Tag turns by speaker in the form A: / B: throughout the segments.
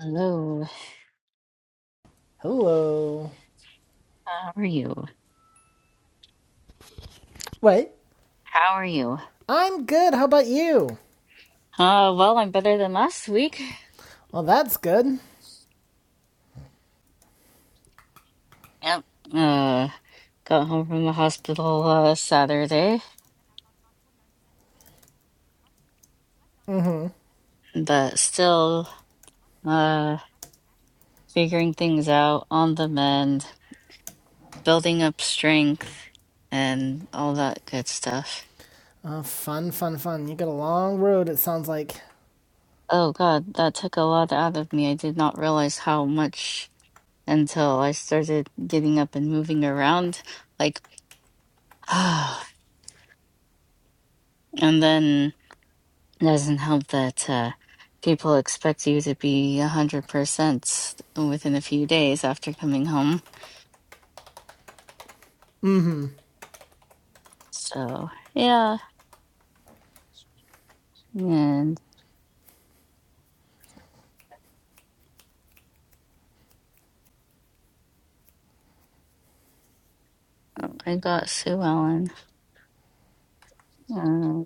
A: Hello,
B: Hello.
A: how are you?
B: Wait,
A: How are you?
B: I'm good. How about you?
A: Uh, well, I'm better than last week.
B: Well, that's good.
A: Yep. Uh, got home from the hospital uh, Saturday, but still uh figuring things out on the mend, building up strength, and all that good stuff.
B: Uh, fun, fun, fun. You got a long road, it sounds like.
A: Oh God, that took a lot out of me. I did not realize how much until I started getting up and moving around. Like, and then. It doesn't help that uh, people expect you to be 100% within a few days after coming home.
B: Mm hmm.
A: So, yeah. And uh, I got Sue Ellen. Uh,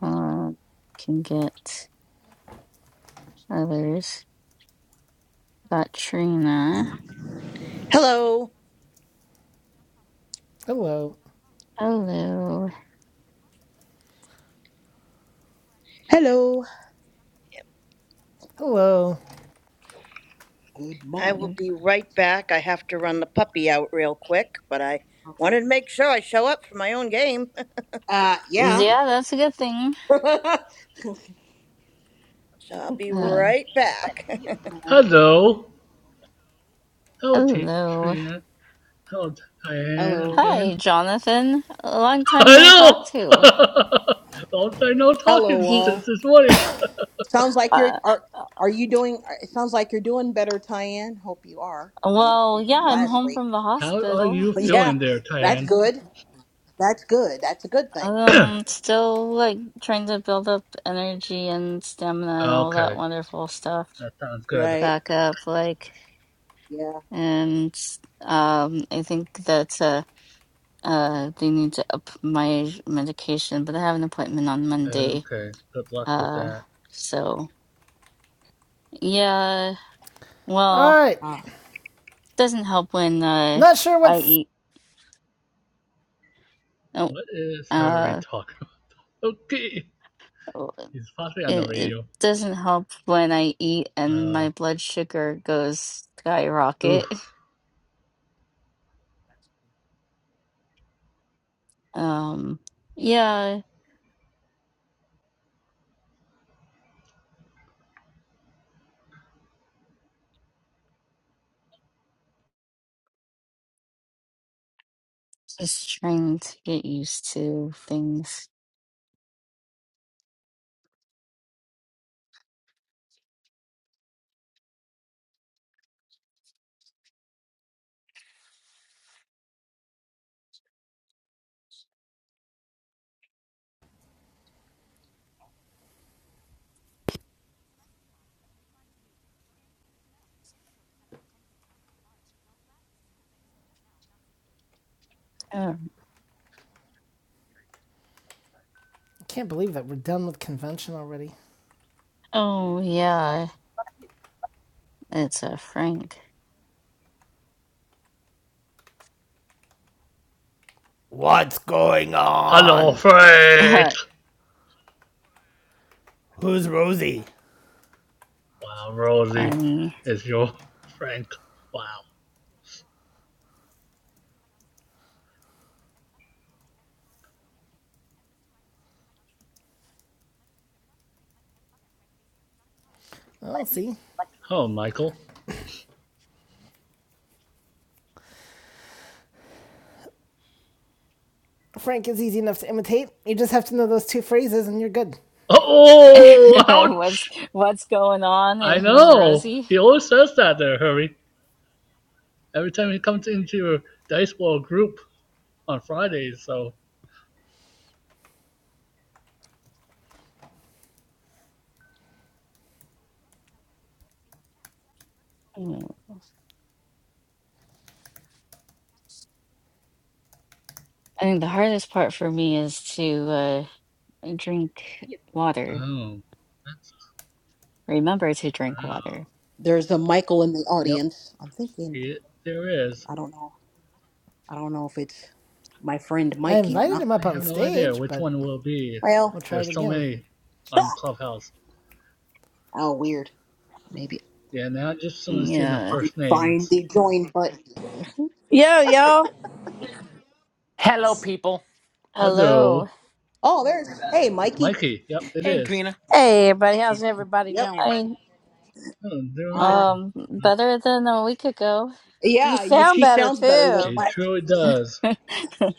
A: uh, can get others. Got Trina.
C: Hello.
B: Hello.
A: Hello.
D: Hello.
B: Hello.
D: Good
C: I
D: morning.
C: will
A: Um,
C: be right back. I have to run the puppy out real quick, but I
D: Okay.
C: wanted to make sure I show up for my own game.
D: Uh, yeah.
A: Yeah, that's a good thing.
D: All
C: So I'll be
A: Uh,
C: right back.
D: right.
E: Hello, hello,
A: hello.
E: Trian. Hello, Diane
D: Hello.
A: Hi,
E: again.
A: Jonathan. A long time no talk
E: Hello!
A: to.
E: Long time no
D: Hello,
E: talking
A: He,
E: since
D: all.
E: this morning.
D: Sounds like you're
A: uh,
D: are
A: uh,
D: are you doing? uh, It sounds like you're doing better, Tyann. Hope you are. Uh,
A: well, yeah,
D: from
A: I'm
D: last
A: home
D: week.
A: from the
E: How are
A: hospital.
E: you
D: Yeah,
E: feeling there,
D: that's
E: Diane?
D: good. That's good. That's a good thing,
A: Um, still like trying to build up energy and stamina and all that
E: Okay,
A: wonderful stuff
E: that sounds good.
D: right?
A: back up, like,
D: Yeah.
A: and um, I think that uh, uh, they need to up my medication, but I have an appointment on Monday.
E: Okay, good luck with
A: Uh,
E: that.
A: so yeah, well,
B: Alright.
D: Uh,
A: doesn't help when uh,
B: Not sure
A: I
B: what's.
A: eat. Oh,
E: What is Harry
A: uh,
E: talking about? Okay,
A: oh,
E: he's possibly on the
A: it, it
E: radio.
A: doesn't help when I eat and my
E: Uh,
A: blood sugar goes
E: oof.
A: skyrocket. Um, yeah, just trying to get used to things. Yeah.
B: I Can't believe that we're done with convention already.
A: Oh, yeah, it's a Frank.
B: What's going
E: Hello,
B: on?
E: Frank!
B: Who's Rosie?
E: Wow, Rosie
A: Funny.
E: is your Frank. Wow.
B: i see.
E: Oh, Michael.
B: Frank is easy enough to imitate. You just have to know those two phrases and you're good.
E: Uh Oh,
A: What's
E: ouch!
A: what's going on and
E: I
A: who's
E: know.
A: Rosie?
E: He always says that there, Hurry. Every time he comes into your dice ball group on Fridays. So,
A: Mm, I think the hardest part for me is to uh drink water.
E: oh, that's
A: Remember to drink
E: wow.
A: water.
D: there's a Michael in the
E: Yep,
D: audience. I'm thinking.
E: he, there is.
D: I don't know. I don't know if it's my friend
B: I
D: Mikey or
B: invited
D: not.
B: him up
E: I
B: on
E: have no idea
B: stage,
E: which
B: but
E: one will be.
D: Well,
B: we'll try it
E: There's so
B: again.
E: many on Clubhouse.
D: oh, weird. Maybe
E: Yeah, now I just only seeing the
A: Yeah.
D: I
E: first
D: find
E: names.
D: the join button.
F: Yo, y'all.
G: Hello, people.
A: Hello.
E: Hello,
D: Oh, there's hey
E: it's
D: Mikey.
E: Mikey. Yep, it
G: Hey,
E: is.
G: Trina.
F: Hey, everybody. How's everybody
D: Yep.
F: doing?
A: I
E: Oh, they're
D: All
E: right.
D: right.
A: um better than a week ago.
F: You
D: Yeah, you,
F: sound
D: she
F: better,
D: sounds better than
F: too.
E: She
D: last
E: truly
D: week.
E: does.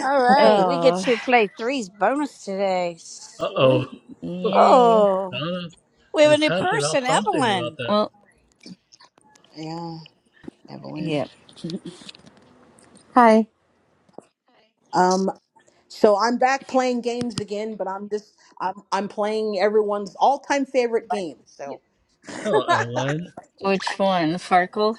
F: All right. We get
A: Oh,
F: to play threes bonus today.
E: Uh oh.
A: yay.
F: Oh,
E: Donna
F: we have a
E: is
F: new
E: happy about
F: person,
E: something about
F: Evelyn.
E: that.
A: Well,
D: yeah, Evelyn.
A: yeah.
H: Hi.
D: Um, so I'm back playing games again, but I'm just I'm I'm playing everyone's all-time favorite game. So,
E: Hello, Ellen.
A: Which one? Farkle?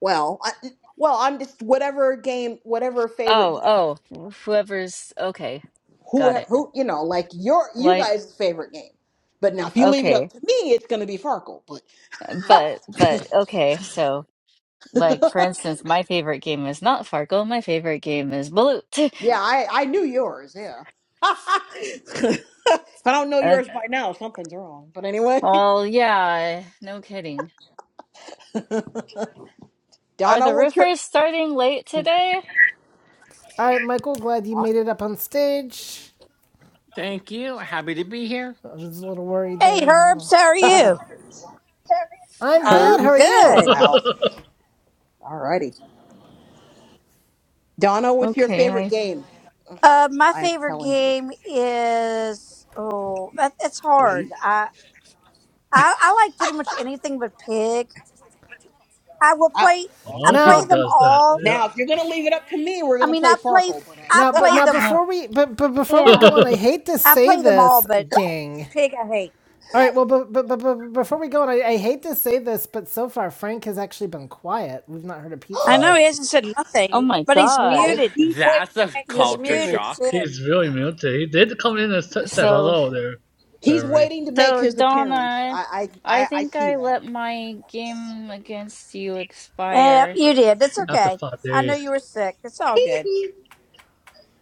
D: well, I, well, I'm just whatever game, whatever favorite game,
A: Oh, oh, whoever's okay. Got
D: who
A: it.
D: who you know, like your you
A: Like,
D: guys' favorite game. But now, if you leave it up
A: okay.
D: to me, it's going to be Farkle. But
A: But, but, okay. So, like, for instance, my favorite game is not Farkle. My favorite game is Balut.
D: Yeah, I, I knew yours. Yeah. if I don't know
A: Uh,
D: yours by now, something's wrong. But anyway,
A: well, yeah, no kidding. Are
D: Donna,
A: the
D: what's your
A: roofers starting late today?
B: All right, Michael, glad you made it up on stage.
G: Thank you. Happy to be here.
B: I was a little worried there,
F: Hey,
B: you know.
F: Herbs. How are you?
B: I'm
A: Huh?
B: good. How
F: I'm
B: are
D: herbs? Oh
E: a
B: you?
F: good.
D: wow. Alrighty, Donna, what's your
A: Okay,
D: favorite
A: I,
D: game?
F: Uh, my
D: I'm
F: favorite
D: telling you.
F: game is, oh, that, it's hard. I, I, I like pretty much anything but pig. I will
D: Wow.
F: play,
D: Well,
F: I
D: then.
E: lot of people
F: play
B: Now,
F: them
E: does that.
F: all.
D: now, if you're gonna leave it up to me, we're
F: I
D: gonna
F: mean,
D: play
F: I play,
D: Farkle. But
F: I
B: now,
D: uh...
B: but
F: play
B: now
F: them,
A: uh,
B: before we, but, but before we
F: yeah,
B: go
E: Yeah,
B: on, I hate to
F: I
B: say
F: play them all,
B: this,
F: but
B: gang.
F: pig I hate.
B: All right. Well, but, but, but, but before we go on, I, I hate to say this, but so far Frank has actually been quiet. We've not heard a peep
F: I
B: from
F: know
B: him.
F: he
D: oh,
F: hasn't said
A: oh
F: nothing,
A: my
F: but he's
A: God.
F: muted.
D: he's waiting
G: That's
D: to
G: a
D: make his
F: He's
G: culture
F: muted
D: appearance.
G: shock.
F: too.
E: He's really muted. He did come in and said
A: So,
E: hello there,
D: He's
E: Harvey.
D: waiting to make
A: so
D: his appearance.
A: Donna,
D: I I
A: I
D: I, I
A: think
D: see
A: I
D: that.
A: let my game against you
F: Yeah,
A: expire.
F: you did. That's
E: After
F: okay.
E: five
F: I know
E: days.
F: you were sick. It's all good.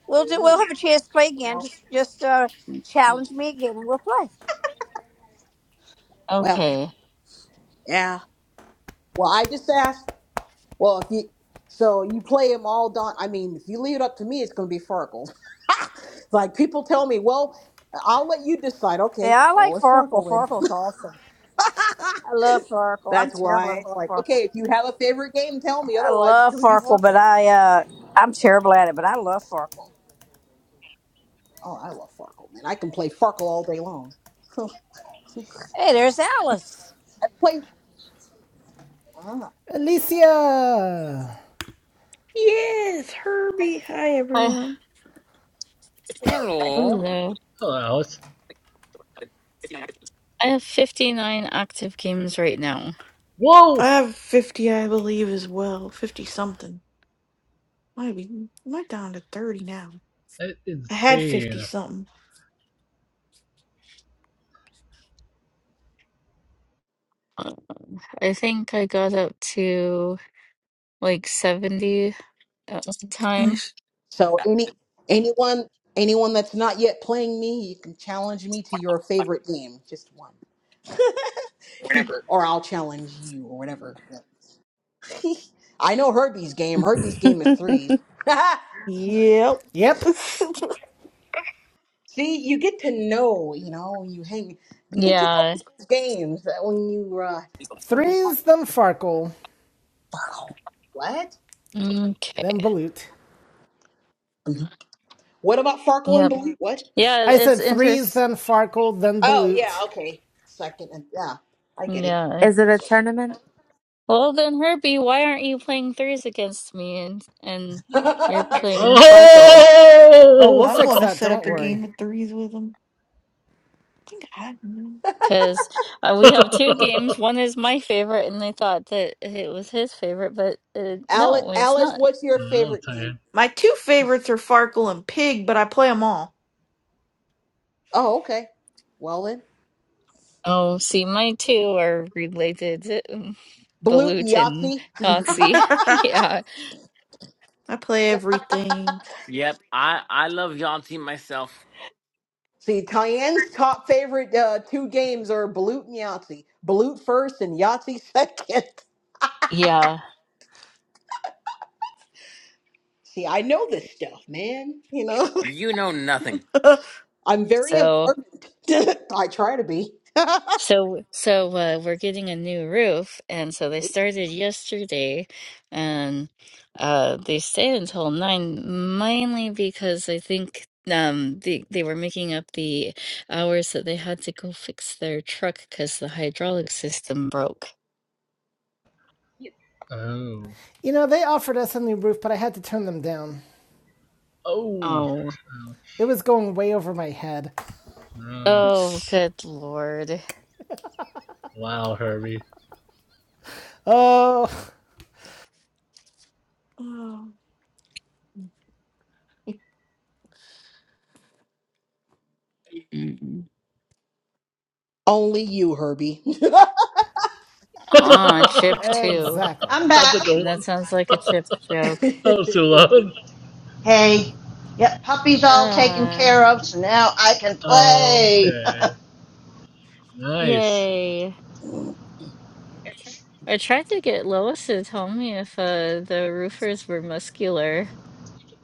F: We'll do. We'll
D: Ooh,
F: have a chance to play again.
D: well,
F: Just, just uh, challenge me again, and we'll play.
D: well,
A: Okay.
D: yeah. Well, I just asked. Well, if you so you play them all Don. I mean, if you leave it up to me, it's going to be Farkle. like people tell me, well, I'll let you decide. Okay,
F: Yeah, I
D: well,
F: like
D: it's
F: Farkle.
D: Farkle then.
F: Farkle's awesome. I love Farkle. I'm
D: That's
F: terrible
D: why
F: at
D: it's like,
F: Farkle.
D: okay, if you have a favorite game, tell me.
F: I
D: Otherwise, it's
F: love
D: going to be
F: Farkle, but
D: Farkle.
F: I, uh, I'm terrible at it. But I love Farkle.
D: Oh, I love Farkle, man. I can play Farkle all day long. I
F: Hey, there's Alice.
D: play. Ah.
B: Alicia.
I: Yes, Herbie. Hi,
A: I
I: everyone.
G: Hello.
A: don't know.
E: Hello, Alex.
A: I have 59 active games right now.
I: I
E: Whoa!
I: have 50, I believe, as well. 50 something. Might be, am I down to 30 now?
E: That's
I: I had 50
E: insane.
I: something.
A: Uh, I think I got up to like 70 at one
I: And I
A: time.
I: s-
D: So any anyone anyone that's not yet playing me, you can challenge me to your favorite game, just one, or I'll challenge you, or whatever. I know Herbie's game. Herbie's game is threes.
I: Yep.
B: Yep.
D: See, you get to know, you know, you hang, you get to know
A: Yeah.
D: people's games that when you, uh, when you
B: Threes, then Farkle,
D: what?
A: Okay.
B: then Balut.
D: Mhm. What about Farkle and
A: Yep.
D: Blue? What?
A: Yeah,
B: I
A: it's
B: said threes,
A: interest.
B: then Farkle, then
D: Oh, yeah,
B: Balut.
D: okay. Second, and yeah, I get it.
A: Yeah.
H: Is it a tournament?
A: Well, then, Herbie, why aren't you playing threes against me and and you're playing Farkle?
B: Oh, we'll
E: Oh!
I: I'm
B: fix
I: going to
B: that.
I: set up
B: Don't
I: a
B: worry.
I: game of threes with them. I think I had them.
A: Because uh, we have
E: wow,
A: two games. One is my favorite, and I thought that it was his favorite, but uh,
D: Alice,
A: no, it's not.
D: Alice, what's your favorite game?
E: Tan.
I: My two favorites are Farkle and Pig, but I play them all.
D: Oh, okay. Well then,
A: Oh, see, mine too are related.
D: Balut and
A: Balut and
D: Yahtzee.
A: Yahtzee.
I: I
A: Yeah.
I: play everything.
G: Yep, I, I love Yahtzee myself.
D: See, Tyann's top favorite uh, two games are Balut and Yahtzee. Balut first and Yahtzee second.
A: Yeah.
D: See, I know this stuff, man. You know,
G: You know nothing.
D: I'm very
A: So,
D: observant. I try to be.
A: so, so, uh, we're getting a new roof. And so they started yesterday and, uh, they stayed until nine, mainly because I think, um, they, they were making up the hours that they had to go fix their truck because the hydraulic system broke.
E: Oh.
B: You know, they offered us a new roof, but I had to turn them down.
E: Oh. Oh.
A: Oh,
B: It was going way over my head.
E: No.
A: oh,
I: Let's-
A: good Lord.
E: Wow, Herbie.
B: Oh,
I: oh.
D: Only you, Herbie.
E: That's
A: Ah, chip too.
B: exactly.
C: I'm
E: a good
C: back.
A: That
E: one.
A: sounds like a chip joke.
E: that was too loud.
C: Hey, yep, puppy's all taken
A: Uh,
C: care of, so now I can play.
E: Okay. Nice.
A: yay. I tried to get Lois to tell me if uh, the roofers were muscular.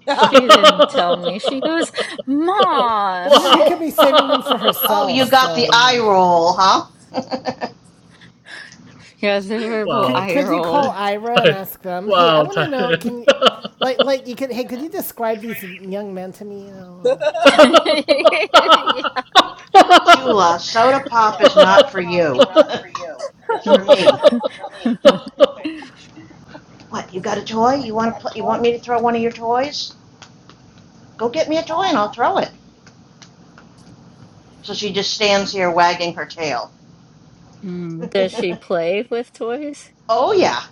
A: She didn't tell me. She goes, Mom!
B: She could
E: Wow!
B: be saving them for
C: oh,
B: herself,
C: you got
B: so
C: the
B: you
C: eye
B: know.
C: roll, huh?
A: Yeah, it's a verbal
E: Wow,
B: Could
A: eye
B: could you call
A: roll.
B: Ira and ask them? Hey, I want to know. Can you, like like you could? Hey, could you describe these young men to me? You know, uh,
E: 哇哦，哇哦，太太，哇哦，太，oh
C: Chula, soda pop is not for you. it's for me. What? You got a toy? You want to play? You want me to throw one of your toys? Go get me a toy and I'll throw it. So she just stands here wagging her tail.
A: Mm, Does she play with toys?
C: oh yeah,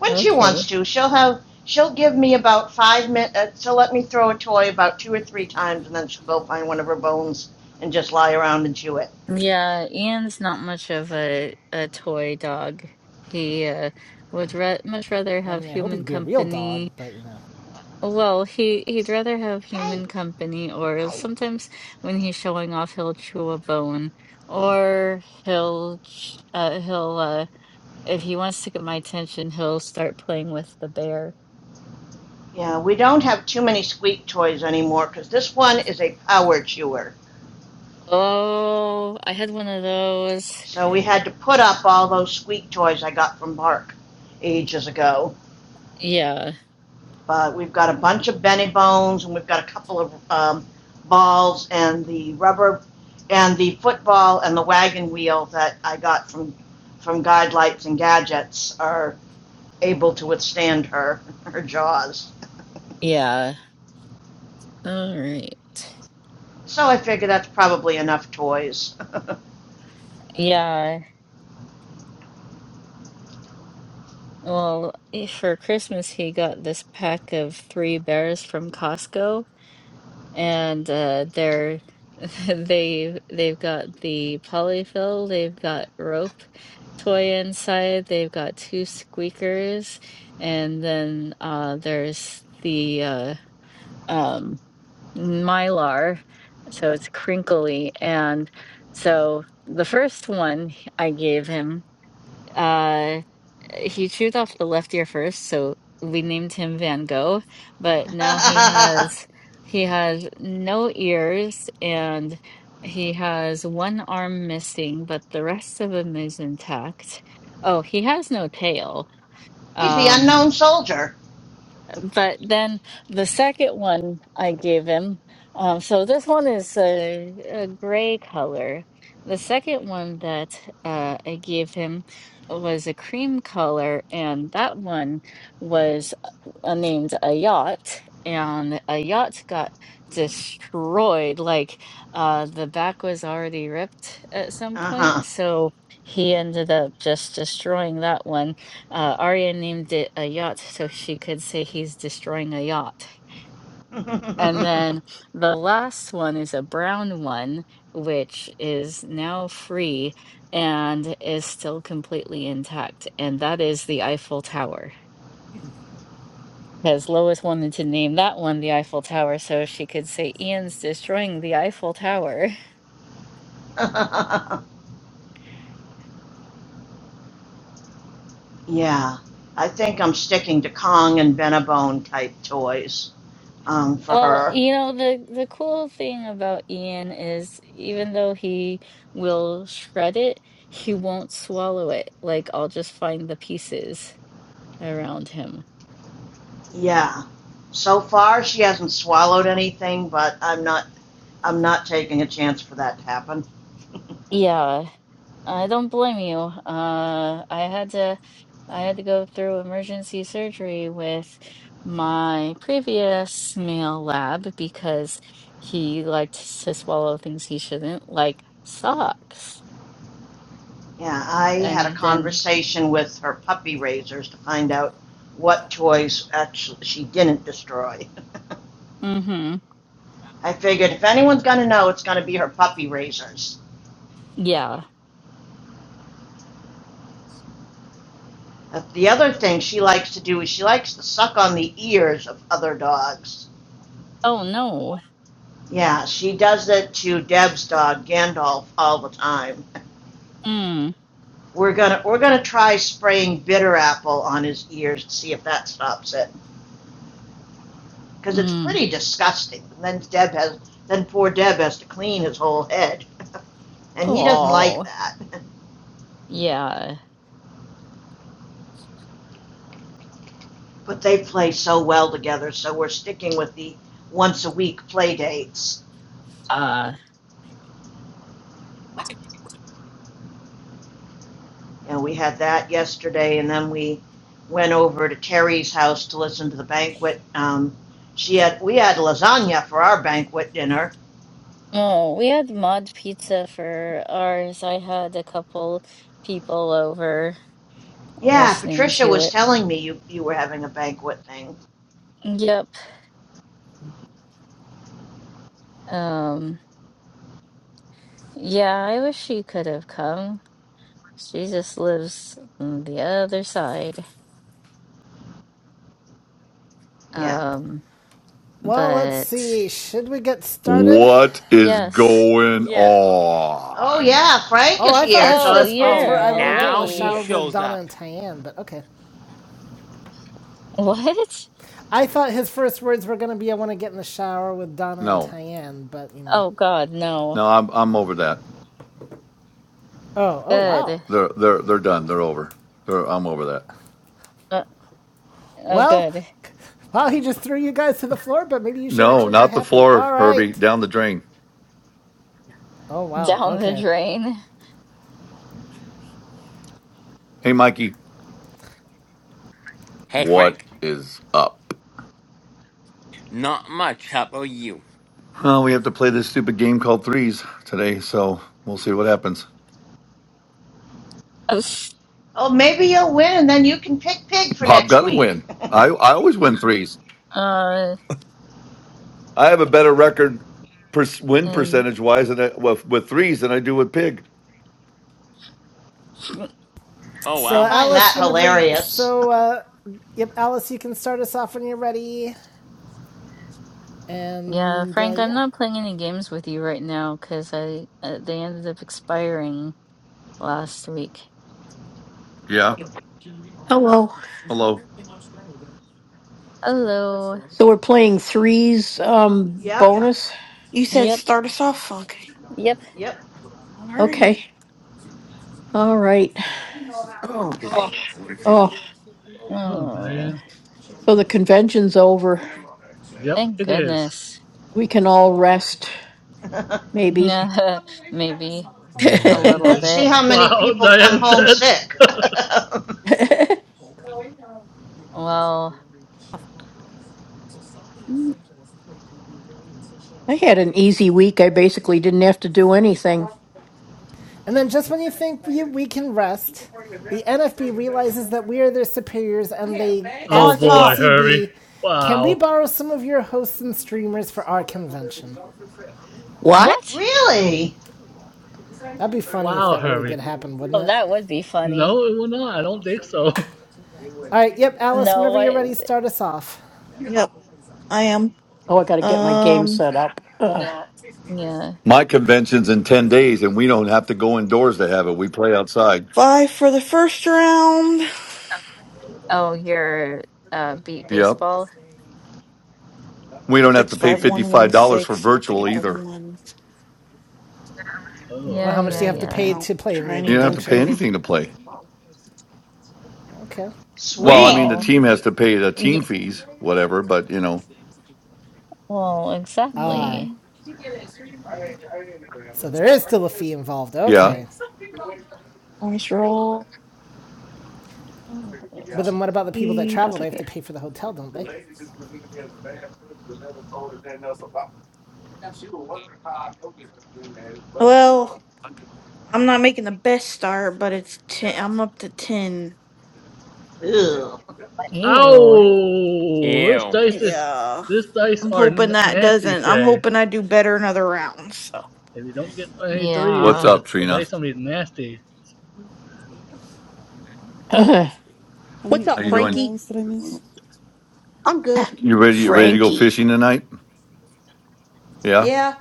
C: when she
A: Okay.
C: wants to, she'll have she'll give me about five minutes. She'll let me throw a toy about two or three times, and then she'll go find one of her bones and just lie around and chew it.
A: Yeah, Ian's not much of a a toy dog. He uh, would ra much rather
B: I
A: have
B: mean, I hope
A: human
B: he'd be a real
A: company.
B: dog, but you know.
A: Well, he he'd rather have
C: Hey,
A: human company, or
C: hey.
A: sometimes when he's showing off, he'll chew a bone, or he'll ch- uh, he'll uh, if he wants to get my attention, he'll start playing with the bear.
C: Yeah, we don't have too many squeak toys anymore because this one is a power chewer.
A: Oh, I had one of those.
C: So we had to put up all those squeak toys I got from Bark ages ago.
A: Yeah,
C: But we've got a bunch of Benny Bones and we've got a couple of um, balls and the rubber and the football and the wagon wheel that I got from from Guide Lights and Gadgets are able to withstand her her jaws.
A: yeah. All right.
C: So I figure that's probably enough toys.
A: Yeah. Well, eh, for Christmas, he got this pack of three bears from Costco, and uh, they're they they've got the polyfill, they've got rope toy inside, they've got two squeakers, and then uh, there's the uh, um, Mylar, so it's crinkly, and so the first one I gave him. uh, he chewed off the left ear first, so we named him Van Gogh, but now he has he has no ears and he has one arm missing, but the rest of him is intact. Oh, he has no tail.
C: He's the
A: Um
C: unknown soldier.
A: but then the second one I gave him, um, so this one is a, a gray color. The second one that uh, I gave him was a cream color, and that one was uh, named a yacht. And a yacht got destroyed. Like uh, the back was already ripped at some
C: Uh huh.
A: point, so he ended up just destroying that one uh, Arya named it a yacht so she could say he's destroying a yacht. And then the last one is a brown one, which is now free and is still completely intact. And that is the Eiffel Tower. Because Lois wanted to name that one the Eiffel Tower so she could say Ian's destroying the Eiffel Tower.
C: yeah, I think I'm sticking to Kong and Benny Bone type toys. um, for
A: Well,
C: her.
A: you know, the the cool thing about Ian is even though he will shred it, he won't swallow it. Like I'll just find the pieces around him.
C: Yeah. So far, she hasn't swallowed anything, but I'm not. I'm not taking a chance for that to happen.
A: Yeah, I don't blame you. Uh, I had to I had to go through emergency surgery with my previous male lab because he liked to swallow things he shouldn't, like socks.
C: Yeah, I had a
A: And then,
C: conversation with her puppy raisers to find out what toys actually she didn't destroy.
A: mm-hmm.
C: I figured if anyone's going to know, it's going to be her puppy raisers.
A: Yeah.
C: Uh, The other thing she likes to do is she likes to suck on the ears of other dogs.
A: Oh no.
C: Yeah, she does it to Deb's dog, Gandalf, all the time.
A: Mm.
C: We're gonna we're gonna try spraying bitter apple on his ears to see if that stops it, because it's
A: Mm.
C: pretty disgusting. And then Deb has then poor Deb has to clean his whole head, and he doesn't like
A: Oh.
C: that.
A: Yeah.
C: But they play so well together, so we're sticking with the once a week play dates.
A: Uh
C: And we had that yesterday, and then we went over to Terry's house to listen to the banquet. Um, she had we had lasagna for our banquet dinner,
A: Oh, we had mod pizza for ours. I had a couple people over
C: Yeah,
A: listening
C: Patricia
A: to
C: was
A: it.
C: telling me you, you were having a banquet thing.
A: Yep. Um, yeah, I wish she could have come. She just lives on the other side.
C: Yeah.
A: Um,
B: Well, let's
A: but
B: see. Should we get started?
J: What is
A: yes.
J: going
G: Yeah.
C: Oh,
J: on?
C: yeah, Frank
B: Oh,
C: is
B: I thought
C: here,
B: his
C: so
A: Oh,
C: if,
B: first words
G: Oh,
B: were
A: you're
B: "I want to get in
G: now
B: the
G: he
B: shower
A: late.
B: with
G: shows
B: Donna
G: up.
B: and Tyann," but okay.
A: What?
B: I thought his first words were going to be "I want to get in the shower with Donna and
J: No,
B: Tyann," but you know.
A: Oh God, no.
J: no, I'm I'm over that.
B: Oh, oh wow.
A: Good.
J: They're they're they're done. They're over. They're, I'm over that.
A: Oh,
B: Well,
A: good.
B: wow, he just threw you guys to the floor, but maybe you should
J: No,
B: actually be
J: not the
B: happy.
J: floor,
B: All
J: Herbie.
B: right.
J: Down the drain.
B: Oh wow.
A: Down the
B: Okay.
A: drain.
J: Hey, Mikey,
G: Hey,
J: what
G: Frank.
J: is up?
G: Not much. How about you?
J: Well, we have to play this stupid game called threes today, so we'll see what happens.
C: oh, maybe you'll win and then you can pick pig for
J: Bob
C: next
J: got to
C: week.
J: win. I I always win threes.
A: Uh,
J: I have a better record per, win
A: and
J: percentage wise than I, with, with threes than I do with pig.
G: Oh,
B: So
C: I
G: wow.
C: find
B: Alice,
C: that
B: whenever you,
C: hilarious.
B: so uh yep, Alice, you can start us off when you're ready.
A: yeah,
B: And uh,
A: Frank, I'm
B: yeah.
A: not playing any games with you right now because I uh, they ended up expiring last week.
J: Yeah. Hello.
A: Hello.
C: Yep,
I: You said
A: Yep.
I: start us off? Okay.
A: Yep.
C: yep.
I: Alrighty.
J: Oh,
E: Diane, Oh,
A: Oh,
E: Diane. yep,
A: thank
E: it is.
A: goodness. Yeah, maybe a little
C: Let's
E: Maybe.
C: see
A: bit.
C: how many
E: Wow,
C: people come
E: Diane,
C: home
E: that's.
C: sick.
A: Well,
B: And then just when you think we, we can rest, the NFB realizes that we are their superiors and they
I: It's
E: Oh
I: on
B: ask the
E: boy,
I: top.
E: Hurry.
B: ACB, "Can we
E: Wow,
B: borrow some of your hosts and streamers for our convention?"
A: what?
C: really?
B: That'd be funny if
E: wow,
B: that really
E: Hurry.
B: did happen, wouldn't
A: Oh,
B: it?
A: that would be funny.
E: No, it will not. I don't think so.
B: All right. Yep, Alice.
A: No,
B: Whenever you're
A: I.
B: ready, start us off.
I: Yep, I am. Um,
A: Yeah.
J: My convention's in 10 days and we don't have to go indoors to have it. We play outside.
I: five for the first round.
A: Oh, you're uh beat
J: Yep.
A: baseball.
J: We don't have
I: Six
J: to pay
I: five one one
J: $55 for
I: six. So I have to
J: virtual
I: get the
J: either.
I: one.
E: Oh,
B: Well,
A: Yeah,
B: how much do
E: okay,
A: yeah,
B: you have to
A: yeah.
B: pay
E: then.
I: I'll
B: to play in
I: try
B: your
J: You don't have
I: anything
J: to pay
B: convention?
I: crazy.
J: anything to play.
B: Okay.
J: Well, I mean,
C: Sweet.
J: the
A: Well.
I: Mm,
J: team has to pay the team fees, whatever, but you know,
A: Well,
B: Ah,
A: exactly.
I: mm,
B: so there is still a fee involved.
J: yeah.
B: Okay.
I: Nice roll.
A: Mm,
B: But then what about the people that
I: Three, I'll
B: travel? They
I: take
B: have
I: it.
B: to pay for the hotel, don't they?
I: Well, I'm not making the best start, but it's ten. I'm up to ten.
C: Ew.
A: Ew.
E: Oh, This
G: Ew.
E: dice is.
I: Yeah,
E: This dice
I: I'm
E: are
I: hoping
E: n-
I: that
E: nasty
I: doesn't. I'm
E: today.
I: hoping I do better another round.
E: If you don't get any threes,
J: What's
A: Yeah.
J: up,
E: the
J: Trina?
E: dice gonna be nasty
K: How
D: What's
K: many
J: How
D: up,
K: how
J: you
K: many
J: doing?
D: Frankie?
K: rounds did I miss?
D: I'm good.
J: You ready? You ready to go
K: Oh,
J: fishing tonight? Yeah.
D: Yeah,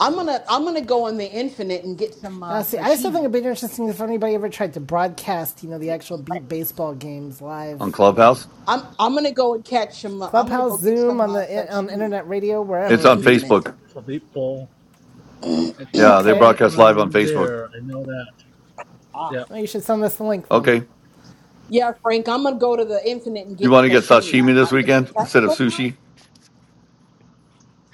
D: I'm gonna I'm gonna go on the infinite and get some
B: Now,
D: uh,
B: see, I still think
D: sashimi.
B: it'd be interesting if anybody ever tried to broadcast, you know, the actual beat baseball games
J: On
B: live, you know,
J: Clubhouse?
D: I'm I'm gonna go and catch some. Uh, I'm gonna go
B: clubhouse,
D: get
B: Zoom,
D: some
B: on
D: uh,
B: the on
D: sashimi
B: internet radio,
D: in
J: It's
D: the
B: wherever.
E: for
J: on
E: beat
D: infinite.
J: Facebook.
E: for people. It's
J: Yeah. They
B: Okay,
E: only
J: broadcast live on
E: on
J: Facebook.
E: there. I know that. Yep.
B: well, you should send us the link then.
J: Okay.
D: Yeah, Frank, I'm gonna go to the infinite and
J: You
D: get
J: want to get
D: sashimi. I,
J: sashimi this
D: I, does
J: weekend
D: that
J: instead of
D: still count?
J: sushi?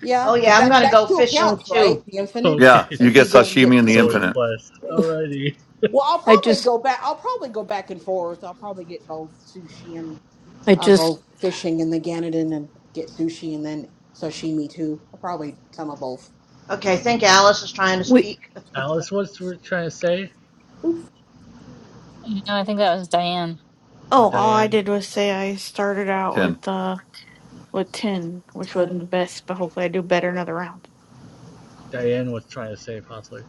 D: Yeah,
C: Oh,
D: because
C: yeah, I'm
D: that
C: going to
D: that
C: go
D: still
C: fishing
D: counts, right?
C: too.
D: The infinite.
E: Okay.
J: Yeah. You
D: If you
J: get
D: go and get
J: sashimi in the
E: So
J: infinite
D: sashimi.
E: request. Alrighty.
D: Well, I'll probably go back. I'll probably go back and forth. I'll probably get both sushi and I'll go fishing in the Ganadin and get sushi and then sashimi too. I'll probably some of both.
C: Okay, I
D: So,
C: think Alice is trying to speak.
E: Alice was tr- trying to say,
A: No, I think that was Diane.
E: or
I: Oh, all I
E: Diane.
I: did was say I started out
J: 10.
I: with uh with ten, which wasn't the
A: Um,
I: best, but hopefully I do better another round.
E: Diane was trying to say possibly.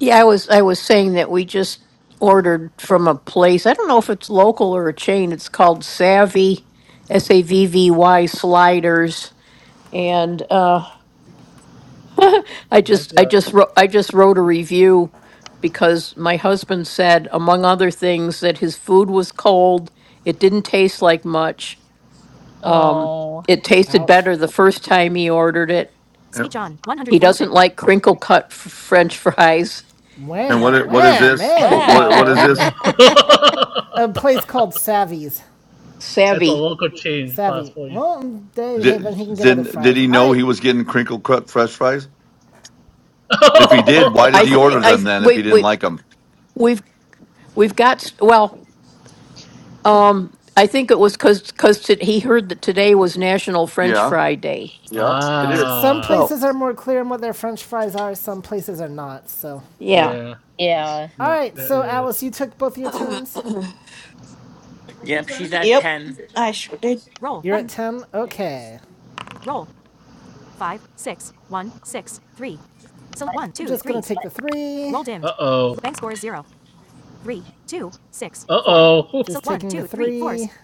E: Might be a.
A: oh.
B: Ouch. Wham,
J: And
B: wham,
J: what what is
B: wham,
J: this?
B: man.
J: What what
A: Wow.
J: is this?
B: A place called Savvy's.
E: it's a local change
B: Savvy.
E: possibly.
B: Well, they, hey, then
J: Did
B: he can get other
J: did, did
B: fries.
J: he
B: All
J: know
B: right.
J: he was getting crinkle cut fresh fries? If he did, why
E: oh
J: did he
E: wow,
J: order
E: Frank.
J: them then? If he didn't like them? Yeah, yeah, it is.
B: Some
E: Ah.
B: places are more clear on what their French fries are. Some places are not. So,
E: Yeah.
A: Yeah.
B: all
E: Yeah,
B: right. So,
E: that
B: Alice,
E: is.
B: you took both your turns.
G: Yep, she's at
I: Yep,
G: 10.
I: I sure did.
B: You're at ten. Okay. I'm just gonna take the three.
E: Uh oh. Uh oh.
B: Just taking the three. fours,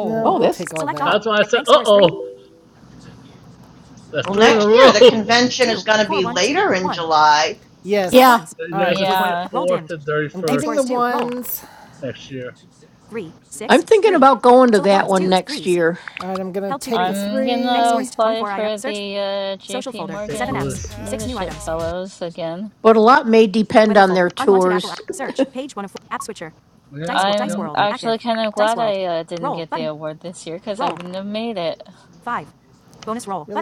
B: No, we'll take all that. Select
E: That's why I said, uh
B: score is
E: oh, that's
C: Well,
E: three in a
C: next year
E: row.
C: the
E: yeah,
C: convention is going to be later in July.
B: Yes. All
E: it's
B: right.
E: the
B: Just
A: Yeah.
E: 24th to
B: I'm bank keeping the
E: 31st
B: ones. Roll.
E: next year.
B: All right. I'm gonna take the
A: I'm
B: three.
A: gonna
B: score is
A: apply for the uh, JP
E: St.
A: Morgan
E: Louis.
A: Leadership Fellows again.
E: Yeah, yep,
A: I'm
E: yep.
A: actually kind of glad I uh, didn't get the award this year because I wouldn't have made it.
B: Really?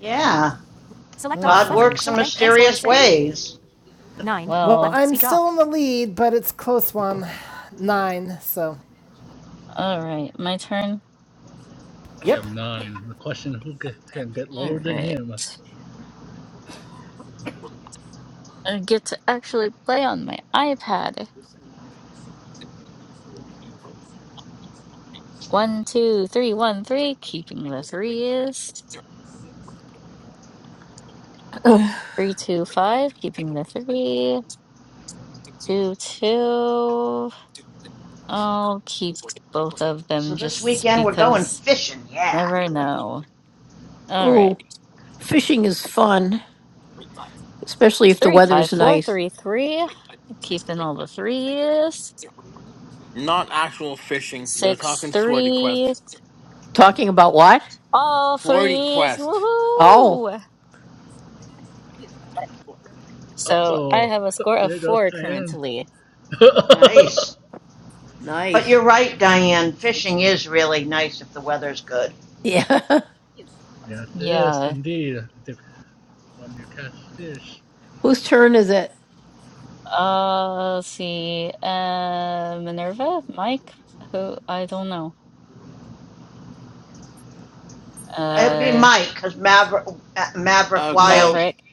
C: Yeah,
B: Oh,
C: God
B: fine.
C: works in mysterious ways.
B: Well,
A: Well,
B: I'm still in the lead, but it's close one. Nine, so.
A: all right, my turn.
E: We have
B: Yep.
E: nine. The question who ca- can get
A: All
E: lower than
A: right.
E: him?
A: I get to actually play on my iPad. One, two, three, one, three, keeping the threes. Three, two, five, keeping the three. Two, two. I'll keep both of
C: So
A: them
C: this
A: just
C: weekend we're going
A: because
C: fishing, yeah.
A: never know. All right. Three, five, four, three, three. Keeping all the threes.
G: Not actual fishing. They're
A: Six,
G: talking swordy
A: three.
G: quest.
A: All
G: Swordy
A: threes.
G: quest.
A: Woohoo!
E: Uh
A: So I
E: oh,
A: have a score of
E: there goes
A: four
E: Diane.
A: currently.
C: nice. But you're right, Diane. Fishing is really nice if the weather's good.
E: yeah, this
A: Yeah.
E: indeed. If- When you catch fish,
A: Uh, let's see. Uh, Minerva, Mike, who I don't know.
C: It'd be
A: Uh,
C: Mike, because Maverick, uh, Maverick
G: Okay,
C: Wild,
A: Maverick.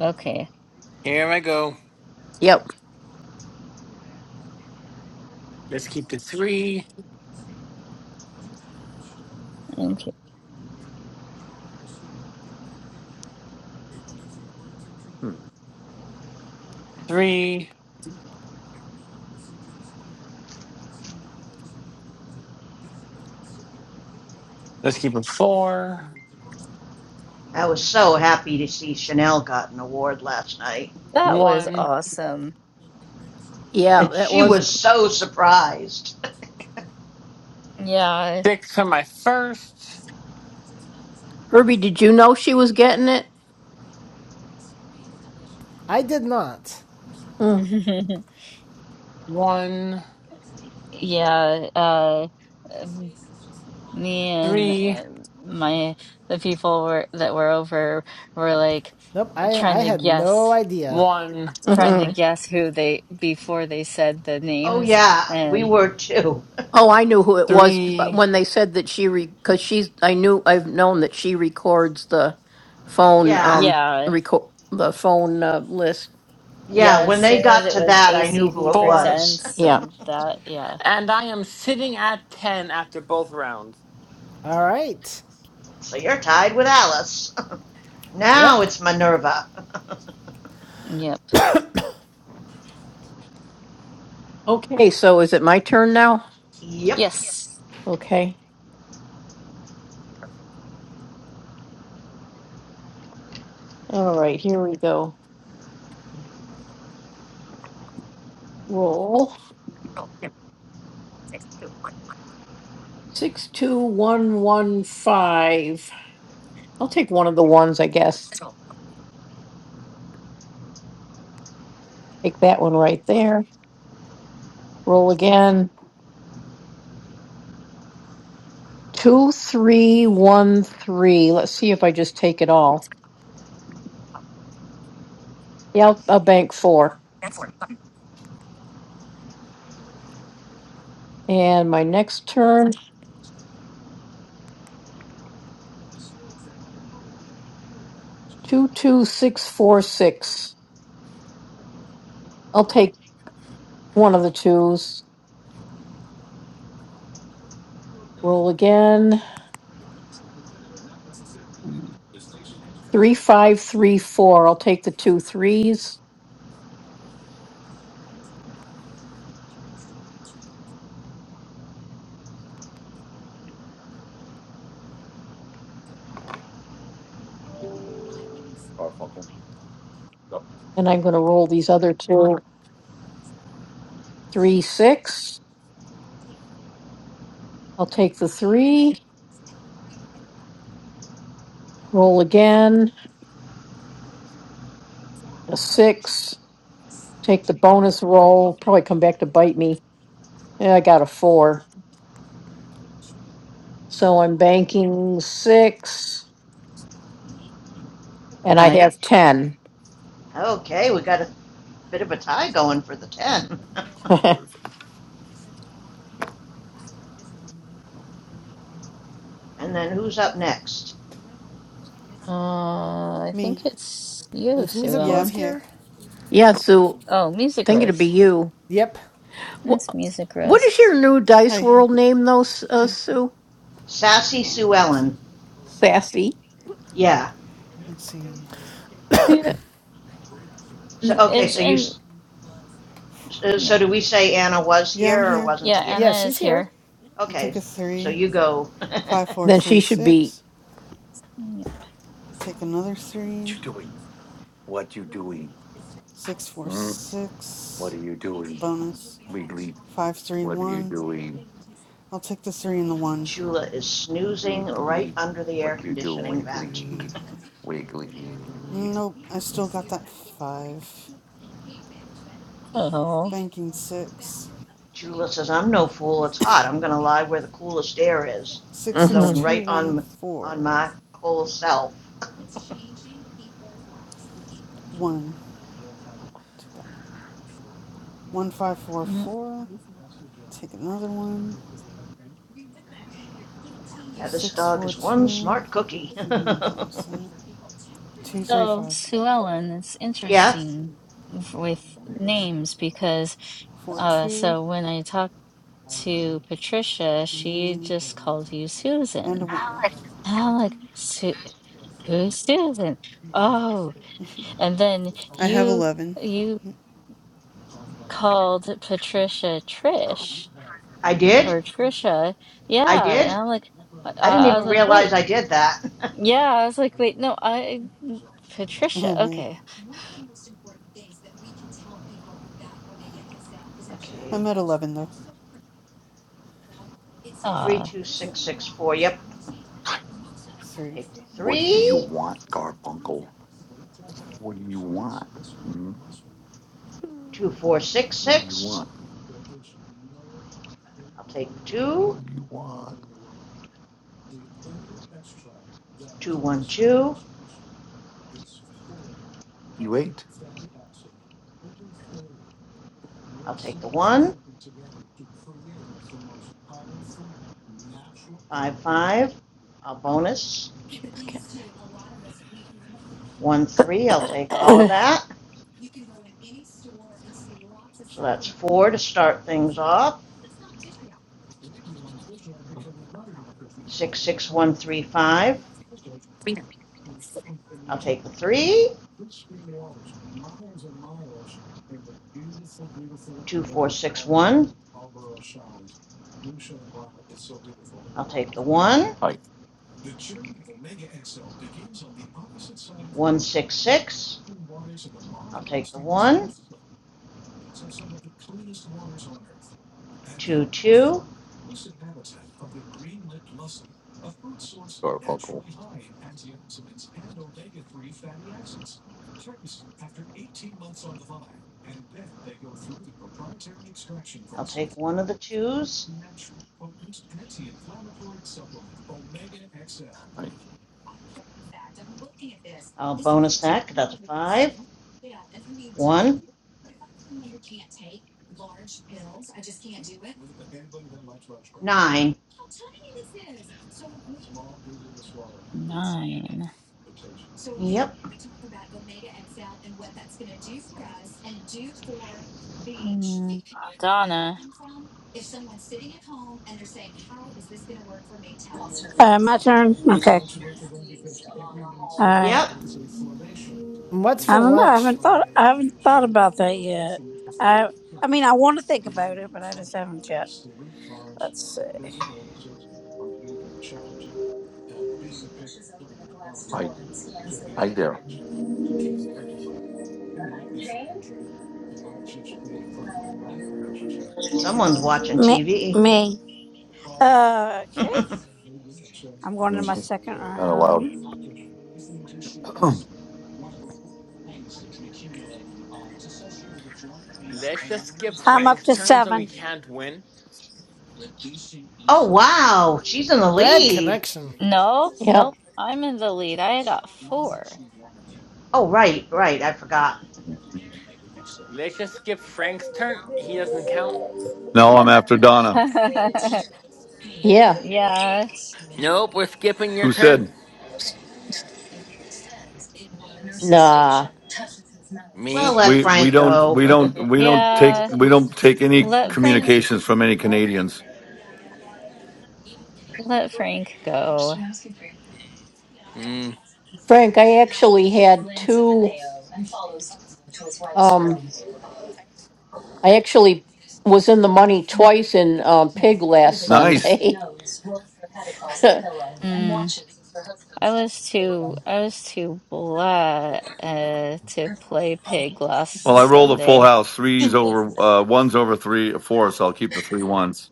A: Okay.
G: here I go. Let's keep the three,
A: Okay.
G: three. Let's keep it four,
C: I was so happy to see Chanel got an award last night.
A: That was
G: one,
A: awesome.
C: And she was so surprised.
A: Yeah.
G: six for my first.
B: I did not.
G: One,
A: Yeah. Uh, um, me and
G: three,
A: uh, my the people were that were over were like
B: Nope, I,
A: trying
B: I
A: to
B: had no
A: guess,
B: idea.
G: one,
A: trying to guess who they before they said the
C: oh,
A: names,
C: yeah, we
A: and
C: were too.
G: three,
C: yeah,
A: yeah.
C: yeah,
A: Yeah, as
C: when they
A: soon as
C: got
A: it
C: to
A: was
C: that, I knew who
A: ACB
C: it
G: four.
C: was.
A: Presents and that, yeah.
G: And I am sitting at 10 after both rounds.
B: All right.
C: So you're tied with Alice. now
B: Yep.
C: it's Minerva.
A: Yep.
C: yep.
A: Yes. Mm.
J: Garfunkel. What
C: Nice. Okay, we got a bit of a tie going for the 10. and then who's up next?
A: Uh, I
K: me.
A: think it's you,
B: Is
A: Sue
B: Music
K: Yeah,
B: Rose
K: I'm
A: Ellen.
K: here.
B: here?
A: Oh, Music Rose.
B: Yep.
A: It's Music Rose.
K: Hi.
C: Sassy
K: All
C: Sue
K: right.
C: Ellen. Yeah.
K: Let's see.
C: So
A: Mm,
C: okay,
A: It's
C: so you
A: in.
C: so
A: Yeah,
C: so do we say Anna was
K: Yeah, I'm
C: here or
K: here.
C: wasn't
A: yeah
B: Yeah,
C: here?
A: Anna is
B: she's here.
A: here.
K: I took
C: Okay.
K: a
C: So
K: three.
C: you go.
K: Five, four, three, six.
A: Mm, Yep.
K: Take another
J: you
K: three.
J: doing? What you doing?
K: Six, four,
J: Hmm? What
K: six.
J: you-
K: Bonus.
J: Wiggly?
K: Five, three,
J: What you
K: one.
J: doing?
K: I'll take the three and the one.
C: Chula is snoozing right
J: Wiggly?
C: under the
J: What?
C: air conditioning vent.
J: you?
K: Nope. I still got that five.
A: Oh.
K: Banking six.
C: Jula says, I'm no fool. It's hot. I'm going to lie where the coolest air is.
K: Six,
C: It's
K: six,
C: blowing
K: two,
C: right
K: one,
C: on, on
K: four.
C: my whole self.
K: One. Take that one. One, five, four,
A: Mm.
K: four. Take another one.
C: Yeah, this
K: Six
C: dog
K: four
C: is one
K: two.
C: smart cookie.
K: I think I'm gonna bonus that. Two three
A: So,
K: five.
A: Sue Ellen, it's
C: yeah,
A: interesting f- with
K: Yeah.
A: names because,
K: Four
A: uh,
K: two
A: so when I talked to Patricia, she
K: and
A: just called you
K: and a
A: Susan.
K: one.
A: And I'm like, Sue. Good Susan? Oh, and then
K: I have
A: you
K: eleven.
A: you called Patricia Trish
C: I did.
A: or Trisha.
C: I
A: Yeah,
C: did.
A: and I'm like, I,
C: I didn't
A: I was
C: even
A: like, wait,
C: realize I did that.
A: yeah, I was like, wait, no, I
K: Oh
A: Patricia.
K: man,
A: Okay.
C: okay,
K: I'm at eleven though.
A: Uh,
K: Yep.
C: 32664. Yep.
K: Three.
C: Take the
J: What do you
C: 3.
J: want, Garfunkel? What do you want? Hmm? What do you
C: 2466.
J: want?
C: I'll take the 2.
J: What do you want?
C: 212.
J: You ate.
C: I'll take the 1. 55. I'll bonus. 1 3. I'll take all of that. So that's four to start things off. Six, six, one, three, five. I'll take the three. Two, four, six, one. I'll take the one.
J: Hi,
C: One, six, six. I'll take the one. Two, two.
J: Garfunkel.
C: I'll take one of the twos.
J: Hi,
C: I'll bonus that 'cause that's a five. One, nine.
A: nine.
C: Yep,
A: Mm, Donna.
F: Uh, my turn. Okay. All right.
B: What's
F: I
B: for
F: don't know. I
B: lunch?
F: haven't thought. I haven't thought about that yet. I. I mean, I want to think about it, but I just haven't yet. Let's see.
J: hi, hi there.
C: someone's watching
F: Me.
C: TV.
F: Me. Uh, okay. I'm going to
J: Mm-hmm.
F: my second
J: Not allowed.
F: round.
G: Let's just skip
F: I'm up
G: Frank's
F: to
G: turn so he
F: seven.
G: can't win.
C: Oh, wow, she's in the
B: Bad
C: lead.
B: connection.
A: No, nope. I'm in the lead. I got four.
C: Oh, right, right, I forgot.
G: Let's just skip Frank's turn. He doesn't count.
J: no, I'm after Donna,
A: Yeah,
G: Nope, we're skipping your
J: who
G: turn.
J: said
C: Well,
G: Me?
C: let
J: we we
C: Frank
J: don't
C: go.
J: we don't we don't
A: yeah.
J: take we don't take any
A: Let Frank,
J: communications from any Canadians.
A: let Frank go.
G: Mm.
J: Nice.
A: Mm. I was too I was too blah uh, to play pig
J: Well, I
A: last
J: rolled a full
A: Sunday.
J: house, threes over uh, ones over three four, so I'll keep the three ones.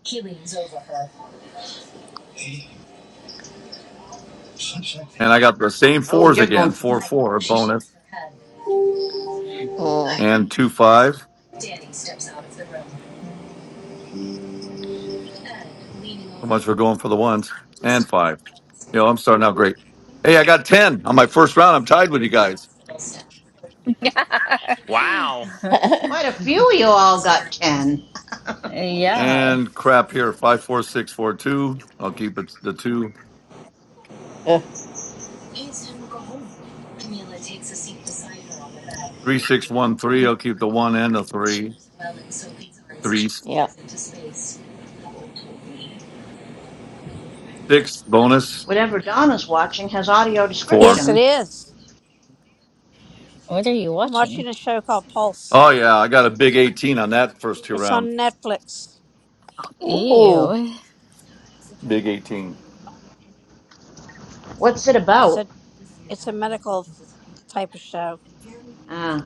J: And I got the same
C: oh,
J: fours
C: you're going
J: again,
C: for
J: four four bonus and two five. How much we're going for the ones and five. You know, I'm starting out great. Hey, I got ten on my first round. I'm tied with you guys.
G: Wow.
C: Quite a few of you all got 10.
A: Yeah.
J: And crap here, five four six four two. I'll keep it the two. Three six one three. I'll keep the one and the three. Three six bonus
C: Whatever Donna's watching has audio description.
J: four.
F: Yes, it is.
A: What are you
F: I'm
A: watching?
F: watching a show called Pulse.
J: Oh yeah, I got a big eighteen on that first two
F: It's
J: rounds.
F: on Netflix.
A: Ew.
J: Big eighteen.
C: What's it
F: It's
C: about?
F: a. It's a medical type of show.
C: Uh,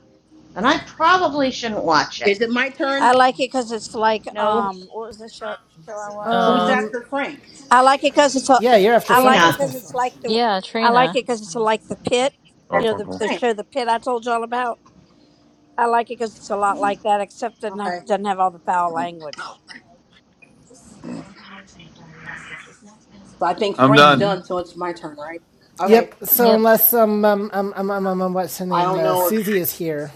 C: then I probably shouldn't watch it.
D: is it my turn?
F: I like it because it's like um. What was the show? Show I watch.
D: Who's
F: Um,
A: Uh
B: Um,
D: after Frank?
F: I like it because it's a.
B: yeah, you're after
F: I
B: Frank. I
F: like it
B: was going
F: because it's
B: to
F: like the
A: yeah,
F: I like
A: Trina.
F: it because it's like the pit, you
D: That's
F: know,
D: what
F: the,
J: Garfunkel.
D: I'm
F: the show the pit I told y'all about. I like it because it's a lot
D: saying.
F: like that, except it doesn't
D: Okay.
F: have doesn't have all the foul language.
D: So I think
J: I'm
D: Frank's
J: done.
A: Mm,
D: done, so it's my turn, right? Okay.
B: Yep, so
A: yep.
B: unless, um, um, um, um, um, um, um, what's her
D: I
B: name?
D: don't
B: Uh,
D: know.
B: Susie is here.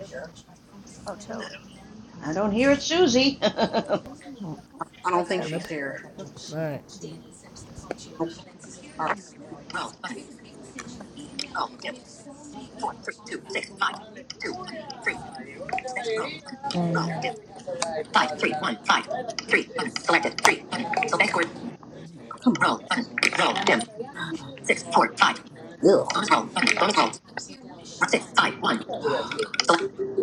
D: there.
F: October,
C: I don't hear it, Susie.
D: I don't think
F: October.
B: Nope.
D: she's here.
F: Toby.
D: Nope.
B: All right.
D: All right. Roll button. Roll dim. four, three, two, six, five, two, one, three, one, six, roll button. Roll
A: Mm.
D: dim. Five, three, one, five, three, one. Selected three, one. Select word. Come on. Roll button. Roll dim. Six, four, five. Ew. Bonus roll button. Bonus roll. Six, five, one. Select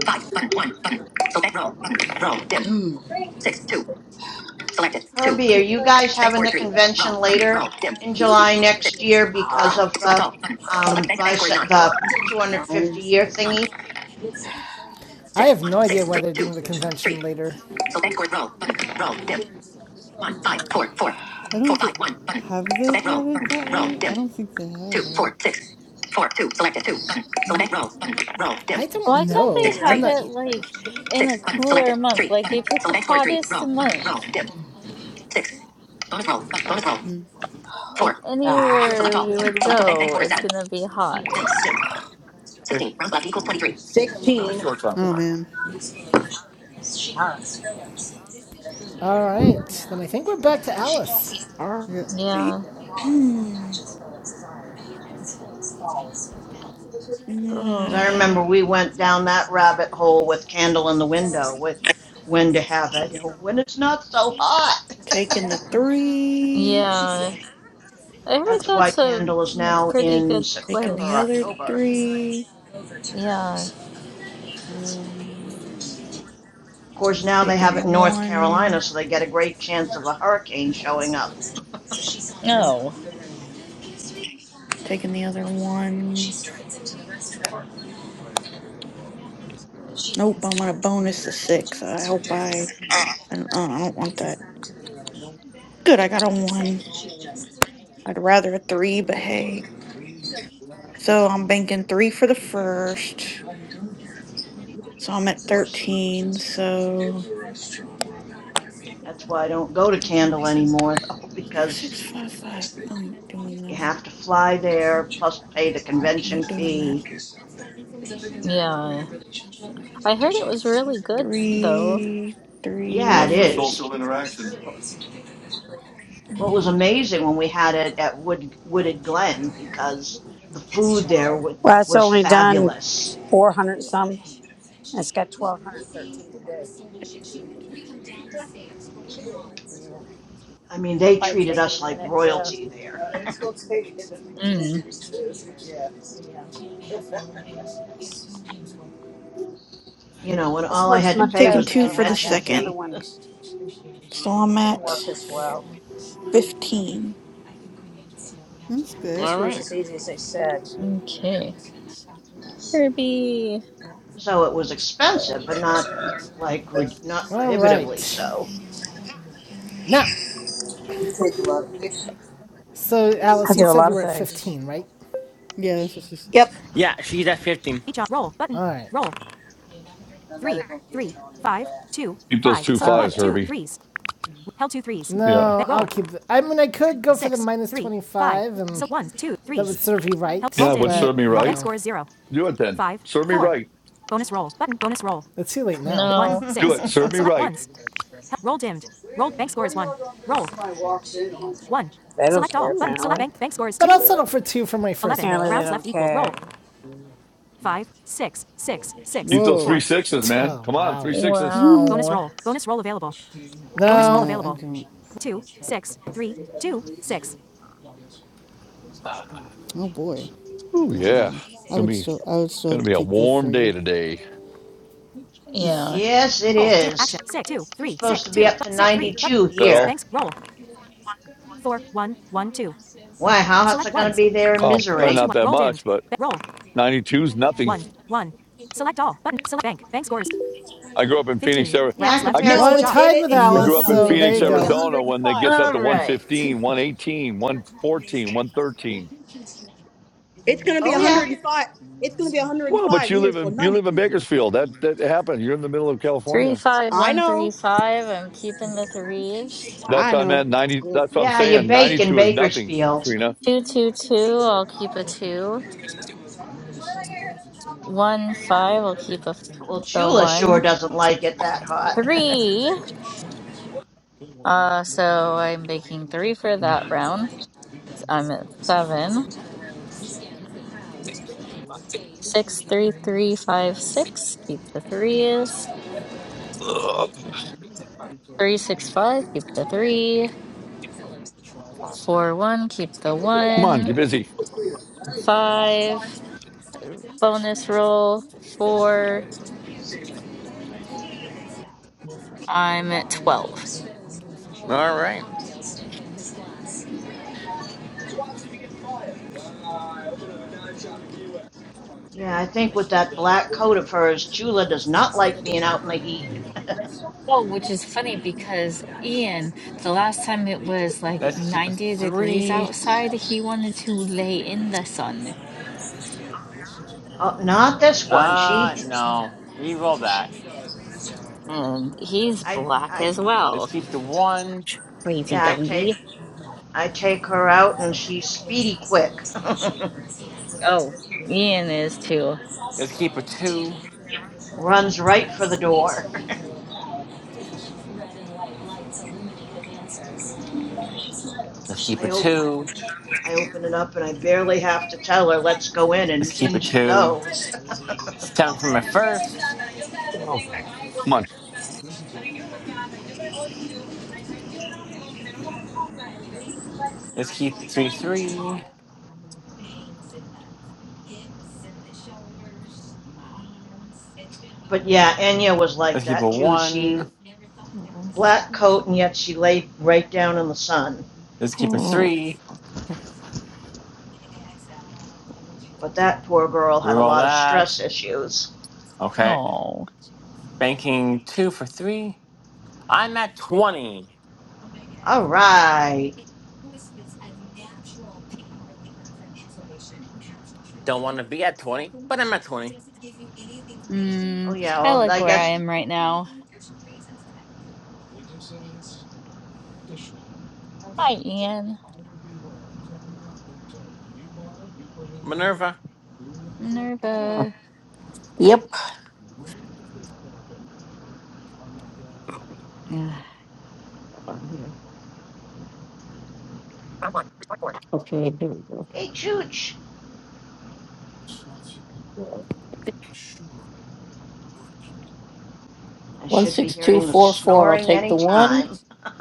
D: five button. One button. Select roll button. Roll dim. Mm. Six, two. Selected two.
C: Herbie, are
D: Button.
C: you guys
D: Select
C: having
D: four,
C: the
D: three. Roll
C: convention
D: button.
C: later
D: Roll dim.
C: in July
D: Six.
C: next year because
D: Ah.
C: of
D: Select
C: the
D: all. Button. Select
C: um,
D: bank. Bank score is nine.
C: the 250
D: Nine.
C: year
D: Nine.
C: thingy?
B: I
D: Six.
B: have no
D: One. Six.
B: idea why
D: Three.
B: they're
D: Two.
B: doing the
D: Three.
B: convention later.
D: So bank score. is Roll. Button. Roll. Dim. One. Five. Four. Four.
K: I
D: Four.
K: don't th-
D: Five. One. Button.
K: have
D: So
K: they
D: bank
K: had
D: roll.
K: it
D: Button.
K: that
D: Roll.
K: late. I
D: Dim.
K: don't think they have,
D: Two.
K: right?
D: Four. Six. Four. Two. Selected. Two. Button. Select bank roll. Button. Roll. Dim.
B: I don't
A: Why can't they
D: Six.
B: know. I'm
A: have
D: Three.
B: not.
A: it
B: e-,
A: like in a
D: Six. Button.
A: cooler
D: Selected.
A: month?
D: Three.
A: Like
D: Button.
A: they pick
D: Select
A: the
D: bank score is three.
A: hottest
D: Roll. Button. Roll.
A: month.
D: Dim. Six. Bonus roll. Button. Bonus roll.
A: Like
D: Four. Ah. Select
A: anywhere
D: all.
A: we
D: Button.
A: would
D: Select all. Bank. Bank
A: go,
D: score is
A: it's
D: seven.
A: gonna be
D: Bank.
A: hot.
D: Dim.
J: Great.
D: 16. Round left equals 23.
J: My
D: 16.
J: shorts on.
K: Oh man.
B: All right. Then I think we're back to Alice.
I: All
K: Yeah.
I: right,
A: Yeah.
C: Because I
A: Oh.
C: remember we went down that rabbit hole with Candle in the Window with when to have it, you know, when it's not so hot.
I: taking the three,
A: Yeah. I heard
C: That's why
A: that's a
C: Candle is
A: mm,
C: now
A: pretty
C: in
A: good
I: taking the
C: September,
I: other
A: place.
C: October.
I: three,
A: Yeah,
I: um,
C: Of course, now they
I: taking
C: have
I: the
C: it in North Carolina,
I: one,
C: so they get a great chance of a hurricane showing up.
I: um,
A: Oh.
I: taking the other one. Nope, I'm gonna bonus the six. I hope I. I don't, I don't want that. Good, I got a one. I'd rather a three, but hey. So I'm banking three for the first. So I'm at 13. So
C: That's why I don't go to Candle anymore
I: six,
C: because
I: six, five, five. I ain't doing
C: you have
I: that.
C: to fly there plus pay the
I: I
C: convention
I: ain't doing that.
C: fee.
A: yeah. I heard it was really good, though.
I: Three,
J: So
C: Yeah,
J: much
C: it
J: for
I: three,
C: is.
J: social interaction.
C: Well, it was
I: one.
C: amazing when we had it at Wood, Wooded Glen because the food there was,
F: Well, it's only done four hundred some. and It's got twelve hundred thirteen today. Yeah, it'll
C: I mean, they
F: probably
C: treated
F: take it a
C: us like
F: minute.
C: royalty,
F: Yeah,
A: Mm.
C: you know, and
F: this
C: all I had.
F: works much better
I: Taking
F: than the
I: two
F: other
I: for
F: one
I: the
F: I got. The
I: second.
F: other one
I: So I'm
F: didn't
I: at
F: work as well.
I: 15.
K: That's good.
G: All
F: This one's
G: right.
F: as easy as they said.
A: Okay. Kirby.
C: So it was expensive, but not like not
B: All
C: prohibitively
B: right.
C: so.
B: Now, so
F: I
B: Alice, you
F: do a
B: said
F: lot
B: you
F: of
B: were at
F: things.
B: 15, right?
K: Yeah, that's what she said.
I: Yep.
G: Yeah, she's at 15.
B: All right.
J: Keep those two
F: Oh
J: fives,
F: yeah,
J: Herbie. Yeah.
B: No, I'll keep. The, I mean, I could go Six, for the minus twenty-five. and three. that would serve you right.
J: Yeah, what served
B: But
J: me right?
B: no,
J: Do it then. Serve me right.
B: it's too late now.
A: No.
J: Do it. Serve me right.
F: they don't care.
B: Ooh.
F: Apparently,
B: But I'll settle for two for my first round.
F: apparently they don't care.
J: Keep those three
K: Whoa.
J: sixes, man.
B: Oh
J: Come on, three
B: wow.
J: sixes.
A: Wow.
B: No.
K: No, I don't. Oh boy.
J: Oh yeah,
K: No. I
J: gonna
K: would
J: be
K: still. I would still
J: gonna be a
K: keep the
J: warm day
K: three.
J: today. Is
A: Yeah.
C: Yes, it is. It's Supposed to be up to 92
J: that
C: here.
J: all?
C: Why, how hot's it going to be there in
J: Oh, probably
C: Missouri?
J: not that much, but ninety two's nothing. I grew up in Phoenix, Ari-
C: Yeah,
J: I
C: compared.
B: Well,
D: No,
B: I'm
D: it, it,
B: tied with
D: it's
J: I
D: not
B: Alice,
J: grew up
K: Yes,
J: in
K: you
B: so
D: nothing.
B: there
D: It's
B: you
J: Phoenix,
D: going
K: are.
D: to be
B: go.
J: Arizona, when it
D: 105
J: gets up
A: All
J: to
D: here.
J: one
A: right.
J: fifteen, one eighteen, one fourteen, one thirteen.
D: It's going to be
C: Oh, yeah.
D: 105. It's going to be
J: Well, but
D: 105
J: you
D: here,
J: live
D: so
J: in you live
D: 92
J: in
D: is nothing.
J: Bakersfield. That that happened. You're in the middle of
A: Three,
J: California.
A: five,
D: I
A: one, three,
D: know.
A: five. I'm keeping the threes.
J: That's
D: I
J: what I'm at
D: know.
J: 90.
D: Ugh.
J: That's what I'm
C: Yeah, you
J: saying.
C: bake in
J: 92 is nothing,
C: Bakersfield.
J: Trina.
A: Two, two, two. I'll keep a two. One, five. I'll keep a f
C: Well,
A: the
C: Chula sure
A: one.
C: doesn't like it that hot.
A: Three. Uh, so I'm making three for that round. So I'm at seven. Six, three, three, five, six. Keep the threes.
J: Ugh.
A: Three, six, five. Keep the three. Four, one. Keep the
J: Come on,
A: one.
J: get busy.
A: Five. Bonus roll. Four. I'm at 12.
G: All right.
C: Yeah, I think with that black coat of hers, Chula does not like being out in the heat.
A: Oh, which is funny because Ian, the last time it was like
G: Let's keep a
A: 90 degrees
G: three.
A: outside, he wanted to lay in the sun.
C: Oh, not this one.
G: Uh,
C: She,
G: no. Reroll that.
A: And he's
C: I,
A: black
C: I,
A: as well.
G: Let's keep the one.
A: Crazy
C: yeah, I
A: doggy.
C: take, I take her out and she's speedy quick.
A: Oh, Ian is too.
G: Let's keep a two.
C: Runs right for the door.
G: Let's keep a
C: I open
G: two.
C: open it up and I barely have to tell her, let's go in,
G: Let's
C: and
G: keep a
C: in she
G: two.
C: goes.
G: It's time for my first.
J: Okay. Come on.
G: Let's keep three three.
C: But yeah, Enya was like
G: Let's keep a
C: that too. She,
G: one.
C: black coat, and yet she laid right down in the sun.
G: Let's keep a three.
C: But that poor girl had a
G: Roll
C: lot of stress
G: that.
C: issues.
G: Okay.
A: Oh.
G: Banking two for three. I'm at twenty.
C: All right.
G: Don't want to be at twenty, but I'm at twenty.
C: Oh,
A: Mm,
C: yeah,
A: I
C: well,
A: like
C: I
A: where I
C: guess,
A: am right now. Hi, Ian.
G: Minerva.
A: Minerva. Ugh.
C: hey, Chooch, I should be hearing the snoring any time.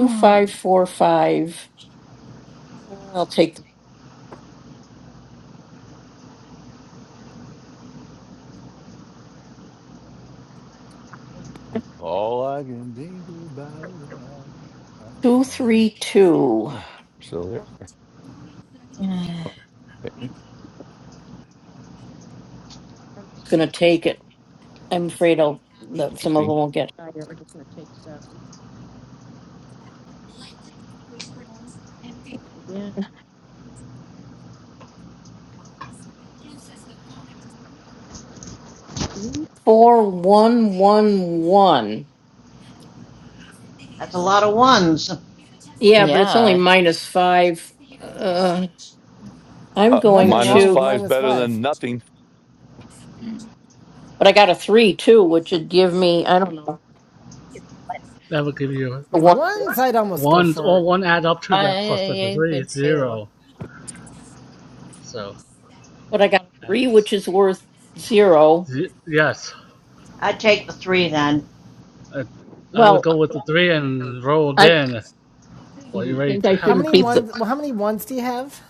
A: Mm.
J: All I can think about. uh, uh, oh. Oh, we're still there.
A: Ugh.
J: Interesting.
C: That's a lot of ones.
A: yeah.
J: Uh,
B: Nothing
J: minus
B: wrong with
J: five's
B: minus
J: better
B: five.
J: than nothing.
A: Mm.
E: that will give you
B: With ones, I'd almost go
E: one, or
B: for
E: one add up to
A: I,
E: that plus the
A: I
E: three,
A: would too.
E: zero. So, that's, z- yes,
C: I'd take the three then.
E: I, I would go with the three and roll again. Well, you're ready to
B: how
E: have the
B: many
E: three.
B: ones? Well, how many ones do you have?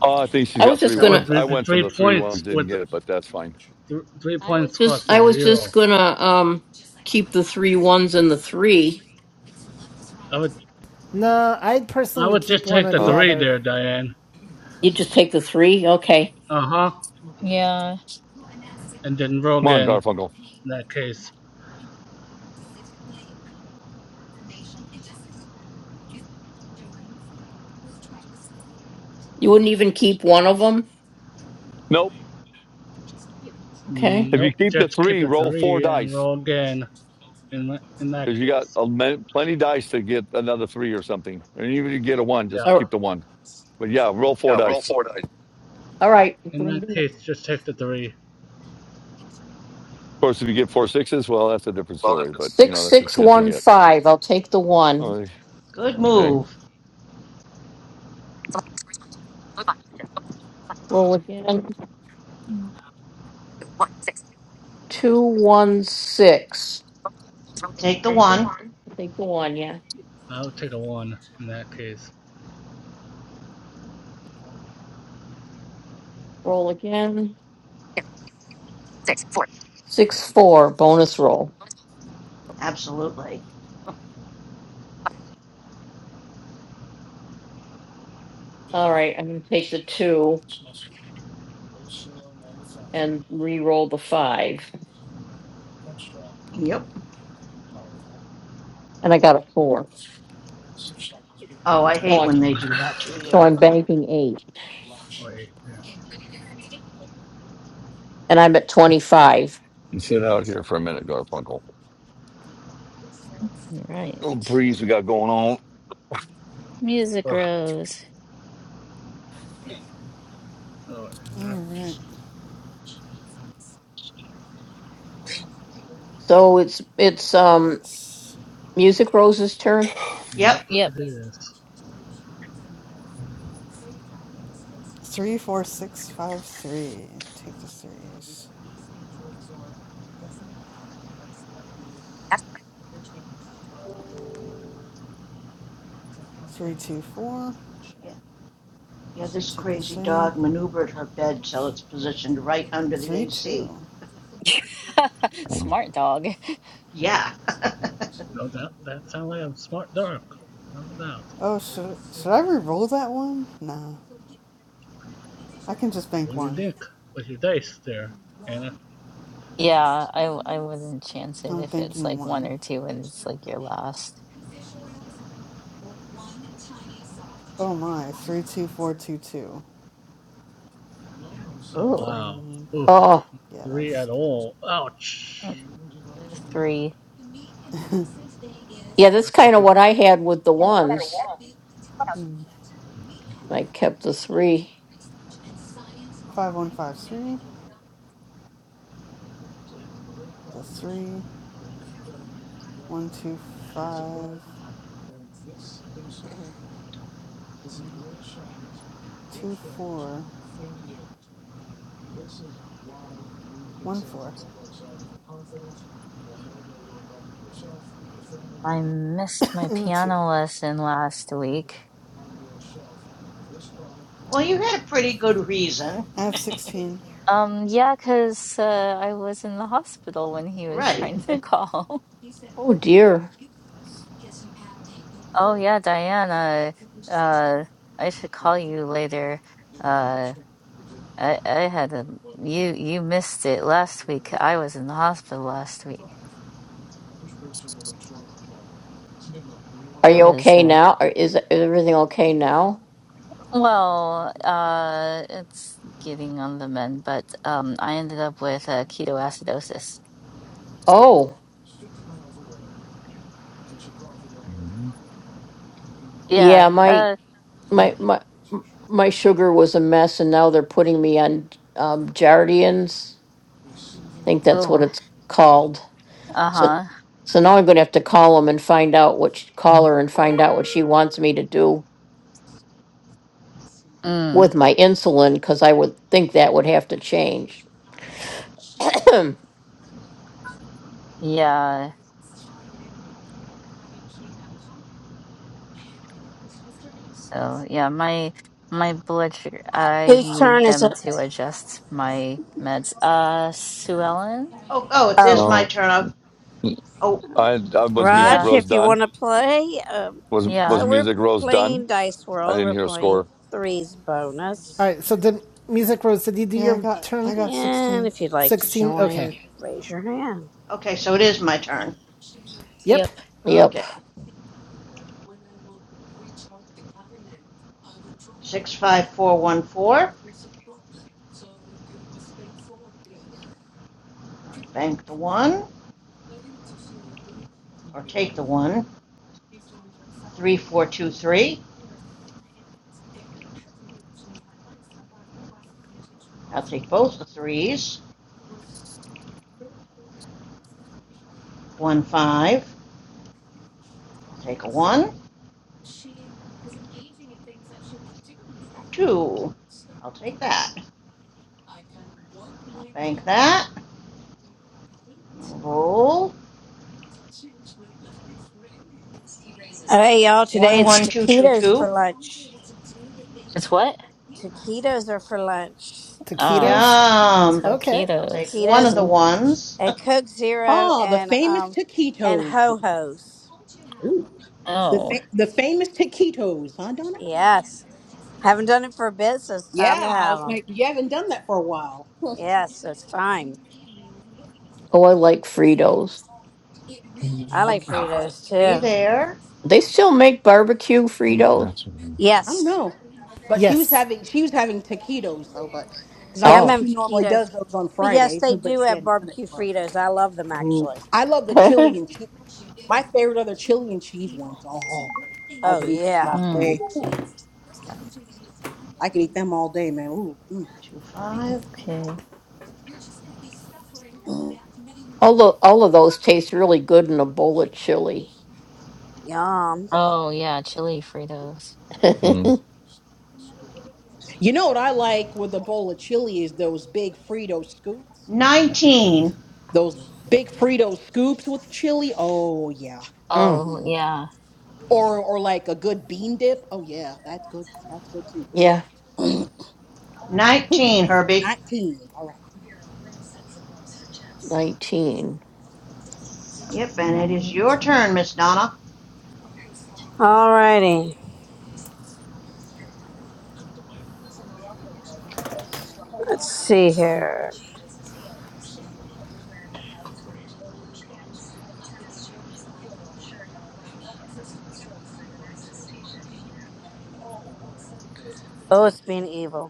J: Oh, I think she's got three
E: That would
J: ones.
E: be
J: I went for
E: three
J: the three ones,
E: points
J: didn't
E: with
J: get it, but that's fine.
E: th- three points cost a zero. I would
B: No, I personally
E: I
B: would
E: would
B: keep
E: just
B: one
E: take
B: or
E: the
B: the
J: Huh?
E: three
B: other.
E: there, Diane. Uh huh.
A: Yeah.
E: And then roll
J: Come on,
E: again
J: Garfunkel.
E: in that case.
J: Nope. If you
E: Nope,
J: keep the
E: just keep
J: three,
E: the
J: roll four
E: three and
J: dice
E: roll again in my, in that
J: because you got
E: case.
J: a, men- plenty dice to get another three or something. And even if you get a one,
E: Yeah.
J: just keep the one. But yeah, roll four
L: Yeah, roll
J: dice. Of
L: four dice.
E: In that case, just take the three.
J: course, if you get four sixes, well, that's a different
L: Well, if
J: story. But
L: it's
J: you know, that's the chance you get. Oh,
C: Good
J: okay.
C: move.
A: Mm.
C: Take the one.
E: I would take a one in that case.
C: Absolutely. Yep. Oh, I
E: Should
C: hate
E: I take
C: when
E: a
C: they do
E: nine
C: that to you.
E: or eight? Yeah.
J: You sit out here for a minute, Garfunkel. Little
A: Right.
J: breeze we got going
A: Music
J: on.
A: Rose.
E: Oh,
K: All
E: uh,
K: right. Yes.
E: yep,
C: Yep,
A: Yep.
E: it is.
K: Three, four, six, five, three. Take the threes. Three, two, four.
C: Yeah, Yeah. this
K: Take a
C: crazy
K: three.
C: dog maneuvered her bed till it's positioned right under the
K: Three,
C: AC.
K: two.
J: Ugh.
A: Smart dog.
C: yeah.
E: No doubt. That sounds like I'm smart dark. No doubt.
K: Oh, should should I re-roll that one? Nah. I can just
E: What
K: bank
E: do you
K: one.
E: think with your dice there, Anna?
A: Yeah, I I wouldn't chance it
K: I'm
A: if it's
K: banking
A: like one
K: one.
A: or two and it's like your last.
K: Oh my. Three, two, four, two, two.
E: Oh
A: Ooh.
E: wow.
K: Um.
E: Oof.
K: Yeah,
E: Three
K: that's
E: at
K: kind of.
E: all. Ouch.
A: Three.
E: That's a whole.
K: Hmm. Five, one, five, three. The three. One, two, five, two, four, one, four,
A: I missed my
K: and a two.
A: piano lesson last week.
C: Well, you had a pretty good reason.
K: I have sixteen.
A: Um, yeah, 'cause uh, I was in the hospital when he was
C: right.
A: trying to call. Oh yeah, Diana. Uh, I should call you later. Uh, I I had a you you missed it last week. I was in the hospital last week. It was uh, well, uh, it's getting on the mend, but um, I ended up with uh, ketoacidosis. Yeah. Uh. Uh-huh. Mm. Yeah. So, yeah, my my blood sugar, I
F: Whose
A: need
F: turn is
A: them
F: it?
A: to adjust my meds. Uh, Sue Ellen?
C: Oh, oh, it
F: Oh,
C: is my
J: No,
C: turn. Oh,
J: I,
C: Oh,
J: I was Music
A: Yeah.
F: Raj,
J: Rose
F: if you
J: done.
F: want to play. Um,
J: Was
A: Yeah.
J: was
F: so we're
J: Music Rose done?
F: playing Dice
J: I
F: World.
J: didn't
F: We're
J: hear a
F: playing
J: score.
F: threes
B: All
F: bonus.
B: right. So did Music Rose? Did you do
K: Yeah, I
B: your
K: got I
B: turn?
K: got sixteen.
F: And if you'd like to
B: Sixteen. Okay.
F: join, raise your hand.
C: okay, so it is my turn.
B: Yep.
A: Yep.
C: Okay. 65414, bank the one, or take the one. 3423, I'll take both the threes. 1 5, I'll take a 1. 2, I'll take that. Bank that. Roll.
F: Hey y'all, today it's
C: One, two, two,
F: taquitos
C: two.
F: for lunch.
A: It's what?
F: Taquitos are for lunch.
A: Uh,
B: Taquitos.
C: Yum.
B: Okay.
C: I'll take
A: taquitos.
C: one of
F: Taquitos
C: the ones.
F: and Coke Zero
D: Ah, the
F: and
D: famous
F: um and
D: taquitos.
F: ho
D: again.
F: hos.
D: Ooh. The,
A: Oh.
D: fa- the famous taquitos, huh, Donna?
F: Yes. Haven't done it for a bit, so it's
D: Yeah,
F: time to
D: I
F: have
D: was
F: them.
D: like, you haven't done that for a while.
F: Yes, it's time. I
J: Mm.
F: like Fritos
C: Okay,
F: too.
C: there.
D: I don't
F: Yes.
D: know. But she was
B: Yes.
D: having she was having taquitos though, but because I
F: Yeah,
D: know
F: I'm having
D: she normally
F: taquitos.
D: does those on
F: But yes,
D: Fridays,
F: they
D: but
F: do
D: she
F: have
D: hadn't done it
F: barbecue
D: in a while.
F: Fritos. I love them
D: Ooh,
F: actually.
D: I love the chili and cheese. My favorite are the chili and cheese ones. Oh, I
F: Oh,
D: could eat them
F: yeah.
D: all
A: Mm.
D: day. I could eat them all day, man. Ooh, mm,
C: Two, five.
A: Okay.
D: mm.
F: Yum.
A: Oh, yeah, chili Fritos.
D: You know what I like with a bowl of chili is those big Frito scoops.
C: Nineteen.
D: Those big Frito scoops with chili. Oh yeah.
A: Oh,
D: Mm.
A: yeah.
D: Or or like a good bean dip. Oh yeah, that's good. That's good too.
C: Nineteen, Herbie.
D: Nineteen. All right.
C: Yep, and it is your
A: 19.
C: turn, Miss Donna.
F: Alrighty. Let's see here. Oh, it's being evil.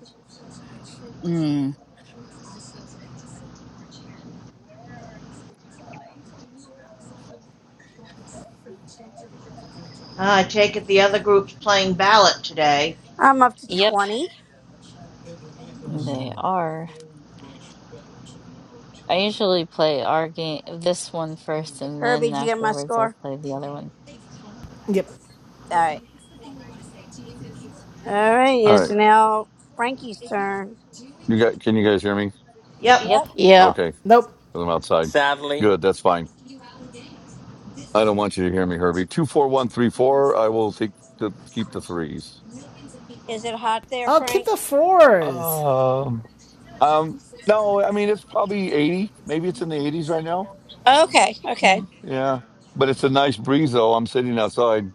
A: Mm.
C: Uh, I take it the other group's playing ballot today.
F: I'm up to
A: Yep,
F: 20.
A: they are. I usually play our game, this one first, and
F: Herbie,
A: then
F: did you get my
A: afterwards I
F: score?
A: play the other one.
B: Yep.
F: All right. All right,
J: All
F: it's
J: right,
F: now Frankie's turn.
J: you got. Can you guys hear me?
C: Yep,
A: Yep.
F: Yep.
J: Okay, 'cause
B: Nope.
J: I'm outside.
G: Sadly.
J: Good, that's fine. I don't want you to hear me, Herbie. Two four one three four. I will take the keep the threes.
F: Is it hot there,
B: I'll keep
F: Frank?
B: the fours.
J: Um, um, no, I mean it's probably eighty. Maybe it's in the eighties right now.
F: Okay, okay.
A: Mm.
J: Yeah, but it's a nice breeze though. I'm sitting outside.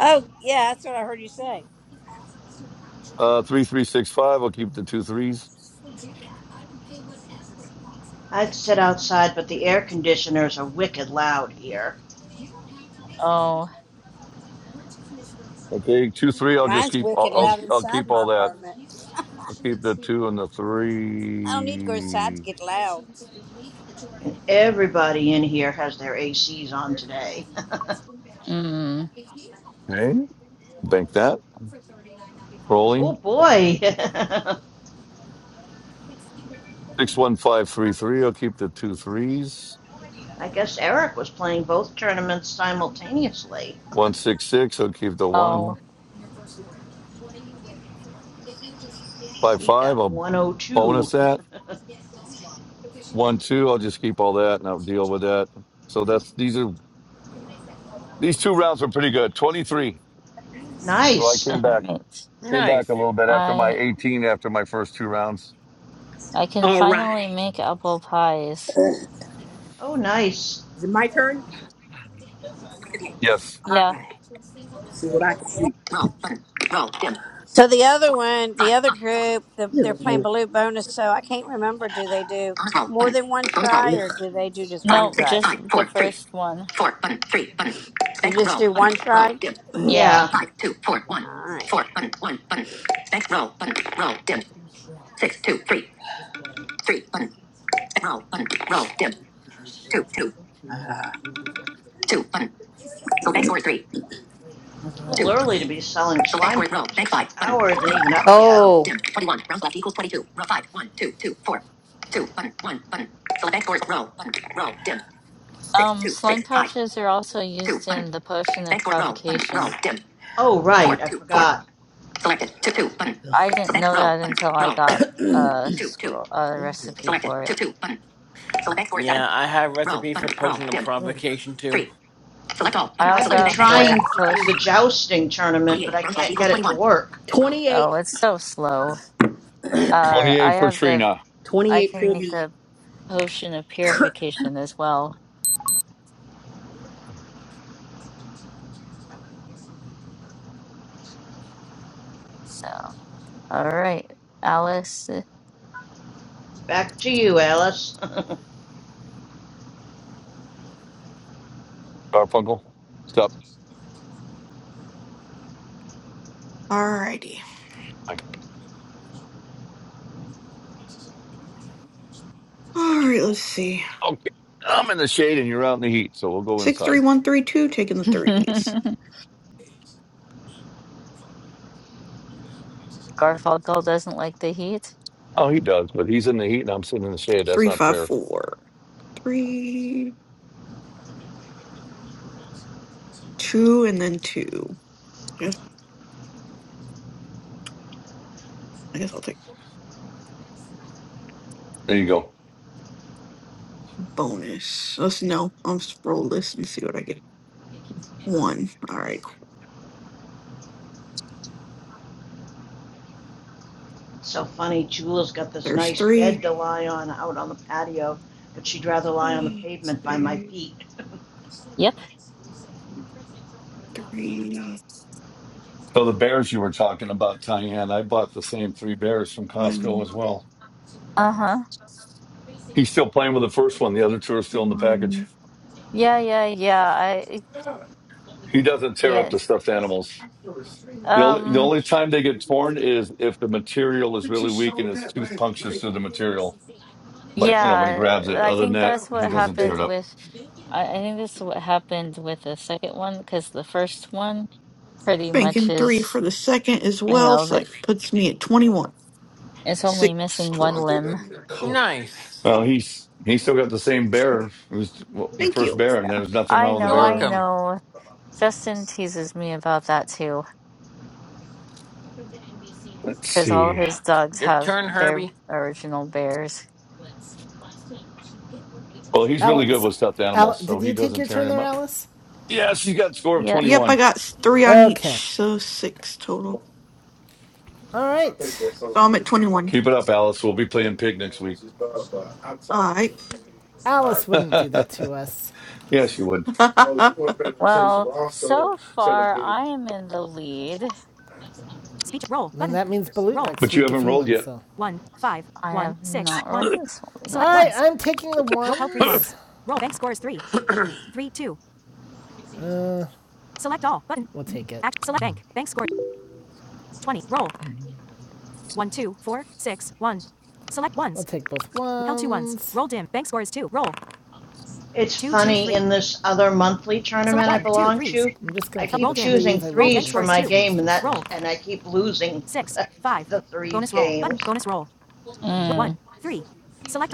F: Oh, yeah, that's what I heard you say.
J: Uh, three three six five. I'll keep the two threes.
C: I'd sit outside, but the air conditioners are wicked loud here.
A: Oh,
J: Okay, two, three. I'll just
F: Mine's
J: keep. I'll,
F: wicked
A: eh,
J: I'll.
F: loud
J: I'll
F: inside
J: keep
F: my
J: all that.
F: apartment.
J: I'll keep the two and the
F: I don't need to go outside to
J: three.
F: get loud.
C: And everybody in here has their ACs on today.
A: mm.
J: Okay, bank that.
C: oh
J: Rolling
C: boy.
J: six, one, five, three, three. I'll keep the two threes.
C: I guess Eric was playing both tournaments simultaneously.
J: One, six, six. I'll keep the one,
A: Oh,
J: five,
C: He
J: five.
C: got
J: I'll bonus
C: 102.
J: that. One, two. I'll just keep all that and I'll deal with that. So that's these are these two rounds were pretty good. Twenty three. So I
C: nice.
J: came
A: all
J: back.
A: right.
J: Came back
G: Nice.
J: a little bit after my
A: I
J: eighteen. After my first two rounds.
A: I can
D: All
A: finally
D: right.
A: make apple pies.
D: Is
C: Oh, nice.
D: it my turn? Okay.
J: Yes.
D: All
A: Yeah.
D: right. Let's see what I can do. Roll button. Roll dim.
F: So the other
D: four,
F: one, the
D: five, five,
F: other
D: five, four.
F: group, the, they're playing
D: Ew.
F: Baloo bonus. So I can't remember. Do they do
D: Bonus roll
F: more
D: button.
F: than one
D: Bonus roll.
F: try, or
D: Ugh.
F: do they do just
D: Five,
F: one
A: No,
D: six,
F: try?
A: just
D: five,
A: the
D: four, three.
A: first one.
D: Four button, three button.
F: You
D: Bank
F: just
D: roll
F: do
D: button.
F: one try.
D: Roll dim.
A: Yeah.
C: Yeah,
D: Five, two, four, one.
F: All right.
D: Four button, one button. Bank roll button. Roll dim. Six, two, three. Three button. Roll button. Roll dim. Two, two. Ah. Two button. So bank score is three.
C: a
D: Alright.
C: little
D: Two. button.
C: early to be selling
D: So bank
C: slime
D: score is roll. Bank
C: pouches.
D: five
C: The
D: button.
C: hour isn't
D: Bank
C: even
D: dim.
C: up yet.
D: Roll dim. Twenty-one. Rounds left equals twenty-two. Roll five. One, two, two, four. Two button. One button. Select bank scores. Roll button. Roll dim. six
A: Um,
D: two
A: slime
D: six five
A: pouches are also
D: two
A: used
D: button.
A: in the potion of
D: Thanks for roll button roll
A: provocation.
D: dim
C: Oh,
D: four
C: right, I
D: two four
C: forgot.
D: selected two two button. Ugh.
A: I didn't
D: Select
A: know
D: roll
A: that
D: button
A: until I
D: roll
A: got a
D: two two
A: scroll a recipe
D: selected
A: for
D: two
A: it.
D: two button. Select bank score seven
G: Yeah, I have
D: roll
G: recipe for
D: button roll
G: potion of
D: dim
G: provocation too.
D: three select all
A: I
D: button
C: I've
A: also
D: select
C: been
D: bank
A: have
D: bank score
A: the
D: seven
C: trying to do the
A: potion.
C: jousting
D: twenty
C: tournament,
D: eight
C: but I
D: rounds left
C: can't
D: equals
C: get
D: twenty
C: it to
D: one.
C: work.
D: Twenty
A: Oh,
D: eight.
A: it's so slow. Uh, I
J: 28 for
A: have the.
J: Trina.
D: twenty
A: I
D: eight
A: can
D: for
A: make
D: me.
A: the potion of purification as well. So. All right, Alice.
C: Back to you, Alice.
J: Garfunkel, stop.
I: Alrighty.
J: Like,
I: Alright, let's see.
J: okay, I'm in the shade and you're out in the heat, so we'll go
I: Six, three,
J: inside.
I: one, three, two. Taking the threes.
A: Garfunkel doesn't like the heat.
J: Oh, he does, but he's in the heat and I'm sitting in the shade. That's
I: Three,
J: not
I: five,
J: fair.
I: four. Three, two, and then two. Yes, I guess I'll take
J: There you go.
I: bonus. Let's know. i am scroll this and see what I get. One. All right. cool.
C: so funny, Jula's got this
I: There's
C: nice bed
I: three.
C: to lie on out on the patio, but she'd rather lie on the
I: Let's
C: pavement by my
I: do
C: feet.
A: Yep.
I: three,
J: So the bears you were talking about, Tyann, I bought the same three bears from Costco
I: one,
J: as well.
A: Uh-huh.
J: He's still playing with the first one. The other two are still in the package.
I: one.
A: Yeah, yeah, yeah. I
J: He doesn't tear up the
A: yes.
J: stuffed animals. The only, the
A: Um
J: only time they get torn is if the material is really weak and his tooth punctures through the material. Like, you know, when he
A: yeah,
J: grabs it.
A: I
J: Other than
A: think
J: that,
A: that's
J: he
A: what
J: doesn't tear
A: happened
J: it up.
A: with I, I think this is what happened with the second one because the first one pretty much
I: Banking three
A: is
I: for the second as
A: you
I: well.
A: know
I: So
A: that
I: that puts me at 21.
A: it's only
I: Six
A: missing one
I: total.
A: limb.
G: Nice.
J: Well, he's he's still got the same bear. It was well, the
I: Thank
J: first
I: you.
J: bear, and there's nothing
A: I
J: wrong with the
G: You're
A: know, I
J: bear.
G: welcome.
A: know. Justin teases me about that too
J: Let's
A: because all
J: see.
A: his dogs
G: Your
A: have
G: turn,
A: their
G: Herbie.
A: original bears.
J: Well, he's really good
B: Alice,
J: with stuffed
B: Alice.
J: animals, so
B: did
J: he
B: you take
J: doesn't
B: your
J: tear
B: turn
J: him
B: there,
J: up.
B: Alice?
J: Yes, you got a score of
A: Yeah.
I: Yep, I
J: 21.
I: got s- three on each.
B: Okay.
I: So six total.
B: All right.
I: So I'm at 21.
J: Keep it up, Alice. We'll be playing pig next week.
I: All right.
B: Alice wouldn't do that to us.
J: yes, you would.
A: Well, so far I am in the lead.
B: And that means Balut next
J: But you
B: week if
J: haven't
B: he
J: rolled
B: wins,
J: yet.
B: so.
A: I have not rolled this one yet.
B: Alright, ones. I'm taking the ones. We'll take it. We'll take both ones. I'm
C: It's funny, in this other monthly tournament I belong to,
B: just going
C: I
B: to Held take
C: keep
B: the
C: choosing
B: threes. I really
C: threes
B: want
C: for my game, and that and I keep losing the threes games.
A: Mm.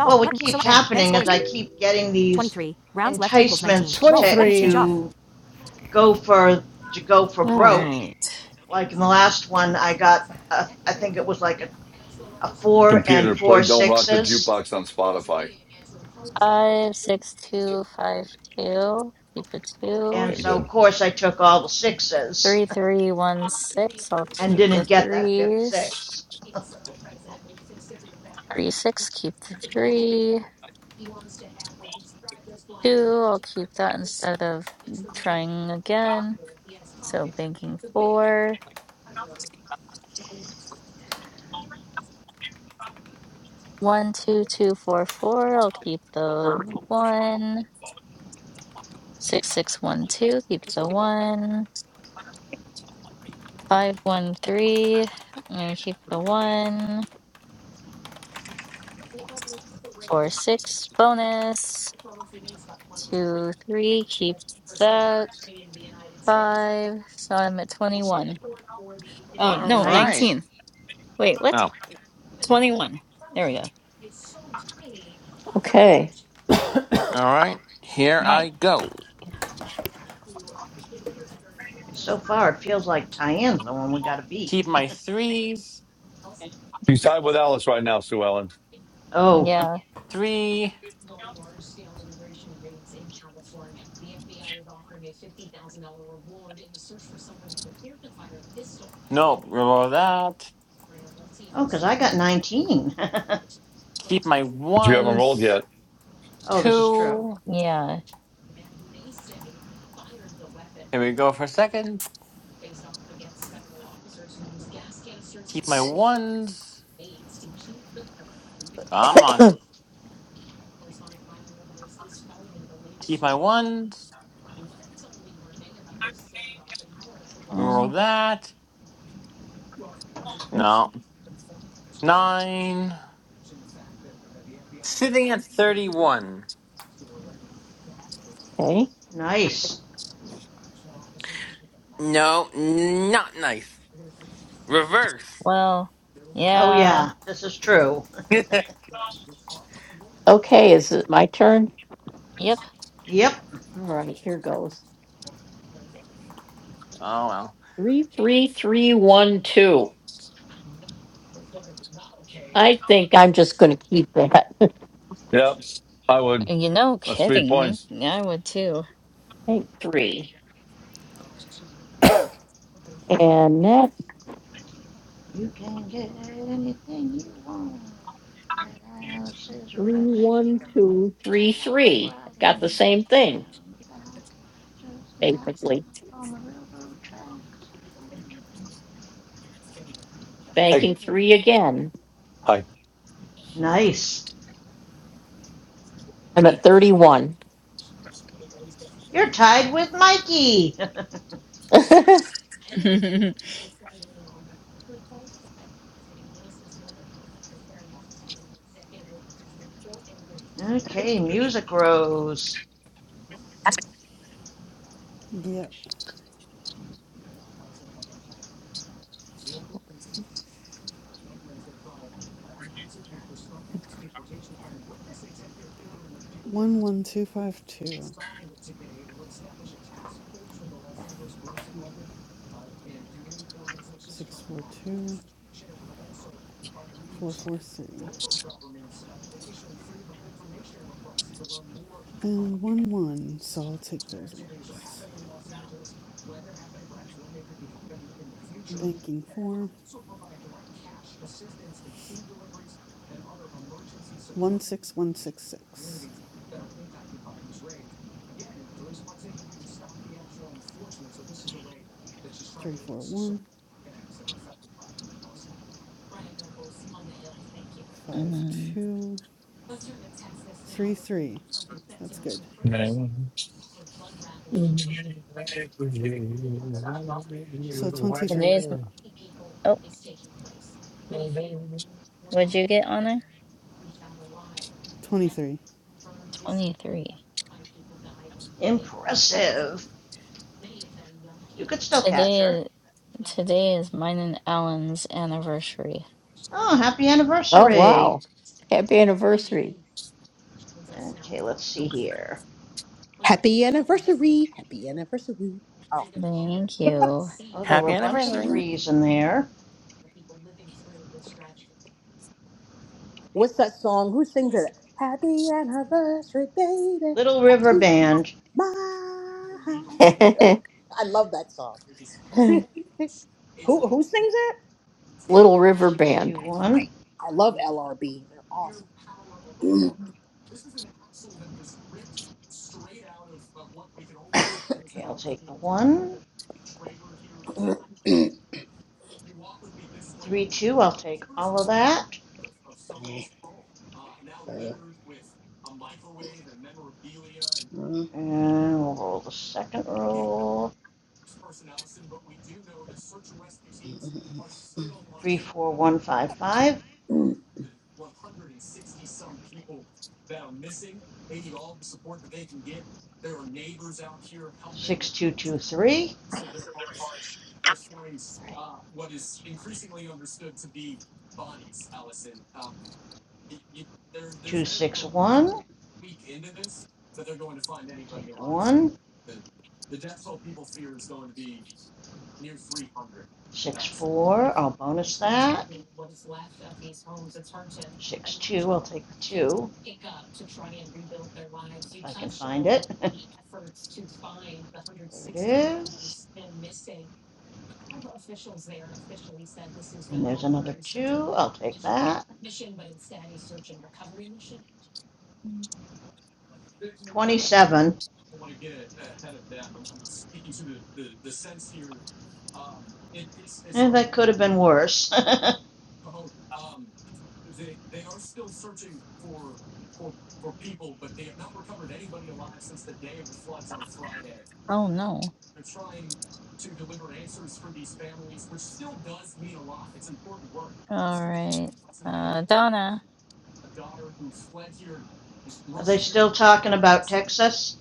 C: Well, what keeps happening is I keep getting these enticements to ta-
B: 23.
C: to go for to go for
A: All
C: broke.
A: right.
C: Like in the last one, I got a, I think it was like a, a four and
J: Computer, play
C: four
J: Don't Rock the
C: sixes,
J: Jukebox on Spotify.
A: Five, six, two, five, two. Keep a two.
C: and
J: Okay,
C: so
J: good.
C: of course I took all the sixes
A: Three, three, one, six. I'll
C: and
A: keep the
C: didn't get that fifth
A: threes.
C: six.
A: Three, six. Keep the three. Two. I'll keep that instead of trying again. So banking four. One, two, two, four, four. I'll keep the one. Six six one two, keep the one. Five one three, I'm gonna keep the one. Four six bonus. Two three, keep that. Five. So I'm at twenty one. Oh
G: All
A: no,
G: right.
C: Nice.
A: nineteen. Wait, what?
G: Oh, all
A: Twenty one. There we go.
G: right. Here I
A: Mikey.
G: go.
C: So far, it feels like Tyann's the one we got to beat.
G: Keep my threes.
J: He's tied with Alice right now, Sue Ellen.
C: oh,
A: Yeah,
G: Three. No, roll that.
C: oh, 'cause I got 19.
G: Keep my
J: But you haven't rolled
G: ones.
J: yet.
C: oh, this is true.
G: Two.
A: yeah. let
G: Here we go for a second. Keep my ones. Come on. Keep my ones. Roll
A: Oh
G: that. No. Nine. Sitting at 31.
C: Nice.
G: No, not nice. Reverse.
A: well.
C: Oh,
A: Yeah.
C: yeah, this is true.
G: oh,
A: Yep.
C: Yep.
G: well.
J: Yep, I would.
A: You know,
J: That's three
A: kidding.
J: points.
A: I would too.
C: You can get anything you want at Alice's restaurant. Walk right in. It's round the back, just half a mile from the railroad track.
J: Hey,
C: Really?
J: hi.
C: Nice. You're tied with Mikey. okay, music rose.
K: Yeah. One one two five two six four two four four three. And one one. So I'll take those ones. Banking four one six one six six three four one five
A: Mm,
K: two three three. That's good. So twenty three.
A: Today's. Oh. Would you get honor?
K: Twenty three.
A: 23.
C: Impressive. You could still catch
A: Today
C: her.
A: is today is mine and Ellen's anniversary.
C: Oh, happy anniversary. Okay, let's see here.
D: Happy anniversary. Happy anniversary.
A: Thank you.
C: Oh, there were
G: Happy
C: a bunch of
G: anniversary.
D: Oh.
C: threes in there.
D: What's that song? Who sings it? Happy anniversary, baby.
C: Little
D: Got
C: River
D: you in
C: Band.
D: my mind.
C: Okay, there.
D: I love that song. who who sings it?
C: Six two
D: That's
C: one.
D: right. I love LRB. They're awesome.
C: Okay, I'll take the one. Three two. I'll take all of that. And we'll roll the second roll. Three four one five five. Six two two three. Two six one. Take the one. Six four. I'll bonus that. Six two. I'll take the two. if I can find it. there it is. And there's another two. I'll take that. 27. Eh, that could have been worse.
A: Oh no. All right. Uh Donna,
C: Are they still talking about Texas?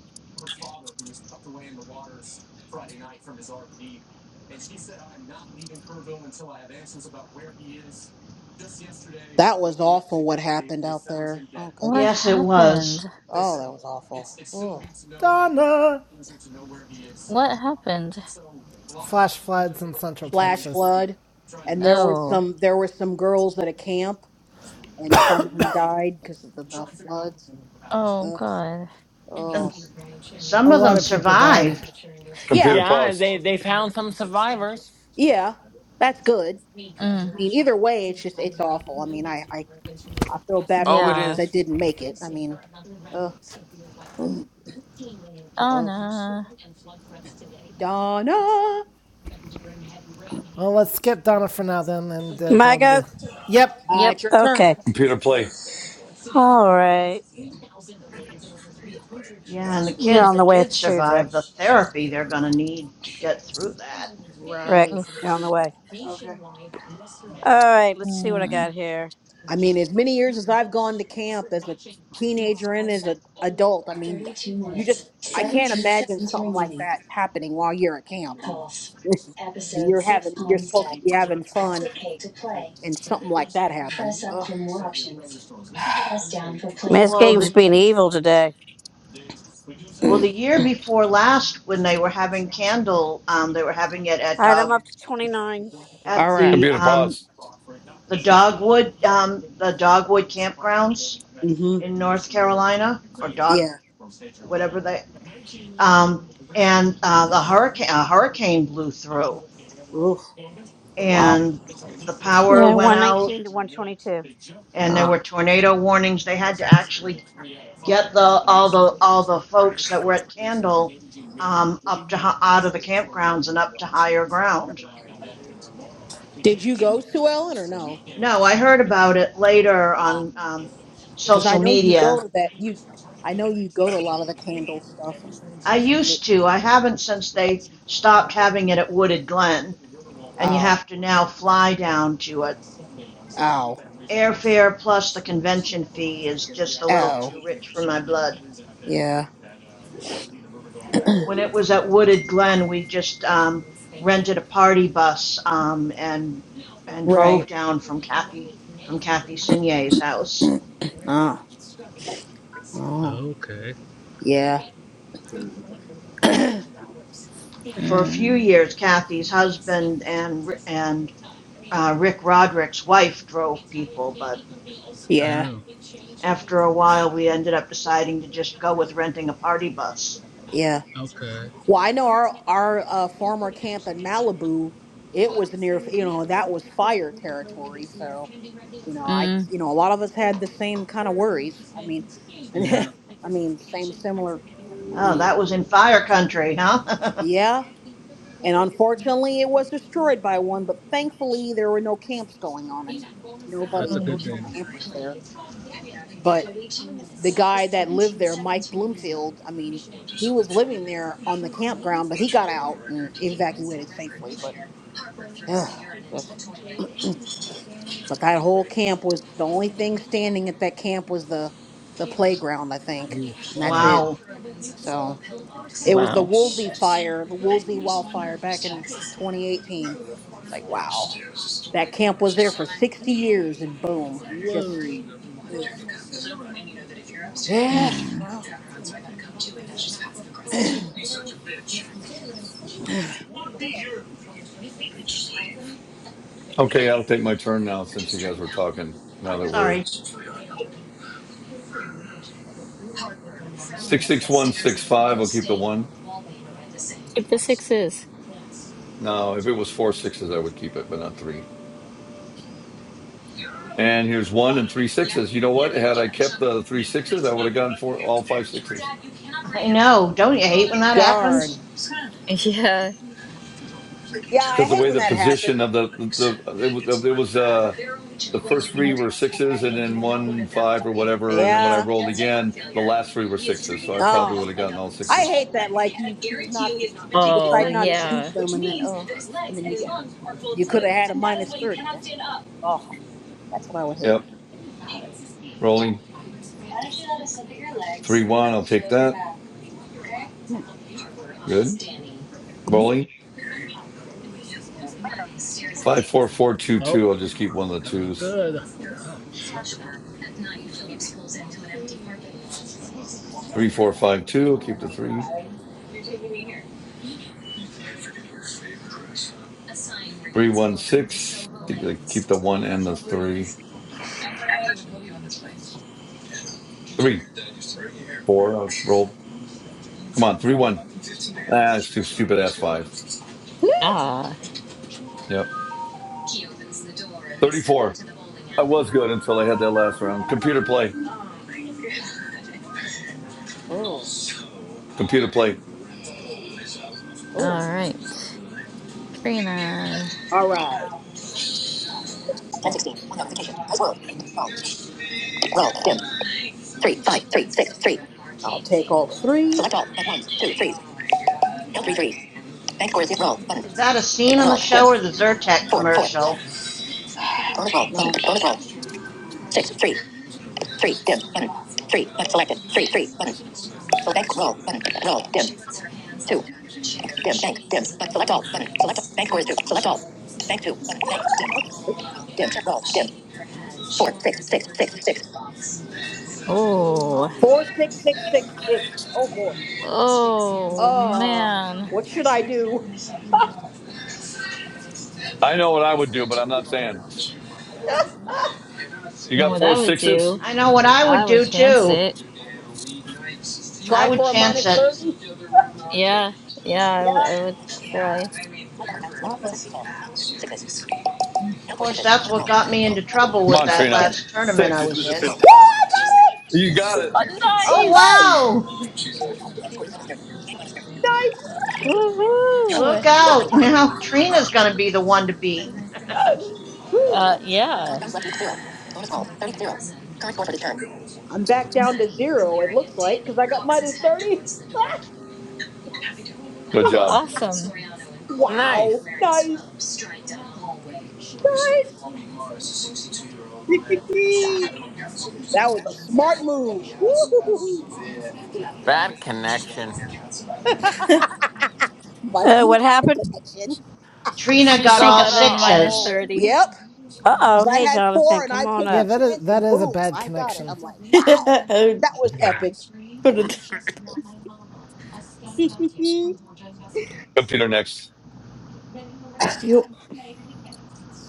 D: That was awful what happened out there. Oh
A: what
C: Yes,
D: goodness.
C: it
A: happened?
C: was.
D: Oh, that was awful. Oh.
B: Donna!
A: What happened?
B: Flash floods in central
D: Flash
B: Texas.
D: flood. And there were
A: Oh.
D: some there were some girls at a camp and someone died because of the, the floods and
A: Oh
D: ugh,
A: God.
C: And
D: oh
B: A
C: some of
B: lot
C: them
B: of people died.
C: survived.
D: yeah
J: Computer
G: Yeah,
J: pause.
G: they, they found some survivors.
D: yeah that's good i
A: Mm.
D: mean either way it's just it's awful i mean i i, I feel bad for
G: Oh,
D: the
G: it
D: ones
A: Yeah.
D: that
G: is.
D: didn't make it i mean ugh but oh
A: Donna.
D: donna
B: Well, let's skip Donna for now then and uh, go
F: My go.
B: into. Yep.
D: uh,
A: Yep.
D: it's your turn
F: Okay.
J: Computer play.
F: All right.
C: Yeah, and the
F: They're on the way at the food, Rick.
C: chemotherapy they're going to need to get through that.
F: Rick,
D: right
A: Oof.
F: they are on the way. All right. Let's see what I
A: Mm.
F: got here.
D: i mean as many years as i've gone to camp as a teenager and as an adult i mean you just i can't imagine something like that happening while you're at camp and and you're having you're supposed to be having fun and something like that happens. Ugh.
F: Man, this game's being evil today.
C: Well, the year before last, when they were having candle, um, they were having it at
F: All right. I'm up to 29.
D: All
C: at
D: right.
C: the
J: Computer
C: um,
J: pause.
C: the dogwood um, the dogwood campgrounds
D: hmm
C: in North Carolina or dog,
D: Yeah.
C: whatever they, um, and uh, the hurricane a hurricane blew through,
D: Oof. Wow.
C: and the power
F: Yeah, 119 to 122.
C: and there
D: Uh,
C: were tornado warnings. They had to actually get the all the all the folks that were at Candle um, up to out of the campgrounds and up to higher ground.
D: Did you go, Sue Ellen, or no?
C: No, I heard about it later on um,
D: because I
C: social
D: know you go
C: media.
D: to that. You, I know you go to a lot of the candle stuff, and,
C: I
D: and it.
C: used to. I haven't since they stopped having it at Wooded Glen, and you
D: Oh.
C: have to now fly down to a
D: Oh.
C: airfare plus the convention fee is just a little too
D: Oh.
C: rich for my blood.
D: Yeah.
C: When it was at Wooded Glen, we just um, rented a party bus um, and and drove
D: Right.
C: down from Kathy from Kathy Sinier's house.
D: Oh. Oh.
E: Oh, okay.
D: Yeah.
C: For a few
A: Mm.
C: years, Kathy's husband and and uh, Rick Roderick's wife drove people, but
D: Yeah.
E: Oh.
C: after a while, we ended up deciding to just go with renting a party bus.
D: Yeah.
E: Okay.
D: Well, I know our our uh, former camp in Malibu, it was near, you know, that was fire territory. So, you know, I,
A: Mm.
D: you know, a lot of us had the same kind of worries. I mean,
E: Yeah.
D: I mean, same similar. I
C: Oh,
D: mean,
C: that was in fire country, huh?
D: yeah. And unfortunately, it was destroyed by one, but thankfully there were no camps going on and nobody,
E: That's a
D: there
E: good
D: were
A: Mm.
D: no
E: thing.
D: campers there. But the guy that lived there, Mike Bloomfield, I mean, he was living there on the campground, but he got out and evacuated safely. But Ugh, that's- but that whole camp was the only thing standing at that camp was the the playground, I think,
E: Oh
D: and that's
E: wow.
D: it.
C: wow.
D: So it was the
A: Wow.
D: Woolsey fire, the Woolsey wildfire back in 2018. It's like wow, that camp was there for 60 years, and boom, just
E: Whoa.
D: ugh. yeah,
A: Mm.
D: well,
J: Okay, I'll take my turn now since you guys were talking. Now that we're
C: Sorry.
J: six six one six five, I'll keep the one.
A: Keep the sixes.
J: No, if it was four sixes, I would keep it, but not three. And here's one and three sixes. You know what? Had I kept the three sixes, I would have gone for all five sixes.
C: I know. Don't you hate when that
D: darn,
C: happens?
A: Yeah.
D: yeah, I
J: Because the
D: hate
J: way
D: when
J: the
D: that
J: position
D: happens.
J: of the the, the it was, it was uh the first three were sixes and then one five or whatever, and then when I
D: Yeah,
J: rolled again, the last three were sixes. So I probably would
D: oh,
J: have gotten all
D: I
J: sixes.
D: hate that. Like you choose not to, you
A: Oh
D: decide not to keep
A: yeah.
D: them, and then oh. and then you get. You could have had a minus 30. man. Oh, that's what I would hate.
J: Yep. Rolling three one. I'll take that.
D: Mm.
J: Good.
D: Mm.
J: Rolling five four four two
E: Oh.
J: two. I'll just keep one of the
E: Not
J: twos.
E: good. Ouch.
J: Three four five two. I'll keep the three. Three one six. Keep the keep the one and the three. Three. Four. I'll roll. Come on, three one. Ah, it's too stupid. Ass five.
A: Ah.
J: Yep. Thirty-four. I was good until I had that last round. Computer play.
D: Ooh,
J: Computer play.
D: ooh.
A: All right. Trina.
D: All right. 1016. One notification. Dice world. Eight. Roll. Roll. Dim. Three, five, three, six, three. I'll take all the threes. Select all. At ones, two, threes. Count three threes. Bank score is zero. roll. Button.
C: Is that a scene on the
D: Roll. Dim.
C: show or the Zyrtec
D: Four, four.
C: commercial?
D: Bonus roll. No. Button. Bonus roll. Six, three, three. Dim. Button. Three. But selected. Three, three. Button. Select bank. Roll. Button. Roll. Dim. Two. Bank. Dim. Bank. Dim. But select all. Button. Select all. Bank score is two. Select all. Bank two. Button. Bank. Dim. Dim. Roll. Dim. Four. Six. Six. Six. Six.
A: Oh.
D: Four. Six. Six. Six. Six. Oh boy.
A: Oh,
D: Uh,
A: man.
D: what should I do?
J: I know what I would do, but I'm not saying. You
A: You know
J: got
A: what I
J: four
A: would
J: sixes.
A: do?
C: I know what I would
A: I would
C: do
A: chance
C: too.
A: it.
C: I
D: Try
C: would
D: for a
C: chance
D: minus
C: it.
D: thirty.
A: Yeah. Yeah, I would
D: Yeah.
A: I would try.
D: Oh. Sixes.
C: Of
D: L four
C: course,
D: sixes.
C: that's
D: Bonus
C: what
D: roll.
C: got me
D: Roll.
C: into
J: Come
D: Button.
C: trouble with
J: on,
D: Roll.
C: that
J: Trina.
D: Dim.
C: last tournament I
D: That
J: Six.
C: was
D: was a fantastic.
C: in.
D: Woo! I got it!
J: You
D: Sixes.
J: got it.
A: Uh,
C: Oh,
A: nice!
D: Woohoo!
C: wow!
D: Select all. Bank scores minus 30. Bank minus 30. Nice! Dim. Zero.
C: Look
D: Rounds
A: Woohoo!
D: left equals
C: out!
D: 19.
C: Now Trina's
D: Roll.
C: going to be the one to beat.
D: Woo.
A: Uh,
D: Zero. Current
A: yeah.
D: bonus left equals zero. Bonus rolls. thirty. Zero. Current score for this turn. I'm back down to zero, it looks like, because I got minus 30.
J: Good
A: Ooh,
J: job.
A: awesome.
D: Wow.
G: Nice.
D: Nice. Nice.
I: I
D: that was a smart move. Woo.
G: Bad connection.
F: Uh,
D: Mikey,
F: what
D: bad
F: happened?
D: connection.
C: Trina
G: She
C: got
A: She
C: all
G: got uh,
A: got in minus
C: sixes.
G: all.
A: 30.
D: Yep.
F: Uh
D: Because
F: oh.
D: I
F: Hey,
D: had four
F: Jonathan,
D: and I
F: come on
D: took
B: Yeah,
D: the
F: up.
B: that is
D: chance
B: that
D: and
B: is a
D: boom,
B: bad
D: I got it.
B: connection.
D: I'm like, wow. That was epic.
I: put a
J: Computer next.
I: Yup,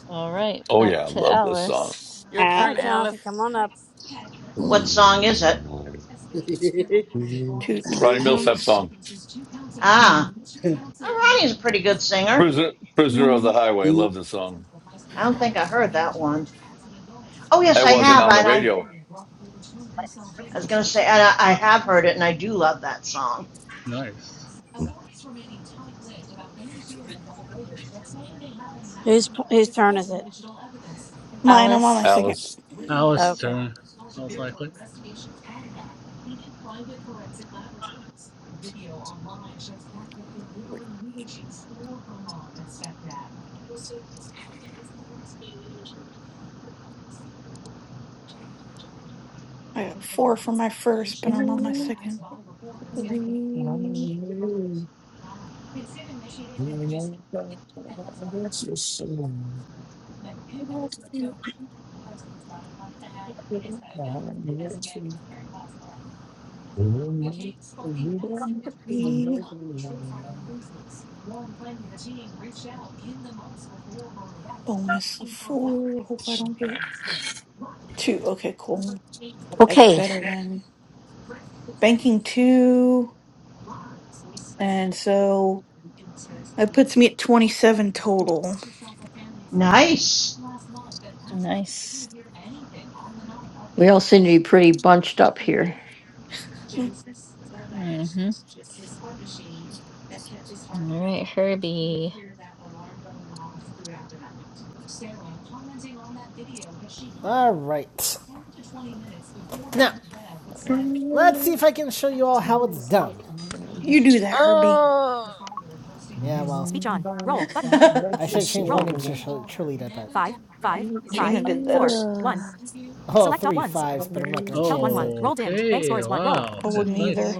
A: All right,
J: Oh
A: back
J: yeah, I
A: to
J: love this song.
A: Alice.
G: Your
F: All
G: turn,
D: Alex.
F: right, Jonathan,
G: Alice.
F: come on up.
C: What song is it?
I: two
J: Ronnie Millsap
I: threes,
J: song.
C: Ah, Oh, Ronnie's a pretty good singer.
J: Prisoner, Prisoner of the
I: one
J: Highway. Love this song.
C: I don't think I heard that one. Oh, yes,
J: It
C: I
J: wasn't
I: more.
C: have.
J: on the
C: And I,
J: radio,
C: I was going to say, I, I have heard it, and I do love that song.
E: Nice.
F: Whose whose turn is it?
I: Mine. I'm on my
A: Alice.
I: second.
J: Alice.
E: Alice's
F: Okay.
E: turn. Most likely.
I: Three. I got four for my first, but I'm on my second.
J: But
I: Three, three. Bonus of four. I Hope I don't get two. Okay, cool. That's better than banking two. And so. That puts me at 27 total.
C: Nice.
A: Nice.
I: Mm,
A: Mm-hmm. All right, Herbie.
B: All right. Now, let's see if I can show you all how it's done.
I: You do that, Herbie.
A: Oh.
B: Yeah, well, I should change my name to Shir- Shirlita, but
I: Trina did that earlier.
A: Ugh.
B: oh, three fives, but I'm not going to change it.
E: Okay. Wow.
I: I wouldn't
E: It's
I: either.
E: nice.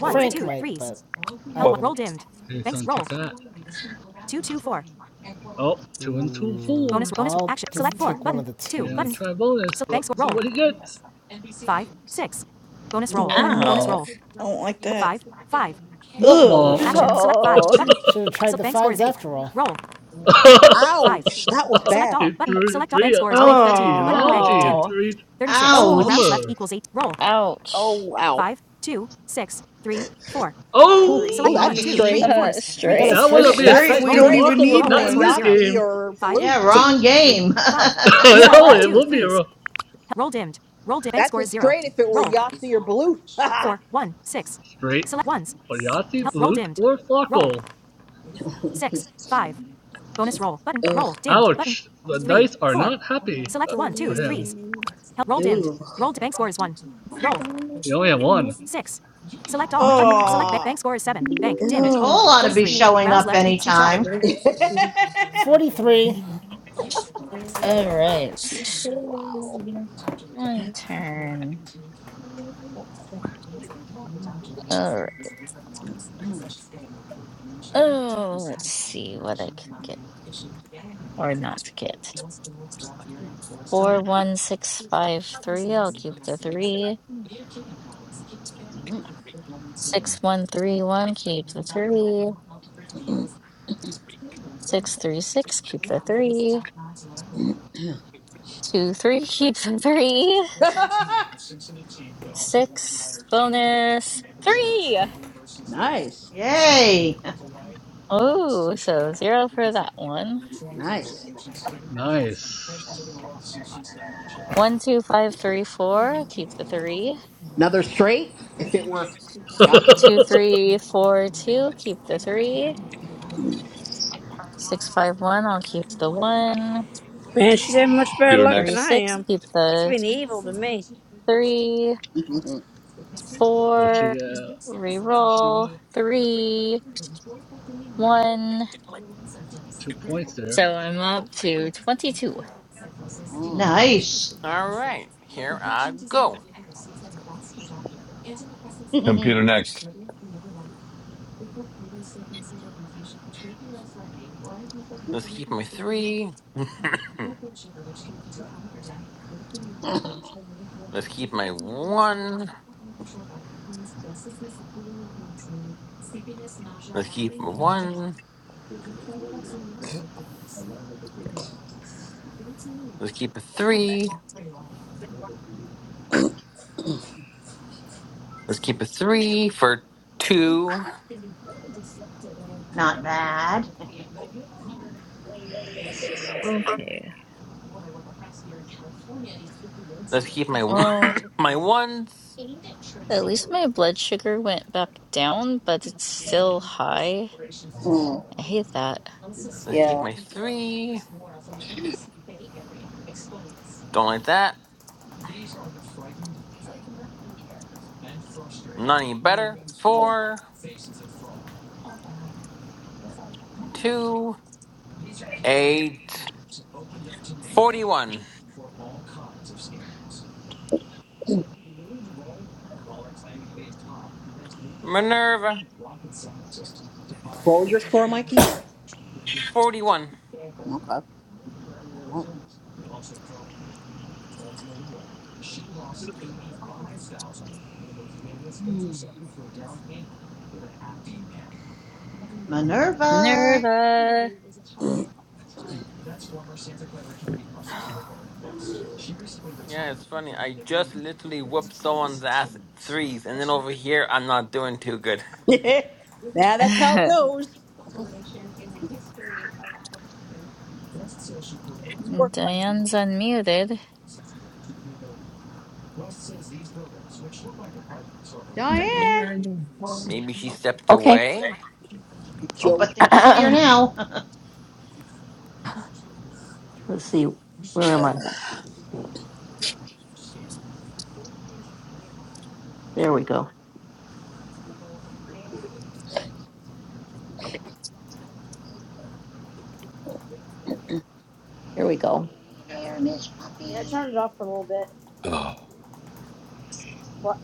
B: one Frank might,
E: He's going take that. Oh, two and two fours.
B: I'll
E: Yeah. Try bonus. What? See what he gets. Womp
I: Mm-mm.
A: Ow.
E: womp.
I: I don't like that.
E: What
B: Holy
I: Ugh.
E: mom?
B: shit. Action.
I: Um,
A: Oh,
B: Should have tried the fives after all.
D: Ouch. That was bad.
E: It three, three algae,
I: ah,
E: algae,
A: Ow.
E: three
D: Oh,
C: Ouch.
E: bombers.
D: oh
A: Ouch.
D: wow. Oh,
E: Oh,
D: that's a
E: sh-
D: straight.
I: three.
A: uh,
B: I got a
E: that
A: straight.
I: A
E: would
B: straight
E: have
B: at
E: been a
B: least.
D: That's
I: straight.
D: a
B: Help.
E: straight
I: We
E: in
I: don't
D: straight if
I: even
D: you
E: sparkle,
D: were
I: need
E: but not
D: playing
E: in
I: one.
E: this
D: Yahtzee
E: game.
D: or Balut.
C: Yeah, wrong game.
D: Yeah,
E: no,
D: right.
E: it would be a ro-
D: That's a straight if it were Yahtzee or Balut.
E: straight for Koyati, Blute, or Farkle.
D: Ugh,
E: Ouch, the dice are not happy uh, for him.
I: Three.
D: ew,
E: He only had one. Yeah,
J: Computer
I: Ah.
D: ew.
C: Nicole ought to be showing up anytime.
B: 43. All
A: All right.
D: wow.
A: My turn. All right.
D: Mm.
A: Oh, let's see what I can get or not get. Four,
D: Ah.
A: one, six, five, three. I'll keep the three.
D: Mm,
A: Six, one, three, one. Keep the three.
D: mm,
A: Six, three, six. Keep the three.
D: mm, mm.
A: Two, three. Keep the three. Six. Bonus.
D: ew.
A: Three.
D: Nice,
C: Yay.
A: Oh, so zero for that one.
D: nice.
E: nice.
A: One, two, five, three, four, keep the three.
D: Another straight if it were Yahtzee.
A: Two, three, four, two, keep the three. Six, five, one, I'll keep the one.
F: Man, she's having much better luck
A: Three,
F: than
J: next.
F: I
A: six,
F: am.
A: keep
F: It's
A: the
F: been evil to me.
A: three.
E: what she
A: Four,
E: got? What
A: reroll,
E: you?
A: three, one.
E: Two points there.
A: So I'm up to 22.
D: Mm.
C: Nice.
G: All right, here I go.
J: Computer next.
G: Let's keep my three. Let's keep my one. Let's keep my one. Let's keep a three. Let's keep a three for two.
C: Not bad.
A: Okay.
G: Let's keep my
A: Well,
G: my ones.
A: at least my blood sugar went back down, but it's still high.
D: Mm.
A: I hate that.
G: Let's keep
D: Yeah.
G: my three. Don't like that. Not any better. Four, two, eight, forty-one. Minerva,
D: What was your score, Mikey?
G: 41.
D: Okay. All right.
C: Minerva.
A: Minerva.
G: Yeah, it's funny. I just literally whooped someone's ass at threes, and then over here, I'm not doing too good.
D: now that's how it goes. Things work like
A: Diane's unmuted.
G: M-
D: Diane.
G: maybe she stepped away?
D: it's
C: Oh, I
D: your
C: think she's here now.
D: turn.
C: hey there, Miss
F: Yeah, I
C: Puppy.
F: turned it off for a little bit.
J: Ugh.
F: What?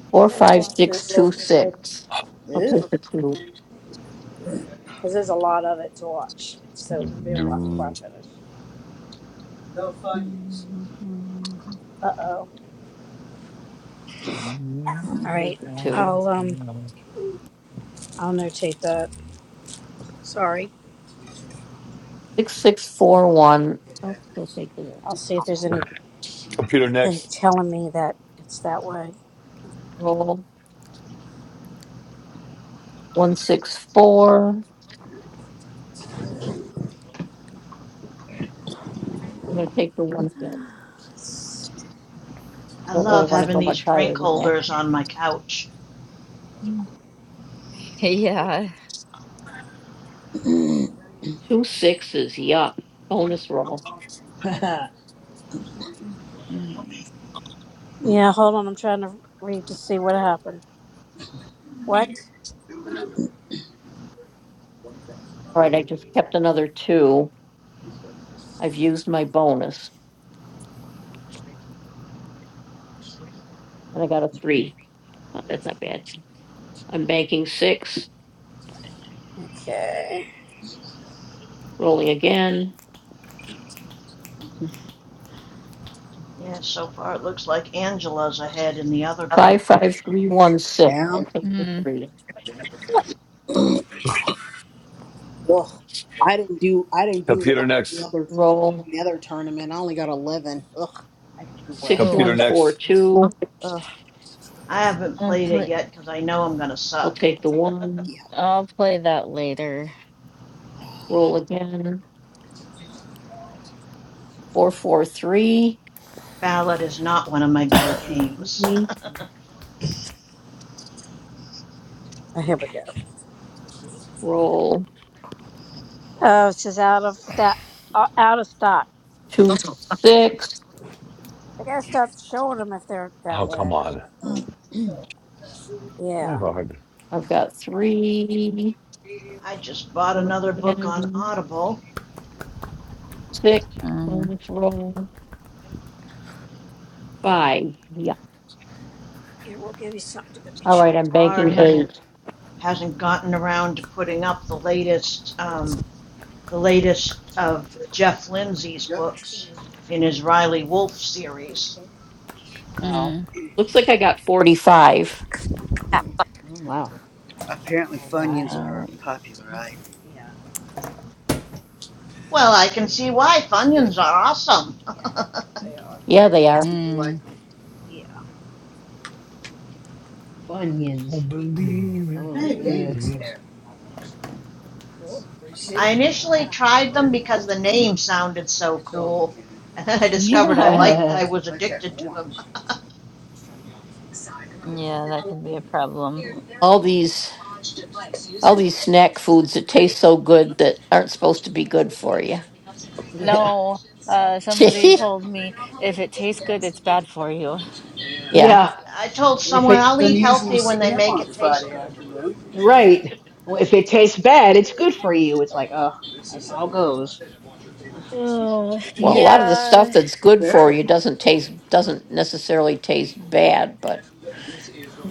F: A little bit later,
D: Ew.
F: because there's a lot of it to watch. So it'll be a while before I finish.
A: Mhm.
F: Uh oh. All right. I'll um I'll notate that. Sorry. I'll see if there's anything
J: Computer next.
F: telling me that it's that way.
C: I love having these drink holders on my couch.
A: Yeah. Mm.
F: Yeah, hold on. I'm trying to read to see what happened. What? Okay.
C: Yeah, so far it looks like Angela's ahead in the other group.
D: yeah.
A: Mm.
D: Ugh. I didn't do I didn't do
J: Computer
D: well in the
J: next.
D: other in the other tournament. I only got eleven. Ugh. I didn't do well.
A: Oh,
J: Computer next.
D: Ugh.
C: I haven't
A: I'll
C: played it
A: play.
C: yet because I know I'm going to suck.
D: Yeah.
A: I'll play that later.
C: Ballad is not one of my better games.
F: Oh, Here we go. Oh, it's just out of stock. Out of stock. They gotta stop showing them if they're that way. Yeah.
C: I just bought another book on Audible.
A: Um.
F: Here, we'll give you something to go get
C: Bard hasn't hasn't gotten around to putting up the latest um, the latest of Jeff Lindsay's books in his Riley Wolf
F: you.
C: series.
F: Okay.
D: Oh,
A: Mm.
D: wow. All All right.
A: All
F: Yeah.
C: Well, I can see why Funyuns are awesome.
F: Yeah. They are.
A: right. Mm.
F: Yeah.
J: I believe in
D: Oh, good.
J: movies,
F: Cool.
C: I initially tried them because the name sounded so cool, and then I discovered I
A: Yeah.
C: liked I was addicted to them.
A: Yeah, that could be a problem. No. Uh, somebody told me if it tastes good, it's bad for you.
C: I
D: yeah.
C: I told
D: And if
C: someone
D: it.
C: I'll eat any when they make
D: Right.
C: it.
D: Well, if it tastes bad, it's good for you. It's like, oh, that's how it goes. Ugh,
A: Oh, yeah.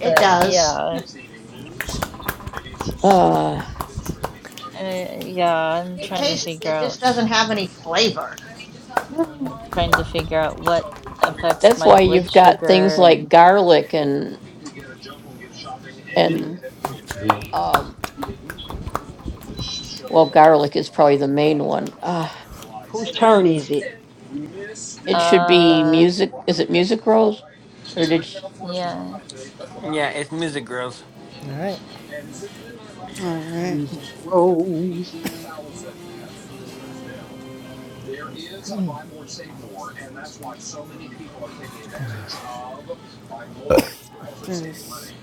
C: It does.
A: yeah, uh, yeah. I'm
C: It
A: trying to
C: tastes.
A: figure
C: It just
A: out.
C: doesn't have any flavor.
D: Yeah.
A: trying to figure out what affects my blood sugar and
D: hmm Whose turn is it?
A: uh yeah.
G: Yeah, it's Music Girls.
B: right.
K: All right.
D: Music rose.
K: There's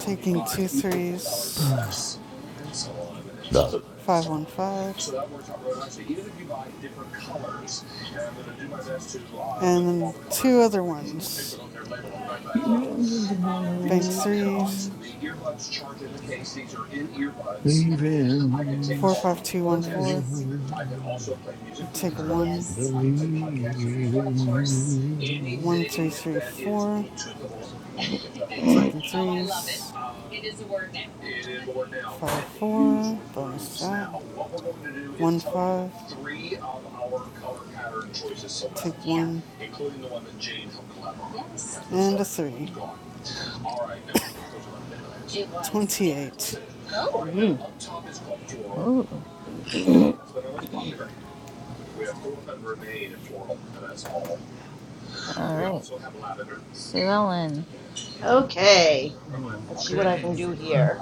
K: taking two threes. Five one five. And then two other ones.
J: even if I
K: Bank
J: always
K: threes.
J: believe
K: Four five two one four. Take a
J: I
K: one.
J: believe in you.
K: One three three four. Taking threes. Five four. Bonus that. One five. Take one. And a three. Twenty-eight.
D: Mm.
A: Ooh, all right. Sue Ellen.
C: Okay, let's see what I can
E: Okay.
C: do here.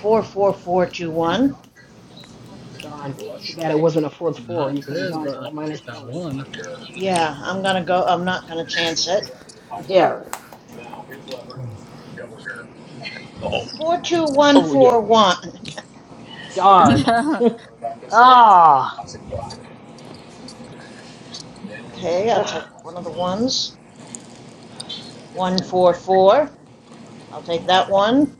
C: Four four four two one.
D: Darn. Too bad it wasn't a fourth four.
E: Not
D: You could have
E: good,
D: gone
E: but I
D: for a minus
E: least that
D: 20.
E: one.
C: Yeah, I'm gonna go. I'm not gonna chance it.
D: Yeah, right.
C: Four two one
J: Oh yeah.
C: four one.
A: There's
D: Darn. ah.
C: Okay, I'll take one of the ones. One four four. I'll take that one.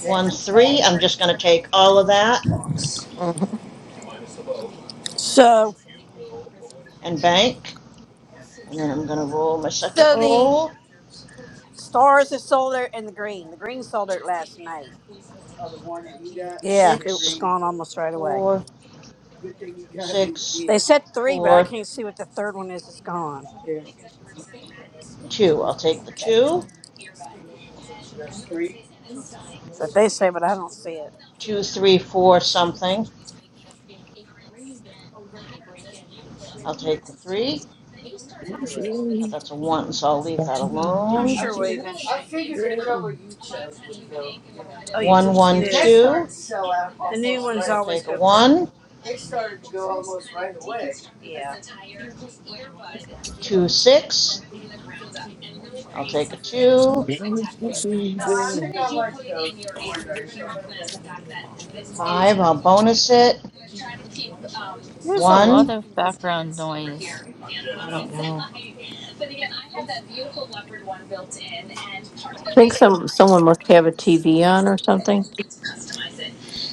C: One three. I'm just gonna take all of that
F: So,
C: and bank. And then I'm gonna roll my second
F: so the
C: roll.
F: stars have sold it and the green. The green sold it last night. Oh, The one that you got. Yeah, it was gone almost right away.
C: Four
F: Good thing you got. me. They said three, but I
C: four
F: can't see what the third one is. It's gone.
C: two. I'll take the two.
D: Ugh.
F: That they say, but I don't see it.
C: Two three four something. I'll take the three. That's a one, so I'll leave that
F: I'm
C: alone. One one two. The one, two, six. I'll take a two. Five, I'll bonus it.
A: a lot
C: One,
A: of background noise.
D: I don't know.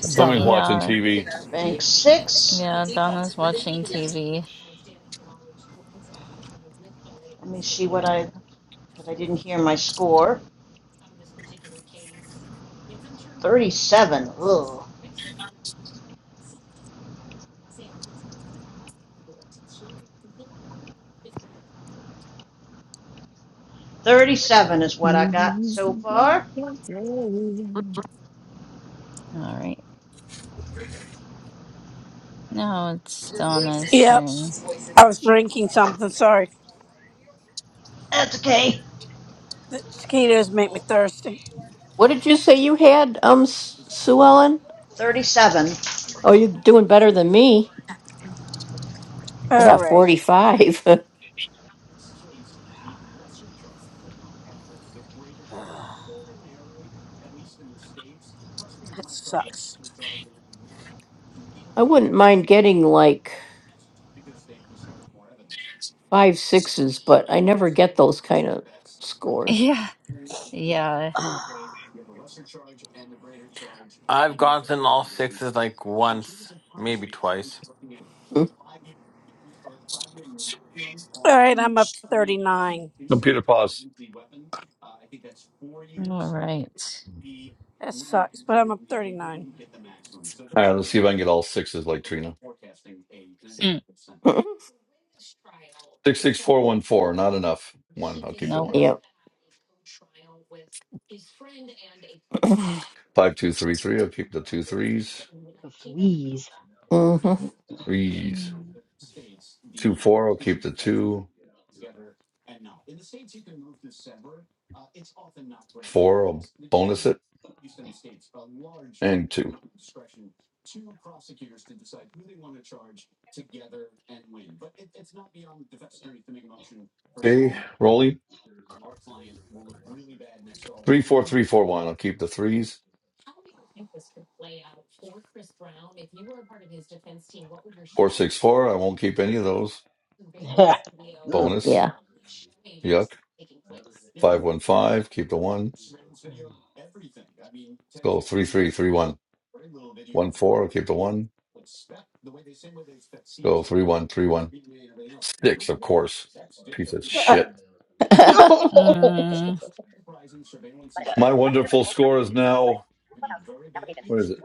J: Somebody's
B: Donna.
J: watching
A: Yeah,
J: TV.
C: bank six.
A: yeah, Donna's watching TV.
C: Let me see what
A: There we
C: I,
A: go.
C: because I didn't hear my score. 37. Ugh. 37 is what I got so far.
A: All right. Now it's Donna's
F: Yep.
A: turn.
F: I was drinking something. Sorry.
C: That's okay.
F: The mosquitoes make me thirsty.
C: 37.
F: All right. That sucks.
A: Yeah, yeah.
G: I've gotten all sixes like once, maybe twice.
F: All right. I'm up to 39.
J: Computer pause.
A: All right.
F: That sucks, but I'm up 39.
J: All right, let's see if I can get all sixes like Trina.
A: Mm,
J: Six six four one four, not enough. One, I'll keep the
A: nope.
J: one. Five two three three, I'll keep the two threes.
D: The fleas.
J: Threes.
A: Mm,
J: Two four, I'll keep the two. Four, I'll bonus it. And two. Okay, rolling. Three four three four one, I'll keep the threes. Four six four, I won't keep any of those.
D: Ugh.
J: Bonus. Yuck. Five one five, keep the one. Let's go three three three one. One four, I'll keep the one. Let's go three one three one. Six, of course. Piece of shit.
A: mm,
J: My wonderful score is now, what is it?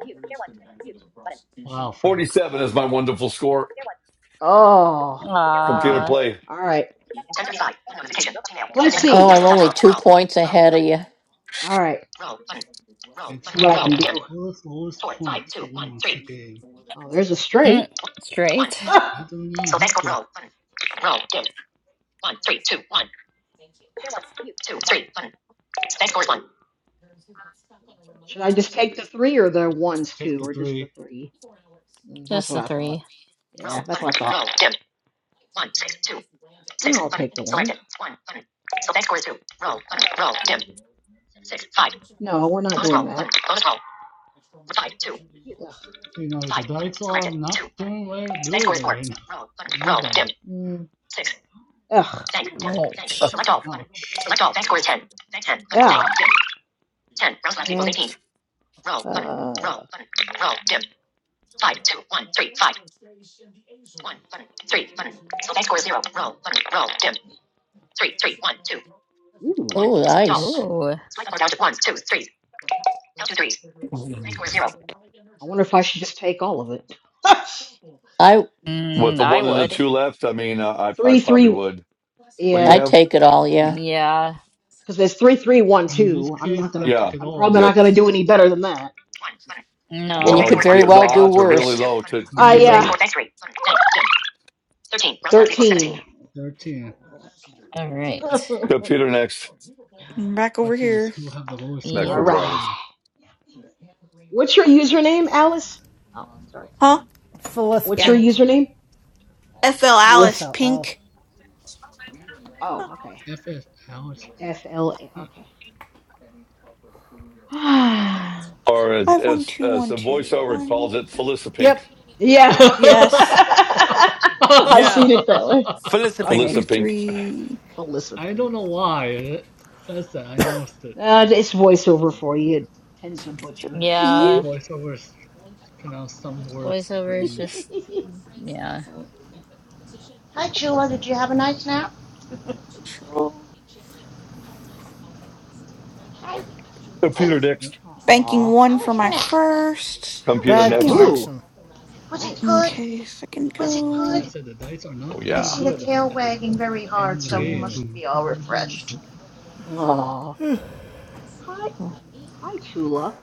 E: Wow, Frank.
J: 47 is my wonderful score.
D: oh,
J: Computer
D: wow.
A: ah.
J: play
D: All right. 1035. Notification. Email. Let's see. All right. Roll. Button.
E: It
D: See
E: had to
D: what I
E: be the
D: can do.
E: first lowest
D: Four, five,
E: point
D: two, one,
E: wins
D: three.
E: the game.
D: Oh, there's a
A: Mm,
D: straight. One.
A: straight.
D: Ah.
E: That does not
D: so thanks.
E: help
D: for
E: you.
D: Roll. Button. Roll. Dim. One, three, two, one. Two, three, button. Bank scores one. Should I just take the three or the ones
E: Take
D: too,
E: the
D: or just the
E: three.
D: three? Mm, That's
A: Just the
D: what I thought.
A: three.
D: Yeah, Roll, that's what I button. thought. Roll, thought. dim. One, six, two, six. Mm, I'll button. take the one. Selected. One, button. So bank scores two. Roll, button. Roll, dim. Six, five. No, we're not Bonus doing roll, that. Button. Bonus roll. Five, two. Ugh.
E: You know, the
D: Five, button.
E: dice are
D: Selected. Two,
E: not
D: button.
E: doing very
D: Bank
E: good
D: scores four.
E: right now
D: Roll,
E: for
D: button. Roll, dim.
E: anybody.
D: Mm. Six. Ugh. Bank, dim. Bank.
A: Ouch.
D: Select all, button. Select
E: Ouch.
D: all. Bank scores ten. Bank ten. Button. Yeah. Bank, dim. Ten. Rounds left equals Mm, eighteen. Roll button. Roll button. Roll dim. Five two one three five one button three button. Select score zero. Roll button. Roll dim. Three three one two. Ooh. One. Select all button.
A: Ooh.
D: Select all down to ones twos threes. Down to threes. Select score zero. I wonder if I should just take all of it.
J: with
A: Mm,
J: the
A: I
J: one and the
A: would.
J: two left. I mean, uh, I, I
D: three
J: probably
D: three.
J: would. What do you
D: Yeah,
J: have?
A: Yeah.
D: because there's three three one
E: In this
D: two. I'm not
E: case, you
D: gonna.
E: take
J: Yeah.
E: it
D: I'm
E: all.
D: probably not
J: Yep.
D: gonna do any better than that. One button. Select
A: No.
J: Well,
D: scores one.
J: the the
D: Selected.
J: odds are
D: Selected.
J: really
D: Two
J: low
D: button.
J: to, to
D: Ah Uh
J: do
E: Mm,
D: yeah. Select
E: yeah,
D: score,
J: better.
D: three. Button. Dim. Thirteen.
E: 13.
D: Roll Thirteen.
A: All
E: What
A: right.
J: Computer next.
I: I'm
E: the
I: back over
E: question is
I: here.
E: who have the lowest score
J: Back
D: All
A: Yep.
E: in
J: over to
E: total?
J: Alice.
D: right. What's your username, Alice? Oh, sorry.
I: Huh?
B: Phyllis
D: What's
I: Yeah.
D: your
B: Pink.
D: username?
I: FL Alice
D: Felis.
B: FLL.
I: Pink.
D: Oh, okay.
E: FS Alex.
D: F L A. Okay.
J: Or as,
I: Five, one,
J: as,
I: two,
J: as
I: one,
J: the
I: two,
J: voiceover
I: one.
J: calls it, Felicipink.
B: Yep.
D: yeah.
I: Yes.
E: Huh.
D: I've
G: Yeah,
D: seen it that way.
G: Felissa
D: Okay.
I: Two,
G: Pink.
J: Felicipink.
I: three,
D: Felissa
E: I don't
D: Pink.
E: know
D: That's funny.
E: why it says that. I noticed it.
D: Uh, it's voiceover for you. It tends to butcher
E: All
A: Yeah.
I: three.
D: stuff.
E: voiceovers pronounce some words
A: Voiceover is
E: strange.
A: just, yeah.
C: Hi, Chula. Did you have a nice nap?
I: Control.
C: Hi. Hey,
J: Computer
E: Uh,
J: next.
E: uh,
I: Banking
D: Aw.
I: one
C: how
I: for
C: was your
I: my
C: nap?
I: first.
C: How
J: Computer
C: was your
B: Bad
J: next.
C: nap?
D: Ooh,
B: connection.
C: Was it
D: nice.
C: good?
I: Okay, second
C: Was it
E: That's why
I: go.
E: I
C: good?
E: said the dice are
J: Oh,
E: not
C: I
E: doing
J: yeah.
C: see the
E: good
C: tail
E: at this
C: wagging
E: moment to
C: very
E: the end
C: hard,
E: of the
C: so you
J: Do,
E: game.
C: must
J: do,
C: be all
J: do, do.
C: refreshed.
D: Oh, hi, hi, Chula.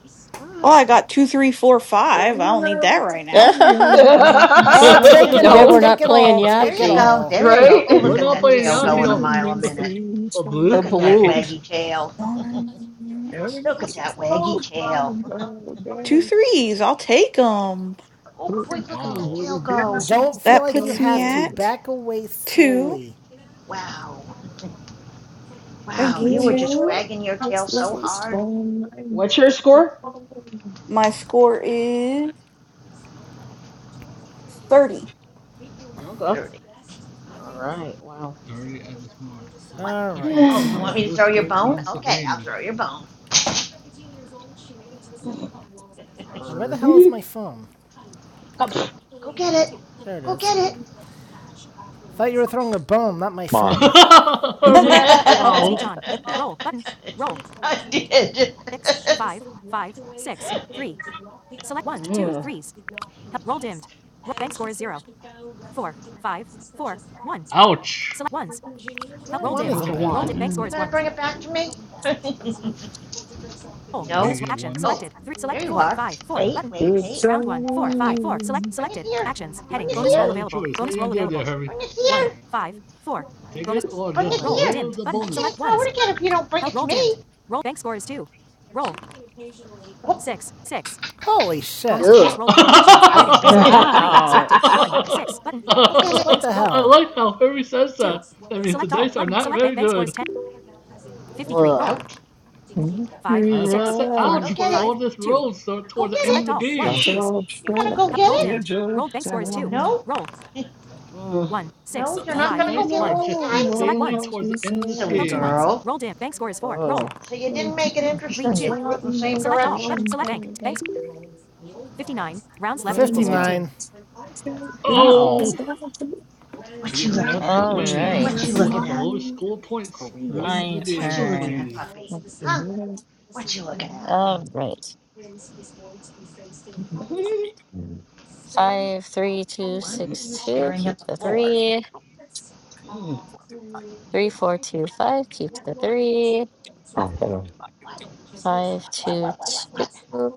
I: Oh,
D: Hi.
I: I got two, three, four, five.
J: Don't
I: I don't need
J: allow
I: that right now.
J: the dark
B: Oh, take it all,
J: inside.
D: no,
B: take it all,
C: There
B: take it
C: you go.
B: all.
C: There you go.
D: right?
C: Oh,
E: We're
C: look
J: We've
C: at
E: not
C: that
J: all
E: playing
C: tail
E: Yahtzee
C: going a
E: or,
J: seen
C: mile a
J: these
C: minute.
J: dreams
E: or Blue
C: Look
E: in
C: at
J: come.
E: that
C: that
E: case.
C: waggy tail.
I: One, let's see.
C: look at
J: Everybody's
C: that waggy
J: told
C: tail.
J: them
I: two
J: about
I: threes. I'll take them.
C: oh, boy,
J: working
C: look at that
E: Wow.
J: for
C: tail
J: the
C: go.
J: gases
B: Don't feel
J: to
I: That
B: like you
I: puts me
B: have
J: cover.
B: to.
I: at
B: Back away
I: two.
B: slowly.
C: Wow. Wow,
I: Banking
J: You
C: you were just
I: two.
J: know,
C: wagging your
J: that's
C: tail
J: last
C: so hard.
J: time. I knew
D: What's your score?
J: you.
I: My score is 30.
D: Okay. All
C: 30.
D: right. Wow.
E: Dirty at this moment. So the
C: What?
B: All
E: question is
C: Oh,
E: who
C: you
B: right.
E: have the
C: want
A: All
C: me
A: right.
C: to
E: lowest
C: throw your
E: score
C: bone?
E: wins the
C: Okay, I'll
E: game?
C: throw your bone.
B: Now, where the hell is
D: Herbie.
B: my phone?
D: Oh, pff.
C: Go get it.
B: There it
C: Go
B: is.
C: get
B: I thought you were throwing a bone, not my
J: Mom.
B: phone.
I: My
C: it.
E: wow.
C: I did. you
D: Mm,
E: Ouch.
B: Well,
E: He's
B: one
D: well,
E: gonna
D: there's
B: isn't
D: a
E: take that
B: bad.
I: bad.
D: one.
E: one.
A: Mm.
C: going to bring it back to me?
E: Will he
C: No?
D: Mm,
E: get ones?
C: Oh, there you are. Wait, wait,
J: Good
C: wait. Come here.
J: time.
C: Bring it here.
I: I'm going to be
C: Bring it
E: You
I: right.
E: have no
C: here.
E: other choice. What are you gonna do there, Herbie?
C: Bring it here.
E: Take it or
C: Bring
E: just
C: it
D: One.
C: here.
E: roll the
C: I can't
E: bonus?
C: throw it again if you don't bring it to me. Whoop.
B: Holy shit.
C: Gotcha.
D: Ugh.
E: I
C: Gotcha. Out.
A: Ouch.
C: go get
B: What
C: it.
B: the hell? Roll.
E: like how Herbie says that. That means the dice are not very good.
D: Ugh.
C: Out.
J: Be
E: That's why I said ouch
C: Go
J: round.
E: for
C: get
E: all
C: it.
E: this rolls so
C: Go
E: towards
C: get
E: the end of
C: it.
E: the game.
J: That's all
C: You're gonna
J: shot.
C: go get it?
J: You're just down.
C: No?
D: Mm.
C: no,
E: The
C: you're not
J: Be
C: gonna go
E: dice
C: get
E: are
C: it this
E: just
J: alone.
C: time?
E: insanely
J: Won't
E: towards
J: be
E: the end of this
C: Silly
J: sad.
E: game.
C: girl.
D: Ugh.
C: So you didn't
J: And
C: make it interesting. You threw it in the same direction.
D: Ugh.
B: fifty-nine.
A: Ow.
E: Oh,
C: what
E: he
C: you looking
E: does
C: at?
E: not
A: All
E: win it.
A: right.
C: What you
E: Who will
C: looking
E: have the
C: at?
E: lowest score points wins
D: Korean
E: the
A: My
C: What
E: game
C: you
E: of
D: tiger.
C: looking
A: turn.
C: at,
E: freeze.
C: puppy? Huh? What you looking at?
A: All right. Five, three, two,
C: Why
D: Mm.
C: are you
A: six, two.
C: staring
A: Keep
C: at the
A: the
C: floor?
A: three. Three, four, two, five. Keep the three.
C: What? What? What?
A: Five,
C: What?
A: two,
C: What? What? What? what?
A: two.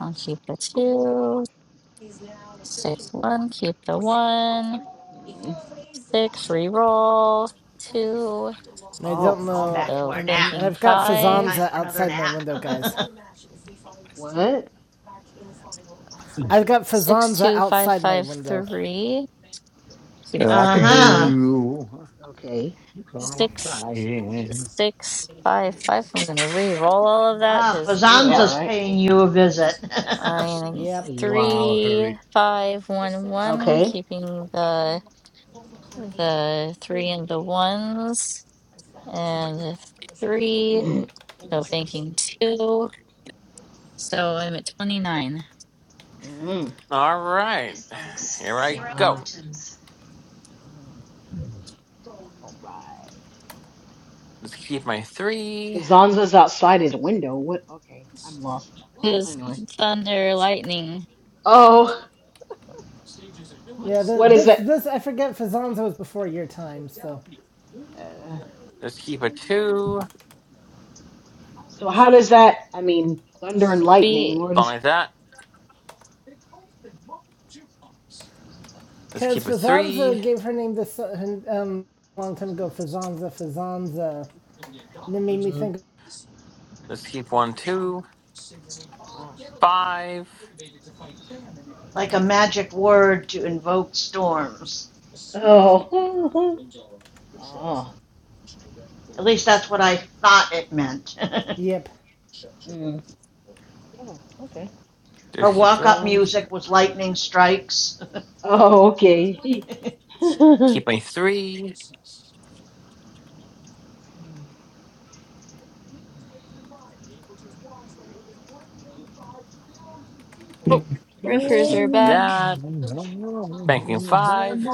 A: I'll keep the two. Six one, keep the one. Six re-roll two.
B: 15. 59. And I
C: Oh,
B: don't
C: we're going back
B: know.
C: to
A: So
C: our
B: And, and,
C: nap.
B: and
A: banking
B: I've got
D: Mm.
A: five.
C: Time
B: Fazanza
C: for another
B: outside my
C: nap.
B: window, guys.
D: What?
B: I've got
A: Six
B: Fazanza
A: two five
B: outside my
A: five
B: window.
A: three. Keep the
J: I could
C: uh
A: three.
C: huh.
J: do
D: Okay.
J: I'm
A: Six
J: crying.
A: six five five. I'm gonna re-roll all of that
C: Ah,
A: because ew.
D: Yeah,
C: Fazanza's
D: Right.
C: paying you a visit.
A: I'm
B: Yep.
E: Wow,
A: three
E: Herbie.
A: five one one.
D: Okay.
A: Keeping the the three and the ones and the three. So banking two. So I'm at twenty nine.
D: Mm,
G: All right, here I go.
D: wow. Mm, all right.
G: Let's keep my three.
D: Fazanza's outside his window. What? Okay, I'm lost.
A: is
D: Anyway.
A: thunder, lightning.
D: Oh,
B: Yeah, th
D: what is
B: this,
D: that?
B: this, I forget Fazanza was before your time, so.
D: Uh,
G: Let's keep a two.
D: so how does that? I mean, thunder and
A: We
D: lightning. Where
G: Something
D: does?
G: like that. Let's
B: Because
G: keep a
B: Fazanza
G: three.
B: gave her name this uh, um, long time ago. Fazanza, Fazanza. And it made me
D: Mm-hmm.
B: think.
G: Let's keep one, two,
D: Ah.
G: five.
C: like a magic word to invoke storms.
D: Oh. Oh.
C: At least that's what I thought it meant.
B: Yep.
D: Mm. Oh. Okay.
C: Her
G: Let's keep
C: walk up
G: those.
C: music was lightning strikes.
D: Oh. Okay.
G: Keep my three.
D: Mm, mm.
A: oh,
G: Let's
A: roofers
G: keep
A: are back.
G: that. Banking five.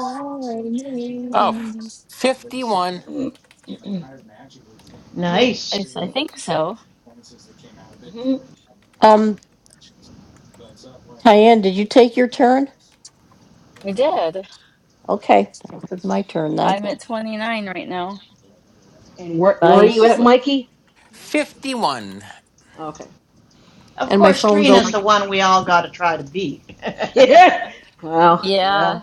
G: Oh, 51.
C: nice.
A: Yes, I think so. We did. I'm at 29 right now.
D: And where where are you
A: Sounds
D: at,
A: li-
D: Mikey?
G: fifty-one.
D: Okay.
C: Of course, Trina's the one we all got to try to beat.
D: Yeah. Well, yeah.
A: yeah,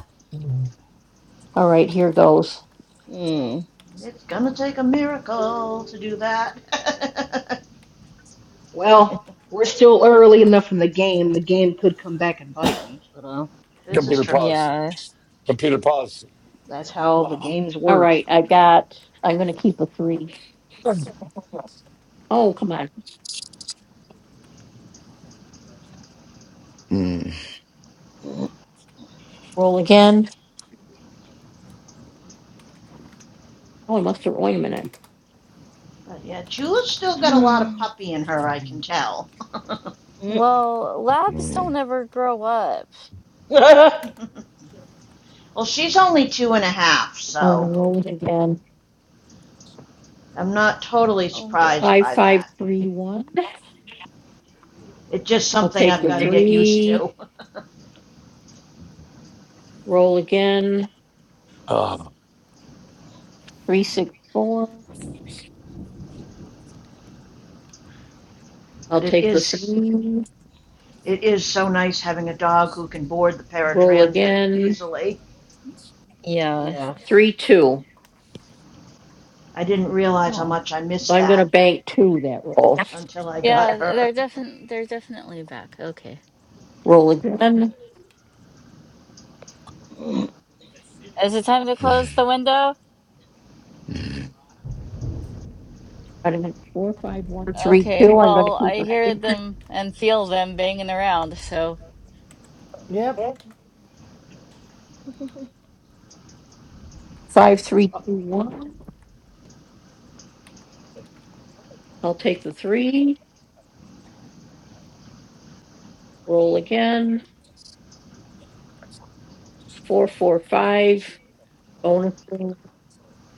D: Mm.
C: It's gonna take a miracle to do that.
D: Well, we're still early enough in the game. The game could come back and bite me, but uh,
C: this is
J: Computer
C: true.
J: pause.
A: yeah.
J: Computer
D: that's how the games work sometimes.
J: pause.
C: But yeah, Jula's still got a lot of
D: Mm.
C: puppy in her, I can tell.
A: Well, labs don't ever grow up.
C: well, she's only two and a half, so I'm not totally
A: Oh,
C: surprised
A: good.
C: by that. It's just something I've got to
D: Mm.
C: get used to.
J: Uh,
C: but it is it is so nice having a dog who can board the
J: I
C: paratransit easily.
A: Yeah,
D: Yeah.
C: I didn't realize how
A: yeah,
C: much I missed that until I got
A: yeah. They're
C: her.
A: definitely they're definitely back. Okay. Is it time to close the window? Okay. Well, I hear them and feel them banging around. So.
B: Yep.
D: Uh,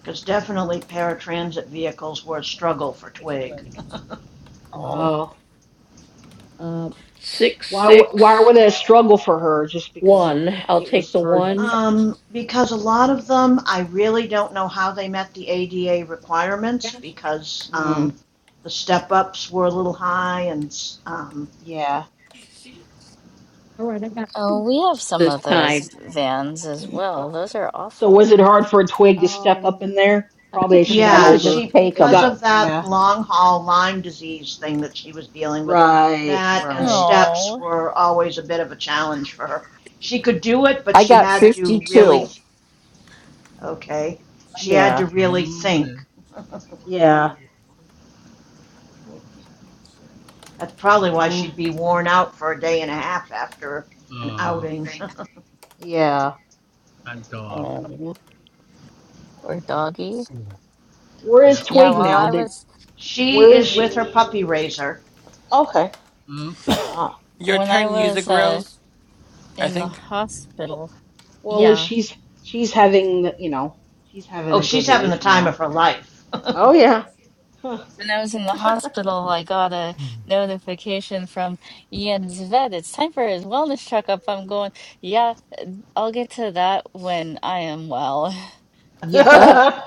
C: Because definitely paratransit vehicles were a struggle for Twig.
A: Oh.
D: why w- why would that a struggle for her just because it, it was hard?
C: um, because a lot of them, I really don't know how they met the ADA requirements because
D: Mm,
C: um, the step ups were a little high and um,
D: yeah.
A: Oh, we have some of those vans as well. Those are
D: So
A: awful.
D: was it hard for Twig to step up in there? Probably as she got
C: yeah,
D: older.
C: she
D: It
C: because
D: got
C: of that
D: yeah.
C: long haul Lyme disease thing that she was dealing with,
D: Right,
C: that and
D: right.
C: steps
A: No.
C: were always a bit of a challenge for her. She could do it, but she had to really okay. She had to
D: Yeah.
C: really think.
E: Okay,
D: Yeah.
E: two.
C: That's probably why
D: Yeah.
C: she'd be worn out for a day and a half after an
E: Oh,
C: outing.
D: Yeah.
E: that dog.
A: Oh, or doggy.
D: Where is
E: Yep,
A: Yeah,
E: it
D: Twig
A: while
D: now?
A: I
E: is.
D: Did
A: was
C: she
D: where is
C: is
D: she?
C: with her puppy raiser.
D: Okay.
E: Okay.
D: Ah.
G: Your
A: when I
G: turn,
A: was
G: Music
A: uh
G: Rose. I
A: in the
G: think.
D: Okay. Well,
A: hospital.
D: well, at least
A: Yeah.
D: she's she's having you know, she's having
C: Oh,
D: a
C: she's
D: good
C: having the
D: life now.
C: time of her life.
D: Oh
C: but
D: yeah. Huh.
A: When I was in the hospital, I got a notification from Ian's vet. It's time for his wellness checkup. I'm going, yeah, I'll get to that when I am well.
B: Yeah.
D: it's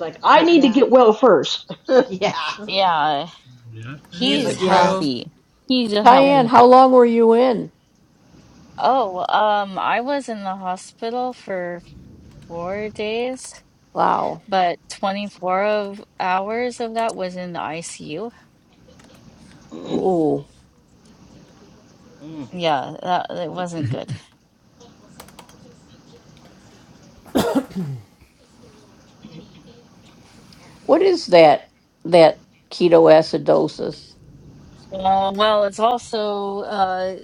D: like I need to
C: yeah,
D: get well first.
C: yeah,
A: Yeah,
E: Yes, it
A: he's
C: but
G: Music
E: is.
C: yeah,
G: Rose.
A: healthy. He's a
C: yeah.
A: healthy boy. Oh, um, I was in the hospital for four days, but 24 of hours of that was in the ICU.
D: Mm.
A: Yeah, that it wasn't good. Uh, well, it's also uh,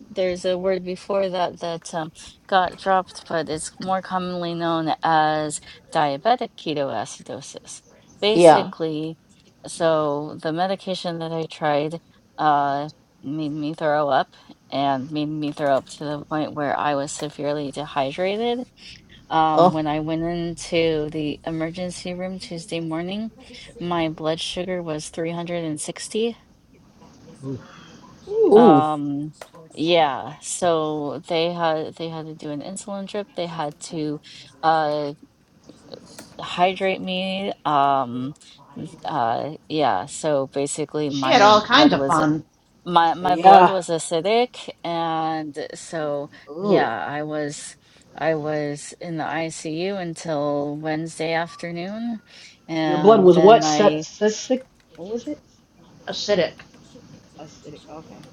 A: there's a word before that that um, got dropped, but it's more commonly known as diabetic ketoacidosis. Basically, so the medication that I tried uh, made me throw up and made me throw up to the point where I was severely dehydrated Um, when I went into the emergency room Tuesday morning, my blood sugar was 360.
E: Oof.
D: Ooh.
A: Um, yeah, so they had they had to do an insulin drip. They had to uh hydrate me. Um, uh, yeah, so basically
C: She had
A: my
C: all
A: blood
C: kinds of
A: was
C: fun.
A: my my blood
D: Yeah.
A: was acidic and so
D: Ooh.
A: yeah i was i was in the icu until wednesday afternoon
D: Your blood
A: and
D: was what?
A: then i
D: Sepsic? What was it?
C: Acidic.
D: Acidic. Okay.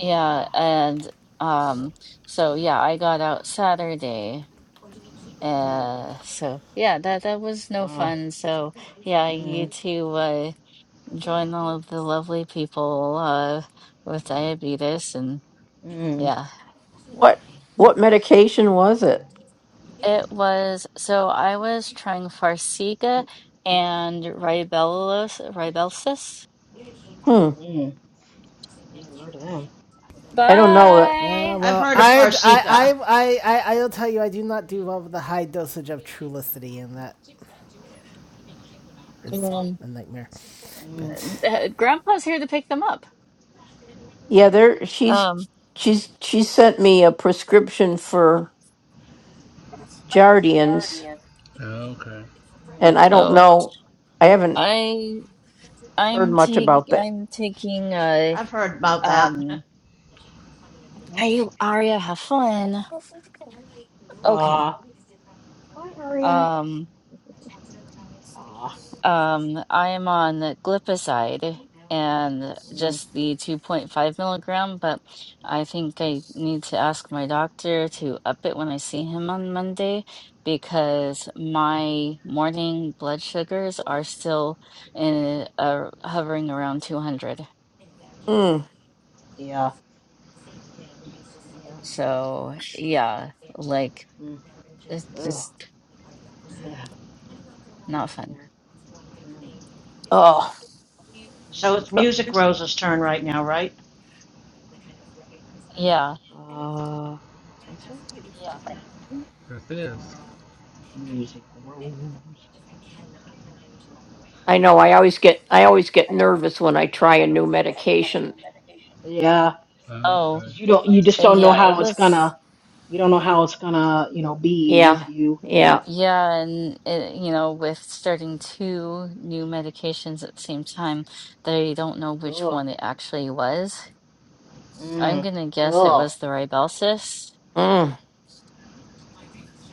A: yeah
D: Ah.
A: and um so yeah i got out saturday
D: Mm.
A: uh so yeah that that was no
D: Ah.
A: fun so yeah you
D: Mm.
A: too uh join all of the lovely people uh with diabetes and
D: Mm.
A: yeah It was so I was trying Farxiga and Ribellus, Ribelsis.
D: Mm. I never heard of them.
B: Yeah,
A: Bye.
C: I've
B: well,
C: heard of
B: I, I,
C: Farsica.
B: I, I, I, will tell you, I do not do well with the high dosage of Trulicity, and that is
A: Um,
B: a nightmare.
D: Mm.
B: But
A: uh, Grandpa's here to pick them up. Um,
E: Okay.
D: Mm.
A: so I I'm take I'm taking uh
C: I've heard about that.
A: um hey Aria, have fun. Okay.
D: Ah. Hi, Aria.
A: Um
D: Ah.
A: Um, I am on the glipizide and
D: Mm.
A: just the 2.5 milligram, but I think I need to ask my doctor to up it when I see him on Monday because my morning blood sugars are still in uh, hovering around 200.
D: Yeah. Yeah.
A: So, yeah, like
D: Mm.
A: it's
D: Ugh.
A: just not
D: Yeah.
A: fun.
D: Right.
C: so it's Music Rose's turn right now, right?
A: Yeah.
D: Uh, I think so.
E: Yes, it is.
D: Music rose. Yeah,
E: Okay.
A: Oh,
D: because you don't, you
A: uh,
D: just don't know
A: yeah, it
D: how it's
A: was.
D: gonna, you don't know how it's gonna, you know, be with you, you know.
A: Yeah, and it, you know, with starting two new medications at the same time, they don't know which
D: Ugh.
A: one it actually was. I'm
D: Mm.
A: gonna guess it
D: Ugh.
A: was the Ribelsis.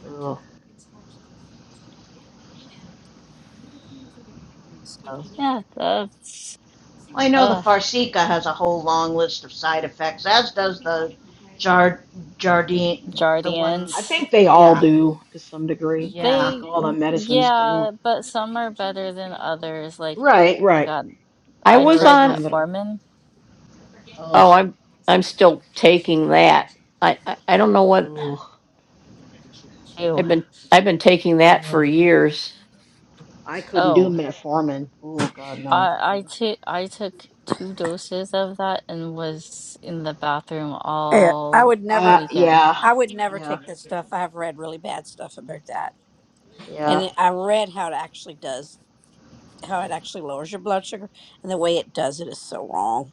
D: Ugh.
A: So yeah, that's
C: Well, I know the
A: uh
C: Farsica has a whole long list of side effects, as does the Jard Jardine, the one,
D: I
A: Jardians.
D: think they all
C: yeah.
D: do to some degree. I
C: Yeah.
D: think
A: They
D: all the medicines
A: yeah,
D: do.
A: but some are better than others. Like
D: Right,
A: I
D: right.
A: got I
D: There are
A: tried
D: some that are.
A: metformin.
D: Ugh. Ugh.
A: Ew.
D: Uh, I couldn't do
A: Oh,
D: metformin. Oh God, no.
A: I I took I took two doses of that and was in the bathroom
F: Yeah. I
A: all
F: would never,
D: Uh,
A: weekend.
D: yeah,
F: I would never
D: yeah,
F: take this stuff. I've read really bad stuff about that.
D: yeah,
F: And I read how it actually does. how it actually lowers your blood sugar and the way it does it is so wrong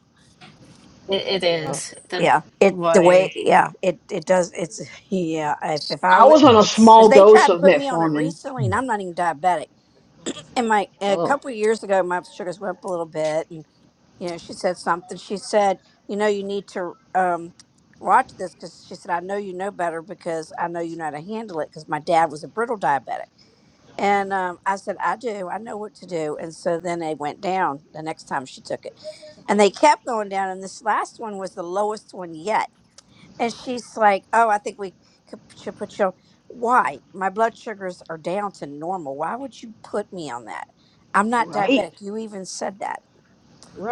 A: It, it
D: yeah.
A: is that
F: yeah it the way
A: Why?
F: yeah it it does it's yeah if, if i
D: I
F: would
D: was on a
A: it's
F: because
D: small
F: they
D: dose
F: tried to
D: of
F: put me on it
D: metformin.
F: recently and i'm not even diabetic and my a
D: Oh,
F: couple of years ago my sugars went up a little bit and you know she said something she said you know you need to um watch this because she said i know you know better because i know you know how to handle it because my dad was a brittle diabetic And um, I said, I do. I know what to do. And so then they went down the next time she took it. And they kept going down. And this last one was the lowest one yet. And she's like, Oh, I think we could, should put you. Why? My blood sugars are down to normal. Why would you put me on that? I'm not
D: right,
F: diabetic. You even said that.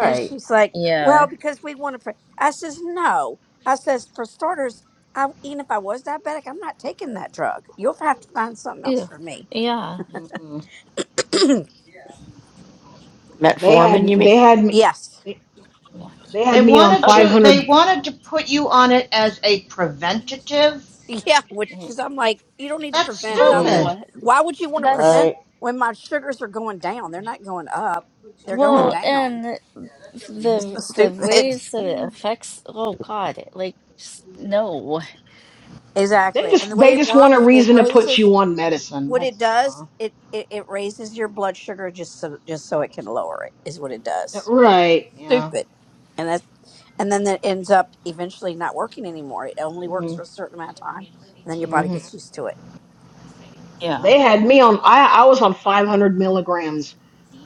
F: And she's like,
A: yeah
F: Well, because we want to. Pre-. I says, No. I says, For starters, I, even if I was diabetic, I'm not taking that drug. You'll have to find something else
A: Ew.
F: for me.
A: yeah
D: Because they had they had me
F: Yes.
D: they,
A: yeah
D: they had
C: They
D: me on
C: wanted
A: okay.
D: five
C: to they
D: hundred.
C: wanted to put you on it as a preventative.
F: Yeah, which
D: Mm,
F: is I'm like, you don't need to
C: That's
F: prevent nothing.
D: Mm-mm.
C: stupid.
A: Oh,
F: Why would you want to
A: that's
F: prevent
D: Right.
F: when my sugars are going down? They're not going up. They're going
A: well,
F: down.
A: and
F: It's so
A: the the
F: stupid.
A: ways that it affects. Oh God, like just, no,
D: They
F: Exactly. And the
D: just
F: way
D: they
F: it
D: just want a
F: works, it
D: reason to put
F: raises
D: you on medicine.
F: what it
D: That's
F: does,
D: uh
F: it, it, it raises your blood sugar just so just so it can lower it is what it
D: uh
F: does.
D: right. Yeah.
F: Stupid. And that's and then that ends up eventually not working anymore. It only works for a certain amount of time and then your body
D: Mm-hmm.
F: gets used to it.
D: because
A: yeah.
D: they had me on I, I was on 500 milligrams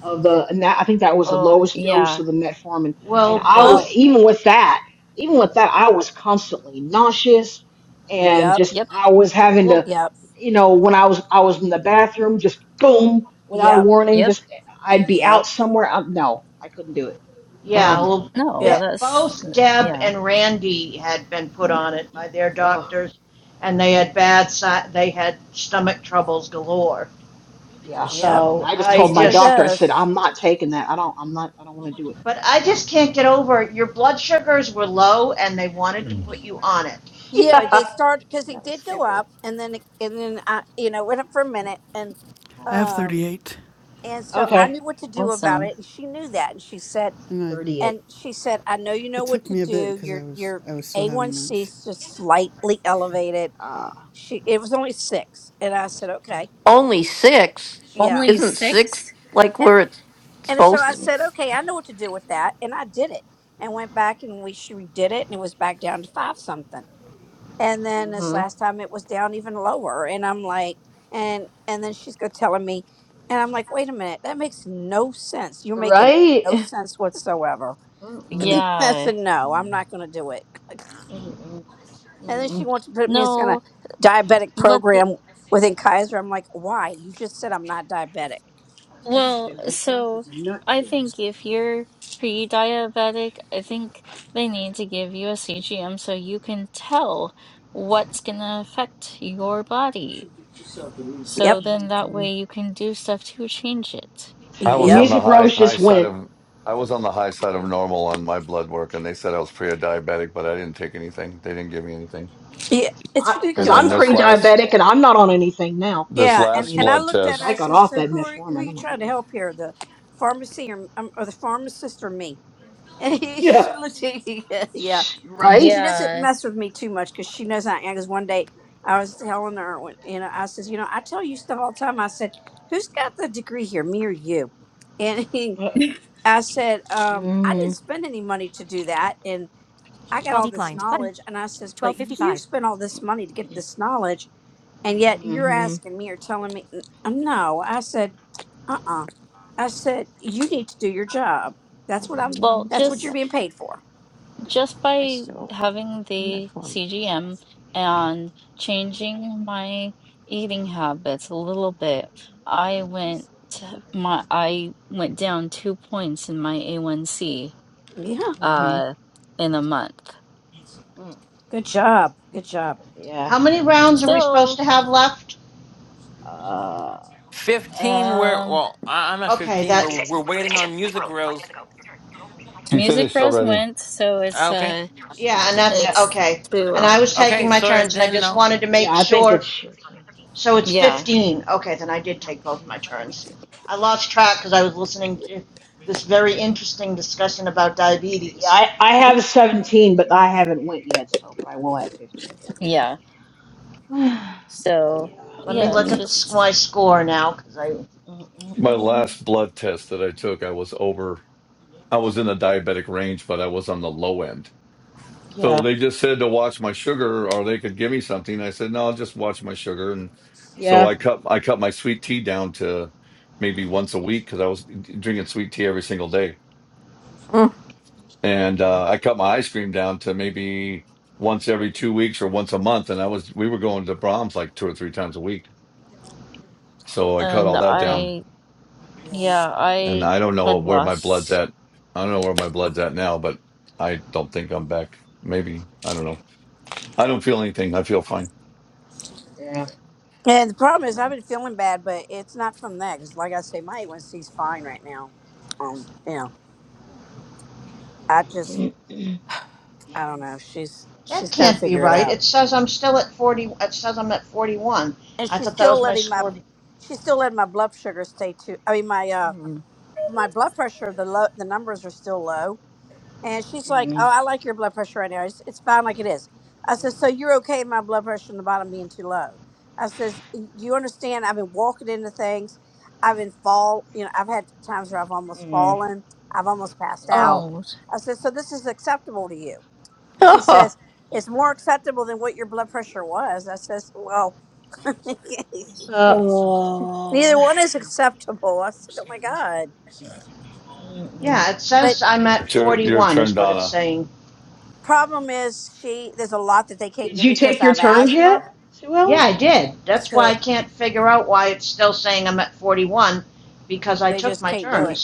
D: of the and that, i think that was the
A: Oh
D: lowest dose
A: yeah.
D: of the metformin and
C: Well,
D: i wa
C: both
F: Wow.
D: even with that even with that i was constantly nauseous and
F: Yep.
D: just
A: Yep.
D: i was having to
C: well
F: Yep.
D: you know when i was i was in the bathroom just boom without a
F: Yep.
D: warning
A: Yep.
D: just i'd be
F: Yep.
D: out somewhere i no i couldn't do it
C: yeah,
D: Mm-mm.
C: well
A: No,
F: Yep.
A: that's
C: both Deb
A: yeah.
C: and Randy had been put on it by their
D: Ugh,
C: doctors and they had bad si- they had stomach troubles galore.
D: yeah
F: Yep,
D: and
C: So,
D: i just
C: I
D: told
F: that's what
D: my
F: it
C: just
D: doctor i said
F: does.
D: i'm not taking that i don't i'm not i don't want to do it
C: but I
D: no
C: just can't get over it. your blood sugars were low and they wanted to put you on it.
F: Yeah, they start because it
D: That was
F: did go
D: stupid.
F: up, and then it- and then I, you know, went up for a minute, and
K: I have
F: um,
K: thirty-eight.
F: and so I
D: Okay.
F: knew what to do about
A: Awesome.
F: it, and she knew that, and she said,
K: And I,
D: 38.
F: and she said, I know you know
K: it
F: what
K: took
F: to
K: me a bit
F: do.
K: because I
F: Your
K: was
F: your
K: I was still
F: A one
K: having
F: C
K: lunch.
F: is just slightly elevated.
D: Ah.
F: She it was only six, and I said, okay, yeah.
A: Only six?
F: And so I said, okay, I know what to do with that, and I did it, and went back, and we she redid it, and it was back down to five something and then this
D: Mm-hmm.
F: last time it was down even lower and i'm like and and then she's go telling me and i'm like wait a minute that makes no sense you're making
D: Right?
F: no sense whatsoever
D: Mm-mm.
F: i
A: Yeah.
F: said no i'm not going to do it
D: Mm-mm.
F: and then she
D: Mm-mm.
F: wants to put me in some kind
A: No,
F: of diabetic
A: but the,
F: program within kaiser i'm like why you just said i'm not diabetic
D: That's
A: well,
D: stupid.
A: so I think if you're pre-diabetic, I think they need to give you a CGM so you can tell what's gonna affect your body. So
F: yep
A: then that
D: Mm-hmm.
A: way you can do stuff to change it.
D: Okay,
J: was on
F: yep
J: the
D: Music
J: high
D: Rose
J: high
D: just
J: side
D: went.
J: of I was on the high side of normal on my blood work, and they said I was pre-diabetic, but I didn't take anything. They didn't give me anything.
F: yeah, it's
D: Because
J: And then
D: I'm
F: ridiculous i'm
J: this
D: pre
F: not going to
J: last
D: diabetic and I'm not on anything now.
J: this
F: Yeah,
D: I
F: and
J: last
F: and
D: mean,
F: I
J: blood
F: looked
D: because
F: at her.
D: I
F: I
J: test,
D: got
F: said,
D: off
F: "So
D: that
F: who are who are
D: metformin. I'm
F: you
D: like,
F: trying to
D: Mm-mm.
F: help here? The pharmacy or um, or the pharmacist or me?" And he,
D: yeah.
F: she looked at me, yeah.
D: Right?
F: She doesn't
A: Yeah.
F: mess with me too much because she knows I am. Because one day I was telling her, when, you know, I says, "You know, I tell you stuff all the time." I said, "Who's got the degree here, me or you?" And he,
D: Uh,
F: I said, um, "I
D: Mm-hmm.
F: didn't spend any money to do that, and I got all this knowledge." And I says, "But you spent all this money to get this knowledge." And yet you're
D: Mm-hmm.
F: asking me or telling me, "N- uh, no, I said, uh uh I said, you need to do your job. That's what I'm,
A: Well,
F: that's what
A: just
F: you're being paid for.
A: just by having the CGM and changing my eating habits a little bit, I went to my I went down two points in my A1C
F: Yeah.
D: Mm-hmm.
A: uh in a month.
D: Mm.
F: Good job. Good job.
D: Yeah.
C: How many rounds are we supposed
A: Still,
C: to have left?
D: Uh.
G: 15. We're,
A: um,
G: well, I- I'm at
C: Okay,
G: 15.
C: that
G: We're,
D: 1056.
G: we're
D: One
G: waiting
D: notification.
G: on
D: Night
G: Music
D: world. Five
G: Rose.
D: minutes ago. Your turn. Your roll with Lisa 500.
J: you
A: Music
J: finished
A: Rose
J: already.
A: went, so it's
G: Okay.
A: uh
D: Zero.
C: Yeah, and
D: Yeah.
C: that's
A: it's
C: okay. And
A: boo.
C: I was
G: Okay.
C: taking my
G: Sorry, I
C: turns, and I
G: didn't
C: just
G: know.
C: wanted to
D: Yeah,
C: make
D: I think it's.
C: sure. So it's
A: Yeah,
C: 15. Okay, then I did take both my turns. I lost track because I was listening to this very interesting discussion about
D: Yeah,
C: diabetes.
D: I, I have 17, but I haven't went yet, so, but I will have 15.
A: yeah. So
C: Let me
A: yeah,
C: look
A: it's
D: Yeah.
C: at the my
A: just
C: score now because I
J: My last blood test that I took, I was over. I was in the diabetic range, but I was on the low end. So
D: yeah.
J: they just said to watch my sugar, or they could give me something. I said, no, I'll just watch my sugar. And so
D: Yeah.
J: I cut I cut my sweet tea down to maybe once a week because I was drinking sweet tea every single day. And
D: Mm.
J: uh, I cut my ice cream down to maybe once every two weeks or once a month. And I was we were going to Brahms like two or three times a week. So I cut
A: and
J: all that
D: Yeah.
J: down.
A: I
D: Yeah.
A: yeah
J: And
A: I
J: I don't
A: had
J: know where my blood's
A: lost.
J: at. I don't know where my blood's at now, but I don't think I'm back. Maybe I don't know. I don't feel anything. I feel fine.
D: Yeah.
F: And the problem is I've been feeling bad, but it's not from that. Cause like I say, my A1C's fine right now. Um, you know, I just, I don't know. She's,
C: that
F: she's
C: can't
F: got to
C: be
F: figure it
C: right.
F: out.
C: It says I'm still at 40. It says I'm at 41.
F: And she's still letting my, she's still letting my blood sugar stay too. I mean, my, uh,
D: Mm.
F: my blood pressure the low the numbers are still low and she's like oh
D: Mm.
F: i like your blood pressure right now it's, it's fine like it is i said so you're okay with my blood pressure in the bottom being too low i says you understand i've been walking into things i've been fall you know i've had times where i've almost
D: Mm.
F: fallen i've almost passed out
D: Wow.
A: oh.
F: i says, so this is acceptable to you it's more acceptable than what your blood pressure was i says well
D: Uh.
A: Oh,
F: neither one is acceptable i said oh my god
D: mm,
C: Yeah, it
F: but
C: says I'm at
J: It's your your
C: 41
J: turn,
C: is what it's
J: Donna.
C: saying.
F: Problem is, she there's a lot that they can't
D: Did
F: give
D: you
F: me because
D: take
F: I
D: your
F: have
D: turns
F: asthma,
D: yet, Sue
C: Yeah,
D: Ellen?
C: I did. That's why
F: so
C: I can't figure out why it's still saying I'm at 41 because I
F: they
C: took
F: just can't do it.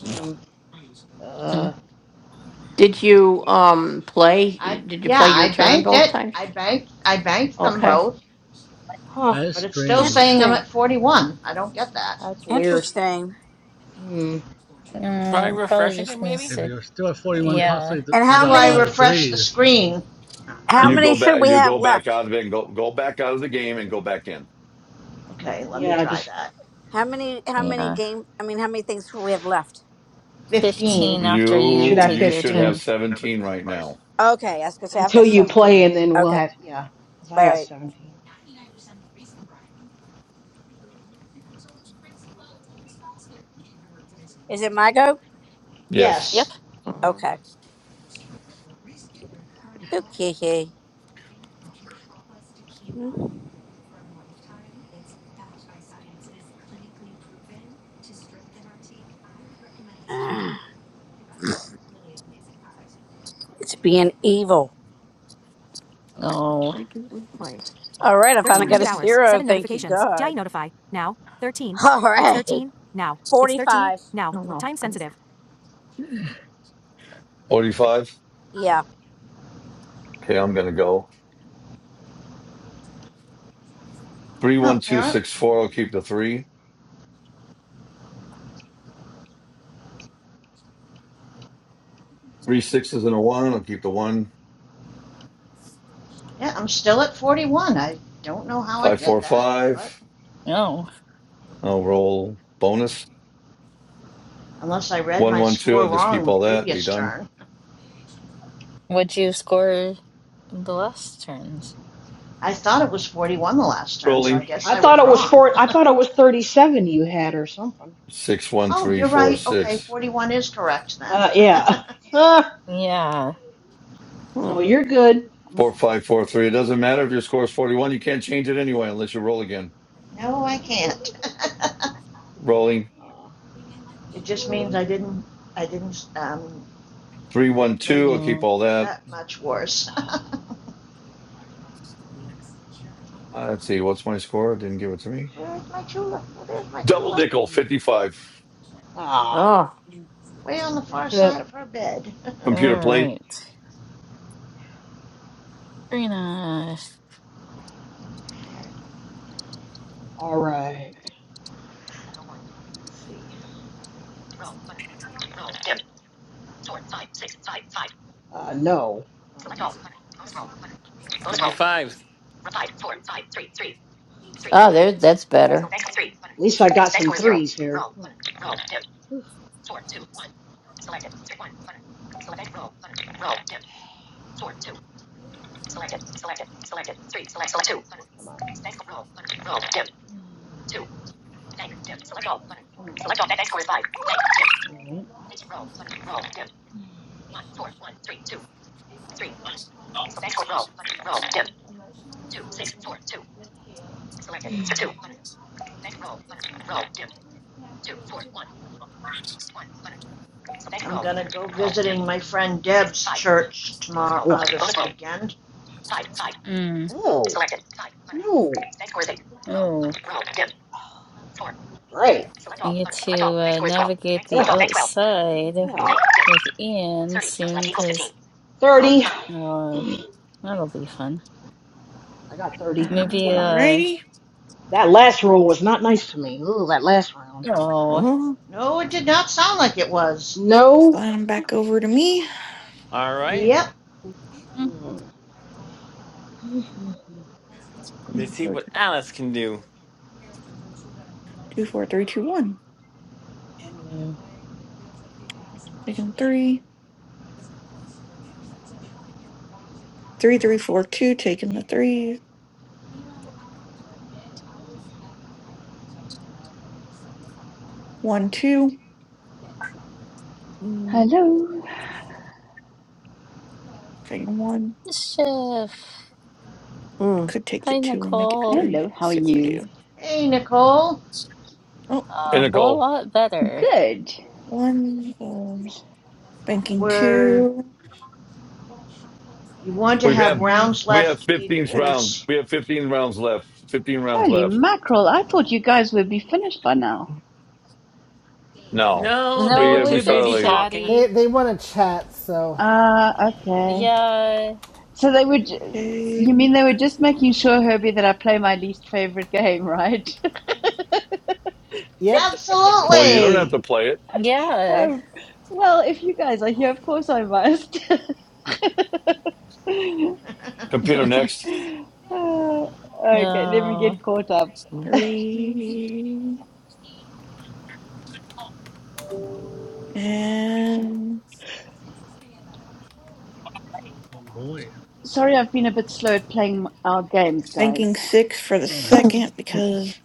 D: Hmm.
A: Mm.
D: Uh.
C: I yeah, I banked it. I banked I banked them both,
D: Huh.
E: That is
C: but it's still saying
E: strange.
C: I'm
F: Interesting,
C: at 41. I don't get that.
D: That's weird.
F: interesting.
D: Hmm.
G: Try
A: Mm, probably
G: refreshing it,
A: just needs
G: maybe?
E: If
A: to,
E: you're still at 41,
A: yeah,
E: possibly
F: And
E: you
F: how
C: How do
E: got a
C: I
F: many
E: lot of
C: refresh the
E: threes.
C: screen?
F: how
J: You go
F: many should
J: back.
F: we
J: You
F: have
J: go back out
F: left?
J: of it and go go back out of the game and go back in.
C: Okay, let me
D: Yeah.
C: try
D: Just
C: that.
F: How many how many
A: yeah.
F: game? I mean, how many things should we have left?
A: 15
C: 15.
A: after
D: we
A: you
D: should
J: You
D: have
A: take
J: you
A: your
J: should have
A: turn.
D: fifteen
L: 17
J: seventeen right
L: rice.
J: now.
F: Okay, I was gonna say I've
D: until
F: got
D: you play,
F: seventeen.
D: and then we'll
F: Okay,
D: have yeah. Cause I
F: all
D: got
F: right.
D: seventeen.
F: Is it my go?
J: Yes,
A: Yep.
C: Yes.
F: Okay, okay. It's being evil.
A: Oh,
F: All right, I finally got a zero. Thank you, God. All right, forty-five.
J: forty five.
F: Yeah.
J: Okay, I'm gonna go three
C: Oh,
J: one two
C: apparently,
J: six four. I'll keep the three. Three sixes and a one. I'll keep the one.
C: yeah, I'm still at 41. I don't know how I
J: Five
C: did
J: four
C: that, but
J: five.
A: no.
J: I'll roll bonus
C: unless I read
J: one
C: my
J: one two. I'll
C: score
J: just
C: wrong
J: keep
C: the
J: all that. Be
C: previous
J: done.
C: turn.
A: What'd you score the last turns?
C: I thought it was 41 the last turn, so I
J: Rolling
C: guess
D: I
C: I was
D: thought it was
C: wrong.
D: four. I thought it was thirty-seven you had or something.
J: six one
C: oh,
J: three
C: you're
J: four
C: right. Okay,
J: six
C: 41 is correct then.
D: Uh. Yeah. Huh.
A: Yeah.
D: So you're good.
J: four five four three. It doesn't matter if your score is forty one. You can't change it anyway unless you roll again.
C: no, I can't.
J: Rolling
D: Uh,
C: It just means
D: rolling.
C: I didn't, I didn't um,
J: Three one
C: make
J: two. I'll
C: it
J: keep
D: Hmm.
J: all that.
C: that much worse.
J: Uh, let's see. What's my score? Didn't give it to me.
C: Where's my Chula? Well, there's my
J: Double
C: Chula,
J: nickel, fifty five.
D: Ah.
C: way on the far
D: All
C: side of her bed.
J: Computer
A: All
J: plate
A: right. Karina.
D: right. All right. Let's see. Roll button. Roll dim. Four five six five five. Uh no. Um, Select all button. Bonus roll button. Bonus
G: Give you
D: roll.
G: fives.
D: Five four five three three three button. So bank three button. At least I got some threes here. Roll button. Roll dim. Four two one. Selected. Three one button. Select roll button. Roll dim. Four two. Selected. Selected. Selected. Three. Select select two button. Come on. Bank roll button. Roll dim. Mm. Two. Bank, dim, select all, button. Come Select all, bank, bank score is five. Bank, dim. All right. Basic roll, button, roll, dim. Mm. One, four, one, three, two, three, button. So bank score, roll, button, roll, dim. Two, six, four, two. Selected, so two, button. Bank roll, button, roll, dim. Two, four, one, one, button. So bank
C: I'm
D: roll,
C: gonna
D: button,
C: go
D: roll, dim.
C: visiting my friend
D: Mm. Six,
C: Deb's
D: five.
C: church
D: Bonus
C: tomorrow,
D: roll,
C: uh,
D: button, bonus
C: this
D: roll.
C: weekend.
D: Five, five.
A: Mm.
D: Oh. Selected, five, button. No. Bank score is eight. Roll,
A: Oh,
D: button, roll, dim. Four. Great. Select
A: I
D: all,
A: get
D: button,
A: to
D: select all. Bank
A: uh,
D: score is twelve.
A: navigate
D: Bank,
A: the
D: select Ugh. all, bank twelve,
A: outside
D: button. Yeah.
A: with Ian
D: 30. Rounds
A: soon
D: left equals 15.
A: because
D: 30.
A: uh,
D: I
A: that'll be fun.
D: got 30.
A: Maybe,
D: Ugh.
A: uh,
I: Alrighty.
D: That last roll was not nice to me. Ooh, that last round.
A: oh,
C: No, it did not sound like it was.
D: No.
I: Slide them back over to me.
G: All right.
C: Yep.
G: Let's see what Alice can do.
I: Two, four, three, two, one. Taking three. Three, three, four, two. Taking the three. One, two. Mm,
M: Hello.
I: Take a one.
A: mischief.
I: I could take the
A: Hi,
I: two and make it
A: Nicole.
I: three, but
M: Hello.
I: let's
M: How are
I: see what we
M: you?
I: do.
C: Hey, Nicole,
I: Oh,
A: Uh,
J: and
I: mm,
A: well, A whole
J: Nicole.
A: lot better.
M: Good.
I: one. Um, banking
C: where
I: two.
C: you want to
J: We've
I: Th-
C: have
J: had
A: We've
C: rounds
J: we have
C: left
J: fifteen round.
C: equals
J: We have fifteen rounds left. Fifteen rounds
M: Holy
J: left.
M: mackerel. I thought you guys would be finished by now.
J: No,
G: No, they
A: no,
J: we
G: were
J: uh, we
A: we've
G: too
A: been
J: started
G: busy
J: later.
G: talking.
B: they,
A: chatty.
B: they want to chat, so
M: Ah, okay.
A: Yeah,
M: So they would,
I: Okay,
M: you mean they were just making sure, Herbie, that I play my least favorite game, right?
B: yep.
J: Well, you don't have to
C: absolutely.
J: play it.
A: yeah.
M: um, well, if you guys are here, of course I must.
J: Computer next.
M: Uh, okay, let me get
A: No,
M: caught up.
I: three. And
E: Oh, boy.
M: Sorry, I've been a bit slow at playing our games,
I: banking
M: guys.
I: six for the
E: Oh, the,
I: second because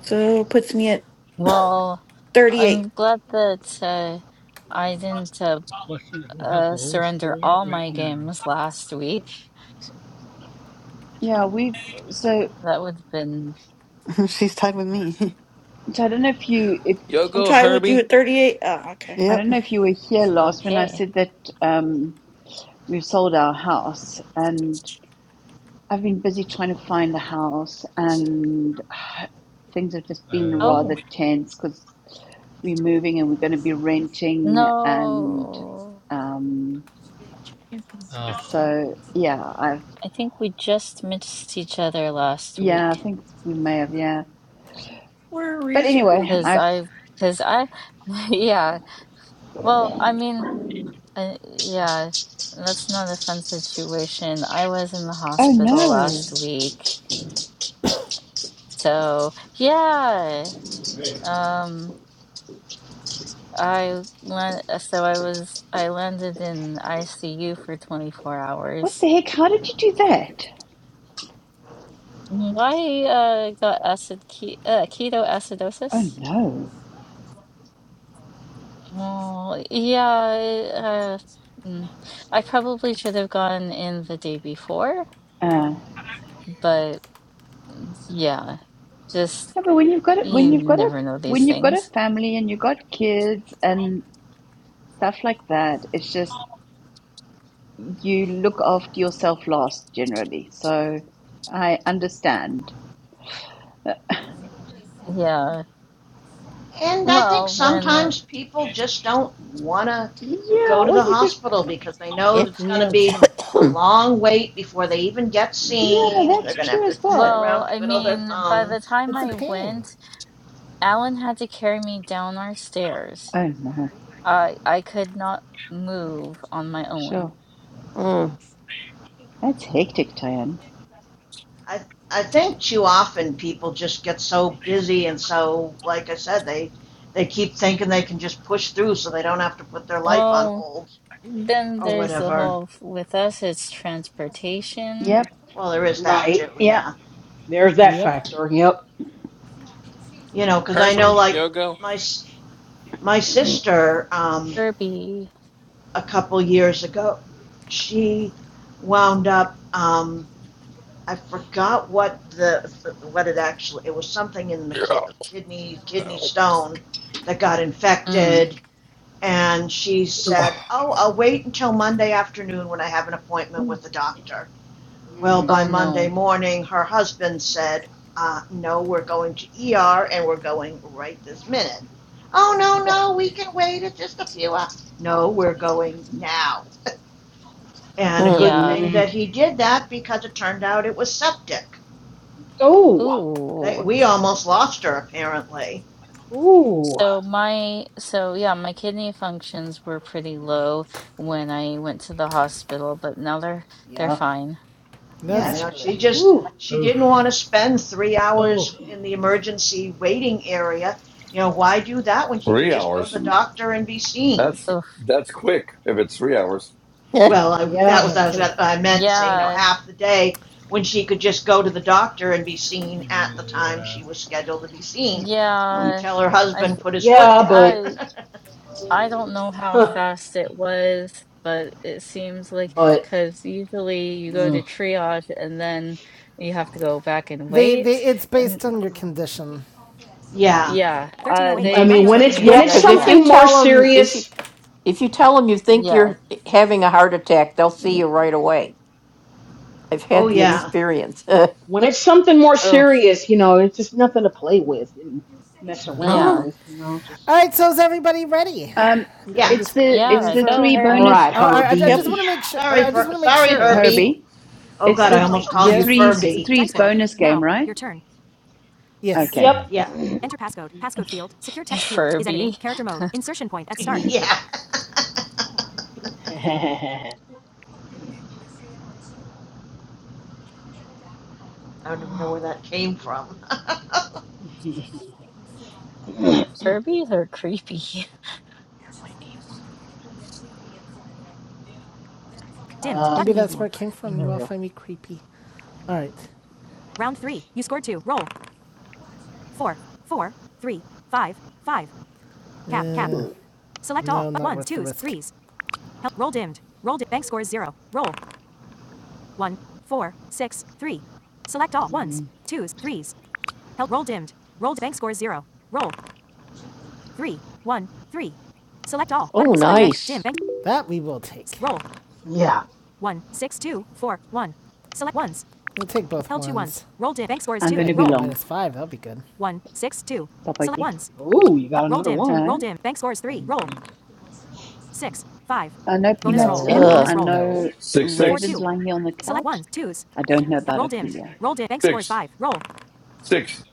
I: so puts me at
A: well,
I: 38.
A: I'm glad that uh, I didn't uh,
E: question is who has the
A: uh,
E: lowest
A: surrender
E: score
A: all
E: right
A: my
E: now?
A: games last week.
M: Yeah, we've so
A: That would have been
K: She's tied with me.
M: so I don't know if you if
I: I'm
G: Yogo,
I: tied with you
G: Herbie.
I: at 38. Oh, okay.
M: I
K: yep.
M: don't know if you were here last when I
A: okay.
M: said that um, we've sold our house, and I've been busy trying to find a house, and things have just been
E: Oh. Uh,
M: rather
A: Oh,
M: tense because we're moving and we're going to be renting, and
A: no.
M: um,
E: uh,
M: so yeah, I've
A: I think we just missed each other last
M: yeah, I
A: week
M: think we may have yeah,
I: Where
M: but
I: is
M: anyway,
A: because
I: Ruby?
M: I've
A: I, because I, yeah. Well, I mean. Uh, yeah, that's not a fun situation. I was in the
M: oh
A: hospital
M: no,
A: last week. So, yeah. Um, I went, so I was, I landed in ICU for 24
M: what
A: hours.
M: the heck? How did you do that?
A: Why, uh, got acid, ke uh,
M: Oh
A: ketoacidosis?
M: no.
A: Oh, yeah, uh, mm. I probably should have gone in the day before,
M: Uh,
A: but yeah, just,
M: Yeah, but when you've got a, when
A: you
M: you've got a
A: never know these
M: when you've got a
A: things.
M: family and you've got kids and stuff like that, it's just you look after yourself last generally. So I understand.
A: Yeah.
C: And I think
A: Well, when,
C: sometimes people just don't want to
M: Yeah,
C: go to
M: or
C: the
M: you just
C: hospital because they know it's going to
B: No
C: be
B: kidding.
C: a long wait before they even get
M: yeah, no,
C: seen. They're
M: that's
C: going to have
M: true
C: to
M: as
C: sit
M: well.
A: well,
C: around,
A: I
C: twiddle their
A: mean, by the
C: thumbs.
A: time
B: It's a
A: I
B: pain.
A: went, Alan had to carry me down our stairs.
M: Oh no,
A: I I could not move on my
M: sure,
A: own.
M: that's hectic, Tayan.
C: I, I think too often people just get so busy and so, like I said, they, they keep thinking they can just push through so they don't have to put their life on
A: Well,
C: hold
A: then
C: or
A: there's the
C: whatever.
A: whole f- with us, it's transportation.
M: Yep,
C: Well, there is that too,
D: Right.
M: yeah.
C: yeah.
D: There's that
B: Yep.
D: factor. Yep.
C: You know, because I know,
G: Herbie,
C: like,
G: Yogo.
C: my, my sister, um,
A: Kirby.
C: a couple years ago. She wound up. Um, I forgot what the what it actually. It was something in the ki- kidney kidney stone that got
A: Mm.
C: infected, and she said, "Oh, I'll wait until Monday afternoon when I have an appointment with the doctor." Well,
D: Mm.
C: by
A: Oh
C: Monday
A: no.
C: morning, her husband said, uh, "No, we're going to ER, and we're going right this minute." Oh no,
D: Yeah.
C: no, we can wait. It's just a few hours. No, we're going now. And a good
A: Yeah.
C: thing
D: Mm.
C: that he did that because it turned out it was septic.
D: Oh.
C: They,
A: Ooh.
C: we almost lost her apparently.
D: Ooh.
A: So my, so yeah, my kidney functions were pretty low when I went to the hospital, but now they're they're
D: Yeah.
A: fine.
C: Yeah,
B: That's
C: you
D: That's
C: know,
B: good.
D: good.
C: she just
D: Ooh.
C: she didn't
E: oof.
C: want to spend three
E: Oh.
C: hours in the emergency waiting area. You know, why do that when she could
J: Three
C: just go to the
J: hours.
C: doctor and be seen?
J: That's that's quick. If it's three hours.
C: Well, I,
D: Yeah.
C: that was,
B: No
C: I was
B: kidding.
C: I meant to say. You know,
A: Yeah,
C: half the day when she could just go to the doctor and be seen at the time
E: Yeah.
C: she was scheduled to be seen,
A: yeah.
C: until her
A: I
C: husband
A: th-
C: put his
A: uh,
C: foot
D: Yeah,
C: down.
D: but
A: I I don't know how
D: huh,
A: fast it was, but it seems like
D: but
A: because usually you go to
D: mm.
A: triage and then you have to go back and
B: They,
A: wait.
B: they, it's based
A: And
B: on your condition.
C: yeah.
A: yeah, uh,
D: I
A: they they
D: mean when
A: took
D: it's
A: me
D: when it's
A: right back.
D: something more serious
A: Yeah.
C: Oh
D: mm-hmm.
C: yeah.
D: When it's something more
A: Oh,
D: serious, you know, it's just nothing to play with and mess
B: No.
D: around
A: yeah,
D: with, you know.
B: All
D: Just
B: right. So is everybody ready?
M: Um,
B: I'm,
C: Yeah.
B: I'm
M: it's
B: just
M: the it's
B: waiting
A: yeah.
M: the
B: for.
A: Go
M: three
D: all
A: Herbie,
M: bonus
D: right,
B: Oh, I, I
I: Yep.
B: just want
D: Herbie.
B: to make sure.
C: Sorry,
B: I just
C: Fer-
B: want to make
C: sorry,
B: sure. That's
C: Herbie.
B: all.
M: Herbie.
C: Oh
M: It's
C: God,
M: the
C: I almost
B: Yes.
M: the
C: called you
M: threes
C: Furby.
M: threes bonus game, right?
B: Yes.
M: Okay,
D: Yep.
C: yeah,
A: Furby.
C: yeah. I don't even know where that came from.
A: Furbies are creepy.
D: uh,
B: Maybe that's where it came from. You
D: there we
B: all
D: go.
B: find me creepy. All right. uh, Uh,
D: Ooh.
B: no, not
D: Mm. Ooh.
B: That we will take.
D: Yeah.
B: We'll take both ones. ones.
M: I'm going
B: I
M: to
B: can
M: be
B: get a
M: long,
B: minus five. That'll be good.
M: Papaki.
D: Ooh, you got another one.
M: Uh, no
B: no,
M: peanuts in.
D: Ugh.
M: I know
B: No.
J: Six
M: Raven's
J: six
M: lying here on the couch. I don't know about Ophelia.
J: six six.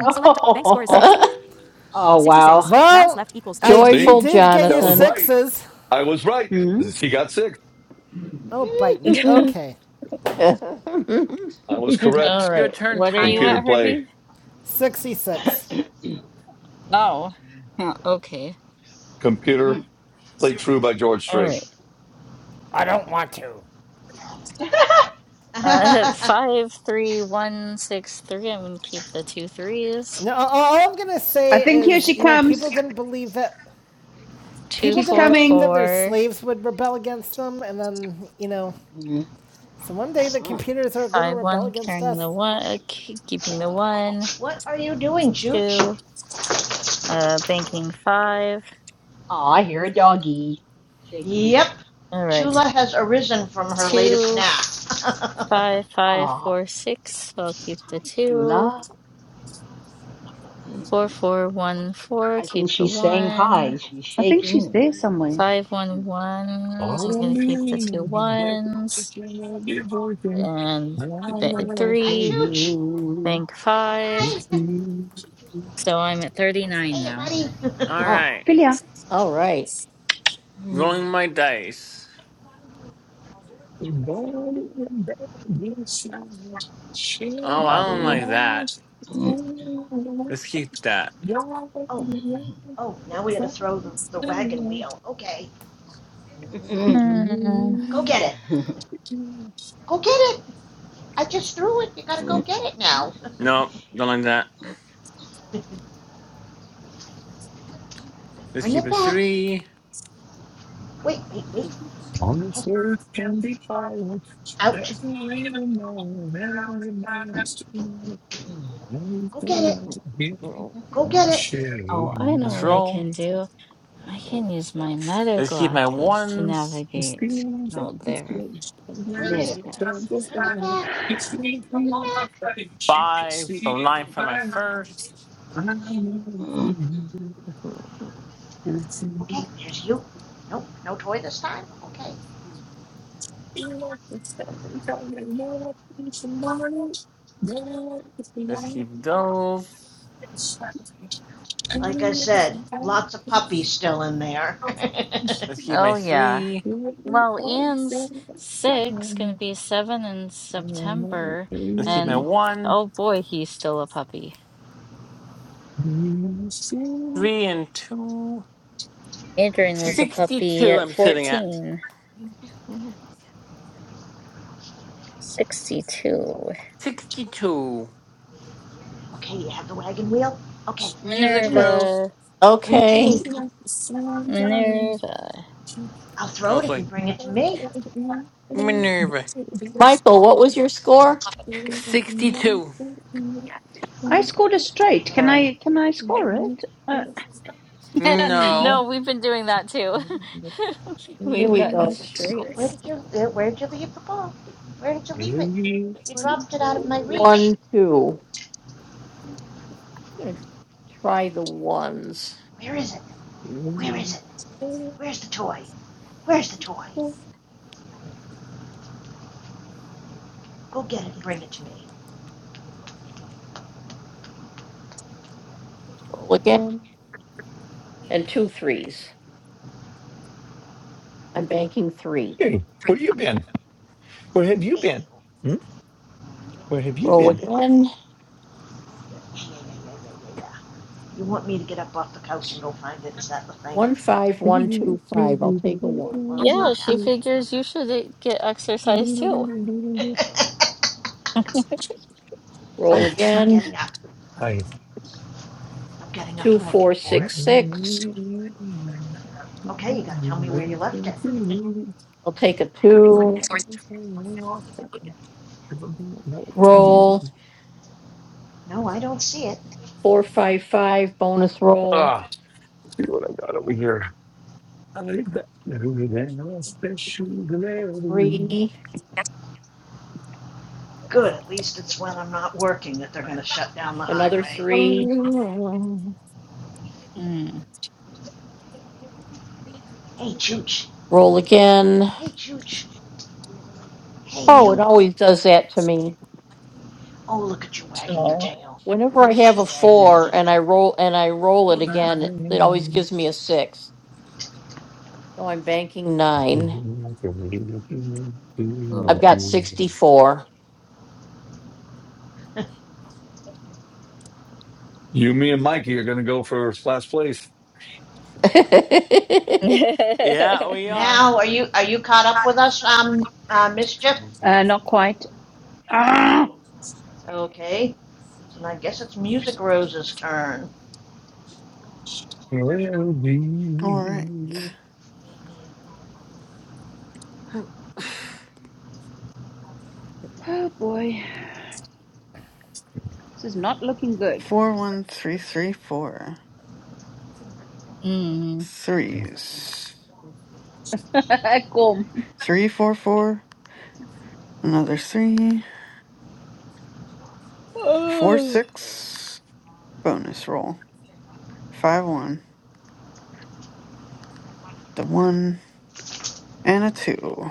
D: Oh, oh wow.
B: Well, I you
J: See,
B: did get your
J: that was right.
B: sixes.
J: I was right.
M: Hmm?
J: She got sick.
B: Oh, bite me. Okay,
J: I was
A: All
J: correct.
G: Your
A: right.
G: turn,
A: What are you
J: Computer
G: Tyann.
A: at,
J: play.
A: Herbie?
B: sixty-six.
A: Oh, huh, okay.
J: Computer play true by George
A: All right.
J: Strait.
B: I don't want.
A: Uh, five, three, one, six, three. I'm gonna keep the two threes.
B: No, all I'm gonna
M: I
B: say
M: think here
B: is,
M: she
B: you know, people
M: comes.
B: didn't believe that
A: Two,
B: people
M: She's
B: didn't
A: four,
B: believe that
M: coming.
B: their
A: four,
B: slaves would rebel against them, and then, you know,
D: Mm.
B: so one day the
D: Ah,
B: computers are going to
A: five,
B: rebel
A: one.
B: against
A: Carrying the
B: us.
A: one, uh, ke- keeping the
D: ah.
A: one,
C: what are you doing, Chooch?
A: two. Uh, banking five.
D: Aw, I hear a doggy shaking.
C: Yep,
A: All right,
C: Chula has arisen from her latest
A: two,
C: nap.
A: five, five,
D: Ah,
A: four, six. So I'll keep the
D: hi,
A: two.
D: Chula.
A: Four, four, one, four.
D: I think
A: Keep the
D: she's saying
A: one.
D: hi. She's
M: I think she's
D: shaking.
M: there somewhere.
A: Five, one,
D: And,
A: one.
J: Oh,
A: I'm
J: to
A: gonna keep the
J: me,
A: two
J: that is
A: ones
J: your devotion.
A: and
J: My
A: bank
J: love
C: Hi,
J: for
A: three.
C: Chooch.
J: you.
A: Bank
D: ah,
A: five.
J: It
C: Hi.
J: seems
D: Joey, Joey.
A: So I'm at 39
C: Hey,
A: now.
C: buddy.
G: All
D: Ah,
G: right.
M: Ophelia,
D: mm,
G: Rolling my dice.
D: Joey, Joey,
J: burning back inside.
A: Hey,
G: Oh, I
J: Sharing
G: don't
A: buddy.
G: like
J: my
G: that.
D: Yes.
J: soul.
G: Let's keep that.
J: Your love
C: oh, oh, now we gotta
J: is
C: throw the, the wagon
J: inside.
C: wheel. Okay,
A: Hmm.
C: go get it.
J: Thank you.
C: Go get it. I just threw it. You gotta go get it now.
G: No, don't like that. Let's
C: Bring
G: keep
C: it
G: a
C: back.
G: three.
C: Wait, wait, wait.
J: On
C: Hey,
J: this earth can be fire.
C: ouch.
J: There's no even know that everybody has to know.
C: Go get
J: Everything
C: it.
J: I give,
C: Go get
J: I
C: it.
J: share
A: Oh,
J: with
A: I know
G: Let's
A: what I
J: you.
G: roll.
A: can do. I can use my meta
G: Let's keep my
A: glasses to
G: ones.
J: It's
A: navigate
J: feelings that
A: out
J: these
A: there.
J: days, there
C: Bring
J: is
D: Meta
C: it.
J: the time goes
D: glasses.
C: Bring it
J: by.
C: back.
J: It's me
C: Bring
J: from
C: it
J: all my
C: back.
J: face, you can
G: Five. So
J: see
G: nine
J: it
G: for my
J: by my
G: first.
J: eyes. I know it's me, and it's
C: Okay,
J: you.
C: here's you. Nope, no toy this time. Okay.
J: You're the sun, you're the it's the
G: Let's keep those.
J: Mm-hmm.
C: Like I said, lots of puppies still in there.
G: Let's keep my
A: Oh, yeah.
G: three.
A: Well, Ian's six, gonna be seven in September,
G: Let's keep my
A: and
G: one.
A: oh boy, he's still a puppy.
G: Three and two.
A: Adrian was a puppy
G: 62
A: at
G: I'm sitting at.
A: 14. 62.
G: 62.
C: okay, you have the wagon wheel? Okay, bring it to
G: Music
C: me.
G: Rose.
A: Minerva.
C: Bring it to me.
A: Minerva.
C: I'll throw
G: Oh,
C: it if you
G: sorry.
C: bring it to me.
G: Minerva. 62.
M: I scored a straight. Can I? Can I score it? Uh,
A: no,
G: No.
A: we've been doing that too. We've gotten
C: Where
A: straights.
C: did you uh, where did you leave the ball? Where did you leave it? You dropped it out of my reach. Where is it? Where is it? Where's the toy? Where's the toy?
J: Hey,
C: Go get it and bring it to me.
J: where you been? Where have you
C: Hey,
J: been?
C: you.
J: Hmm? Where have
C: Yeah,
J: you
C: yeah,
J: been?
C: yeah, yeah, yeah. Yeah, yeah, yeah, yeah, yeah, yeah, yeah. You want me to get up off the couch and go find it? Is that the thing?
J: I,
C: Well, it's
A: Yeah,
C: not
A: she
C: happening. I'm
A: figures you should uh, get exercise too.
C: not. okay, I'm getting up.
J: I
C: I'm getting up and looking for it.
J: don't
C: Okay,
J: I've
C: you gotta tell me where you left it. no, I don't see it.
J: got no than special glory.
C: Good, at least it's when I'm not working that they're gonna shut down the highway.
A: Mm.
C: Hey, Chooch. Hey, Chooch. Hey, you. Oh, look at you wagging your
A: Oh.
C: tail. Look at you wagging your tail.
J: Oh, You,
A: Oh.
J: me, and Mikey are going to go for last place.
G: Yeah, we are.
C: Now, are you are you caught up with us, um, uh, mischief?
M: uh not quite. Ah!
C: Okay, so I guess it's Music Rose's turn.
J: Well,
K: All right.
J: we-
M: Oh boy, this is not looking good.
K: Four one three three four.
A: Mm.
K: Threes.
M: Come.
K: Three four four. Another three. Four
A: Oh.
K: six bonus roll. Five one. The one and a two.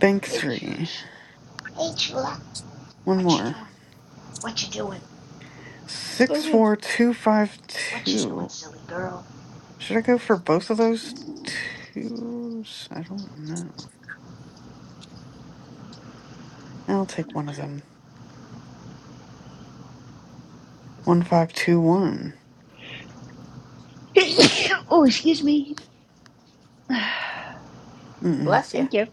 K: Bank
C: Hey,
K: three.
C: Chooch. Hey, Chula.
K: One
C: What you
K: more.
C: doing? What you doing?
K: Six four two five
C: What you doing,
K: two.
C: silly girl?
K: Should I go for both of those twos? I don't know. I'll take one of them. One five two one.
M: oh, excuse me.
K: Mm-mm.
M: Thank you.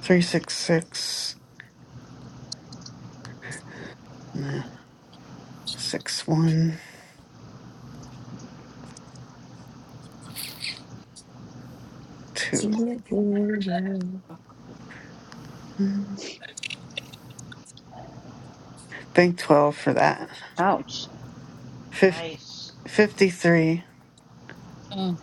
K: Three six six. Nah. Six one two. Mm. Bank twelve for that.
M: Ouch.
K: Fif-
C: Nice.
K: fifty three.
A: Mm.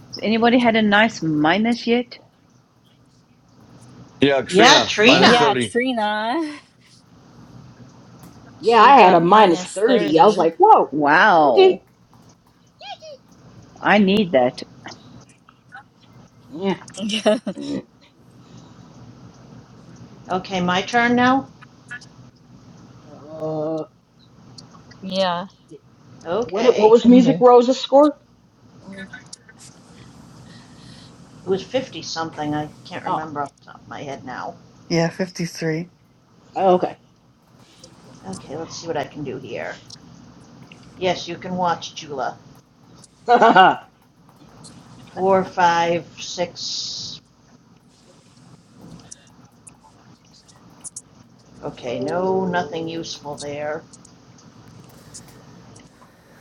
M: Has anybody had a nice minus yet?
J: Yeah,
C: Yeah,
J: Katrina, minus
A: Yeah,
C: Trina.
J: 30,
A: Trina.
D: Yeah,
A: She
D: I had a
A: got
D: minus
A: minus
D: 30. I was
A: 30.
D: like, whoa, okay.
M: Wow. I need that.
D: Yeah.
A: Yeah.
D: Mm.
C: Okay, my turn now.
D: Uh,
A: Yeah.
D: what it, what
C: Okay,
D: was Music Rose's score? Mm,
C: it was fifty something. I can't
D: Oh,
C: remember off the top of my head now.
K: Yeah, fifty three.
D: okay. All
C: Okay, let's see what I can do here. Yes, you can watch Chula.
D: right.
C: Four, five, six. Okay, no, nothing useful there.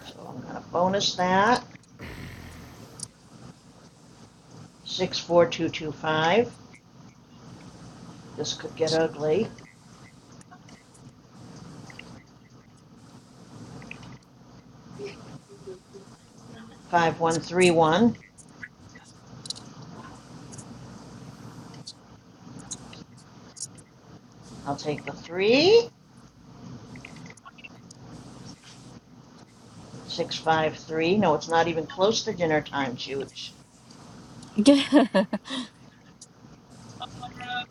C: So I'm gonna bonus that, six, four, two, two, five, this could get ugly, five, one, three, one, I'll take the three. Six five three. no, it's not even close to dinner time, Chooch.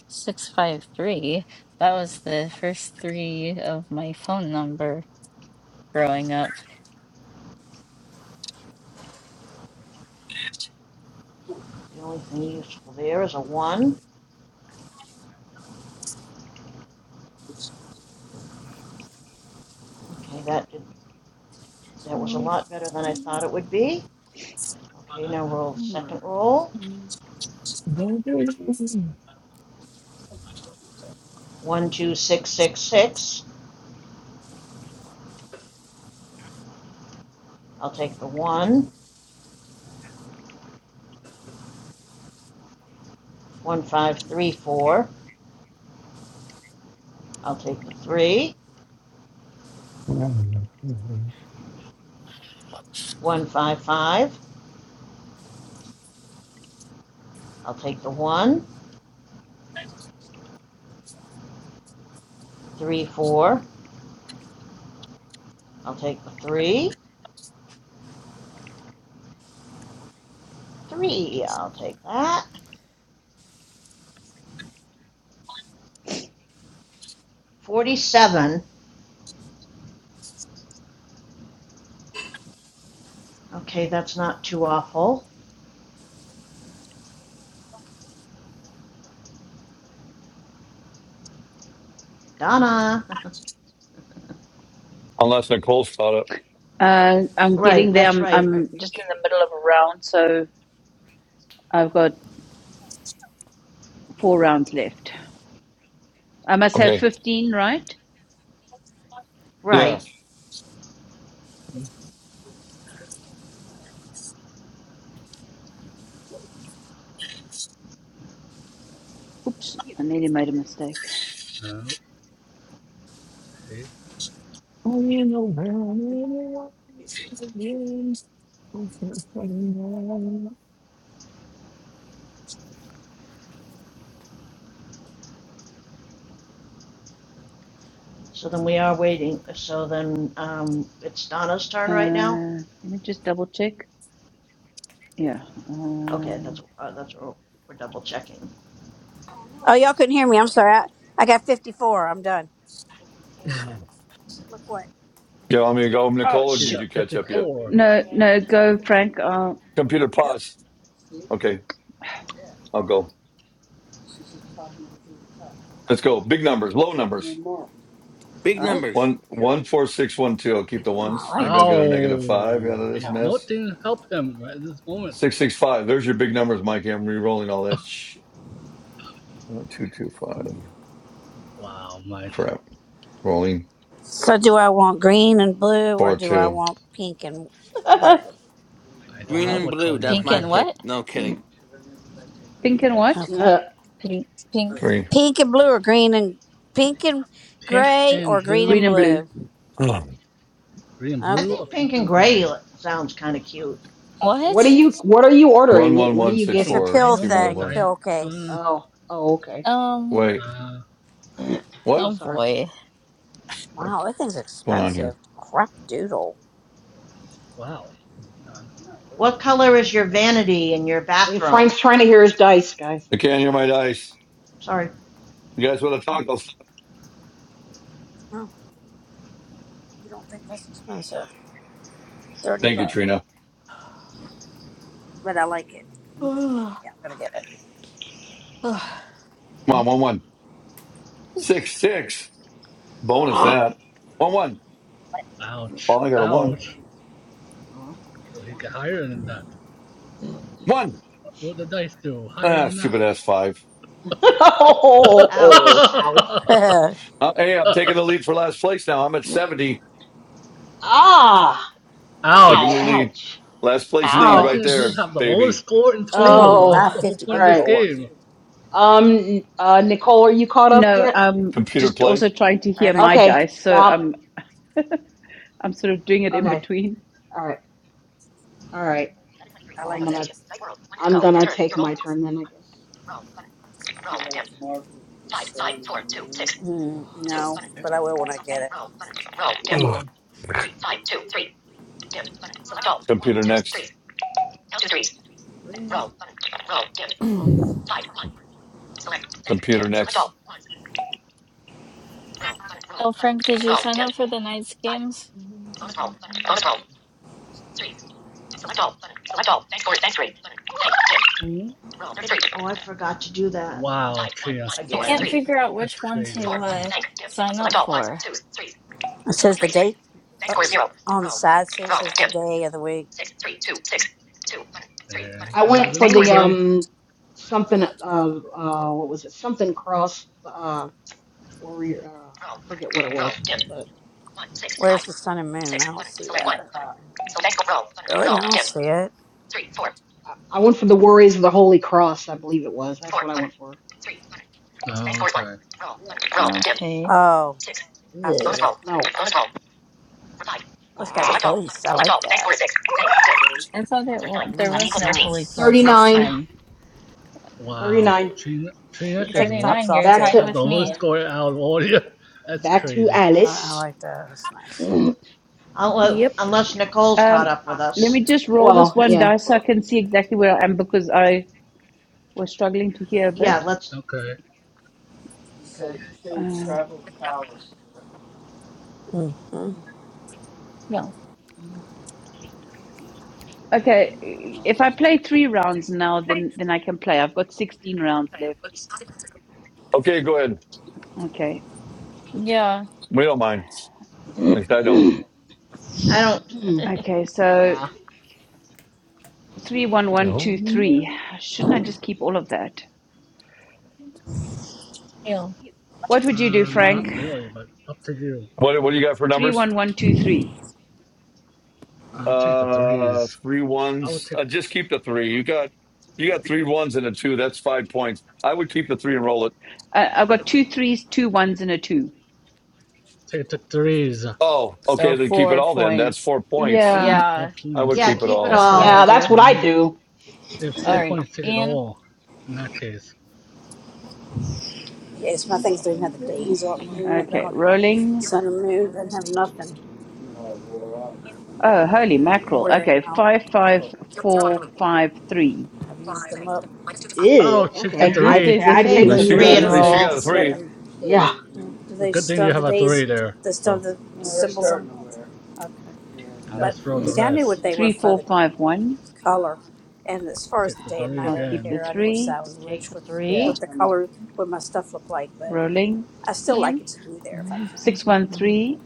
A: Six five three. That was the first three of my phone number growing up.
C: The only thing useful there is a one, okay, that did, that was a lot better than I thought it would be. Okay, now roll the second roll, one, two, one. One i six, the three. One I'll take the one, one, five, three, four, I'll take the three, one, five, five, I'll take the one, Three, four. I'll take the three. Three. I'll take that. 47. Okay, that's not too awful. Donna.
J: unless Nicole's caught up.
M: Uh, I'm
C: right,
M: getting
C: that's
M: them.
C: right.
M: I'm I'm just in the middle of a round, so I've got four rounds left. I must have
J: Okay.
M: 15, right?
J: Yeah.
C: Right.
M: Oops, I nearly made a mistake.
E: Okay.
J: Oh, You know where I'm
C: So then we are waiting. So then um, it's Donna's turn right now?
M: Uh, let me just double check. Yeah.
C: Okay,
M: Uh,
C: that's, uh, that's what we're- double checking.
F: Oh, y'all couldn't hear me. I'm sorry. I, I got 54. I'm done. Look what.
J: You want me to go,
M: oh,
J: Nicole, or
E: She's
J: did
M: shoot.
J: you
E: at
J: catch up yet?
E: 54.
M: No, no, go, Frank. Uh,
J: Computer
F: Really?
J: pause. Okay, I'll go. Let's go. Big numbers, low numbers.
G: Big numbers.
J: One, one, four, six, one, two. I'll keep the
F: Oh,
J: ones.
F: I
J: Maybe
F: like
J: I'll get
F: that.
J: a negative five
E: Oh,
J: out of
E: They
J: this
E: have
J: mess.
E: nothing to help him at this moment.
J: Six, six, five. There's your big numbers, Mikey. I'm re-rolling all that. Sh- oh, two, two, five.
E: Wow, Mike.
J: Crap. Rolling
F: So, do I want green and blue or
J: four,
F: do I
J: two,
F: want pink and gray?
E: I don't
G: Green
E: know
D: wow.
G: and
E: what
G: blue,
E: color you
G: that's
E: want
A: Pink
G: my
A: and
E: there.
G: pick.
A: what?
G: No kidding.
D: Mm.
M: pink and what?
F: Okay.
D: Uh,
A: Pink, pink
J: three,
F: Pink and blue or green and pink and
E: Pink
F: gray or
E: and
F: green and
M: Green and
E: blue,
M: blue.
F: blue?
E: green, and blue,
F: Okay.
E: or pink
C: Pink and
E: and
C: gray
E: gray.
C: sounds kind of cute.
D: what
A: what?
D: are you What are you
J: one,
D: ordering?
J: one,
D: What are
J: one,
D: you
J: six,
F: It's a
D: getting?
J: four.
E: I
F: pill
E: don't know
J: Keeping the
E: what
F: thing, a
E: I.
J: ones.
F: pill
E: Uh,
F: case.
D: Oh, oh, okay.
A: Um.
J: Wait,
E: uh,
D: Mm.
J: what?
D: Oh,
A: Oh
D: sorry.
A: boy.
J: What's
F: Wow, that thing's
J: going on here?
F: expensive. Crap doodle.
E: wow. Done.
C: What color is your vanity in your
D: Hey,
C: bathroom?
D: Frank's trying to hear his dice, guys.
J: I
C: Oh,
J: can't hear my
C: sorry.
J: dice.
C: Sorry.
J: You guys want to
D: Mm.
J: talk? I'll stop.
F: Oh, you don't think that's expensive? 30
J: Thank you,
F: bucks.
J: Trina.
F: But I like it.
D: Mhm.
F: Yeah, I'm going to get
J: Come on,
D: Mm.
J: one, one. Six, six. Bonus
D: Ah.
J: that. One, one.
E: Ouch.
J: Oh, I got a one.
E: Ouch.
D: Oh, you got
E: Well, he got
D: one.
E: higher than that.
J: One.
E: What did the dice do? Higher
J: Ah,
E: than that.
J: stupid ass five.
D: oh,
C: Ouch.
D: ouch.
F: it.
J: Uh, hey, I'm taking the lead for last place now. I'm at 70.
D: Ah.
J: Taking the
D: Wow.
E: Ouch.
J: lead.
D: Ouch.
J: Last place
E: The
J: lead
D: Ow.
J: right
E: question is
A: Ouch.
J: there,
E: who have the
J: baby.
E: lowest score in
F: Should have been
E: total.
F: handing me
E: Well, that's
D: Oh.
E: the whole
F: 550
D: All
E: point of
F: Good
E: this
D: right.
F: lord.
E: game.
D: Um. Uh. Nicole, are you caught up
M: No,
D: yet?
M: I'm
J: Computer
M: just
J: play.
M: also trying to hear
F: Alright,
M: my
D: Okay.
M: dice, so
D: Um.
M: I'm I'm sort of doing it in
D: Okay.
M: between.
D: All right. All right.
F: I
D: Well, I'm
F: like that.
D: gonna. I'm gonna take my turn then, I guess. Ugh. Ugh.
F: Mm, no, but I will when I get it.
D: Come
J: Ugh.
D: on. Three. Come
J: Computer next. Computer next.
D: on. Roll button. Roll
A: Oh,
D: button.
A: Frank, did you
D: Roll
A: sign
D: dimmed.
A: up for the night's
D: Five.
A: games?
D: Bonus roll button. Bonus roll. Three. Select all button. Select all. Bank scores. Bank three button. Bank dimmed. Hmm. Roll
C: Oh, I
D: thirty-three.
C: forgot to do that
E: Wow,
D: Five. One.
E: Chia.
D: One.
A: I
D: Four.
A: can't
C: again.
D: Three.
A: figure out
E: That's
A: which one
E: crazy.
A: to
D: Four button.
A: uh
D: Bank dimmed.
A: sign
D: Select
A: up
D: all ones,
A: for.
D: twos, threes.
F: It
D: Count
F: says
D: one
F: the
D: threes.
F: date
D: Bank
F: uh,
D: score zero.
F: on the
D: Roll button.
F: side. See, it
D: Roll
F: says the
D: dimmed.
F: day of the week.
D: Six. Three. Two. Six. Two button. Three button.
E: There,
D: I
E: there's
D: went for
E: another
D: the
E: three.
D: um something uh uh what was it something cross uh. Warrior. Uh, Roll. I forget what it Roll. was, Dim. but One six five
F: Where's the sun and moon? I
D: six
F: don't
D: button.
F: see
D: Select one
F: that.
D: button. Select roll button.
F: Really,
D: Roll.
F: I don't
D: Dim.
F: see it.
D: Three four I, I went for the Warriors of the Holy Cross. I believe it was. That's four what I button. went for. Three button. Select
E: Oh,
D: four one.
E: Okay.
D: Roll button. Roll. Dim.
A: Okay.
F: Oh,
D: Six.
F: I
D: Ugh,
F: see
D: Bonus
F: it.
D: roll. no. Bonus roll. Revive.
F: Oh, it's
D: Ah.
F: got a
D: Select all. Button.
F: case. I
D: Select
F: like
D: all. Thanks
F: that.
D: for six. Thanks. Dim.
A: I thought it
D: Thirty nine.
A: w
D: Round
A: there
F: Yeah,
D: left
A: was
F: that's
D: equals
A: no
D: thirteen.
A: Holy
D: Roll.
F: nice.
A: Cross this
D: 39,
A: time.
E: Wow.
D: 39.
E: Trina,
F: You
E: Trina
F: can take
E: is
F: the
A: Thirty
E: win.
F: tops
A: nine.
F: off
A: You're
D: Back
F: too.
A: tied
D: to
E: have the
A: with me.
E: lowest score out of all you. That's
D: back
F: Yeah,
D: to
E: crazy.
F: I, I
D: Alice.
F: like that. That's nice.
C: Unle-
I: Yep.
C: Unless Nicole's caught
M: Um,
C: up with
M: let
C: us.
M: me just roll this
D: well,
M: one
D: yeah.
M: dice so I can see exactly where I am because I We're struggling to hear a bit.
C: Yeah, let's,
E: Okay.
D: Okay.
M: Uh,
F: hmm
A: Yeah.
D: Mm,
M: okay, if I play three rounds now, then then I can play. I've got sixteen rounds left.
J: Okay, go ahead.
M: Okay,
A: Yeah.
J: We don't mind. At least I don't.
C: I don't,
M: okay. So
D: nah.
M: three, one, one,
J: Oh,
M: two, three.
J: no.
M: Shouldn't I just keep all of that?
A: Yeah.
M: What would you do,
E: Uh, not
M: Frank?
E: really, but up to you.
J: What, what do you got for
M: Three,
J: numbers?
M: one, one, two, three.
E: I'll take the
J: Uh,
E: threes.
J: three
E: I would
J: ones.
E: take
J: Uh, just keep the three. You got you got three ones and a two. That's five points. I would keep the three and roll it.
M: Uh, I've got two threes, two ones, and a two.
E: take the threes.
J: Oh, okay.
A: So
J: Then keep it
A: four
J: all. Then that's
A: points.
J: four points.
M: Yeah.
E: Four
A: Yeah,
J: I would
E: points
C: yeah,
J: keep
E: or
J: it
C: keep it
J: all.
A: that's what I
C: all.
A: would
D: Yeah,
E: most
A: do.
D: that's what I do.
E: if
A: All
E: four
A: right,
E: points take it
A: Ian.
E: all in that case.
F: Yes, my
J: At
F: things don't have the days on it. They don't
M: Okay.
F: have
M: Rolling.
F: sun and moon. They don't have nothing.
M: Oh, holy
F: Yeah, They're
M: mackerel.
F: wearing
M: Okay.
F: out.
M: Five, five, four, five, three.
F: I've used them up.
D: Ew,
E: Oh, take the
M: At
D: okay.
M: least
D: I
M: there's
E: three.
M: a
D: I
C: Take
D: take
F: So
C: the
D: the
M: three.
J: least you
F: use
J: got at
D: three.
F: yours, or
J: least you
F: you
C: roll.
J: got a
F: just let
J: three.
F: them.
D: Yeah.
F: Do
E: The
F: they
E: Good thing
F: still
E: you
F: have the
E: have a
F: days?
E: three there.
F: They still have
E: So
F: the are symbols on? Okay. But
E: and let's throw the
D: Ooh.
F: see, I knew
E: rest.
F: what they were
M: Three,
F: for
M: four,
F: the
M: five, one.
F: color, and as far as the
E: Take the
F: day and
E: three
F: night,
M: I'll
F: I didn't
M: keep
E: again.
M: the
F: care. I knew which
M: three.
F: side was which, what
C: Three,
F: what the color, what my stuff looked like. But
M: Rolling.
F: I still like it to be there. If I,
M: 613.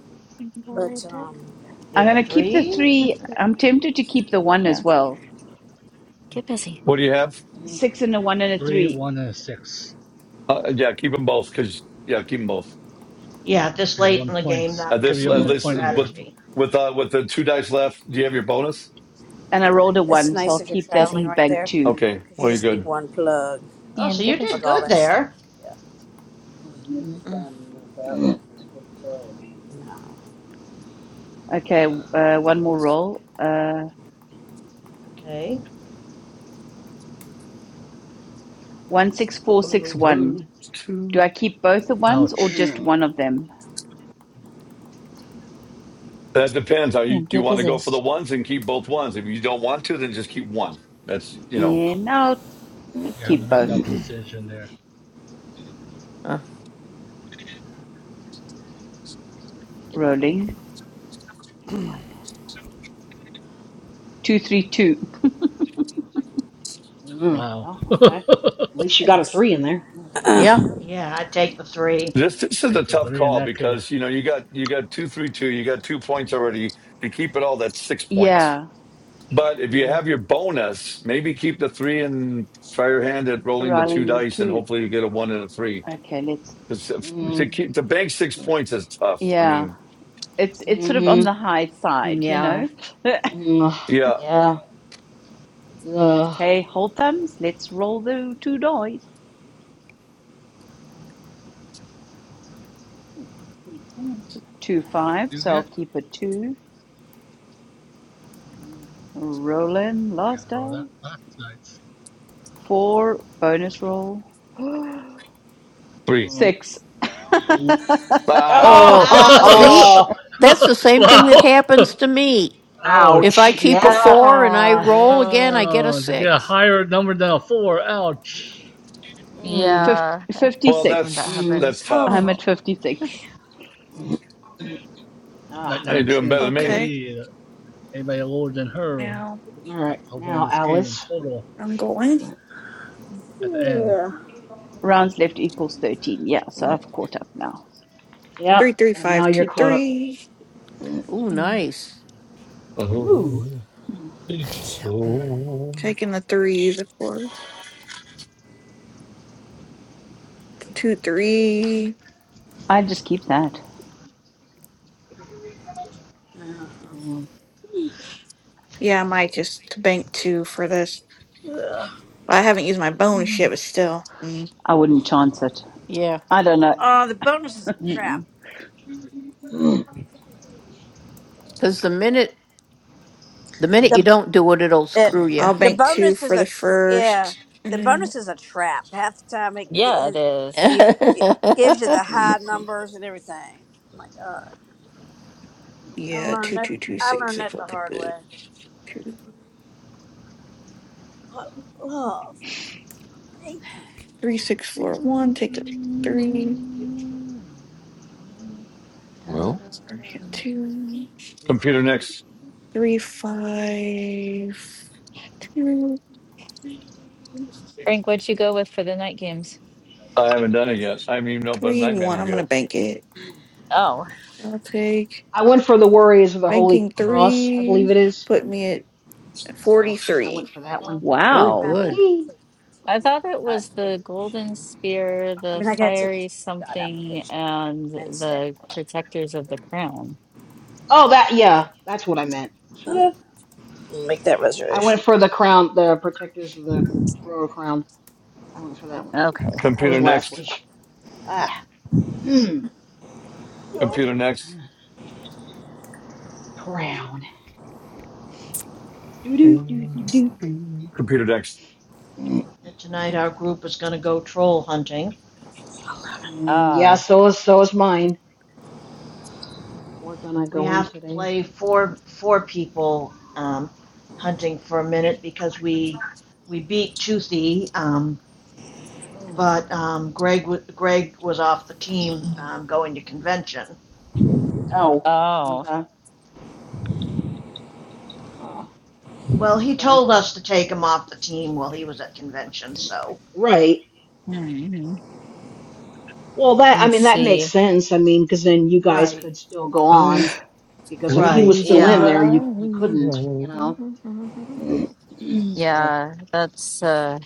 F: but um,
M: I'm going to keep the
C: three.
M: three. I'm tempted to keep the one as
A: Yeah,
M: well.
A: get busy,
J: What do you have?
D: Mm,
M: Six and a one and a
E: Three,
M: three.
E: one, and six.
J: Uh, yeah, keep them both. Cause yeah, keep them both.
C: Yeah,
E: It'd
C: this
E: be
C: late
E: one
C: in the
E: point.
C: game, that
J: At
E: Give
C: might
J: this
C: be
E: you
C: a
J: at
D: mhm,
E: one
C: good
J: this
E: point there.
J: with
C: strategy.
J: with uh with the two dice left. Do you have your bonus?
M: And I rolled a
F: that's
M: one, so I'll
F: nice if you're
M: keep that
F: traveling
M: in
A: busy.
F: right
M: bank
F: there
M: two.
J: Okay.
F: because you
J: Well,
F: just need
J: you're
F: one plug,
C: Oh,
A: Ian,
C: so
A: get
C: you
A: busy.
C: did
F: plug all
C: good
F: that stuff.
C: there.
F: Yeah.
D: mm,
F: No.
M: Okay, uh, one more roll. Uh,
C: Okay.
M: 16461.
J: good.
M: Do I keep both the ones or
E: Ouch.
M: just one of them?
J: That depends. Are you
A: Ian,
J: do you
A: get
J: want to
A: busy.
J: go for the ones and keep both ones? If you don't want to, then just keep one. That's you know
M: And I'll
A: Good
E: You have to
M: keep
A: boy.
E: make
M: both.
E: that
D: mm,
E: decision there.
A: Good boy.
M: Rolling. 232.
D: mm.
E: Wow.
D: well,
E: Take
D: okay. At least you got a
F: Excellent.
D: three in there. I'm gonna take that.
C: Yeah, i take the three.
J: this this is a
E: the
J: tough
E: three in
J: call
E: that case.
J: because you know you got you got two three two you got two points already. If you keep it all, that's six points.
M: Yeah,
J: But if you
D: Mm,
J: have your bonus, maybe keep the three and try your hand at rolling the two
M: rolling the
J: dice, and
M: two.
J: hopefully you get a one and a three.
M: Okay, let's.
J: Because to
D: mm,
A: Mm,
J: keep to bank six points is tough. I
M: Yeah,
J: mean,
M: it's it's sort of on
D: mm,
M: the high side, you
A: Yeah.
M: know.
D: mm,
J: yeah,
D: yeah. Ugh.
M: Okay, hold thumbs. Let's roll the two dice.
A: Mm.
M: Two
E: What
M: five,
E: do
M: so
E: you
M: I'll
E: get?
M: keep a two.
D: Mm,
M: Rolling
E: Yeah,
M: last
E: got rolled up.
M: dice.
E: That's
M: Four bonus roll.
J: three.
D: mm, mm.
M: Six.
D: re-
J: Ah, yeah.
C: Ouch!
D: oh,
E: nice. wow.
D: ouch.
E: Ouch.
D: Yeah.
A: Ah.
E: Oh, to get a higher number than a four. Ouch.
D: Mm,
A: yeah. I hate
J: Well,
A: when that
M: 56.
J: that's
D: mm,
J: that's
A: happens.
M: I'm
J: tough.
F: oh,
M: at 56.
D: mm, mm.
E: Right
D: Ah,
J: How
E: now,
J: you doing better
E: Trina's
J: than
E: in the
J: me?
D: okay.
I: Okay.
E: lead. Anybody lower than her,
I: Now
D: All right.
E: that's the whole point of
D: Now,
E: this game in
D: Alice.
E: total
I: I'm going.
E: at the end.
M: Rounds left equals 13. Yeah, so I've caught up now.
I: Three,
D: Yep.
I: three,
D: And now
I: five,
D: you're
I: two,
D: caught up.
I: three.
A: Mm.
D: Ooh.
I: Taking the threes, of course. Two, three.
M: I just keep that.
D: Mm,
I: Yeah, I might just bank two for this. Well, I haven't used my bonus yet,
A: Mm.
I: but still. Mm.
M: I wouldn't chance it. I don't know.
F: oh, the bonus is a trap.
A: Mm-mm.
D: mm,
F: It,
D: mm,
I: I'll
F: the
I: bank two
F: bonus is
I: for the
F: a tr yeah.
I: first. And
F: The
I: then,
F: bonus is a trap. Half the time it, gi-
A: Yeah, it
F: it
A: is.
F: gives you the
D: mm.
F: high numbers and everything. Oh my God, I
I: yeah,
F: learned
I: two,
F: that.
I: two, two,
F: I
I: six,
F: learned
I: six.
F: that
I: I'll
F: the
I: take
F: hard
I: the
F: way.
I: two.
F: What love? Thank you
I: Three, six, four, one.
C: And
I: Take the three. Sorry, yeah, two,
J: Computer next.
I: three, five, two,
A: Frank, what'd you go with for the night games?
J: I haven't done it yet. I mean, no, but
I: three,
J: night
I: one.
J: manager
I: I'm going to
J: yet.
I: bank it.
A: Oh,
I: I'll take
D: I went for the Warriors of the Holy
I: banking
D: Cross, I believe
I: three.
D: it is.
I: Put me at
D: So I
I: 43.
D: went for that
A: Mm.
D: one.
M: Wow.
F: for
A: I
F: Tiffany
A: thought it
F: that
A: was
F: got
A: the golden
F: reservation.
A: spear,
F: I
A: the
F: mean, I got to take
A: fiery
F: Tiffany that got
A: something,
F: application
A: and
F: Wednesday.
A: the protectors of the crown.
D: Oh, that yeah, that's what I meant.
F: Uh
D: Eh, I went for the crown, the protectors of the royal crown. I went for that one.
A: Okay.
D: That was
J: Computer
D: last
J: next.
D: week. Ah, yup.
J: Computer next.
D: crown. Do do do do do.
J: Computer next.
D: Mm,
C: tonight our group is going to go troll hunting.
D: mm, yeah,
A: Uh
D: so is so is mine. We're gonna
C: we
D: go in
C: have to
D: today.
C: play four four people um, hunting for a minute because we we beat Truthy, um,
D: Mm.
C: but um, Greg w- Greg was off the team um, going to convention.
D: Oh,
A: oh.
D: okay. Oh,
C: Well, he
D: okay.
C: told us to take him off the team while he was at convention. So
D: Right.
A: hmm
D: Well, that I
A: Let's
D: mean that makes
A: see.
D: sense. I mean, because then you guys
C: right,
D: could still go on because if he was
C: right,
D: still
J: Television
D: in
A: Yeah,
D: there, you you couldn't. You
J: dial,
D: know. so
A: yeah. That's uh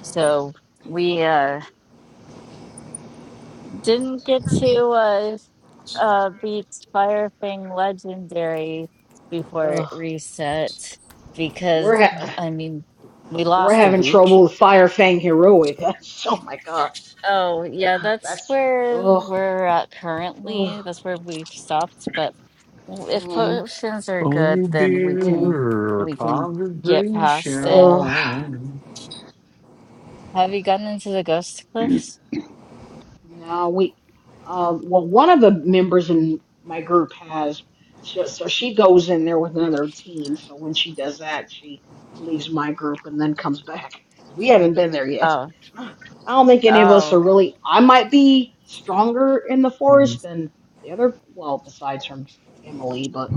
A: so we uh didn't get to uh uh beat Firefang Legendary before it
D: uh,
A: reset
D: we're
A: because
D: ha-
A: I mean we
D: we're
A: lost a
D: having
A: week
D: trouble with Fire Fang Heroic. That's, oh my god,
A: Oh, yeah,
D: Ugh,
A: that's
D: that's
A: where
D: oh,
A: we're at currently.
D: oh,
A: That's where we've stopped. But w- if
D: mm,
A: potions are good,
J: Oh
A: then we
D: mm,
A: can
J: dear,
A: we can
J: conversation.
A: get past it.
D: ugh.
A: Have you gotten into the Ghost Cliffs?
D: No, we, um, well, one of the members in my group has, so, so she goes in there with another team. So when she does that, she leaves my group and then comes back. We haven't been there yet.
A: Oh,
D: I don't think any of us are
A: oh,
D: really, I might be stronger in the forest than the other, well, besides from Emily, but,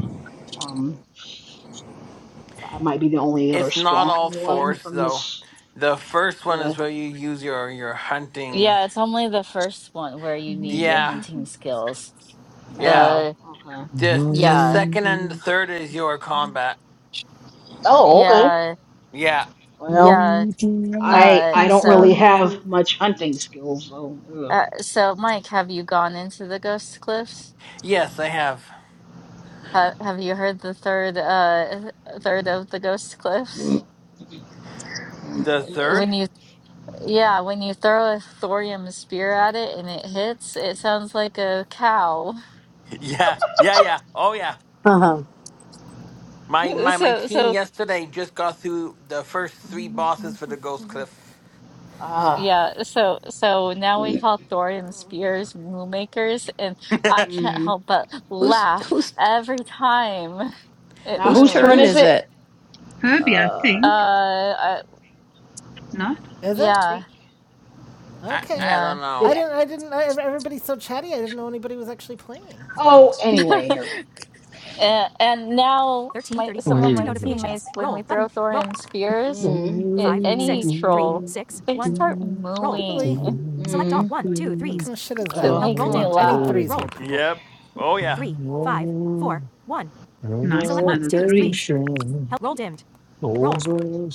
D: um, I might be the only other
G: It's not all
D: strong one
G: force
D: from
G: though.
D: this.
G: The first one
D: Yeah.
G: is where you use your your hunting.
A: yeah. It's only the first one where you need your
G: Yeah,
A: hunting skills.
G: yeah.
D: Oh,
A: The
D: okay.
G: The the
A: yeah,
G: second and the third is your combat.
D: Oh, okay.
A: yeah,
G: Yeah.
D: Well.
A: yeah.
D: I
A: Uh,
D: I don't
A: so,
D: really have much hunting skills, so.
A: uh, so Mike, have you gone into the Ghost Cliffs?
G: Yes, I have.
A: Ha have you heard the third uh third of the ghost cliff?
D: Ugh.
G: The third?
A: When you yeah, when you throw a thorium spear at it and it hits, it sounds like a cow.
G: Yeah, yeah, yeah. Oh yeah.
F: huh.
G: My my my
A: So
G: team
A: so
G: yesterday just got through the first three bosses for the Ghost Cliff.
D: Ah.
A: yeah, so so now we call thorium spears moo makers, and I
G: I
A: can't
D: Mm.
A: help but laugh every time it
D: Now whose turn is
A: moves.
D: it? Uh,
A: Uh, I,
M: Ah,
B: Is it?
D: I
A: yeah,
D: think
B: Okay.
G: I
A: yeah.
G: don't
D: did.
B: I
G: know.
B: didn't, I didn't, I, everybody's so chatty, I didn't know anybody was actually playing, you know.
D: Oh, anyway, Harvey.
A: and, and now my some of my teammates when we throw thorium spears
D: Mm.
A: at any
D: Mm.
A: troll they start
B: Really?
A: mooing
D: Mm.
B: What kind of shit is that?
A: to
D: Uh,
A: make
B: Come on,
A: me
B: I need
A: laugh
B: threes here, people.
G: Yep. Oh yeah.
J: Morning
M: Nice, another three.
J: relaxation. Over.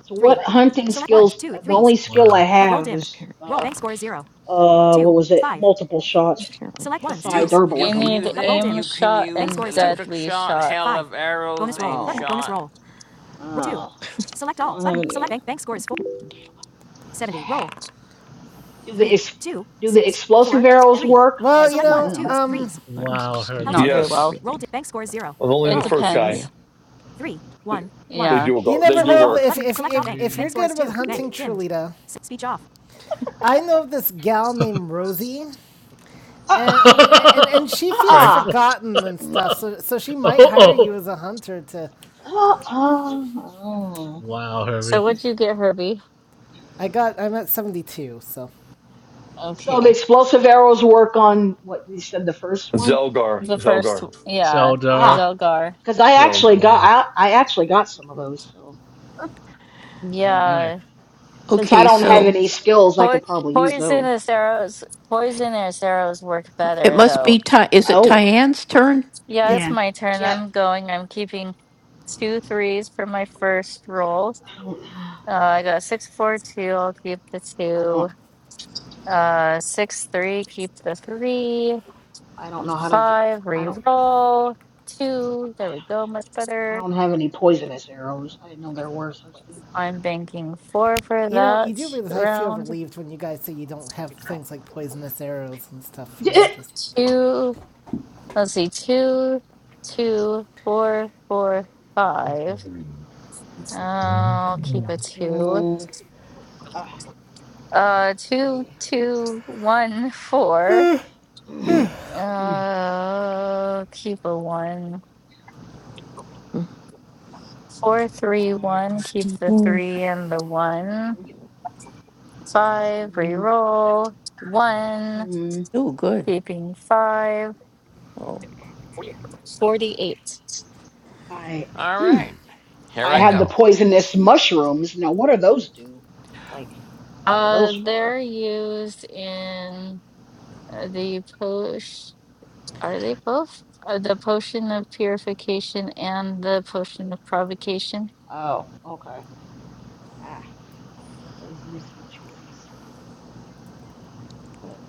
D: so what hunting skills? The only skill I
E: Wow.
D: have is uh uh what was it? Multiple shots besides
G: You you
A: i
G: can
D: herbalism.
A: need
G: use
D: But
G: it.
A: aim
G: You can
A: shot
G: use
A: and
G: electric
A: deadly
G: shot,
A: shot
G: hail of arrows, aim
D: oh
G: shot.
D: oh, I don't have any of them. Do the ex- do the explosive arrows work? I
B: Well,
D: have
B: you
D: some
B: know,
D: of them.
B: um,
E: Wow, Herbie.
A: not very well
J: Yes, only
A: it
J: the first guy.
A: depends
J: They
A: yeah
J: do
B: you
J: go. They
B: never
J: do
B: know
J: work.
B: if, if, if, if you're
E: Three.
B: good with hunting Trulita. I know of this gal named Rosie.
D: Uh,
B: and and, and and she feels
E: Frank.
D: uh-uh.
B: forgotten and stuff. So so she
E: Oh,
B: might hire you
E: oh.
B: as a hunter to.
D: Uh-uh.
E: Wow,
A: so
E: Herbie.
A: what'd you get herbie
B: I got. I'm at seventy two. So,
D: So the
A: okay
D: explosive arrows work on what you said the first one?
J: Zelgar,
A: the first
J: Zelgar.
A: yeah
E: Seldar.
D: Ah,
A: zelgar
D: because I actually
J: Zelgar.
D: got I, I actually got some of those, so
E: Oh,
D: so I
E: nice.
D: could
A: yeah
D: since I don't have any skills, I
A: po-
D: could probably use those.
A: poisonous arrows poisonous arrows work better though
D: Oh,
A: Yeah,
B: yep.
A: it's
M: Yeah.
A: my turn.
C: yep,
A: I'm going. I'm keeping two threes for my first roll.
D: I don't
A: Uh, I got six, four, two. I'll keep the
D: I
A: two.
D: don't
A: Uh, six, three. Keep the three.
D: I don't know how to get
A: Five,
D: I don't
A: re-roll. Two. There we go. Much
D: I
A: better.
D: don't have any poisonous arrows. I didn't know there were such things.
A: I'm banking four for
B: You know, you
A: that
B: do realize I feel
A: round.
B: relieved when you guys say you don't have things like poisonous arrows and stuff. You
D: D-
B: know, just
A: Two. Let's see. Two, two, four, four, five. I'll keep a two.
D: Mm, ah,
A: Uh, two,
D: I,
A: two, one, four. Uh, keep a one. Four, three,
D: I,
A: one. Keep the three and the one. Five,
D: Mm,
A: reroll. One,
D: mm,
A: keeping five. 48.
D: I
G: All right, here
D: I
G: I
D: have the
G: go.
D: poisonous mushrooms. Now, what do those do? Like, what are
A: Uh,
D: those for?
A: they're used in uh, the potion. Are they both? Uh, the potion of purification and the potion of provocation.
D: Oh, okay. Ah, poisonous mushrooms. But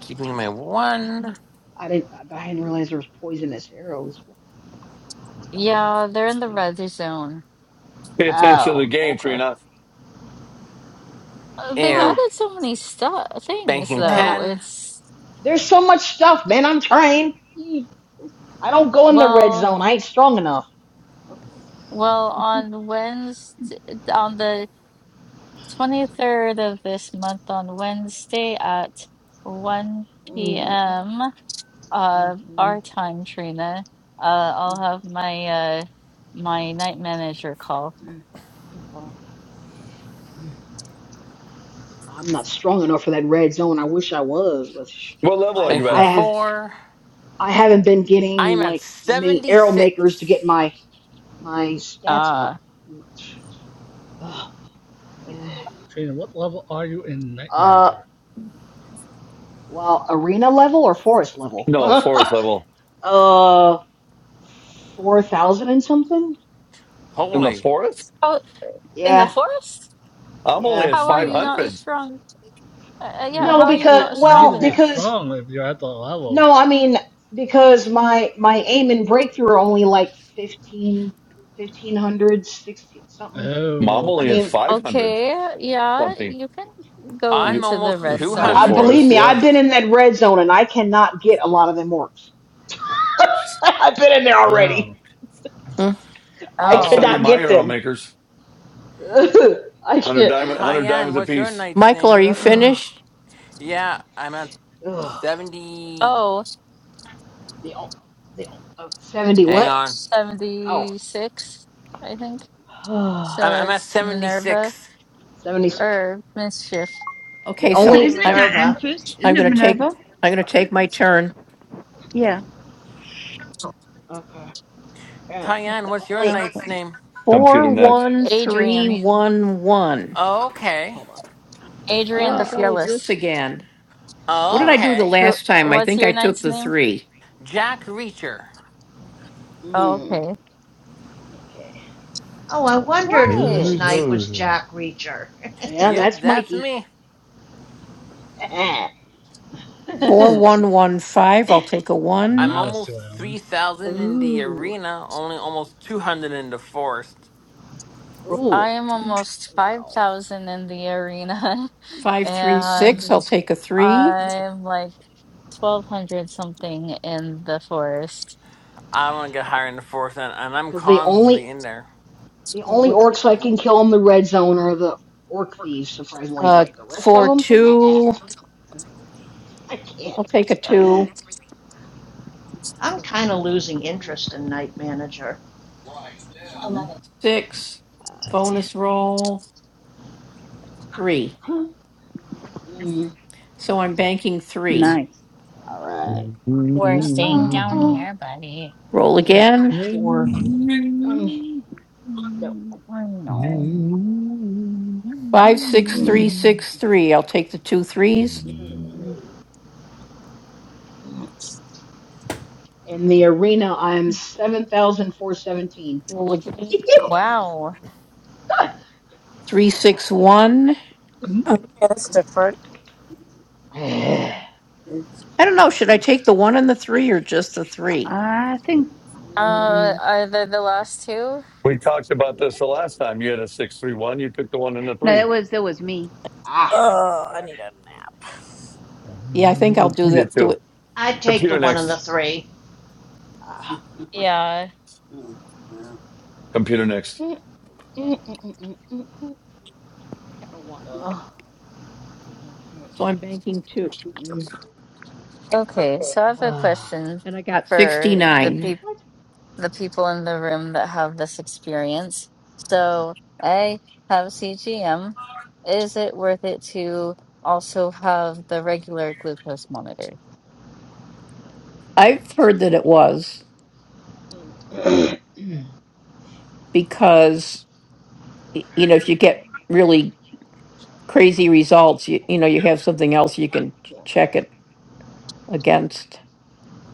G: Keeping my one.
D: I didn't. But I didn't realize there was poisonous arrows. What- How do you, oh wow,
A: Yeah, they're in the
D: interesting.
A: red zone.
J: Pay attention to the
D: Oh,
J: game,
D: okay.
J: Trina.
A: Uh, They've
D: Huh.
G: Ew.
A: added so many stuff things
G: Banking
D: Nah.
A: though.
G: ten.
A: It's
D: There's so much stuff, man. I'm trying. Eek. I don't go in the red
A: well,
D: zone. I ain't strong enough.
A: well on Wednesday on the 23rd of this month on Wednesday at 1
D: Mm-hmm.
A: p.m. uh our time, Trina. Uh I'll
D: mm-hmm.
A: have my uh my night manager call.
D: Mm, okay. Mm. I'm not strong enough for that red zone. I wish I was, but sh-
J: What level are
D: I
J: you
G: Banking
D: I
J: at?
D: have
G: four.
D: I haven't been getting
G: I'm at
D: like many
G: seventy
D: arrow
G: six.
D: makers to get my my stats
A: Uh
D: up much. Ugh. Eh.
E: Trina, what level are you in Night
D: Uh,
E: Manager?
D: well, arena level or forest level?
J: No, forest level.
D: uh, four thousand and something?
J: In the
G: Holy!
J: forest,
A: oh, in the
D: Yeah,
A: forest?
J: I'm only
D: yeah.
J: at
E: Oh
A: How are
J: five
A: you
E: man,
A: not
J: hundred.
A: strong? Uh, uh, yeah,
E: you
D: No,
A: how are you
D: because
E: possibly
A: not
E: need
A: strong
D: well,
E: to be
A: enough?
D: because
E: strong if you're at that level.
D: No, I mean because my my aim and breakthrough are only like 15 fifteen hundred, sixteen something.
J: I'm
E: Oh,
D: I
J: only at
E: okay.
J: five
D: mean,
J: hundred
A: Okay, yeah,
J: something.
A: you can go
G: I'm
J: You-
A: into the
G: almost
A: red
J: If,
G: two
D: but
J: with
D: I
G: hundred
A: zone.
G: in the
D: believe
J: forest,
D: me, I've
J: yeah.
D: been
G: fourth.
D: in that red zone and I cannot get a lot of them works. I've been in there already.
E: Wow.
D: I
J: I'll sell
A: Oh,
J: you
D: cannot
J: my
D: get
J: arrow
D: them.
J: makers.
D: I
J: Hundred
D: can't.
J: diamond, hundred
G: Tyann,
J: diamonds
G: what's your
J: apiece.
G: knight's name?
D: Ugh,
G: Yeah, I'm at
D: ugh.
G: seventy.
A: oh,
D: The o- the o- uh, 70
G: Hang
D: what?
G: on.
D: Oh,
A: 76. I think.
G: I'm,
A: So
G: I'm at
A: it's
G: seventy
A: Minerva
G: six.
D: 76.
A: or Mischief.
D: The
C: it'd
M: But
C: be
D: only
M: isn't
D: the,
M: it Diane
C: Minerva.
M: first? Isn't it Minerva? Yeah.
D: okay. Uh,
G: Tyann,
D: the
G: what's your
D: only
G: knight's
A: Okay.
G: name?
J: Computer next.
A: Adrian.
G: Okay.
D: hold on.
A: Adrian the
D: Uh,
A: Fearless.
D: Uh,
G: Okay.
A: Who, what's your knight's name?
G: Jack Reacher.
A: Oh,
D: mm,
A: okay.
D: okay.
C: Oh, I wondered
J: We
C: whose
A: What?
C: night was Jack Reacher.
D: Yeah,
G: Yep,
D: that's
G: that's
D: Mikey.
G: me. I'm
E: Wow,
G: almost
E: Sue Ellen.
G: 3,000 in the
D: Ooh,
G: arena, only almost 200 in the forest.
D: ooh,
A: I am almost
D: wow.
A: 5,000 in the arena and I'm like 1,200 something in the forest.
G: I want to get higher in the forest, and, and I'm
D: Because the only
G: constantly in there.
D: the only orcs I can kill in the red zone are the orc thieves, surprisingly, but the rest of them, uh-uh, I can't.
C: I'm kind of losing interest in night manager.
D: Mm, I, huh? Mm,
M: Nice.
D: all right.
A: We're
D: Uh,
A: staying
D: uh,
A: down
D: uh,
A: here, buddy.
D: mm, four. Mm, no.
A: Mm, I
D: Mm,
A: know.
D: mm, mm, mm. mm. In the arena, I am four seventeen.
A: Wow.
F: Okay, that's different.
D: Yepers.
M: I think
A: Uh,
D: Mm,
A: are they the last two?
J: talked about this the last time. You had a six, three, one. You took the one and the
M: no,
J: three.
M: that was that was me.
D: ah.
F: Oh, I need a nap.
J: You did too.
C: I'd take the
J: Computer
C: one and the
J: next.
C: three.
D: Ah.
A: Yeah.
J: Computer next.
D: Mm, mm, mm, mm, mm, mm, mm. Ah. Mm, mm.
A: Okay, so I have a
D: Ah.
A: question for the peop
D: What?
A: the people in the room that have this experience. So I have CGM. Is it worth it to also have the regular glucose monitor?
D: Mm. Mm. Yeah.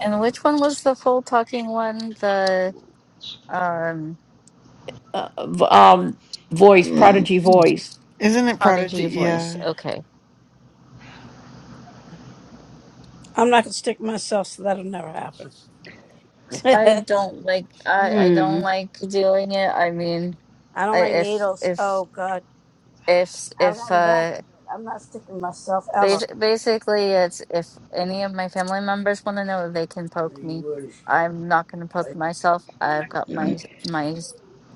A: And which one was the full talking one? The
D: Whoa, Excuse me.
A: um
D: Mm, mm,
K: Isn't it Prodigy?
A: prodigy voice.
K: Yeah.
A: Okay.
F: I'm not gonna stick myself, so that'll never happen.
A: I don't like I I don't
D: mm,
A: like doing it. I mean,
F: I don't
A: I,
F: like
A: if
F: needles.
A: if
F: Oh God.
A: if
F: I've
A: if
F: gotten better,
A: uh
F: but I'm not sticking myself
A: bas
F: ever.
A: basically it's if any of my family members want to know, they can poke me. I'm not going to poke myself. I've got my my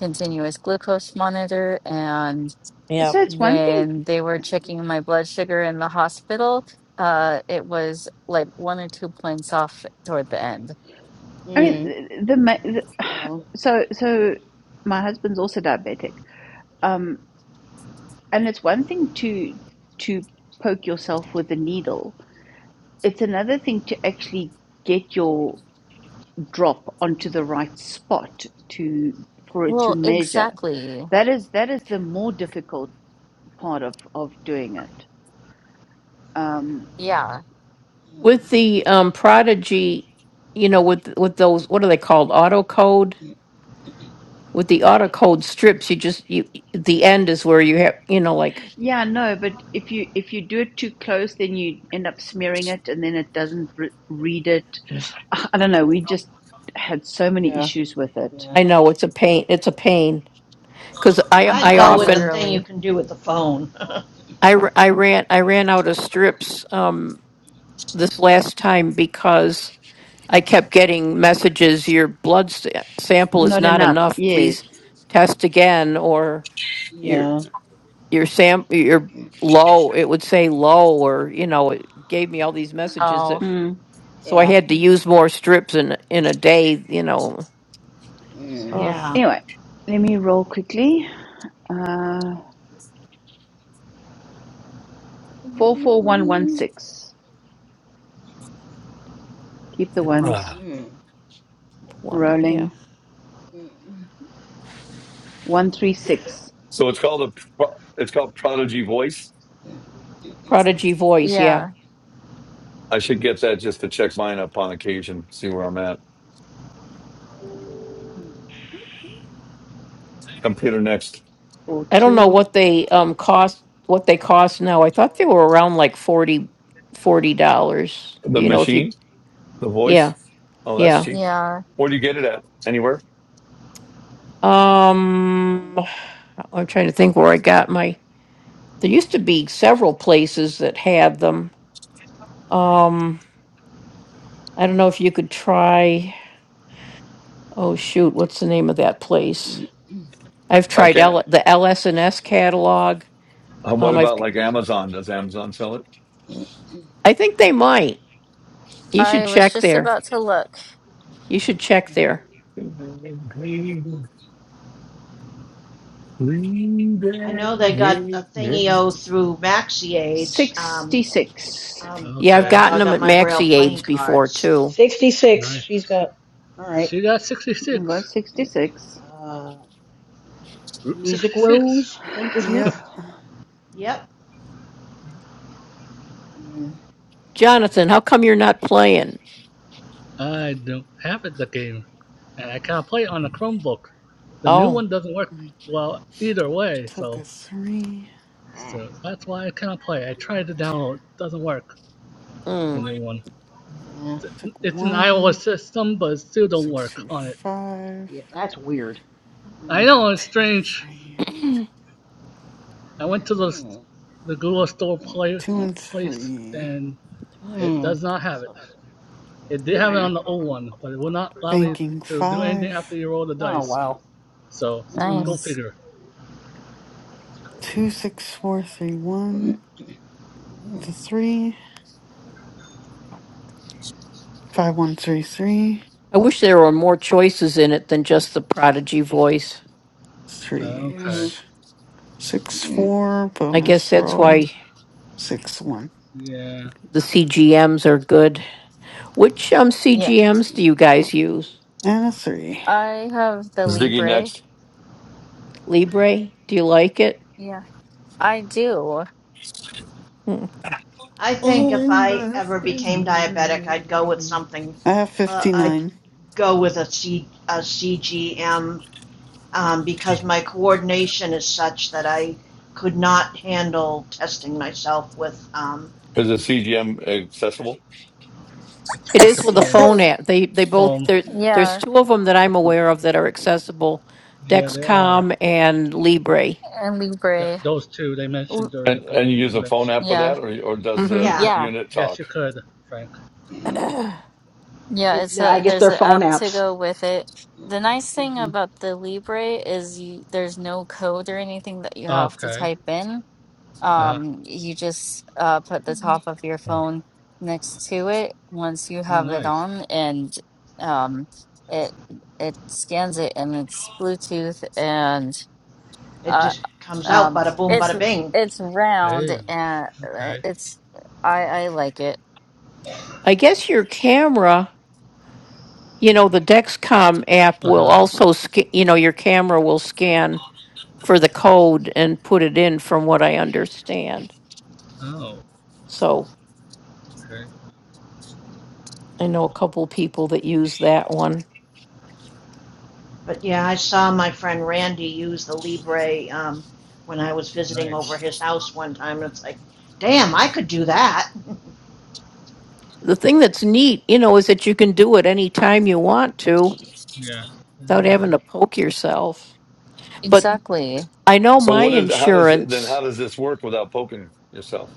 A: continuous glucose monitor, and
F: Yeah.
M: So it's one thing.
A: when they were checking my blood sugar in the hospital, uh, it was like one or two points off toward the end.
M: I mean,
D: mm.
M: the, ma- the
D: Well,
M: so so my husband's also diabetic, um, and it's one thing to to poke yourself with a needle. It's another thing to actually get your drop onto the right spot to for it to
A: Well,
M: measure.
A: exactly.
M: That is that is the more difficult part of of doing it. Um.
A: Yeah,
D: mm,
M: Yeah, no, but if you if you do it too close, then you end up smearing it, and then it doesn't re read it. Ah, I don't know. We just had so many
D: yeah,
M: issues with it.
D: yeah,
C: I'd
A: quite
C: go
D: mhm,
C: with the thing
A: literally.
C: you can do with the phone.
M: Not enough. Yes.
D: yeah. Mhm.
A: Oh,
M: Mm.
D: Yeah. Mm.
C: yeah.
M: Anyway, let me roll quickly.
D: Mm.
M: Uh, four four one one
D: Mm.
M: six. Keep the ones
D: Mm.
M: rolling.
D: Mm.
M: One three six
J: So it's called a. pro- It's called Prodigy Voice.
A: yeah,
J: I should get that just to check mine up on occasion. See where I'm at. Computer next.
M: four two
J: The machine. The voice? Oh, that's cheap.
A: yeah.
J: Where do you get it at? Anywhere?
D: Mm. Mm.
J: So I can't. Uh, what
D: Mm.
J: about like Amazon? Does Amazon sell it?
A: I was just about to look.
C: I know they got a thingio through MaxiAge. Um,
M: sixty six.
C: um, that's
E: Okay,
C: how I got my Braille playing cards.
D: Sixty-six. She's
E: nice.
D: got. All right.
E: She got
M: Was
E: 66.
M: sixty six.
D: Uh,
E: Route
D: music
E: 66.
D: rose. I think is
K: Yep.
D: mixed.
C: Yep.
D: Mm.
E: I don't have it, the game. And I can't play it on a Chromebook. The new one doesn't work
K: I
E: well either way,
K: took a
E: so
K: three.
D: Ah.
E: so that's why I can't play. I tried to
K: t-
E: download, it doesn't work. The new one.
D: Yeah.
K: Took
E: It's
D: Darn.
E: an
K: one.
E: iOS system, but it still don't
K: Six,
E: work
K: two,
E: on it.
K: five.
D: Yeah. That's weird.
E: I
D: Mm.
E: know it's
K: Two,
E: strange.
K: three. t-
E: I went to the
D: Mm.
E: the Google Store
D: Mm.
E: play,
K: Two
D: Mm.
K: and
E: place
K: three.
E: and it
D: Mm.
E: does not
D: That
E: have it.
D: sucks.
E: It did have it
D: Mm.
E: on the old one, but it will not allow me
K: Banking
E: to do anything after
K: five.
E: you roll the
D: Oh
E: dice.
D: wow.
E: So go
D: Mm.
A: Nice.
E: figure.
D: That's crazy.
K: Two, six, four, three,
D: Mm.
K: one. The three. Five, one, three, three.
E: Uh, okay.
D: Mm.
K: Threes. Six,
D: Mm.
K: four. Bonus roll. Six, one.
E: Yeah,
A: Yeah,
K: And a three.
A: I have the
J: Ziggy
A: Libre.
J: next.
A: Yeah, I do.
C: I think if I ever became
J: Is
C: diabetic, I'd go with something.
K: I have
C: Uh, I'd
K: 59.
C: go with a, C, a CGM um, because my coordination is such that I could not handle testing myself with, um,
J: the CGM accessible?
E: it's with your
A: Yes.
E: phone. Phone.
A: Yeah,
E: Yeah, there are.
A: and
E: Yeah,
A: Libre.
E: those two they mentioned
A: L-
E: during the
J: And
E: co-
J: and you use a phone
E: convention.
J: app with
A: Yeah,
J: that, or or does the
E: Yeah.
C: yeah,
A: yeah,
J: unit
E: Yes,
J: talk?
E: you could, Frank.
A: yeah.
D: It,
A: It's
D: I
A: a
D: guess
A: there's
D: they're
A: an
D: phone
A: app to
D: apps.
A: go with it. The nice thing
D: hmm
A: about the Libre is you, there's no code or anything that you have to
E: Okay.
A: type in.
E: Uh huh.
A: Um, you just uh, put the top of your phone next to it once you
E: Oh,
A: have it
E: nice.
A: on, and um, it it scans it, and it's Bluetooth, and
C: it
A: uh,
C: just comes out
A: um,
C: bada boom,
A: it's
C: bada bing.
A: it's round,
E: Hey,
A: and uh,
E: okay.
A: it's I I like it
E: Uh-huh. Oh, okay.
C: But yeah, I saw my friend Randy use the Libre um, when I was visiting over
E: Nice.
C: his house one time. It's like, damn, I could do that.
E: Yeah. yeah.
A: exactly
J: So what is how does then how does this work without poking yourself?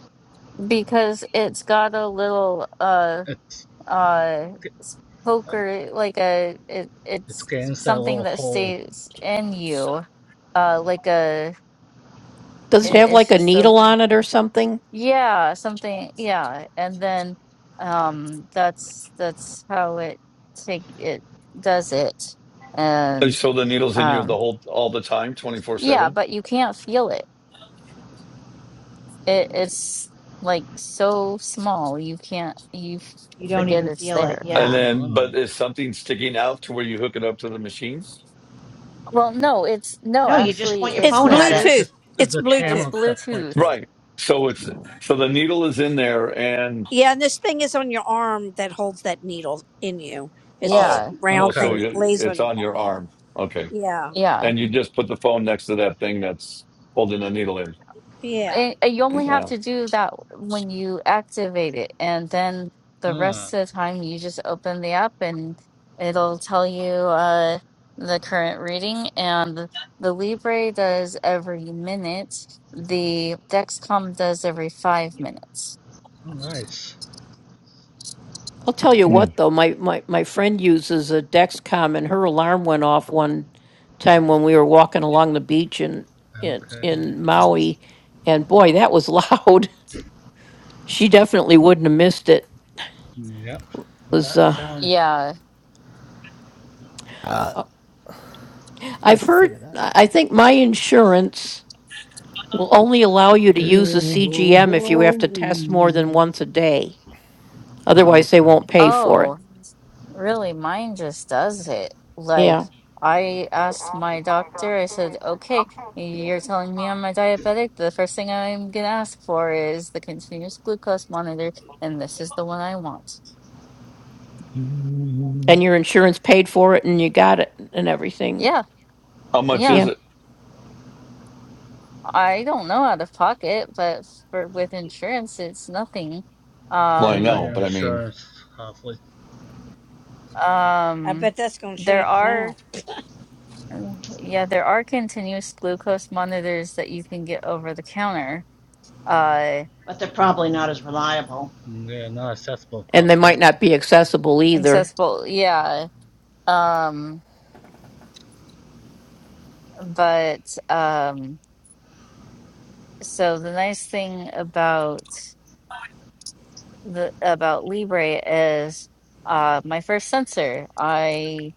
A: because it's got a little uh
E: It's
A: uh s- poker like a it
E: it's
A: it's
E: against that
A: something
E: little
A: that
E: hole.
A: stays in you uh like a it, it's just a yeah something yeah and then um that's that's how it take it does it and
J: So the needle's in you the
A: um
J: whole all the time, twenty four
A: yeah
J: seven.
A: but you can't feel it it it's like so small you can't you f-
C: you don't
A: forget
C: even
A: it's
C: feel it.
A: there
J: And
E: Oh,
C: Yeah.
J: then, but
E: wow.
J: is something sticking out to where you hook it up to the machines?
A: well no it's no
C: No, you just
A: actually
C: point your phone,
F: It's
A: it's a
E: It
F: Bluetooth.
E: just
A: bluetooth
F: It's
E: the
A: it's
E: camera
F: Bluetooth.
E: that point to
A: bluetooth
E: it.
J: Right. So it's so the needle is in there, and
F: Yeah, and this thing is on your arm that holds that needle in you. It's this
J: oh,
A: yeah
J: oh,
F: round
J: so
F: thing
E: Okay.
F: that
J: you-
F: lays on
J: it's
F: your
J: on your
F: arm.
J: arm. Okay,
F: Yeah,
A: yeah
J: and you just put the phone next to that thing that's holding the needle in.
F: yeah.
A: Eh, eh, you only have
J: Wow.
A: to do that when you activate it, and then the rest
E: Ah.
A: of the time you just open the app and it'll tell you uh, the current reading. And the Libre does every minute, the Dexcom does every five minutes.
E: oh, nice.
J: Mm.
E: Okay. Uh, yep. With that sound.
A: Yeah.
B: that's what I have to say to that.
E: Okay.
A: Oh. Really, mine just does it. Like, I asked my doctor, I said, okay, you're telling me I'm a diabetic. The first thing I'm gonna ask for is the continuous glucose monitor, and this is the one I want. Yeah,
J: How much
A: yeah.
J: is it?
A: I don't know out of pocket, but for with insurance, it's nothing.
J: Well, I
E: Depends on
A: Um,
J: know,
E: your
J: but I mean.
E: insurance, possibly.
F: I
A: um,
F: bet that's going to
A: there
F: change
A: are,
F: now.
A: yeah, there are continuous glucose monitors that you can get over the counter. Uh,
C: but they're probably not as reliable.
E: Yeah, not accessible, possibly.
A: accessible, yeah Um, but um, so the nice thing about the about Libre is uh my first sensor. I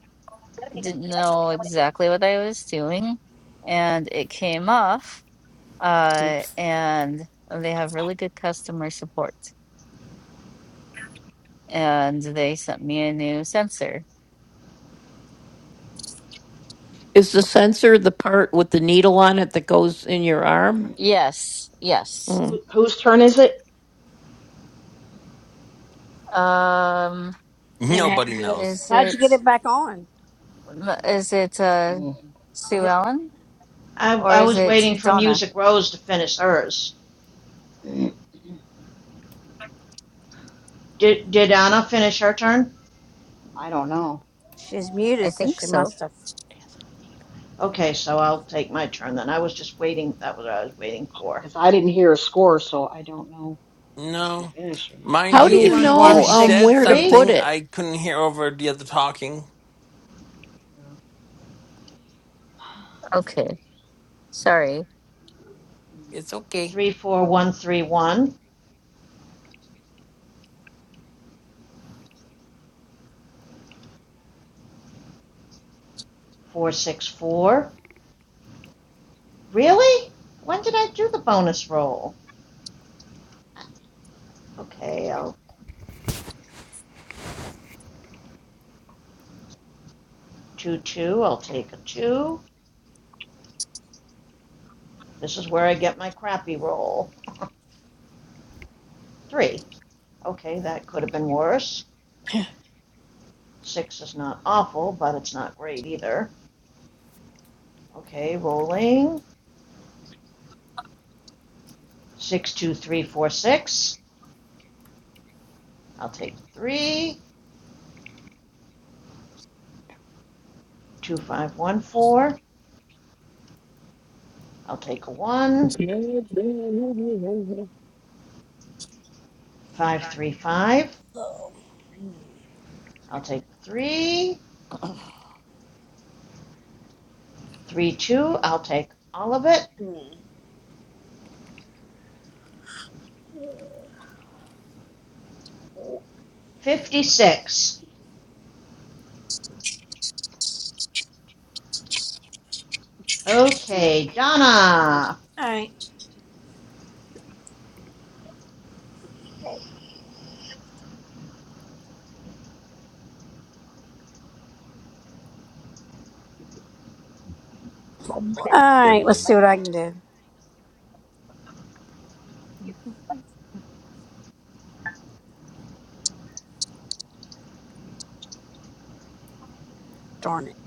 A: didn't know exactly what I was doing, and it came off. Uh,
B: Oops.
A: and they have really good customer support, and they sent me a new sensor. Yes, yes.
D: Who, whose turn is it?
A: Um,
F: And how'd you
G: Nobody
F: get it?
G: knows.
A: is
F: How'd you
A: it
F: get it back on?
A: is it uh
D: Mm.
F: Is
A: Sue
F: it?
A: Ellen?
C: I,
A: Or
C: I
A: is
C: was
A: it
C: waiting for
A: Donna?
C: Music Rose to finish hers. Did, did Anna finish her turn?
D: I don't know
F: She's
A: I
F: muted, so
A: think
F: she
A: so.
F: must have.
C: Okay, so I'll take my turn then. I was just waiting. That was what I was waiting for.
D: because I didn't hear a score, so I don't know if she
G: No.
D: finished or not.
G: Mind you,
C: Two
G: if
C: one
G: she, if
C: one
G: she
C: six
G: said
C: three
G: something, I couldn't hear over the other talking.
D: No.
A: Okay. Sorry.
D: Mm.
G: It's okay.
C: three four one three one four six four. Really? When did I do the bonus roll? Okay, I'll two two. I'll take a two. This is where I get my crappy roll. Three. Okay, that could have been worse. Six is not awful, but it's not great either. Okay, rolling. Six two three four six. I'll take three. Two five one four. I'll take a one. Five three five. I'll take three. Three two. I'll take all of it. Fifty six. Okay, Donna.
F: All right. All right. Let's see what I can do. Darn it.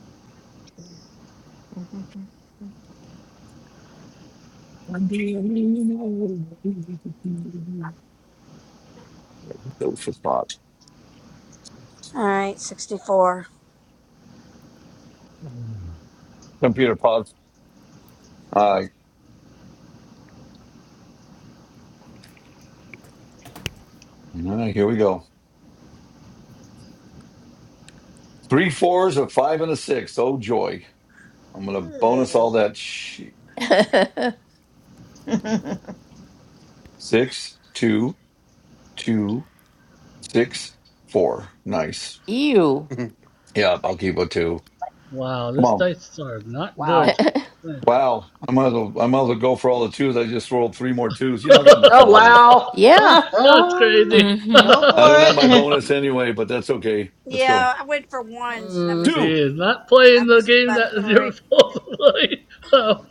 J: Food for thought.
F: All right. Sixty-four.
J: Computer pause. All right. All right, here we go. Three fours, a five, and a six. Oh, joy. I'm going to bonus all that. shi- Six, two, two, six, four. Nice. Yeah, I'll keep a two.
E: Wow,
J: Come
E: These
J: on.
E: dice are not good.
D: Wow.
J: Wow. I might as well, I might as well go for all the twos. I just rolled three more twos. You know, I got
D: Oh
J: nothing to lose.
D: wow.
E: That's crazy.
A: Mm-hmm.
C: Go
J: I
C: for
J: don't have my
C: it.
J: bonus anyway, but that's okay. Let's go.
F: Yeah, I went for ones and I
D: mm.
F: missed it.
J: Two.
E: he is not
F: I
E: playing the
F: missed it
E: game
F: by
E: that is your
F: three.
E: fault. supposed to play. Oh.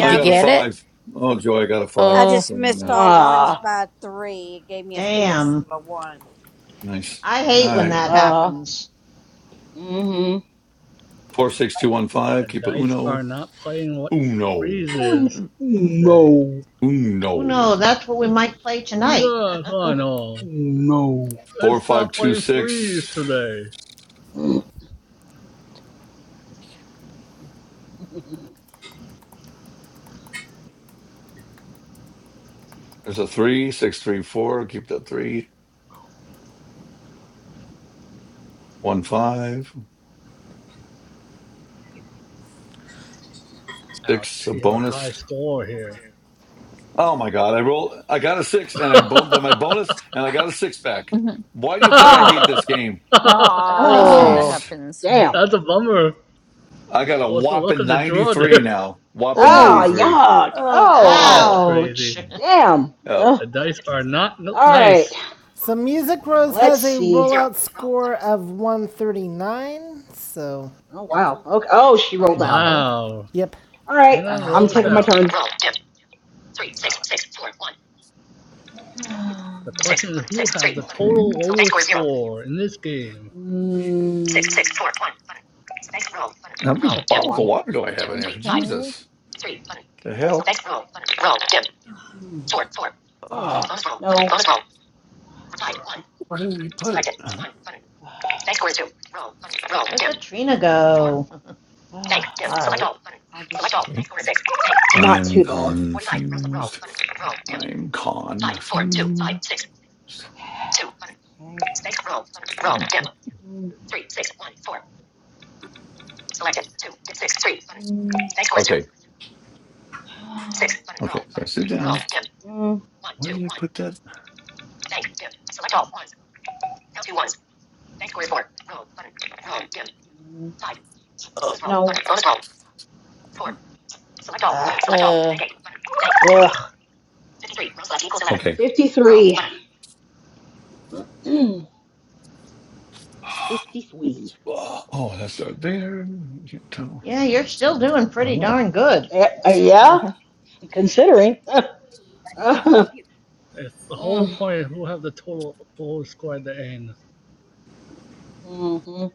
J: I
F: I
J: got a five. Oh, joy. I got a five.
F: Just
J: So,
F: missed
J: yeah.
F: all ones
D: Ah.
F: by three. It gave me a four instead
C: Damn.
F: of a one.
J: Nice.
C: I
J: All
C: hate when
J: right.
C: that
D: Uh,
C: happens.
D: mm-hmm.
J: Four, six, two, one, five.
E: the
J: Keep a
E: dice
J: uno.
E: are not playing what
J: Uno.
E: freeze
D: Oh, n-
E: is today.
D: no.
C: Oh
J: Uno.
C: no, that's what we might play tonight.
E: Yes, I know.
J: Four,
E: It's
J: five,
E: not
J: two,
E: playing freeze
J: six.
E: today.
D: No.
J: There's a three, six, three, four. Keep that three. One, five, six,
E: Ouch,
J: a
E: he have a high
J: bonus.
E: score here.
J: Oh my God. I rolled, I got a six and I
E: That's
J: boned that my bonus and I got a six back.
A: mm-hmm.
J: Why do you think I
D: Ah,
J: hate this game?
A: Oh, I hate when that
D: ah,
J: Jeez.
A: happens.
D: damn.
E: a bummer.
J: I got a
E: What's the look
J: whopping
E: of the draw there?
J: 93 now. Whopping
D: Ah,
J: 93.
D: yuck.
J: Yep.
D: Oh,
E: That's crazy.
C: Ouch.
D: damn.
J: Yep.
D: Ugh.
E: The dice are not
D: All right.
E: nice.
B: So Music Rose
D: Let's
B: has a
D: see. Zero.
B: rollout
D: Roll
B: score
D: button.
B: of 139. So,
D: Oh wow. Okay. Oh, she rolled out.
A: Okay.
D: Okay.
E: Wow.
B: yep.
D: All right.
E: Anna
D: I'm
E: rolls
J: Um,
D: taking my
E: out.
D: turn. Roll. Dim. Three. Six. Six. Four. One.
E: The
D: Six.
E: question is
D: Button.
E: who
D: Six.
E: have the
D: Three. Button.
E: total
D: So bank score
E: lowest
D: is zero.
E: score in this game.
D: Mm. Six, Mm.
J: how many
D: Take a
J: bottles of
D: one.
J: water do I have
D: Two.
J: in here?
D: Three. Five.
A: Okay.
J: Jesus.
D: Three button.
J: The
D: So
J: hell?
D: next roll button. Roll dim. Mm. Four four. Yeah.
J: Ah,
D: Bonus roll. No. Bonus roll. Five one.
J: where did he put it?
D: Selected one button. Thanks score is two. Roll button. Roll
C: Look
D: dim.
C: at Trina
D: Four.
C: go.
D: Oh, Thank dim. All Select right. all button. I'll just... Select all. Thanks score is six. Thank, Not
J: I'm
D: too bad. Forty-five. Roll roll
J: confused.
D: button. Roll dim.
J: I'm
D: Five four two
J: confused.
D: five six two button. Okay. Thanks roll button. Roll dim. Mm. Three six one four. Selected two six three button. Mm. Thanks score is two.
J: Okay.
D: Six button.
J: Okay.
D: Roll
J: So I
D: button.
J: sit
D: Roll
J: down.
D: dim. Mm. One
J: What is
D: two one.
J: that?
D: Thank dim. Select all ones. L two ones. Thank score is four. Roll button. Roll dim. Mm. Five. Bonus roll. No. Bonus roll. Four. Select all. Ah. Select all. Thank eight. Button. Thank. Fifty-three. Roll left equals eleven.
J: Okay.
D: Fifty-three. Fifty-three.
J: Oh, oh, that's not there.
C: Yeah, you're still doing pretty
J: Oh.
C: darn good.
D: Eh, uh, yeah. Considering. Uh,
E: It's the
D: uh,
E: whole point is who have the total lowest score at the end.
D: Mm, mhm.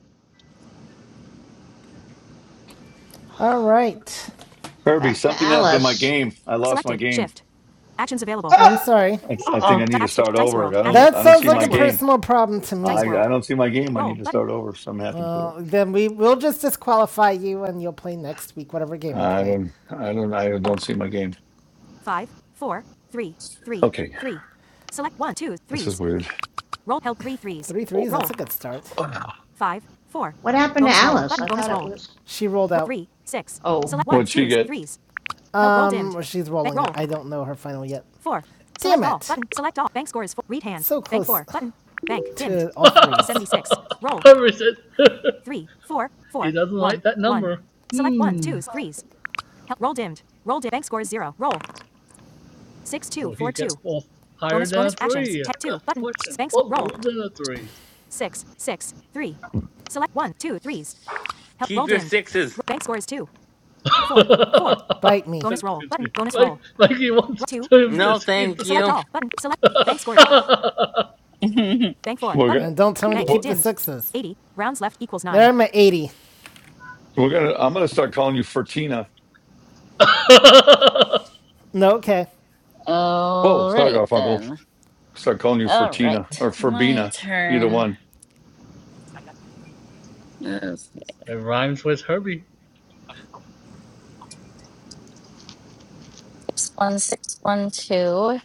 B: All right.
J: Kirby,
C: Back to
J: something happened to my
C: Alice.
J: game. I lost my game.
B: I'm
D: uh,
B: sorry.
J: I, I think
D: uh-uh.
J: I need to start over. I don't.
B: That
J: I don't
B: sounds
J: see
B: like
J: my
B: a
J: game.
B: personal World. problem to me.
J: I, I don't see my game. I need to start over. Something happened to it.
B: Then we will just disqualify you, and you'll play next week, whatever game we
J: I
B: play.
J: don't. I don't. I don't see my game. Okay. This is weird.
B: Three threes. That's a good start.
C: What happened to Alice? I thought it was.
B: She rolled out.
C: Oh,
J: What'd she get?
B: Held, Um, or she's rolling. I don't know her final yet. Damn it. All. So close. Bank To Dimmed. all threes.
E: Herbert said he doesn't like that number. Hmm. Will he get off higher than a three? That's the question. Or lower than a three?
G: Keep your sixes.
B: Bite me.
E: Excuse me. Like like he wants to to
G: No,
E: keep
G: thank
E: the
G: you.
E: thing.
J: We're go-
B: And don't tell me to To
J: we're,
B: keep the sixes. There I'm at 80.
J: we're gonna. I'm gonna start calling you Fertina.
B: No, okay.
J: Whoa,
A: All
J: sorry,
A: right
J: Garfunkel.
A: then.
J: Start calling you
A: All
J: Fortina
A: right.
J: or
A: My
J: Forbina, either
A: turn.
J: one.
A: Okay.
E: It rhymes with Herbie.
A: Six one six one two.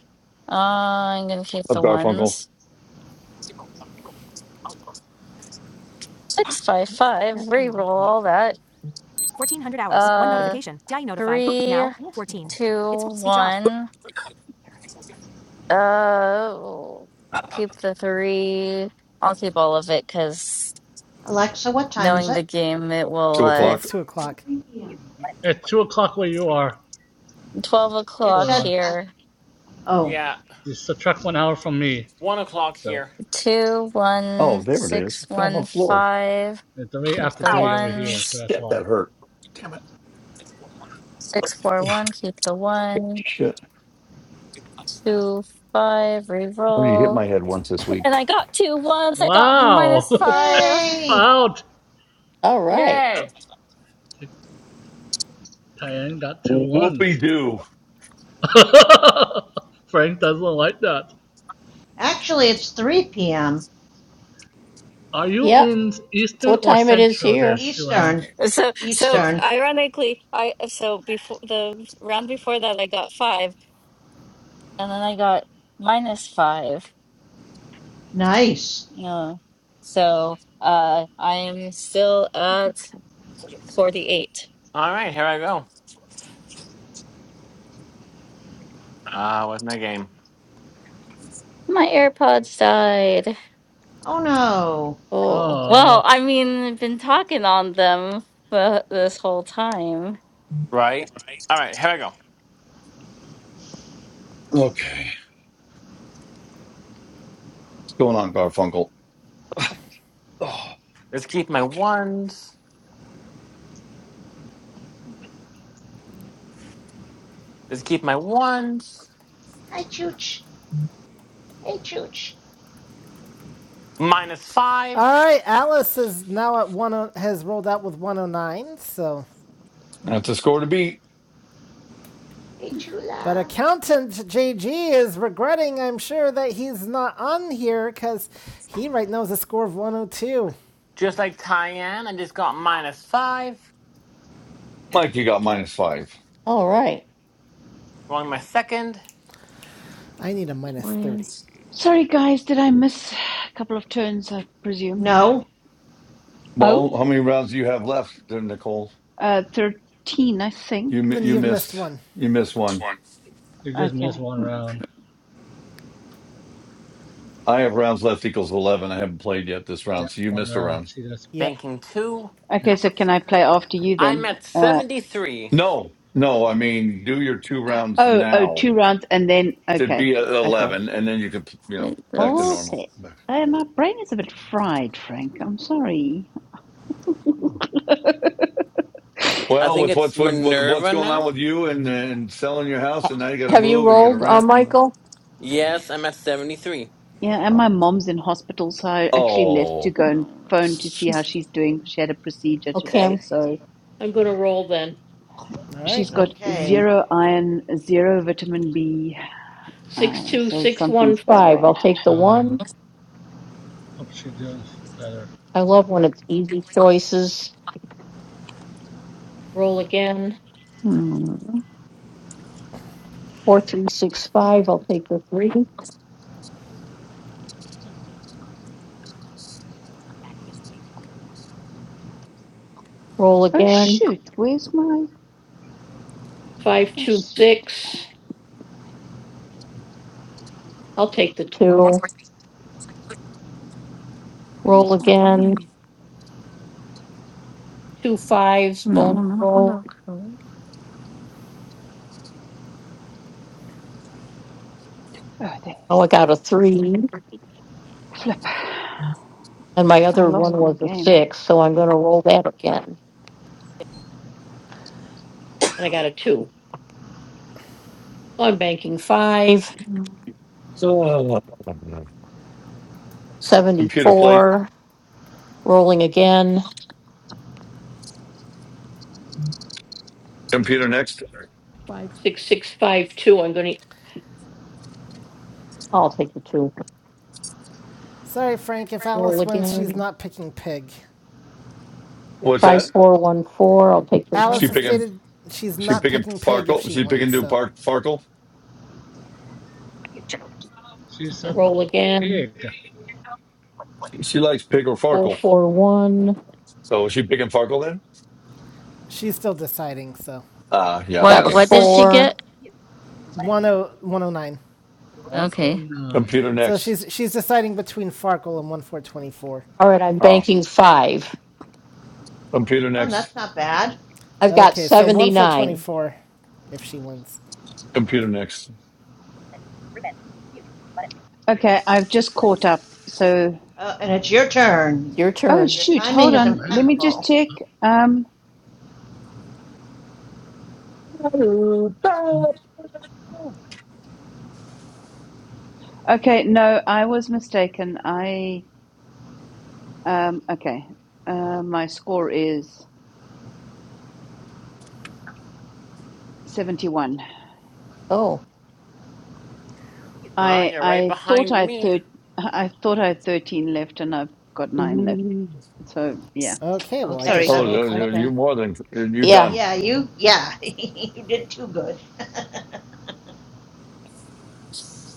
A: Uh, I'm gonna keep
J: Of
A: the
J: Garfunkel.
A: ones. Six five five. Reroll all that. Uh three, two, one. Uh, keep the three. I'll keep all of it because
C: Alexa, what time is
A: knowing the
C: it?
A: game, it will.
J: Two
A: Uh,
J: o'clock.
B: It's 2 o'clock.
E: It's two o'clock where you are.
A: twelve
C: It
E: Go
A: o'clock
E: on.
C: said. Uh,
A: here.
C: oh,
G: Yeah,
E: Just subtract one hour from me.
G: one o'clock
E: So
G: here.
A: Two,
J: Oh,
A: one,
J: there it is.
A: six,
J: It fell on the
A: one,
J: floor.
A: five.
E: it's three
A: Keep
E: after
A: the
E: three
J: Ow!
E: over here. So
A: ones.
E: that's
J: Shit,
E: why.
J: that hurt. Damn it.
A: Six, four, one. Keep the one.
J: Shit.
A: Two, five.
J: Oh, you hit
A: Reroll,
J: my head once this week.
A: and I got two ones. I got
E: Wow!
A: minus
E: Time
A: five.
C: yay!
E: out.
G: Yay!
E: Diane got two
J: Whoopie
E: ones.
J: doo.
E: Frank doesn't like that.
C: Actually, it's 3 p.m.
E: Are you in Eastern or Central there, Sue Ellen?
C: Eastern.
A: So, so
E: So,
C: Eastern.
A: ironically, I so before the round before that, I got five. and then I got minus five.
C: Nice.
A: Yeah. So uh I am still at 48.
G: All right, here I go. Ah, uh, what's my game?
A: My AirPods died.
C: Oh no.
A: Well,
E: oh,
A: I mean, I've been talking on them for this whole time.
G: Right. All right, here I go.
J: Okay. What's going on, Garfunkel? Oh,
G: Let's keep my
J: okay.
G: ones. Let's keep my ones.
C: Hi, Chooch. Hey, Chooch.
G: Minus five.
B: All right, Alice is now at one. oh, Has rolled out with one hundred nine. So,
J: That's a score to beat.
C: Hey,
B: but
C: Chula.
B: accountant JG is regretting. I'm sure that he's not on here because he right now has a score of one hundred two.
G: Just like Tyann, I just got minus five.
J: Mike, you got minus five.
G: Rolling my second.
B: I need a minus
A: Wait,
B: thirty.
M: Sorry, guys. Did I miss a couple of turns? I presume.
C: No.
M: Oh.
J: Well, how many rounds do you have left, then, Nicole?
M: Uh, 13, I think.
J: You mi-
B: Then
J: you
B: you've missed
J: missed
B: one.
J: you missed one.
E: you just missed
M: Okay.
E: one round.
J: I have rounds left equals eleven. I haven't played yet this
E: Yeah,
J: round, so you
E: one
J: missed a
E: round.
J: round.
E: She just,
B: Yep.
G: Banking two.
E: yeah.
M: Okay, so can I play after you
G: I'm
M: then?
G: at
M: Uh,
G: 73.
J: No, no. I mean, do your two rounds
M: oh, oh,
J: now.
M: two rounds and then,
J: It'd
M: okay,
J: be at
M: okay.
J: eleven, and then you could, you know,
A: wait,
J: back to normal.
A: that's
M: Okay.
J: Back.
M: Uh, my brain is a bit fried, Frank. I'm sorry.
G: I
J: Well,
G: think
J: with
G: it's
J: what's what, with what's
G: Minerva
J: going on
G: now.
J: with you and and selling your house, and now you got to move and you got to rent. And,
G: Yes, I'm at 73.
M: Yeah, and my mom's in hospital, so I actually left to
J: oh,
M: go and
A: no,
M: phone
A: that's-
M: to see how
A: just
M: she's doing. She had a procedure today, so
B: All
M: she's
B: right.
M: got
C: Okay.
M: zero iron, zero vitamin B, uh, so something's going on.
E: Um, hope she's doing better.
A: no,
M: Oh, shoot, where's my, oh, shoot, where's my game?
A: no, not local.
M: Oh, they flip. I lost my game.
J: oh, computer play, computer next.
B: Sorry, Frank. If Alice wins, she's not picking pig.
J: What's that?
B: Alice
J: She
B: has
J: picking.
B: stated she's
J: She
B: not
J: picking
B: picking pig if
J: Farkle.
B: she
J: She
B: wins,
J: picking do
B: so
J: Park Farkle.
E: She said, pig.
J: She, likes pig or Farkle. So is she picking Farkle then?
B: she's still deciding. So
J: Ah, yeah.
A: What?
J: Okay.
A: What did she get?
B: 10 109.
A: Okay,
E: 109. I don't
J: Computer
B: So
J: next.
B: she's she's deciding between Farkle and one four twenty four.
J: Oh, computer
C: oh,
J: next.
C: that's not bad.
B: Okay, so one four twenty four, if she wins.
J: Computer next.
M: Okay, I've just caught up. So,
C: Uh, and it's your turn.
M: oh
C: Your
M: shoot,
C: timing
M: hold
C: is
E: know
M: on. Let me just
C: impeccable.
M: check. Um,
J: Oh,
M: okay, no, I was mistaken. I um, okay. Uh, my score is seventy-one.
G: Oh,
M: I
G: you're right
M: I thought
G: behind
M: I had
G: me.
M: thir- I thought I had thirteen left, and I've got nine left. So yeah,
B: Okay, well I
C: Okay,
B: guess
M: sorry.
C: so
J: Oh,
B: you're all
C: you,
B: caught up
J: you're
B: then.
M: Okay.
J: more than you're done.
C: yeah, you, yeah, you did too good.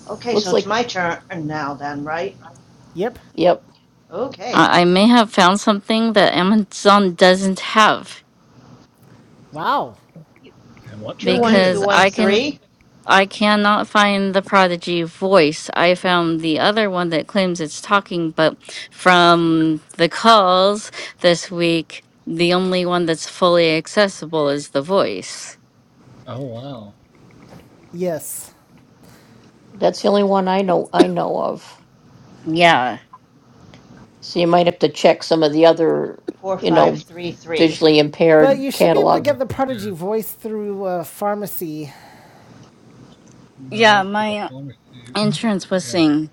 C: okay, so it's my turn now, then, right?
B: Yep.
C: Okay.
A: I, I may have found something that Amazon doesn't have
B: Wow.
E: And what
C: Two
E: that
C: one two
A: because
E: is.
C: one
A: I can
C: three
A: I cannot find the Prodigy voice. I found the other one that claims it's talking, but from the calls this week, the only one that's fully accessible is the voice.
E: Oh, wow.
B: Yes.
A: Yeah.
C: four five three three.
B: But you should be able to get
E: Yes,
B: the
E: it
B: prodigy
E: is.
B: voice through uh, pharmacy.
E: No,
A: Yeah,
E: that's the
A: my
E: diplomacy.
A: insurance was
E: Yeah,
A: saying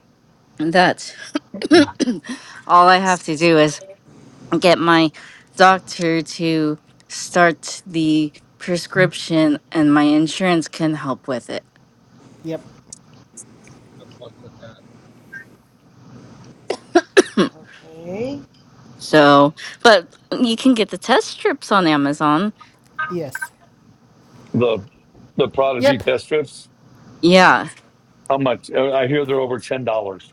A: that all I have to do is get my doctor to start the prescription and my insurance can help with it.
B: Yep.
E: good luck with that.
C: Okay.
A: So, but you can get the test strips on Amazon.
B: Yes.
J: The the Prodigy
B: Yep.
J: test strips.
A: Yeah,
J: How much? Uh, I hear they're over ten dollars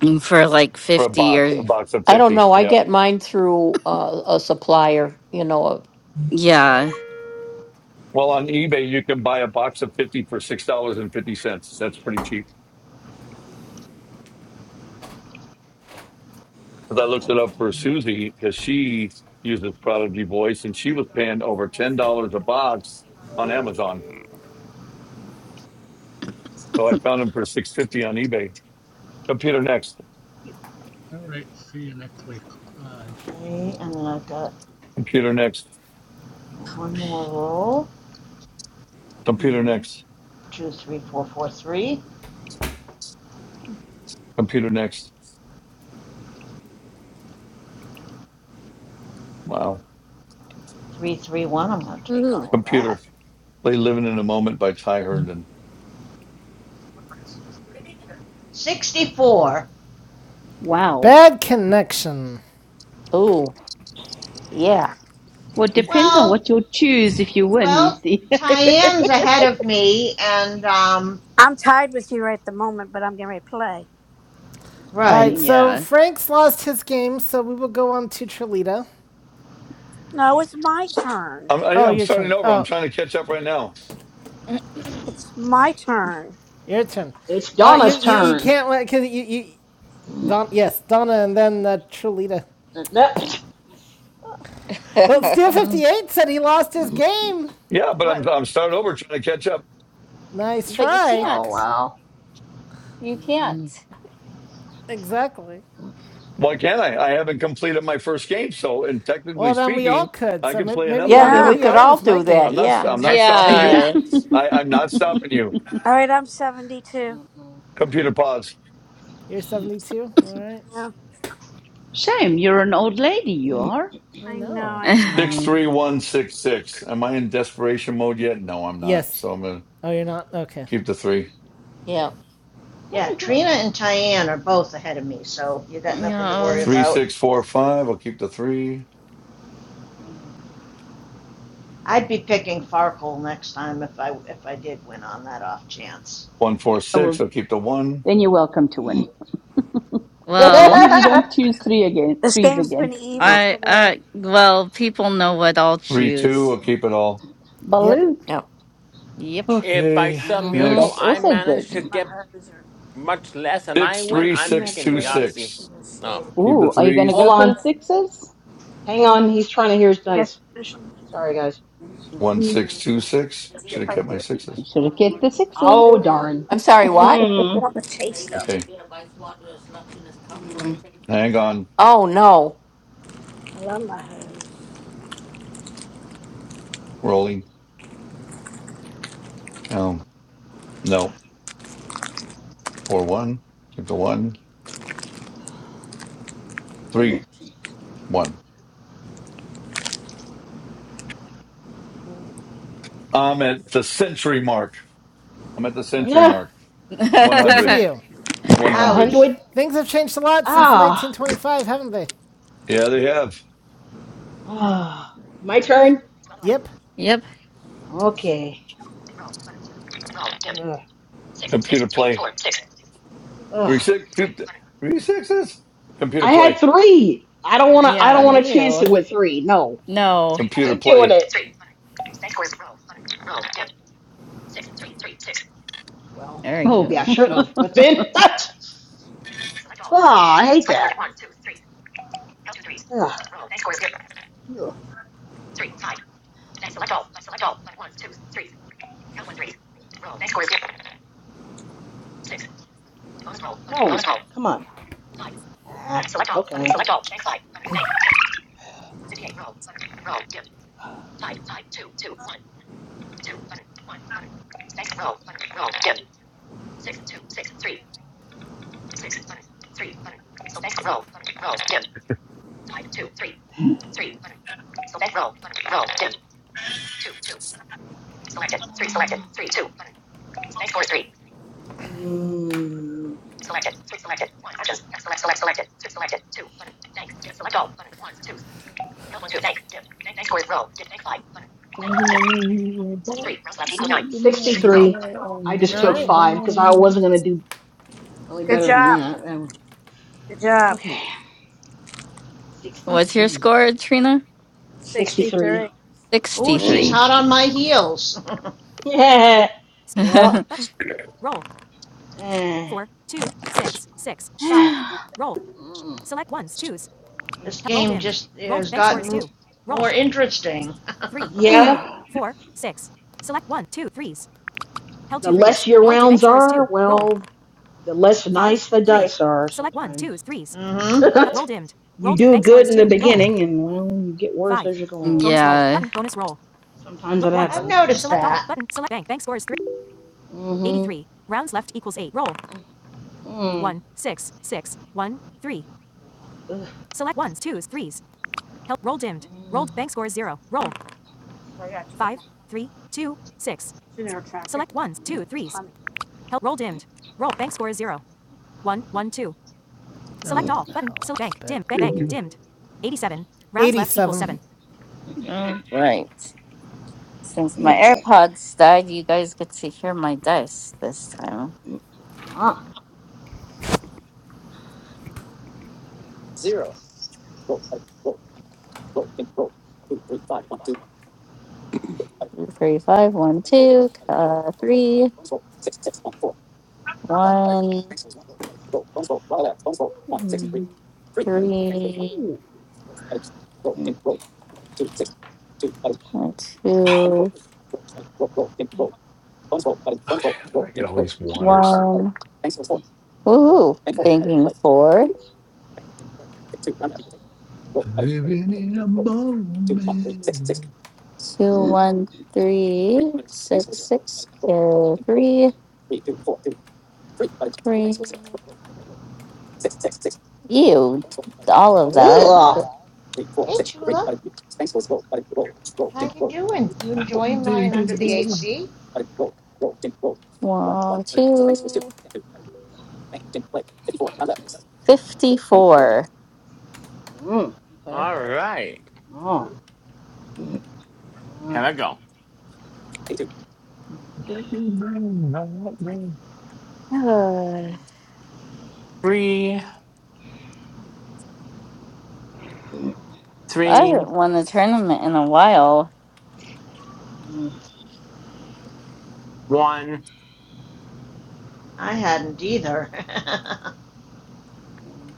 A: and for like
J: for a
A: 50
J: box. A
A: or
J: box of fifty. Yeah.
A: yeah.
J: Well, on eBay you can buy a box of fifty for six dollars and fifty cents. That's pretty cheap. Because I looked it up for Susie because she uses Prodigy Voice and she was paying over ten dollars a box on Amazon. So I found them for six fifty on eBay. Computer next.
E: All right, see you next week. Bye.
C: Okay, and I've got
J: Computer next.
C: one more roll.
J: Computer
A: No.
J: next.
C: two, three, four, four, three,
J: Computer next. Wow.
C: three, three, one. I'm going to take
A: Ooh,
C: all of that.
J: Computer. Play Living in a Moment by Ty Herndon.
C: 64.
M: Wow.
B: Bad connection.
M: Well, it depends on
C: Well,
M: what you'll choose if you win. You
C: well,
M: see.
C: Tyann's ahead of me, and, um,
F: I'm tied with you right at the moment, but I'm getting ready to play.
B: All right,
C: right.
B: so
A: yeah.
B: Frank's lost his game, so we will go on to Trilita.
F: No, it's my turn.
J: I'm, I,
B: Oh,
J: I'm
B: your
J: starting
B: turn.
J: over. I'm
B: Oh,
J: trying to catch up right now.
F: It's my turn.
B: your turn.
D: It's
B: Uh, you,
D: Donna's
B: you, you
D: turn.
B: can't let because you, you
D: Mm,
B: Don, yes, Donna, and then uh, Trulita.
D: that-
B: Well,
A: but
B: Steel fifty eight said he lost his game.
J: Yeah, but I'm,
B: What?
J: I'm starting over trying to catch up.
B: Nice
A: you
B: try.
D: oh
A: can't.
D: wow.
A: You
D: Mm,
A: can't.
B: Exactly.
D: mm.
J: Why can't I? I haven't completed my first game. So, and technically
B: Well, then we all
J: speaking,
B: could.
J: I
B: So
J: can
B: maybe
J: play another
B: maybe
J: one.
B: I'll,
J: Yeah,
F: Yeah.
B: maybe
J: go
B: I'll
J: ahead.
B: lose my game.
J: I'm not,
A: Uh,
J: I'm not stopping
G: Technically,
D: hmm
J: you.
G: yeah.
A: Yeah.
J: I, I'm not stopping you.
F: All right, I'm 72.
J: Computer pause.
B: You're 72. All right.
F: Yeah,
M: Shame, you're an old lady, you are.
B: I
F: I know,
B: know.
F: I know.
J: 63166. Am I in desperation mode yet? No, I'm not.
B: Yes.
J: So I'm going to
B: Oh, you're not. Okay.
J: keep the three.
C: Yeah, Trina and Tyann are both ahead of me, so you got nothing to worry
A: yeah.
J: Three,
C: about.
J: six, four, five. I'll keep the three.
C: I'd be picking Farkle next time if I if I did win on that off chance.
J: One four
M: Oh
J: six.
M: well,
J: I'll keep the one.
M: then you're welcome to win. As
A: Well,
M: long as you don't choose three again,
F: This
M: threes
F: game's
M: again.
F: been evil
A: I
F: today.
A: I well, people know what I'll
J: Three two. I'll
A: choose.
J: keep it all.
B: Yep.
M: Balut,
A: Yep.
G: If by
J: Okay.
G: some miracle
M: that's
J: Next
G: I
M: also good.
G: manage to get much less and I
J: six
G: win,
J: three
G: I'm
J: six
G: picking
J: two
G: Yahtzee.
J: six.
F: I
G: Oh.
J: Keep the
M: Ooh, are you going to
D: Hold
J: threes.
M: go for
D: on.
M: the sixes?
D: Hang on. He's trying to hear his
F: guess
D: dice.
F: finish them.
D: Sorry, guys.
J: One
F: Yeah.
J: six two six.
F: Let's see
J: Should
F: if
J: have
F: I can
J: kept my
F: get it.
M: You
J: sixes.
M: should have kept the
F: I'm
M: sixes.
D: Oh,
F: craving it.
D: darn.
F: I
D: Mm.
F: want the taste of it.
J: Okay.
D: Mm.
J: Hang on.
F: I love my hair.
J: Rolling. Um. No. Four one. Keep the one. Three one. I'm at the century mark. I'm at the century
D: Yeah.
J: mark.
B: Good for
J: 100.
A: yep.
B: you.
D: A
J: 100.
C: Ouch.
D: hundred.
B: Things have changed a lot since
D: Ah.
B: 1925, haven't they?
J: Yeah, they have
D: Ah. My turn.
B: Yep.
A: Yeah,
D: Okay.
J: computer play.
D: Ugh.
J: Three six two. th-
D: Ugh.
J: Three sixes. Computer
D: I had
J: play.
D: three. I don't wanna I
J: I
D: don't
J: know.
D: wanna chance it
A: ew.
D: with three. No.
A: No.
D: I
J: Computer
D: ain't doing
J: play.
D: it. Well,
A: There you
D: maybe
M: Oh,
D: I
A: go.
D: should
M: oh,
D: have, but then Ah, I hate that. Ugh. Ugh. No. Come on. Ah, okay. two button one button bank roll button roll dim six two six three six button three button so bank roll button roll dim five two three three button so bank roll button roll dim two two selected three selected three two button bank four three. Mm. Selected three selected one just select select selected six selected two button bank dim select all button one two help one two bank dim bank bank scores roll dim bank five button bank dim sixty three rounds left equal nine sixty three. I
B: All
D: just took
B: right.
D: five because I wasn't gonna do Really better than that. Um, okay.
A: What's your
D: 63.
A: score, Trina?
D: 63.
F: Very
C: Ooh, she's
D: Mm.
A: 63.
C: hot on my heels.
D: yeah. Yep. Eh. Mm.
C: this game just has gotten more interesting.
D: yeah. The less your rounds are, well, the less nice the dice are sometimes.
C: Mm-hmm.
D: you do good in the beginning, and well, you get worse as you go on.
A: Yeah.
D: Sometimes it
C: I've
D: happens.
C: noticed that.
D: Mm-hmm. Mm. Ugh. Mm.
F: funny.
B: oh, 87.
A: All right. Since my AirPods died, you guys get to hear my dice this time.
D: Ah.
A: Three, five, one, two, uh, three, one,
D: Mm.
A: three, two,
J: Okay, I get all these waters.
A: one. Woohoo! Banking four,
J: Living in a
A: two, one, three, six,
J: moment.
A: six, uh, three. three. Ew, all of
C: Hey,
A: that.
D: Ugh.
C: Chula. Hey, Chula. How you doing? You enjoying lying under the AC?
A: One, two, fifty-four.
D: Mm. Okay.
G: All right.
D: Oh. Mm.
G: Here I go.
A: Ugh.
G: Three,
D: Mm.
A: I
G: three.
A: haven't won a tournament in a while.
G: one,
C: I hadn't either.
D: Mm.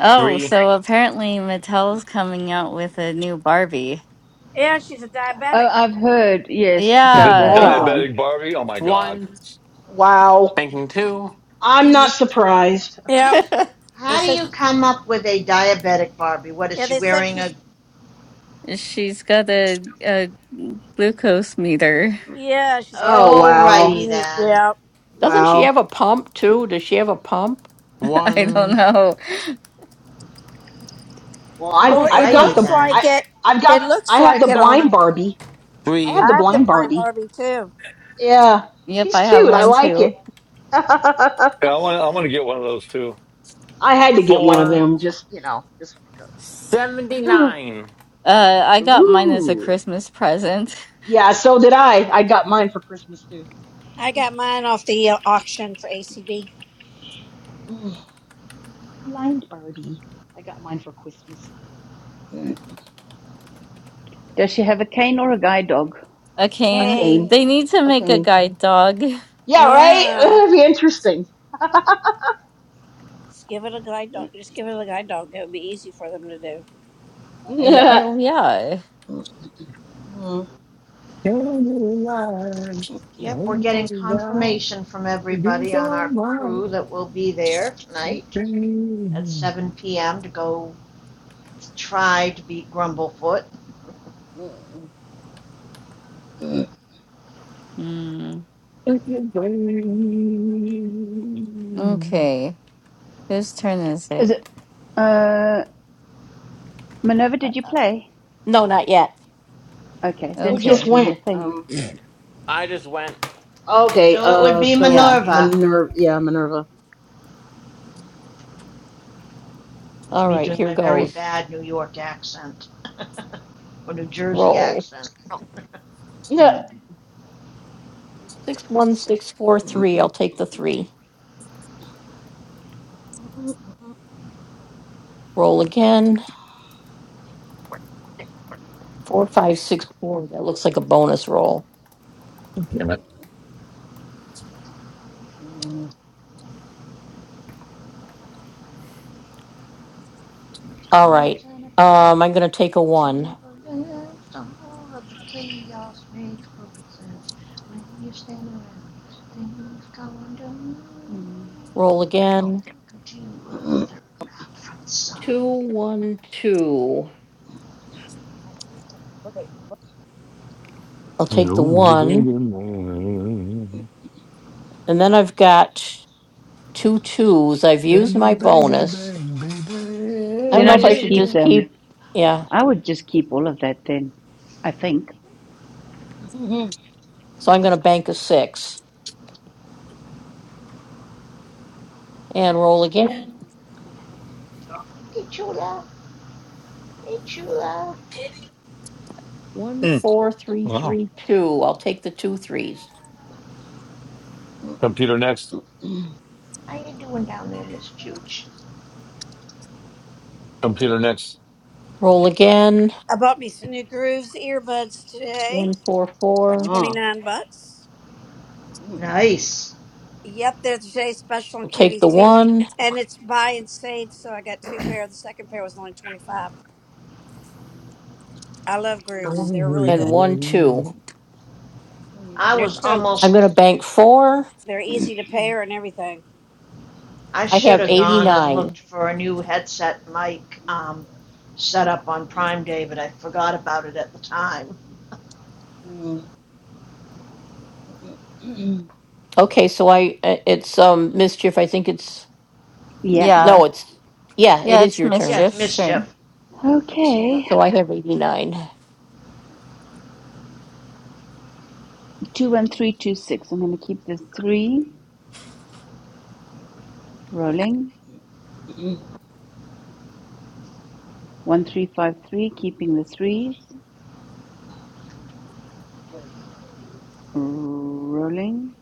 A: Oh,
G: three,
A: so apparently Mattel's coming out with a new Barbie.
F: Yeah, she's a diabetic.
M: I've heard. Yes,
J: The
M: diabetic
A: Yeah,
D: Ah.
M: one.
J: diabetic Barbie. Oh my god.
G: one,
D: Wow.
G: banking two
D: I'm
F: Yeah.
D: not surprised.
F: Yep. They
C: How do
F: said.
C: you come up with a diabetic Barbie? What is
F: Yeah,
C: she?
F: they said she's
A: she's got a, a glucose meter.
F: Yeah, she's gonna
D: Oh
F: meet
C: Oh,
F: him.
C: righty.
D: wow.
F: Mm, yeah.
D: Wow.
A: I don't
G: one
A: know.
D: Well, I have
C: Oh,
F: Well, it
D: I've got
F: looks
D: the
F: like
D: I
F: it.
D: I've
F: It
D: got
F: looks
D: I have the
F: like it on
D: blind
F: her.
D: Barbie. I
G: three
D: have the
F: I have the
D: blind
F: blind
D: Barbie.
F: Barbie too.
D: Yeah.
A: Yep,
D: She's
A: I have
D: cute. I
A: one
D: like it.
A: too.
J: Yeah, I want. to I want to get one of those too.
D: I had to get one of
G: four
D: them just, you know, just because.
G: seventy nine.
A: Uh, I got mine as a
D: Ooh.
A: Christmas present.
D: Yeah, so did I. I got mine for Christmas too.
F: I got mine off the uh, auction for ACD.
D: Ooh, blind Barbie. I got mine for Christmas. Mm.
M: Does she have a cane or a guide dog?
A: A
D: A
A: cane.
D: cane.
F: Kane.
A: They need to
D: A
A: make a
D: cane.
A: guide dog.
D: Yeah, right?
F: Yeah.
D: It'd be interesting.
F: Just give it a guide dog. Just give it a guide dog. it would be easy for them to do.
A: Yeah,
D: Mm,
A: oh, yeah.
D: mm,
C: yep. We're
J: no
C: getting confirmation from
J: These
C: everybody on
J: are
C: our
J: mine.
C: crew that will be there tonight at 7 p.m. to go try to beat Grumblefoot.
D: mm, mm.
A: Mm.
J: Damn
A: Okay. Whose turn is it?
M: Is it? Uh, Minerva,
A: Uh,
M: did you play? Okay, then
D: Who
M: it's your
D: just
A: Okay.
M: turn, I
D: went?
M: think.
D: Um
G: I just went,
D: okay,
C: So it would
D: uh
C: be
D: so
A: Yeah.
D: it's
C: Minerva.
D: Minerva yeah, Minerva.
C: It's me doing my very bad New York accent or New Jersey accent.
D: Yeah.
A: Mm.
J: it.
C: Call and affection of a vast all of the chaos makes perfect sense. When you stand around, things go undone.
A: Mm.
C: Welcome to Earth, third round from the sun.
J: No bigger man. Ain't no bigger thing, baby.
M: Then I just keep them. I would just keep all of that then. I think.
C: Hey, Chula. Hey, Chula.
J: Mm. Wow. Computer next.
C: How you doing down there, Miss Chooch?
J: Computer next.
F: I bought me some new Grooves earbuds today. Twenty
D: Ah.
F: nine bucks.
D: Mm,
C: Nice.
F: Yep, they're today's special and cute. And it's buy and save, so I got two pair. The second pair was only twenty five. I love
D: mm,
F: Grooves.
J: Oh,
F: They're really good.
D: mm,
C: I
F: And they're
C: was
F: so
C: almost
F: They're
D: mm,
F: easy to pay her and everything.
C: I should have gone and looked for a new headset mic um, set up on
D: mm,
C: Prime Day, but I forgot about it at the time.
D: mm, mm.
M: Yeah.
A: Yeah. Yeah, it's
C: Yeah, it's
A: Mischief's turn.
C: mischief.
D: Yeah.
M: Okay, 21326. I'm going to keep the three rolling.
D: Mm,
M: 1353, keeping the threes rolling.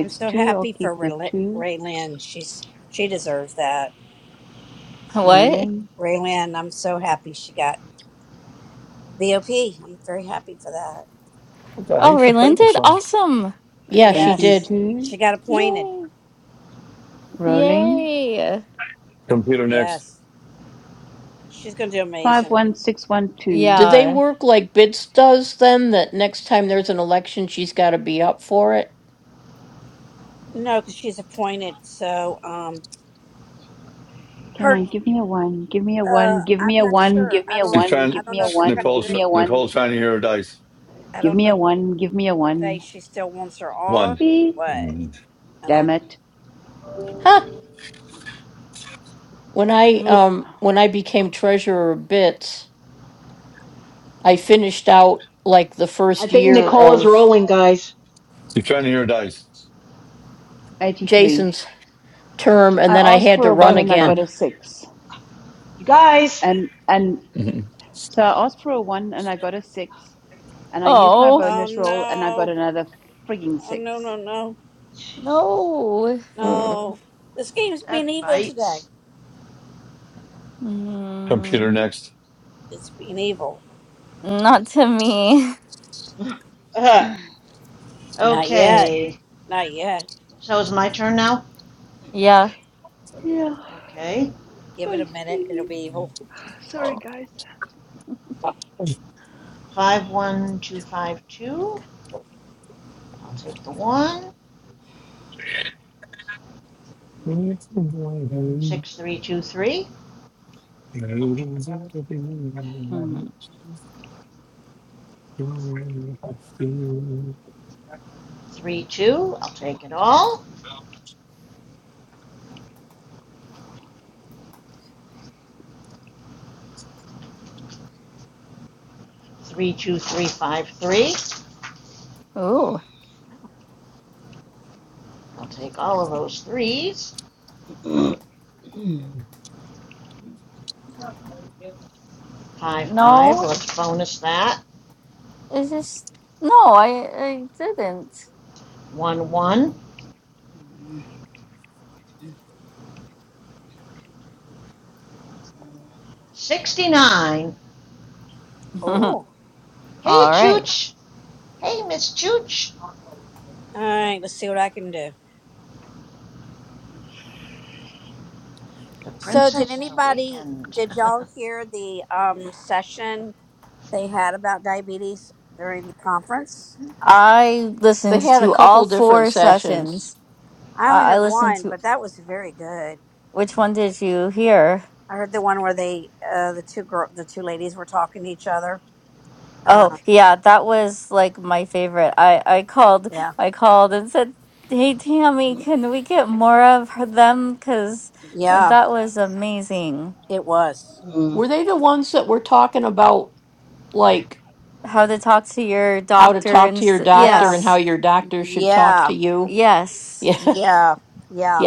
F: I'm so
M: two, I'll
F: happy for
M: keep the
F: Rayl-
M: two
F: Raylan. She's she deserves that.
A: What?
M: rolling.
F: Raylan, I'm so happy she got BOP. I'm very happy for that.
J: I
A: Oh,
J: used to play this
A: relented?
J: song.
A: Awesome.
F: Yes,
M: Banking two
F: she got appointed.
A: Yay.
M: rolling.
A: Yay.
J: Computer next.
F: Yes, she's gonna do amazing.
M: 51612.
A: Yeah.
F: No, because she's appointed. So um,
M: Come
F: her
M: on, give me a one, give me a
F: uh,
M: one, give
F: I'm
M: me a
F: not
M: one,
F: sure.
M: give
F: I
M: me a
F: don't
J: She's
M: one,
F: I
J: trying.
M: give
F: don't
M: me
F: know
M: a
F: if the
M: one, give
J: Nicole's
F: president.
M: me a one,
J: Nicole's trying to hear her dice.
F: I
M: give
F: don't
M: me
F: know
M: a
F: if
M: one, give me a
F: they say
M: one.
F: she still wants her on.
J: One.
M: Please.
F: What
J: Mm.
F: I don't.
M: Damn it.
D: mm. I think Nicole is rolling, guys.
J: She's trying to hear her dice.
M: 83. I asked for a
J: Uh,
M: one and I
J: huh.
M: got a six.
D: You guys.
M: And and
J: Mhm.
M: so I asked for a one and I got a six and I used my
A: Oh,
F: Oh
M: bonus roll and I got
F: no.
M: another frigging
F: Oh no
M: six.
F: no no.
A: no.
F: No, this game's being evil today.
A: Mm.
J: Computer next.
F: It's being evil.
A: Not to me.
D: Uh.
C: Okay,
F: Not yet. Not yet.
C: so it's my turn now?
A: Yeah.
M: Yeah.
C: Okay.
F: Give
M: Oh,
F: it a minute.
M: excuse
F: It'll
M: me.
F: be evil.
D: Mm,
M: Sorry guys.
D: mm, sheesh.
C: 51252. I'll take the 1.
D: Mm,
C: 6323.
J: Computer
A: Mm.
C: 32. I'll take it all. 32353.
A: Ooh.
C: I'll take all of those threes.
D: mm, mm,
C: 5 5.
A: No.
C: Let's bonus that.
A: It's just. No, I, I didn't.
C: 1 1. 69.
A: All
F: Oh.
C: Hey,
A: right.
D: mm,
C: Chooch. "Hey, Miss Chooch!"
F: All right. Let's see what I can do.
C: The Prince
F: So, did anybody?
C: grinned.
F: Did y'all hear the um session they had about diabetes during the conference?
A: I listened to all four sessions.
F: I only
A: I, I
F: heard
A: listened
F: one,
A: to
F: but that was very good.
A: which one did you hear?
F: I heard the one where they, uh, the two girl, the two ladies were talking to each other.
A: Oh
F: Uh,
A: yeah, that was like my favorite. I I called
F: yeah.
A: I called and said, "Hey Tammy,
D: mm,
A: can we get more of her, them? Because
F: Yeah.
A: that was amazing.
F: It was.
D: mm.
A: How to talk to your doctor and st-
F: Yeah.
A: yes,
F: Yeah.
A: yes,
F: Yeah. Yeah.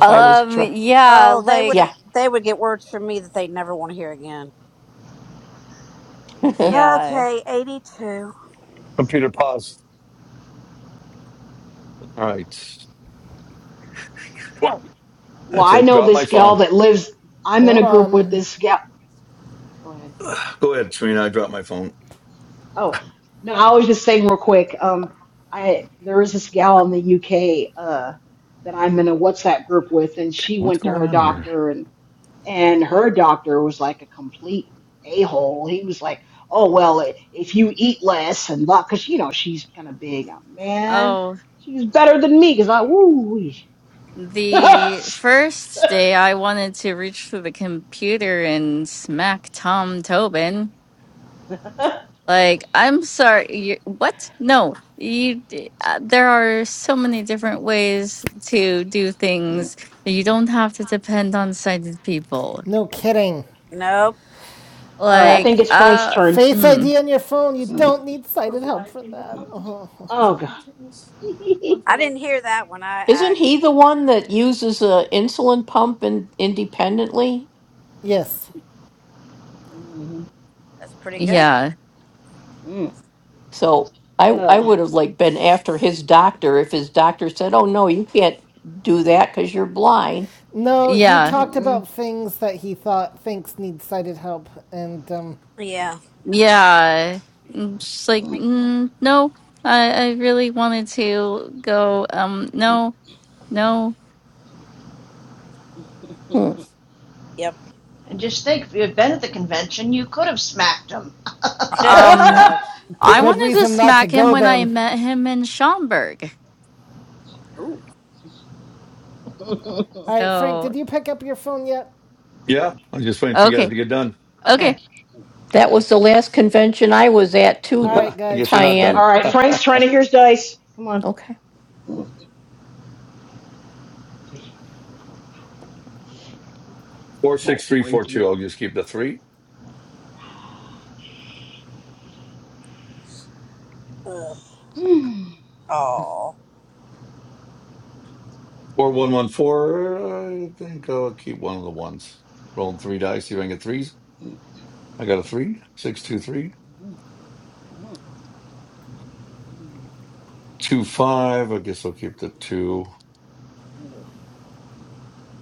A: um, yeah,
F: Oh, they would
A: like
F: they would get words from me that they'd never want to hear again.
A: yeah.
F: Okay, eighty two.
J: pause. All right.
D: well,
J: That's
D: I
J: it.
D: know
J: Drop my
D: this gal
J: phone.
D: that lives. I'm in
B: Hold
D: a group with
B: on.
D: this gal. Go ahead.
J: Go ahead, Serena. I dropped my phone.
D: Oh, no, I was just saying real quick. Um, I there is this gal in the UK uh, that I'm in a WhatsApp group with, and she
J: What's
D: went to
J: going
D: her
J: on here?
D: doctor, and and her doctor was like a complete a hole. He was like, "Oh well, i- if you eat less and blah, because you know she's kind of big, Uh, man,
A: Oh
D: she's better than me." Because I woo wee. All
A: The first day I wanted to reach for the computer and smack Tom Tobin. Like, I'm sorry, you, what? No, you. d- Uh, there are so many different ways to do things. You don't have to depend on sighted people.
B: No kidding.
F: Nope,
D: right, I
A: Like,
D: think it's Frank's
A: uh,
D: turn.
B: Face
A: mm,
B: ID on your phone. You don't need sighted help for that. Uh-huh.
D: Oh god.
F: I didn't hear that one. I, I
B: Yes.
D: mm
F: that's pretty good.
A: yeah,
D: mm. Uh,
B: No, he
A: yeah,
B: talked
D: mm-mm.
B: about things that he thought thinks need sighted help, and um,
F: Yeah.
A: yeah. Mm, Just like, mm, no, I, I really wanted to go. Um, no, no.
F: Yep.
C: "And just think, if you had been at the convention you could have smacked him."
A: Um, I
B: good
A: wanted to
B: reason not to
A: smack him
B: go
A: when I
B: then.
A: met him in Schaumburg.
D: Ooh.
B: All right, Frank,
A: So
B: did you pick up your phone yet?
J: Yeah. I was just waiting for you guys
A: okay,
J: to get done.
A: okay.
C: "Okay.
B: All right,
J: I
B: guys,
J: guess you're
B: let's
J: not
B: let
J: done.
D: All right,
B: be.
D: Frank's trying to hear his dice. Come on. Come on, Frankie.
J: 46342. I'll just keep the three. 4114. I think I'll keep one of the ones. Rolling three dice. See if I can get threes. I got a three. Six, two, three. Two, five. I guess I'll keep the two.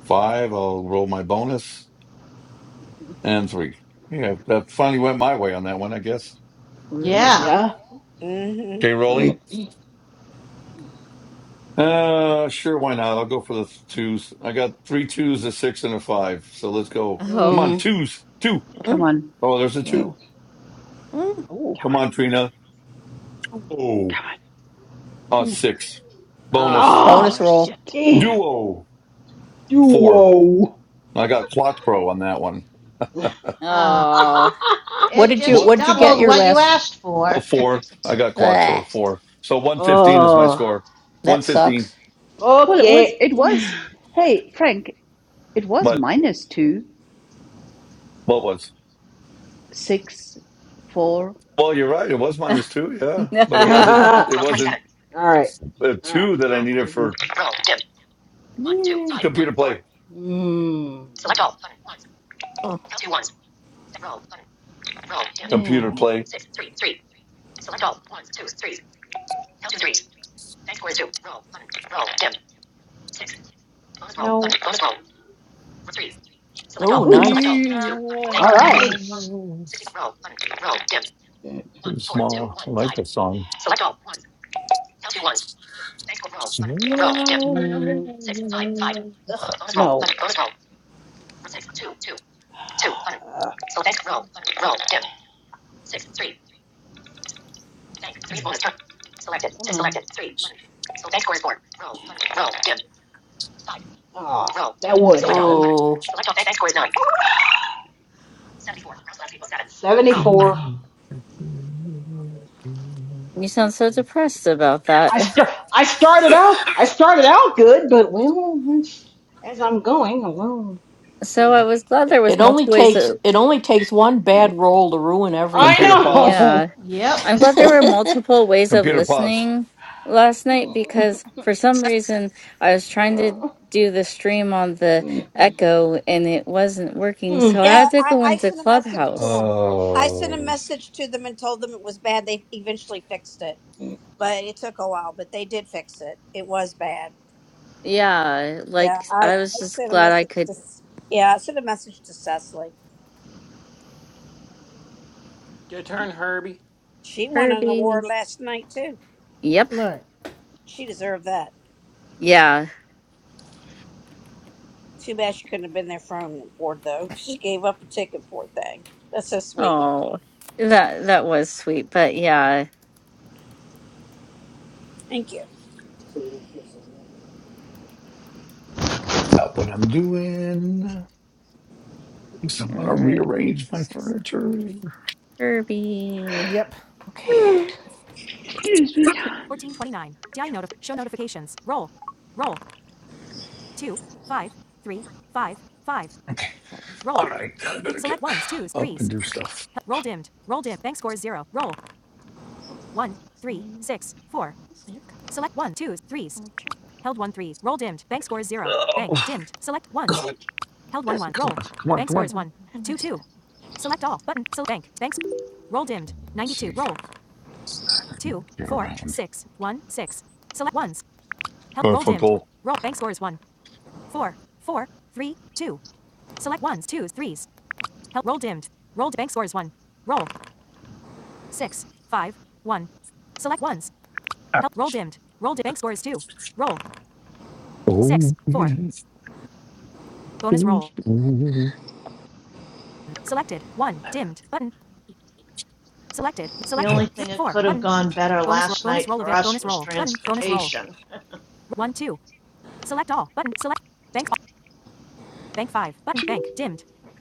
J: Five, I'll roll my bonus. And three. Yeah, that finally went my way on that one, I guess.
A: Ooh.
C: Yeah.
D: yeah.
F: hmm
J: Okay, rolling. Uh, sure, why not? I'll go for the twos. I got three twos, a six, and a five. So let's go. Come
A: Oh,
J: on,
D: Mm.
J: twos, two.
M: Come on.
J: Oh, there's a two.
D: Oh,
M: Come
J: Come
M: on.
J: on, Trina. Oh,
M: Come
J: uh,
D: two.
J: six. Bonus.
M: on. Oh
D: Ah,
A: oh,
M: shit.
D: damn.
J: Duo,
D: Duo.
J: four. I got quattro on that one.
D: oh
C: Uh,
A: oh.
C: it
J: what?
C: just doubled
D: no.
C: what you asked
J: A
C: for."
J: four. I got quattro, four. So 115 is my
D: Oh,
J: score. 115.
D: fuck
M: Well it was it
D: it.
M: was hey, Frank, it was
J: But
M: minus two,
J: what was?
M: six, four.
J: Well, you're right. It was minus two, yeah, but
D: All
J: it wasn't.
D: right.
J: It wasn't
D: All right.
J: a two that I
D: Roll
J: needed
D: Roll
J: for
D: Roll. dim. One, two, five, one,
J: computer
D: four.
J: play.
D: Mm. Select all. Take my- Hmm.
J: Computer
D: Yeah.
J: play.
D: Six, three, three. Select all. Ones, twos, threes. Tell two threes. Thanks for two. Roll. Button. Roll. Dim. Six. Bonus roll. No. Button. Bonus roll. Three. Select all.
L: Oh,
D: Ooh. Select
L: nice.
D: All Thank two.
J: Yes.
D: Button. All right.
C: "Nice.
D: Roll. Roll roll. Roll dim. dim. One,
J: Pretty
D: four, two,
J: Small.
D: one,
J: I like
D: five.
J: that song.
D: Select all. Ones. Tell two ones. Thanks for roll. Button. Roll. Dim. Mm. Six, five, five. No. Button. Bonus roll. Uh. roll, dim. Six, three, bank, three, bonus turn. Selected, mm. selected, three, button. Select score is four. Roll, roll, dim. Five. Oh, roll. that would happen. button.
L: Oh,
D: Select 74, seven. 74.
A: you
D: Eh.
A: sound so depressed about that.
D: I start. I started out. I started out good, but well, it's- as I'm going along,
A: So I was glad there was multiple ways of.
J: Computer pause.
D: I
A: Yeah,
C: Yep.
A: I'm glad there were multiple ways of
J: Computer pause.
A: listening last night because for some reason I was trying to do the stream on the Echo and it wasn't working,
D: know.
A: so I
F: Yeah,
A: had to
F: I,
A: go
F: I
A: into
F: sent a message to
A: Clubhouse.
J: Uh,
F: them. I sent a message to them and told them it was bad. They eventually fixed it, but it took a while. But they did fix it. It was bad.
A: Yeah,
F: Yeah,
A: like
F: I,
A: I was
F: I
A: just
F: sent a
A: glad I
F: message
A: could
F: to. Yeah, I sent a message to Cecily.
G: your turn, Herbie.
F: She won an award
A: Kirby.
F: last night too.
A: Yep.
B: All right.
F: She deserved that.
A: Yeah.
F: Too bad she couldn't have been there for home board though. She gave up a ticket, poor thing. That's so sweet.
A: Oh, that that was sweet, but yeah.
F: Thank you.
J: stop what I'm doing. So I'm
A: All
J: gonna
A: right.
J: rearrange my furniture.
A: Kirby.
B: Yep.
M: excuse me.
J: All right, I better get up and do stuff. Ugh, come on, come on. Let's see. Get around. Garfunkel. Oh,
C: The only thing that could have gone better last night for us was transportation.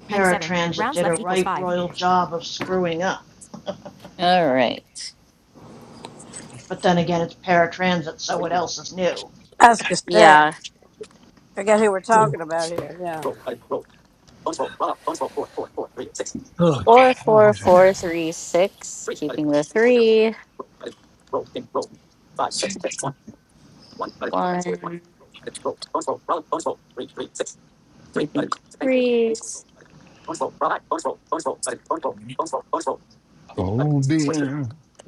C: Paratransit did a right royal job of screwing up.
A: All right.
C: but then again, it's paratransit, so what else is new?
F: I was gonna say,
A: Yeah.
F: forget who we're
J: yeah.
F: talking about here.
J: Oh,
A: Four, four, four, three, six. Keeping the three. One. Keeping threes.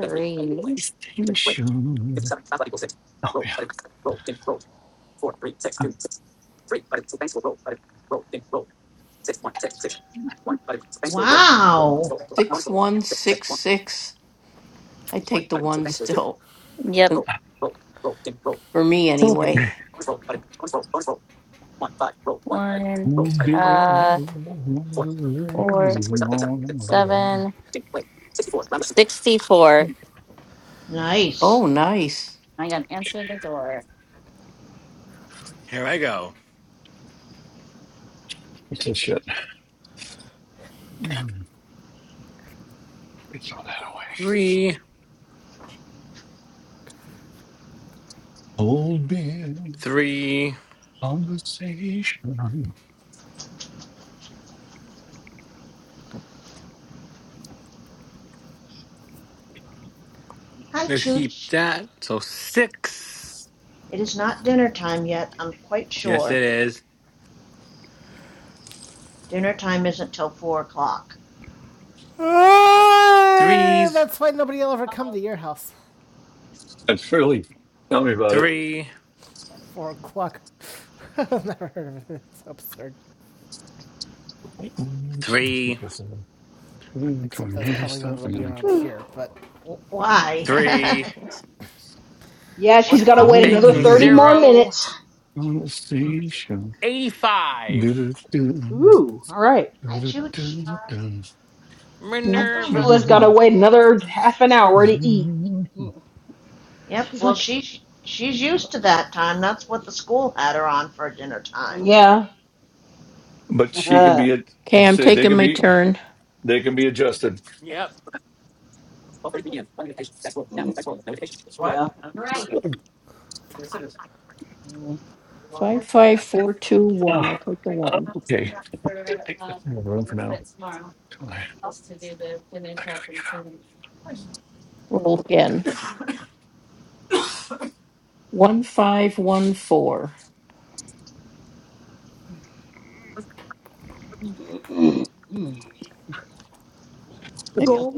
A: Three.
J: sensation.
C: Wow.
A: Yep.
J: Hook
A: One.
J: me on.
A: Uh, four, seven. Sixty-four. Round left. sixty-four.
C: Nice.
A: I got to answer the door.
G: Here I go.
J: What's that shit? We throw that away.
G: Three,
J: Old man
G: three,
J: conversation.
C: Hi,
G: let's keep
C: Chooch.
G: that. So six.
C: It is not dinner time yet, I'm quite
G: Yes, it
C: sure.
G: is.
C: Dinner time isn't till four o'clock.
B: Ah,
G: Threes,
B: That's why nobody will ever
A: Uh,
B: come to your house.
J: That's fairly. Tell me about it.
G: three,
B: Four o'clock. I've never heard of it. It's absurd.
J: I'm just gonna put
G: three,
J: this in. I'm
B: Except
J: gonna
B: that's
J: do this
B: probably what
J: stuff
B: it'll
J: and then
B: be
J: like,
B: around here. But
C: W-
G: three,
C: Why?
D: Yeah, she's
C: What's
D: got to
C: wrong
D: wait
C: with.
J: old
D: another
G: banking
D: 30 more
J: beer
G: zero
D: minutes.
J: conversation.
G: eighty five.
J: Do-do-do,
D: Ooh, all right.
C: Hi, Chooch.
J: do-do-do-do-do.
C: I
G: Minerva.
C: promise I
D: Chula's got to
C: won't
D: wait
C: forget.
D: another half an hour to eat. Mm.
C: Yep,
D: She's
C: well,
D: like,
C: she's, she's used to that time. That's what the school had her on for dinner time.
D: yeah.
J: but she can
D: Uh,
J: be a say they can be they can be
D: okay.
J: adjusted.
G: Yep,
D: Mm, Yeah.
A: Right. Yep. Thank you
J: Ah,
A: very much. Come
J: okay,
A: back for
J: take this
A: uh,
J: in the
A: a
J: room for
A: little
J: now.
D: Mm,
A: bit tomorrow. Else to do the finish up and clean.
D: mm, mm, mm,
J: Gold.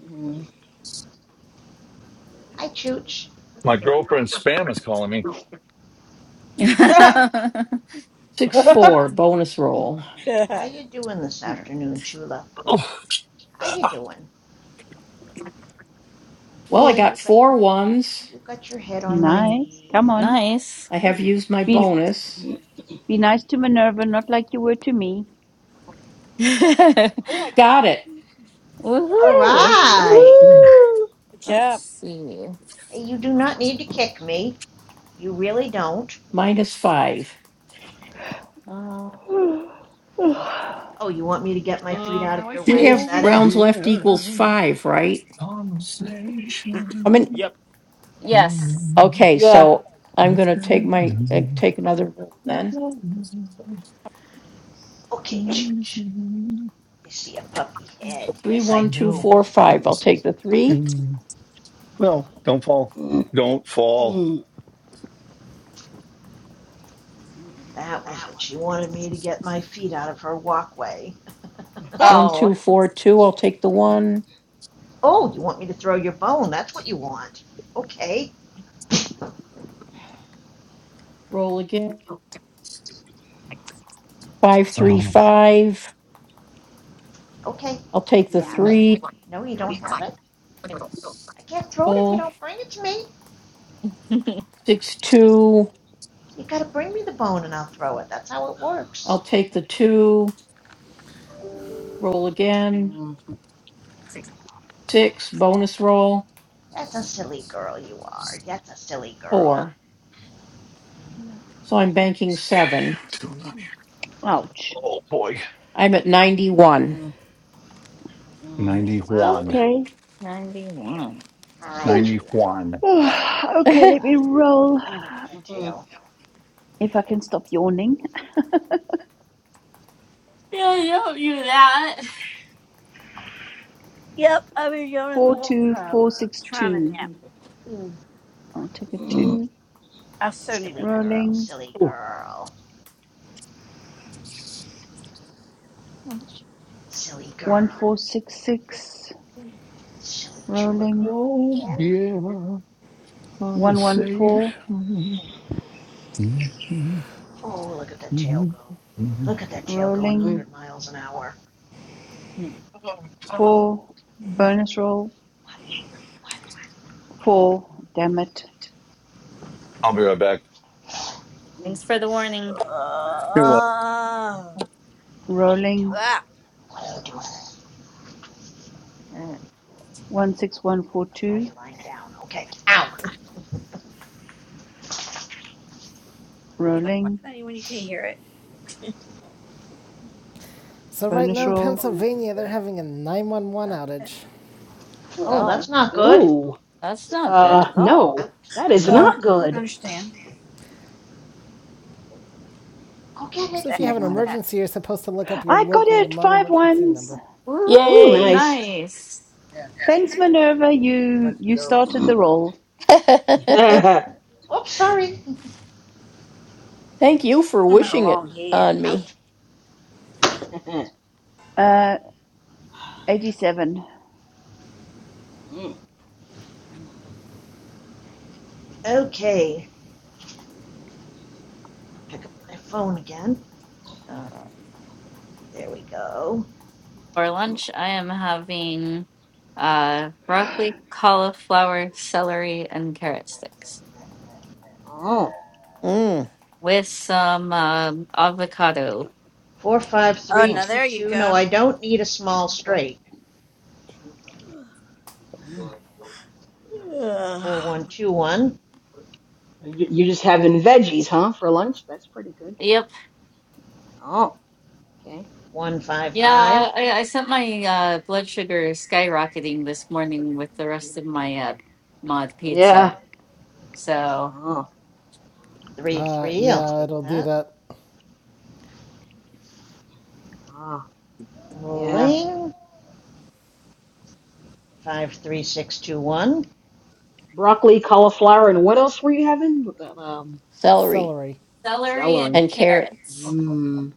D: mm, mm.
C: Hi, Chooch. How
J: My girlfriend Spam is calling me.
D: Ah!
F: Yeah.
C: you doing this afternoon, Chula?
J: Oh.
C: How you doing? Yeah, you got your you got your head on my
M: nice. Come
C: knee.
M: on.
A: nice.
D: Mm,
M: Be
D: mm. mm.
M: be nice to Minerva, not like you were to me.
C: All
A: Woohoo!
C: right.
D: Woo!
F: Good
A: Let's
F: job.
A: see.
C: Hey, you do not need to kick me. You really don't.
A: Um,
M: Hey.
C: Oh, you want me to get my feet out of your way? Is that
J: Gold
C: it?
J: beer conversation.
G: yep.
A: yes.
J: Well,
D: Yeah.
C: Okay, Chooch. I see a puppy head. Yes, I do.
J: don't fall.
D: Mm,
J: Don't fall.
D: mm, mm,
C: That was it. She wanted me to get my feet out of her walkway.
D: ha,
A: Oh.
C: oh, you want me to throw your bone? That's what you want. Okay. Okay. You have
D: mm,
C: it? No, you don't have it? I can't throw it if you don't bring it to me. You gotta bring me the bone and I'll throw it. That's how it works.
D: mm,
C: That's a silly girl you are. That's a silly girl.
J: Oh.
M: Ouch.
J: Oh boy.
D: mm, mm,
C: Wow.
J: 91.
M: Okay.
A: 91.
C: Hi, Chula.
J: 91.
C: Hi,
M: okay, let
C: Chula.
M: me roll.
C: Oh, look at that
D: mhm,
C: tail.
M: If I can stop yawning.
A: Yeah, you don't do that.
F: Yep, I've been yawning the whole time. Trying to
M: 42462.
F: nap. Mm.
M: I'll take a 2.
F: I so need a nap.
C: Girl,
M: Rolling.
C: silly
J: Oh,
C: girl. Silly girl.
M: 1466.
C: Silly Chula
M: Rolling.
C: girl,
J: oh
C: yeah.
J: yeah. On the save.
M: 114.
C: Oh, look at that tail go. Look at that tail going
D: mm,
M: Rolling.
D: mm,
C: 100 miles an hour.
M: 4. Bonus roll.
C: What,
M: 4. Damn it.
J: I'll be right back.
D: mm.
A: Thanks for the warning.
J: You're welcome.
C: what are you
M: Rolling.
C: doing?
F: Ah.
C: What are you doing? Now
M: 16142.
C: you're lying down. Okay. Ow.
M: Rolling.
B: So right
M: Bonus
B: now in
M: roll.
B: Pennsylvania, they're having a 911
F: Okay.
B: outage.
C: Oh,
A: Oh,
C: that's not good.
D: Ooh,
A: that's not good
D: uh,
A: at all.
C: Out.
D: no, that is
B: No.
F: Uh,
D: not
F: I
D: good.
F: understand.
C: Go get it.
B: So
M: Give
F: The
B: if you
M: me a
B: have
F: heck
B: an
F: is
M: 1.
F: that?
B: emergency, you're supposed to look up your
M: I got
B: local
M: it! Five
B: non-emergency
M: ones!
B: number.
D: Ooh,
A: Woo,
D: nice.
A: nice.
M: Thanks, Minerva. You you started the
D: Mm,
M: roll.
D: mm.
C: Oops, sorry. Out.
M: Uh, 87.
D: mm.
C: Okay. Pick up my phone again.
A: Uh,
C: There we go.
A: for lunch, I am having uh, broccoli, cauliflower, celery, and carrot sticks
D: Oh,
A: with some um, avocado.
F: Uh,
C: 453.
D: oh,
C: No, I don't need a small
D: okay.
C: straight.
D: Mm.
C: 4121
D: You- You're just having veggies, huh, for lunch? That's pretty good.
A: Yep.
D: Oh, okay.
C: 155
A: Yeah, I, I sent my uh, blood sugar skyrocketing this morning with the rest of my uh, mod pizza.
D: Yeah.
A: So,
D: Oh,
C: Three,
B: Uh,
C: three, I'll
D: oh,
B: yeah,
C: take
B: it'll do
C: that.
B: that.
D: oh, yeah.
C: Rolling. Five, three, six, two, one.
D: broccoli, cauliflower, and what else were you having? Um,
B: Celery.
A: celery and
D: celery.
A: carrots.
D: Mmm.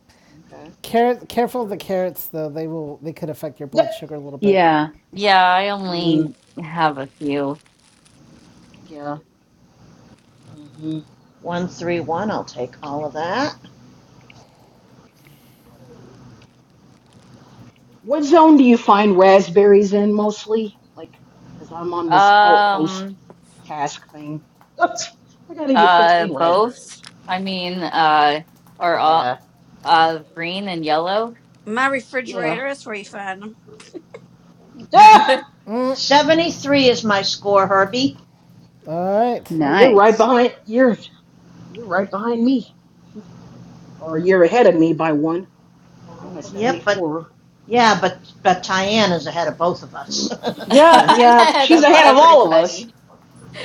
D: Okay.
B: Carrot. Careful of the
D: Carrots.
B: carrots, though. They will. They could affect your blood
D: Yep.
B: sugar a little bit.
M: Yeah,
A: Yeah, I
D: Mm,
A: only have a few.
D: yeah. hmm
C: One, three, one, I'll take all of that.
D: What zone do you find raspberries in mostly? Like, because I'm on this outpost
A: Um,
D: task thing. Oops, I gotta get
A: Uh,
D: 15
A: both.
D: raspberries.
A: I mean, uh, are all,
D: Uh,
A: uh, green and yellow.
F: my
D: yeah.
F: refrigerator That's where you find them.
D: Ah!
C: Seventy-three is my score, Herbie.
B: All right.
D: Oh, you're right
M: nice.
D: behind. You're you're right behind me, or you're ahead of me by one. I'm at
C: Yep, but,
D: 74.
C: yeah, but, but Tyann is ahead of both of us.
D: Yeah,
A: I'm
D: yeah,
A: ahead
D: she's
A: of
D: ahead of all of us.
A: everybody.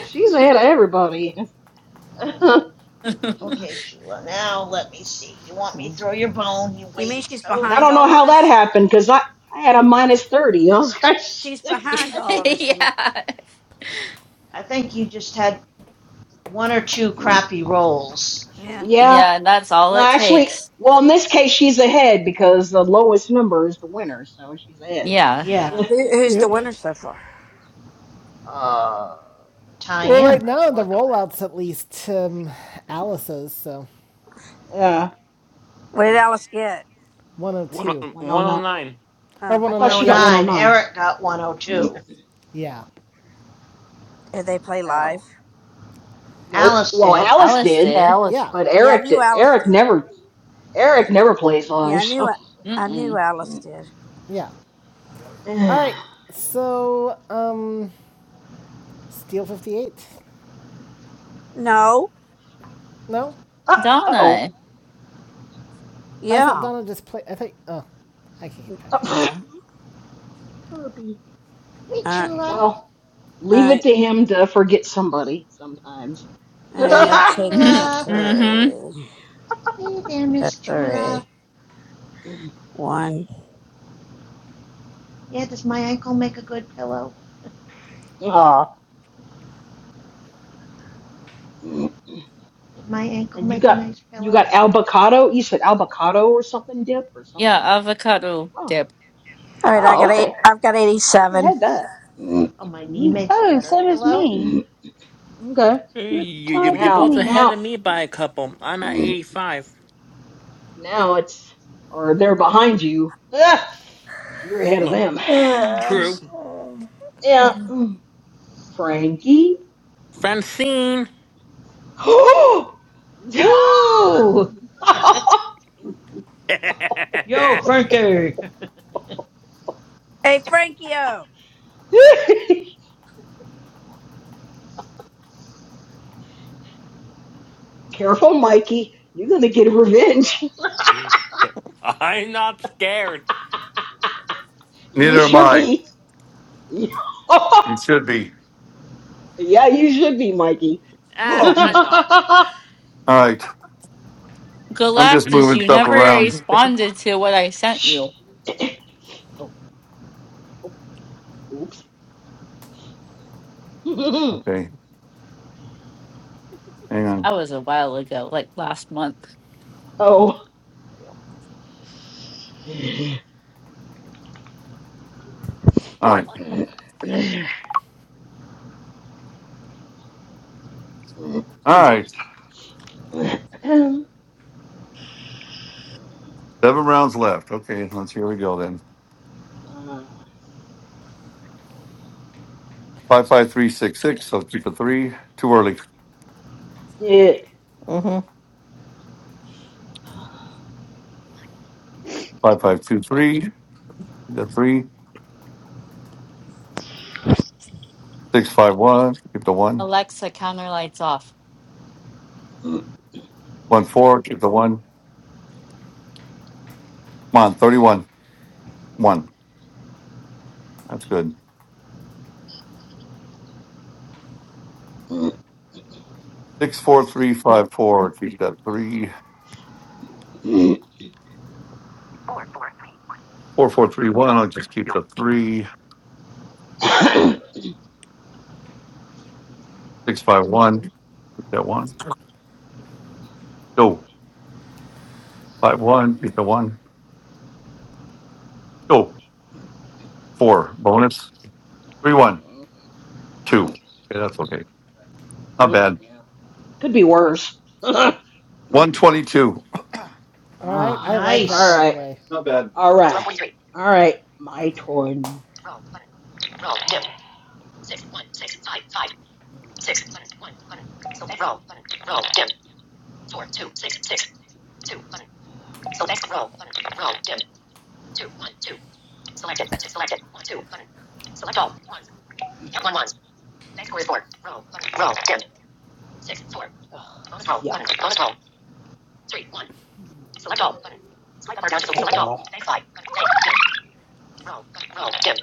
D: She's ahead of everybody. and
C: Okay, Chula, now let me see. You want me to throw your bone? You
F: You
C: wait.
F: mean she's
D: I
F: behind
D: don't know
F: all of
D: how that
F: us?
D: happened because I, I had a minus 30. I was like, it's-
F: She's behind all of
D: like,
F: us. You mean?
A: yeah.
C: I think you just had one or two crappy rolls.
F: Yeah.
D: yeah,
A: Yeah, and that's all
D: well,
A: it
D: actually,
A: takes.
D: well, in this case, she's ahead because the lowest number is the winner, so she's ahead.
A: Yeah.
C: Yeah,
F: Who, who's the
B: Yep.
F: winner so far?
D: Uh,
B: Well,
C: Tyann,
B: right
C: by
B: now
C: the
B: the
C: look of it.
B: rollouts at least um, Alice's. So
D: Yeah,
F: What did Alice get?
G: One,
B: 102
D: 109.
G: 109.
B: or
F: Oh,
D: I thought
B: 109.
D: she got
B: Yeah.
C: 109.
D: 109.
C: Eric got
D: Oh, nine.
C: 102.
B: Yeah.
F: did they play
D: Oh,
F: live?
D: nope.
C: Alice
D: Well,
C: did.
D: Alice
A: Alice
D: did,
A: did.
L: Alice.
B: Yeah.
D: but
F: Yeah, I
D: Eric
F: knew
D: did.
F: Alice
D: Eric
F: did.
D: never, Eric never plays
F: Yeah,
D: live,
F: I knew
D: so.
F: I knew
A: Mm-mm.
F: Alice did.
B: Yeah. All
D: uh
B: right. So um, Steel 58.
F: No.
B: No,
D: oh.
A: Donna.
B: I thought
F: Yeah.
B: Donna just played. I think. Oh, I can keep track.
F: No.
D: Herbie.
C: Hey,
F: Uh,
C: Chula.
D: Well,
F: all
D: leave it
F: right.
D: to him to forget somebody sometimes.
F: All right.
D: Aw.
F: I'm taking that
C: Chula.
A: Mm-hmm. mm-hmm.
F: three.
C: Hey there,
F: That
C: miss.
F: three. One.
C: Yeah, does my ankle make a good pillow?
D: And
C: Did my ankle
D: you
C: make a
D: got
C: nice
D: you
C: pillow?
D: got albocado? You said albocado or something dip or
A: Yeah,
D: something?
A: avocado
D: Oh,
A: dip.
F: All right. I
D: oh,
F: got eight.
D: okay.
F: I've got
D: I never
F: eighty-seven.
D: had that. Ooh.
C: Oh, my knee makes a
M: Oh,
C: better
M: same as
C: pillow?
M: me.
D: Okay.
G: Hey,
M: You're
G: You, you,
M: tied
G: you're
M: with
D: Now,
G: both
M: me.
G: ahead
D: now,
G: of me by a couple. I'm at 85.
D: now it's or they're behind you. Ah, you're ahead of
G: No,
D: them.
G: true.
F: Uh,
D: Yeah, Frankie.
G: Francine!
D: Oh,
C: Ooh! Yo, Frankie!
F: hey, Frankio.
D: Careful, Mikey. You're gonna get revenge.
G: I'm not scared.
D: You
J: Neither am
D: should
J: I.
D: be.
J: You should be.
D: yeah, you should be, Mikey.
G: Ah,
J: Oh,
A: Mm.
G: I'm not.
J: All right. I'm just
A: Galactus,
J: moving
A: you
J: stuff
A: never
J: around.
A: responded to what I sent you.
D: oh, oops.
J: Okay. Hang on.
A: That was a while ago, like last month.
D: oh, well.
J: All right. All right. Seven rounds left. Okay. Let's here we go then.
D: Mm.
J: Five five three six six. So keep a three. Too early.
D: Yeah. yeah.
J: Five five two three. The three. Six five one. Keep the one.
A: Alexa, counter lights off.
J: One four. Keep the one. Come on. Thirty one. One. That's good. Six four three five four. Keep that three. Four four three one. I'll just keep the three. Six five one. Keep that one. Go five one. Keep the one. Go four. Bonus three one two. Okay, that's okay. Not bad.
D: Could be worse.
J: One twenty two.
B: All right,
D: Ah,
B: I like that.
D: all
B: By
C: nice.
B: the
D: right.
B: way.
J: Not bad.
D: All right. All right. My turn. Six one six five five. Hmm. Six button one button. Select roll button. Roll dim. Four two six six two button. Select roll button. Roll dim. Two one two. Selected. Selected. One two button. Select all ones. Count one ones. Bank score is four. Roll button. Roll dim. Six four. Ugh, Bonus roll yeah. button. Bonus roll. Three one. Hmm. Select all button. Swipe up down to the select all. Wow. Bank five. dim. Roll button. Roll dim.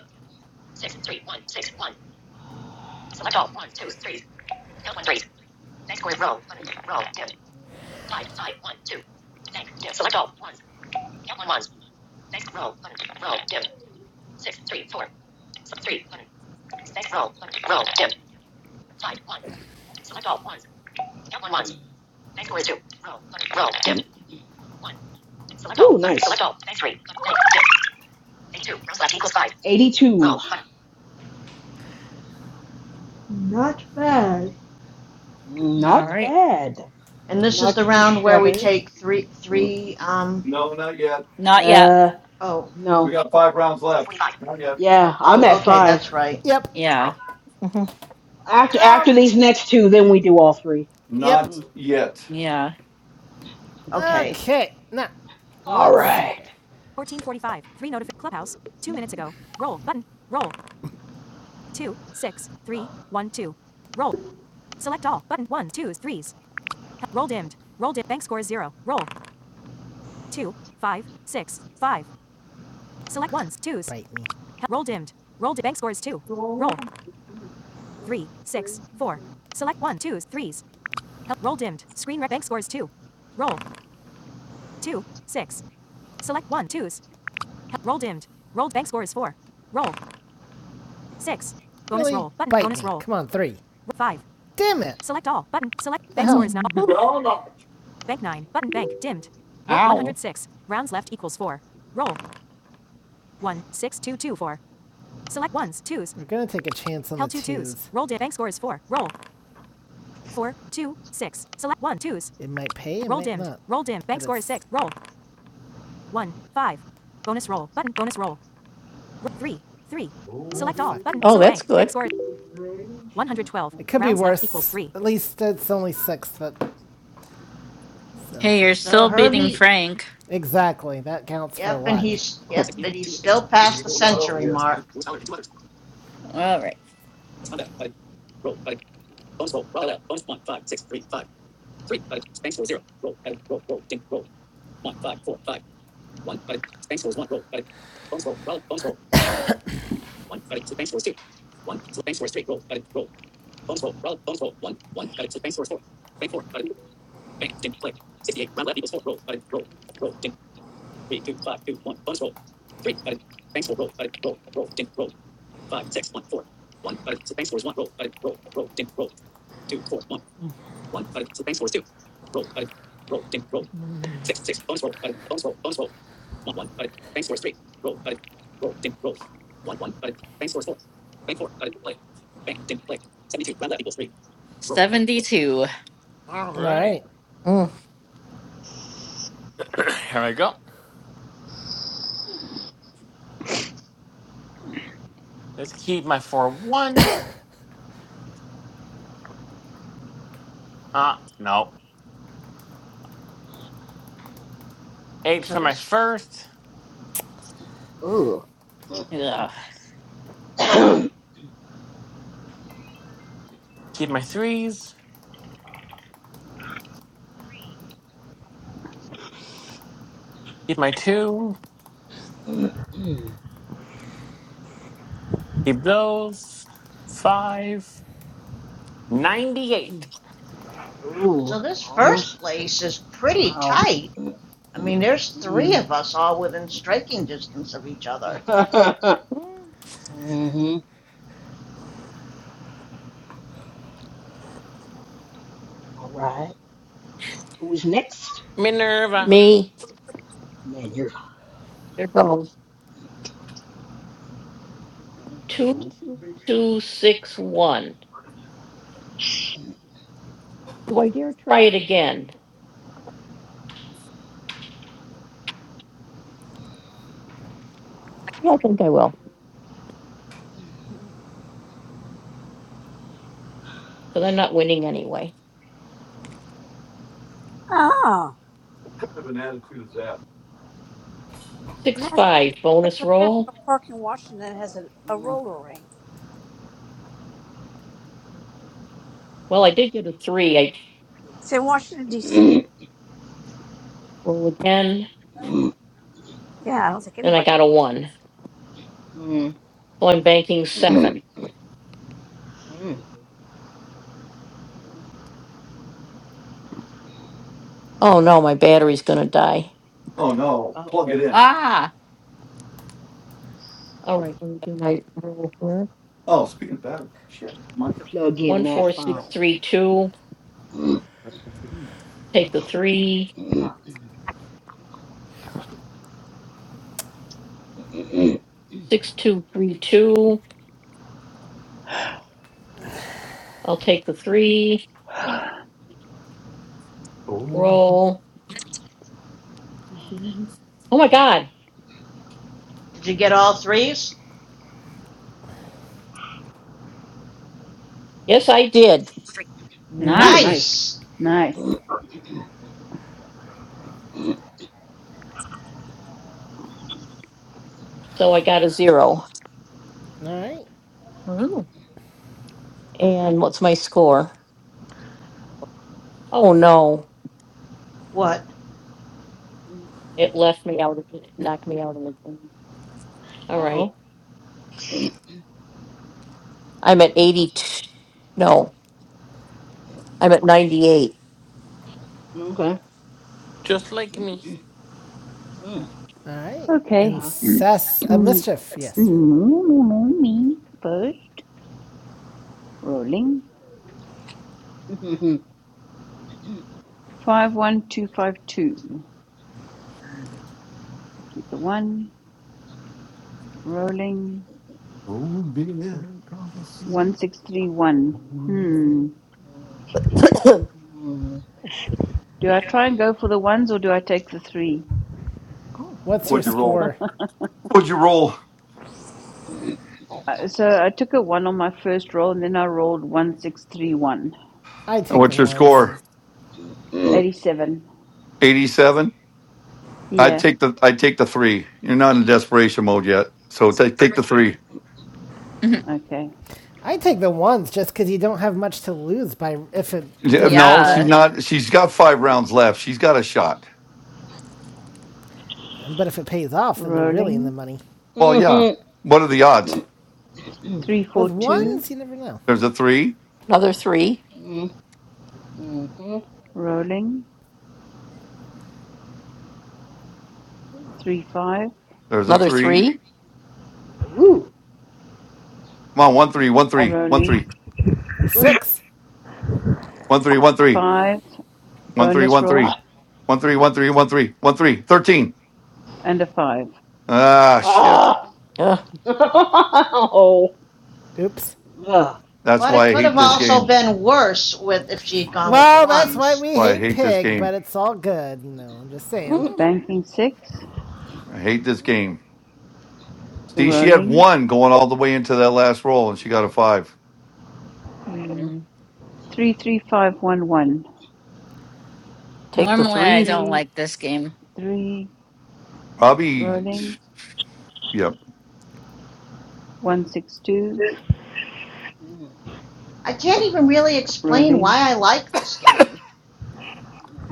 D: Six three one six one. Ah. Select all 123 twos threes. Count one three Bank square row. Button. Row. Dim. Five. Five. One. Two. Bank. Dim. Select all. Ones. Count one ones. Bank row. Button. Row. Dim. Six. Three. Four. Three. Button. Bank row. Button. Row. Dim. Five. One. Select all. Ones. Count one ones. Bank square two. Row. Button. Row. Dim. One. Select all. Ooh, nice. Select all. Bank three. Bank. Dim. Eighty-two. Rounds left equals five. Eighty-two. Row. Button.
C: Not bad.
A: All
D: Not
A: right.
D: bad.
C: And this is
D: Not
C: the
D: too
C: round where we
D: shabby.
C: take three, three, um,
J: No, not yet.
A: Not yet.
D: Uh,
C: oh,
D: no.
J: We
D: Row
J: got five rounds left.
D: forty-five.
J: Not yet.
D: Yeah, I'm
C: oh,
D: at
C: okay,
D: five.
C: that's right.
B: Yep.
D: Bank
A: Yeah.
D: row. After after
B: Um.
D: these next two, then we do all three.
B: Yep.
J: Not
D: Mm.
J: yet.
A: Yeah.
C: Okay.
B: Okay. Now,
D: All
B: let's see
D: right.
B: here. Bite me. Really? Bite me. Come on, three. Damn it.
A: Ow.
B: We're gonna take a chance on the twos. It might pay. It might not. but
J: Oh, be gracious,
B: It could be worse. At least it's only six, but so
A: Hey, you're
C: So
A: still beating
C: Herbie,
A: Frank.
B: Exactly. That counts for a
C: yep, and
B: lot.
C: he's, yep, and he's still past the century mark.
A: All right.
L: Mm.
A: 72.
G: All
B: All
G: right.
B: right.
L: Mm.
G: Here we go. Let's keep my four ones. Ah, no. Eight
C: So
G: for my
C: this,
G: first.
D: Ooh.
A: Ugh.
G: Keep my threes. Keep my two. Keep those. Five. 98.
D: Ooh.
C: so this first
D: Almost.
C: place is pretty tight.
D: Wow. Mm.
C: I mean, there's three of us all within striking distance of each other.
D: mm-hmm. All right. Who's next?
G: Minerva,
L: Me.
D: Man, you're.
L: There goes.
J: oh, be.
F: Oh,
J: What kind of an attitude is that?
F: National Park in Washington has a, a
D: Mm.
F: roller rink. It's in Washington D.C.
D: Mm. Mm.
F: Yeah, I don't think anybody.
D: Mm. Mm. Mm.
J: Oh, no. Plug it
D: Uh-oh,
J: in.
A: Ah,
J: Oh, speaking of battery, shit, Mike.
D: plug in that phone.
C: Did you get all threes?
D: Ooh,
A: nice.
D: nice.
C: Nice.
M: Nice.
B: All right.
A: Ooh.
C: What?
D: Uh-oh,
L: All right.
D: okay.
G: just like me.
D: Mm,
B: All right.
M: Okay.
D: uh,
B: Incess uh, mischief. Yes.
M: me first. Rolling.
D: mm, mm,
M: 51252. Keep the one. Rolling.
J: Oh, be
M: 1631. Hmm.
D: mm.
M: Do I try and go for the ones or do I take the three?
B: What's your
J: What'd you roll?
B: score?
J: What'd you roll?
M: Uh, So I took a one on my first roll and then I rolled 1631.
B: I take the
J: What's your
B: ones.
J: score?
M: 87.
J: 87? I'd
M: Yeah,
J: take the I'd take the three. You're not in desperation mode yet. So
L: So
J: take take
L: take
J: the three.
A: Mhm.
M: okay.
B: I take the ones just because you don't have much to lose by if it
J: Yeah,
B: doesn't
J: No,
B: work
J: she's
A: yeah.
B: out.
J: not she's got five rounds left. She's got a shot.
B: But if it pays off, then you're really in the
M: Rolling
B: money.
J: Well,
D: Mm,
J: yeah. What are the odds?
M: three four
B: With
M: two
B: ones, you never know.
J: There's a three.
D: mm, mm, mm.
M: rolling three five
J: There's a three.
D: Ooh,
J: Come on, one three, one three, one
M: rolling
J: three,
D: three.
B: Six.
J: one three, one three,
M: five
J: one three,
M: bonus
J: one
M: roll
J: three,
D: Ah,
J: one three, one three, one three, one three, thirteen.
M: and a five.
J: Ah, shit.
D: ah. oh,
B: Oops.
D: ah,
J: That's
C: But it
J: why I
C: could have
J: hate this
D: ah.
C: also
J: game.
C: been worse with if she had gone with the
B: Well, that's why
C: ones.
B: we
J: Why I
D: Mm,
B: hate
J: hate this
B: pig, but
J: game.
B: it's all good. No, I'm just saying.
D: mm,
L: Mhm.
M: Banking six
J: I hate this game. See, she had
M: rolling
J: one going all the way into that last roll, and she got a five.
D: mm,
A: Mm.
M: three three five one one
L: Take the
A: Normally, I
L: threes.
A: don't
M: three
A: like this game.
M: three
J: Probably,
M: rolling
J: yep.
M: one six two
D: mm,
C: I can't even really explain
M: rolling
C: why I like this game.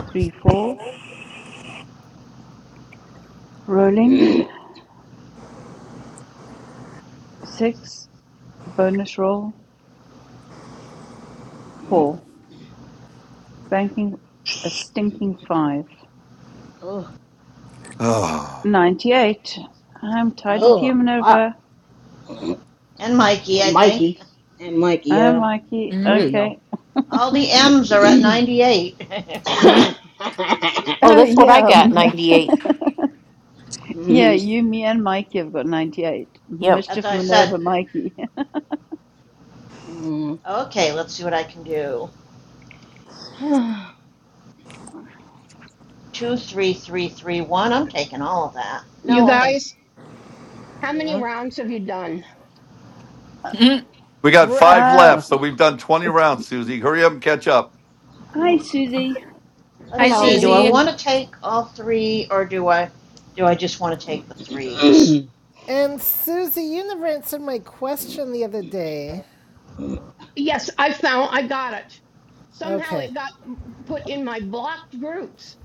M: three four rolling six bonus roll four banking a stinking five.
D: Oh,
J: Ah.
M: 98. I'm tied with you,
D: oh, wow.
M: Minerva.
C: And Mikey,
D: And
C: I think.
D: Mikey. And Mikey,
M: Hi,
D: yeah.
M: Mikey.
D: Three,
A: Mhm.
D: yo.
M: Okay.
C: All the M's
D: Mm,
C: are at 98.
A: Mhm.
M: Uh, yeah. um, yeah, you, me, and Mikey have got 98.
C: As
M: Mischief
C: I said,
M: Minerva Mikey.
D: mm.
C: okay, let's see what I can do. Two, three, three, three, one. I'm taking all of that.
N: You
C: No, I'm gonna
N: guys, how many
D: yeah.
N: rounds have you done?
A: Mhm.
J: we got
B: We're
J: five
B: up.
M: Uh,
D: Uh,
J: left, so we've done twenty
M: it's,
J: rounds. Susie, hurry up and catch up.
M: hi, Susie.
A: Hi,
C: Let's
D: hi,
C: see,
N: Hello.
C: do I
A: Susie.
D: Susie.
C: want to take all three or do I, do I just want to
D: Mm,
C: take the threes?
B: And Susie, you never answered my question the other day.
N: Yes, I found I got it. Somehow
B: Okay.
N: it got put in my blocked groups.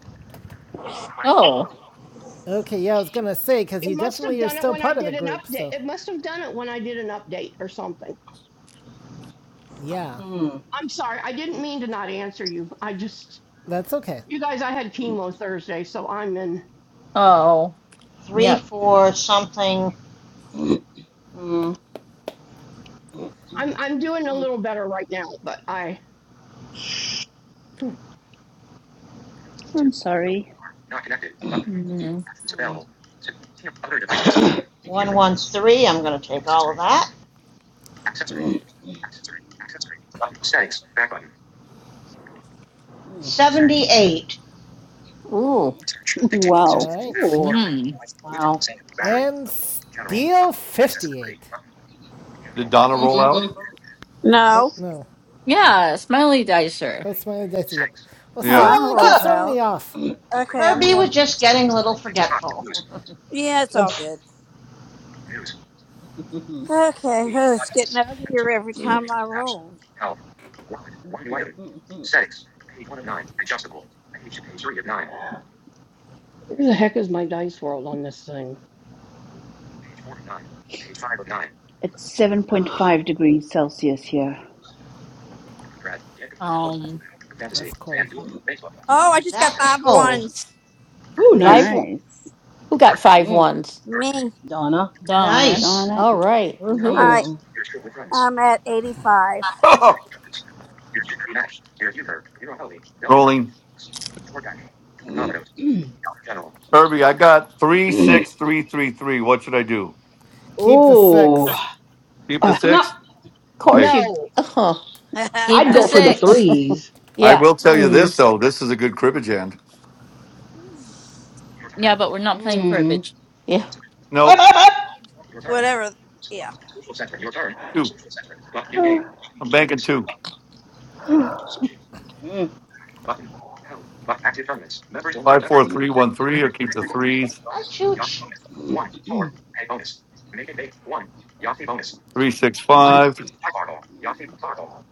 A: Oh.
B: Okay. Yeah, I was gonna say because
N: It
B: you
N: must have
B: definitely are
N: done it
B: still
N: when I
B: part of the
N: did an
B: group,
N: update.
B: so
N: It must have done it when I did an update or something.
B: yeah,
D: mm,
N: I'm sorry. I didn't mean to not answer you. I just
B: that's okay.
N: you guys, I had
D: mm,
N: chemo Thursday, so I'm in
A: Oh.
C: Three,
A: Yep.
C: four, something,
D: mm, mm.
N: I'm I'm doing a little better right now, but I
M: I'm sorry.
A: Hmm.
C: one, one, three, I'm going to take all of that.
D: Mm,
C: 78.
D: mm.
M: wow.
B: All right.
D: Ooh,
A: Mm.
D: wow.
B: And Steel fifty-eight.
J: Did Donna roll out?
B: Or,
F: No.
B: no,
A: Yeah, smiley dicer.
B: that's my that's yep. Well, Sue
F: Oh,
J: Yeah.
F: I'm
B: Ellen keeps
F: rolled
B: throwing
F: out.
B: me off.
D: Ooh,
F: Okay, I'm
C: Kirby was
F: going.
C: just getting a little forgetful.
F: Yeah, it's all good. Okay, oh, it's getting uglier every time I roll.
N: where the heck is my dice world on this thing?
M: It's 7.5 degrees Celsius here.
A: Um,
B: That's cold.
F: Oh, I just got five ones.
D: nice.
M: Nice.
D: Mm,
F: Me,
D: Donna.
A: Donna.
C: nice.
M: Darn
A: Woohoo.
F: I
D: Mm.
F: I'm at eighty five.
J: Rolling. Herbie, I got three, six, three, three, three. What should I do?
B: Keep the
D: Ooh.
B: six.
J: Keep the
N: Uh,
D: No,
J: six. Okay.
N: no.
A: Keep
D: I'd
A: the
D: go for the
A: six.
D: threes.
J: I will tell you
D: Mm.
J: this though. This is a good cribbage hand.
A: Yeah, but we're not playing for a
D: Mm.
A: bitch.
D: Up,
J: No,
D: up, up.
F: Whatever. Yeah.
J: two.
M: it.
J: I'm banking two.
D: Mm.
J: Five, four, three, one, three. I'll keep the threes.
C: Hi, Chooch.
J: Three, six, five.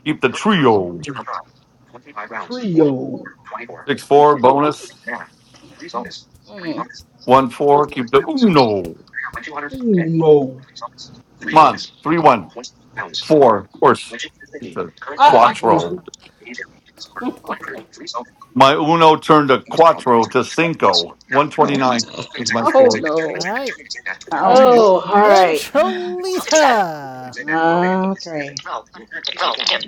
J: Keep the trio. Six, four. Bonus.
D: Mm.
J: One, four. Keep the uno. Come on. Three, one, four. Of course. Keep the
D: Ah, mm.
J: quattro. My uno turned a quattro to cinco. One twenty nine is my
D: Oh
J: score.
D: no.
B: All right.
A: Mm.
M: Ouch.
D: Oh, all
B: And
D: right. 1257.
B: Trolita.
D: Okay. Roll. Button. Roll. Dim.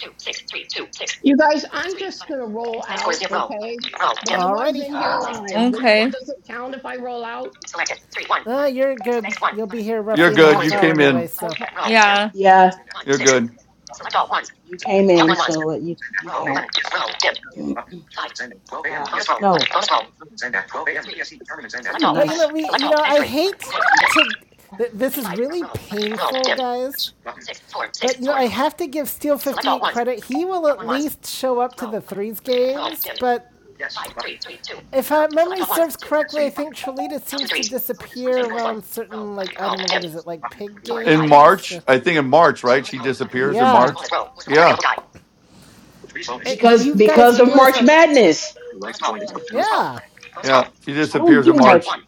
D: two six three two six
N: You guys, I'm
D: three
N: just
D: button.
N: going to roll
D: Bank score
N: out,
D: zero button.
N: okay?
D: Roll
N: But
D: dim
N: I was
B: Alrighty.
N: in here
D: six two
N: live. Do-
D: one one.
A: Okay.
N: Does it count if I roll out?
D: Selected three one
B: Uh,
D: button.
B: you're
D: So
B: good.
D: bank one
B: You'll be
D: button.
B: here
J: You're
B: roughly in a
D: Bank
J: good.
D: score
B: half
J: You
D: two.
B: hour
J: came
B: anyway,
D: Roll
J: in.
D: button.
N: Okay.
B: so.
D: Roll dim.
A: Yeah.
D: Yeah. One
J: You're
D: six.
J: good.
D: Select all ones. You came in, Count so that you, you roll count. button. Roll dim five. Uh, bonus roll. No. Bonus roll three. Select Ooh, all nice.
B: But you know,
D: button.
B: we,
D: Select
B: you
D: all.
B: know,
D: Bank
B: I
D: three button.
B: hate
D: Dim. dim.
B: to. Th- this is
D: Eighty-five.
B: really
D: Roll button. Roll
B: painful,
D: dim
B: guys.
D: six four six
B: But you know,
D: four
B: I
D: one.
B: have to give Steel
D: Select all
B: 58
D: ones.
B: credit. He will
D: Count
B: at
D: one ones.
B: least show up to
D: Roll
B: the
D: button.
B: threes
D: Roll
B: games,
D: dim
B: but
D: five three three two.
B: if uh,
D: Select
B: memory
D: all ones,
B: serves
D: twos,
B: correctly,
D: threes.
B: I think Trelita
D: Count two
B: seems to
D: threes.
B: disappear
D: Bank scores one.
B: around
D: Roll.
B: certain
D: Button.
B: like I
D: Roll.
B: don't know
D: Dim.
B: what is it like pig
D: Four.
J: In
D: Five.
B: games.
J: March,
B: Uh,
J: I think in March, right?
D: Bonus
J: She
D: roll. Button.
J: disappears in
D: Use
B: yeah,
J: March.
D: bonus roll. Or select
J: Yeah.
D: available die.
B: Uh,
D: Because
B: you guys
D: because of
B: realize
D: March
B: how
D: Madness. Bonus roll. Button. Bonus roll.
B: yeah
D: Button. Bonus roll.
J: Yeah, she
D: I don't
J: disappears
D: do
J: in
D: Three, much.
J: March.
D: One.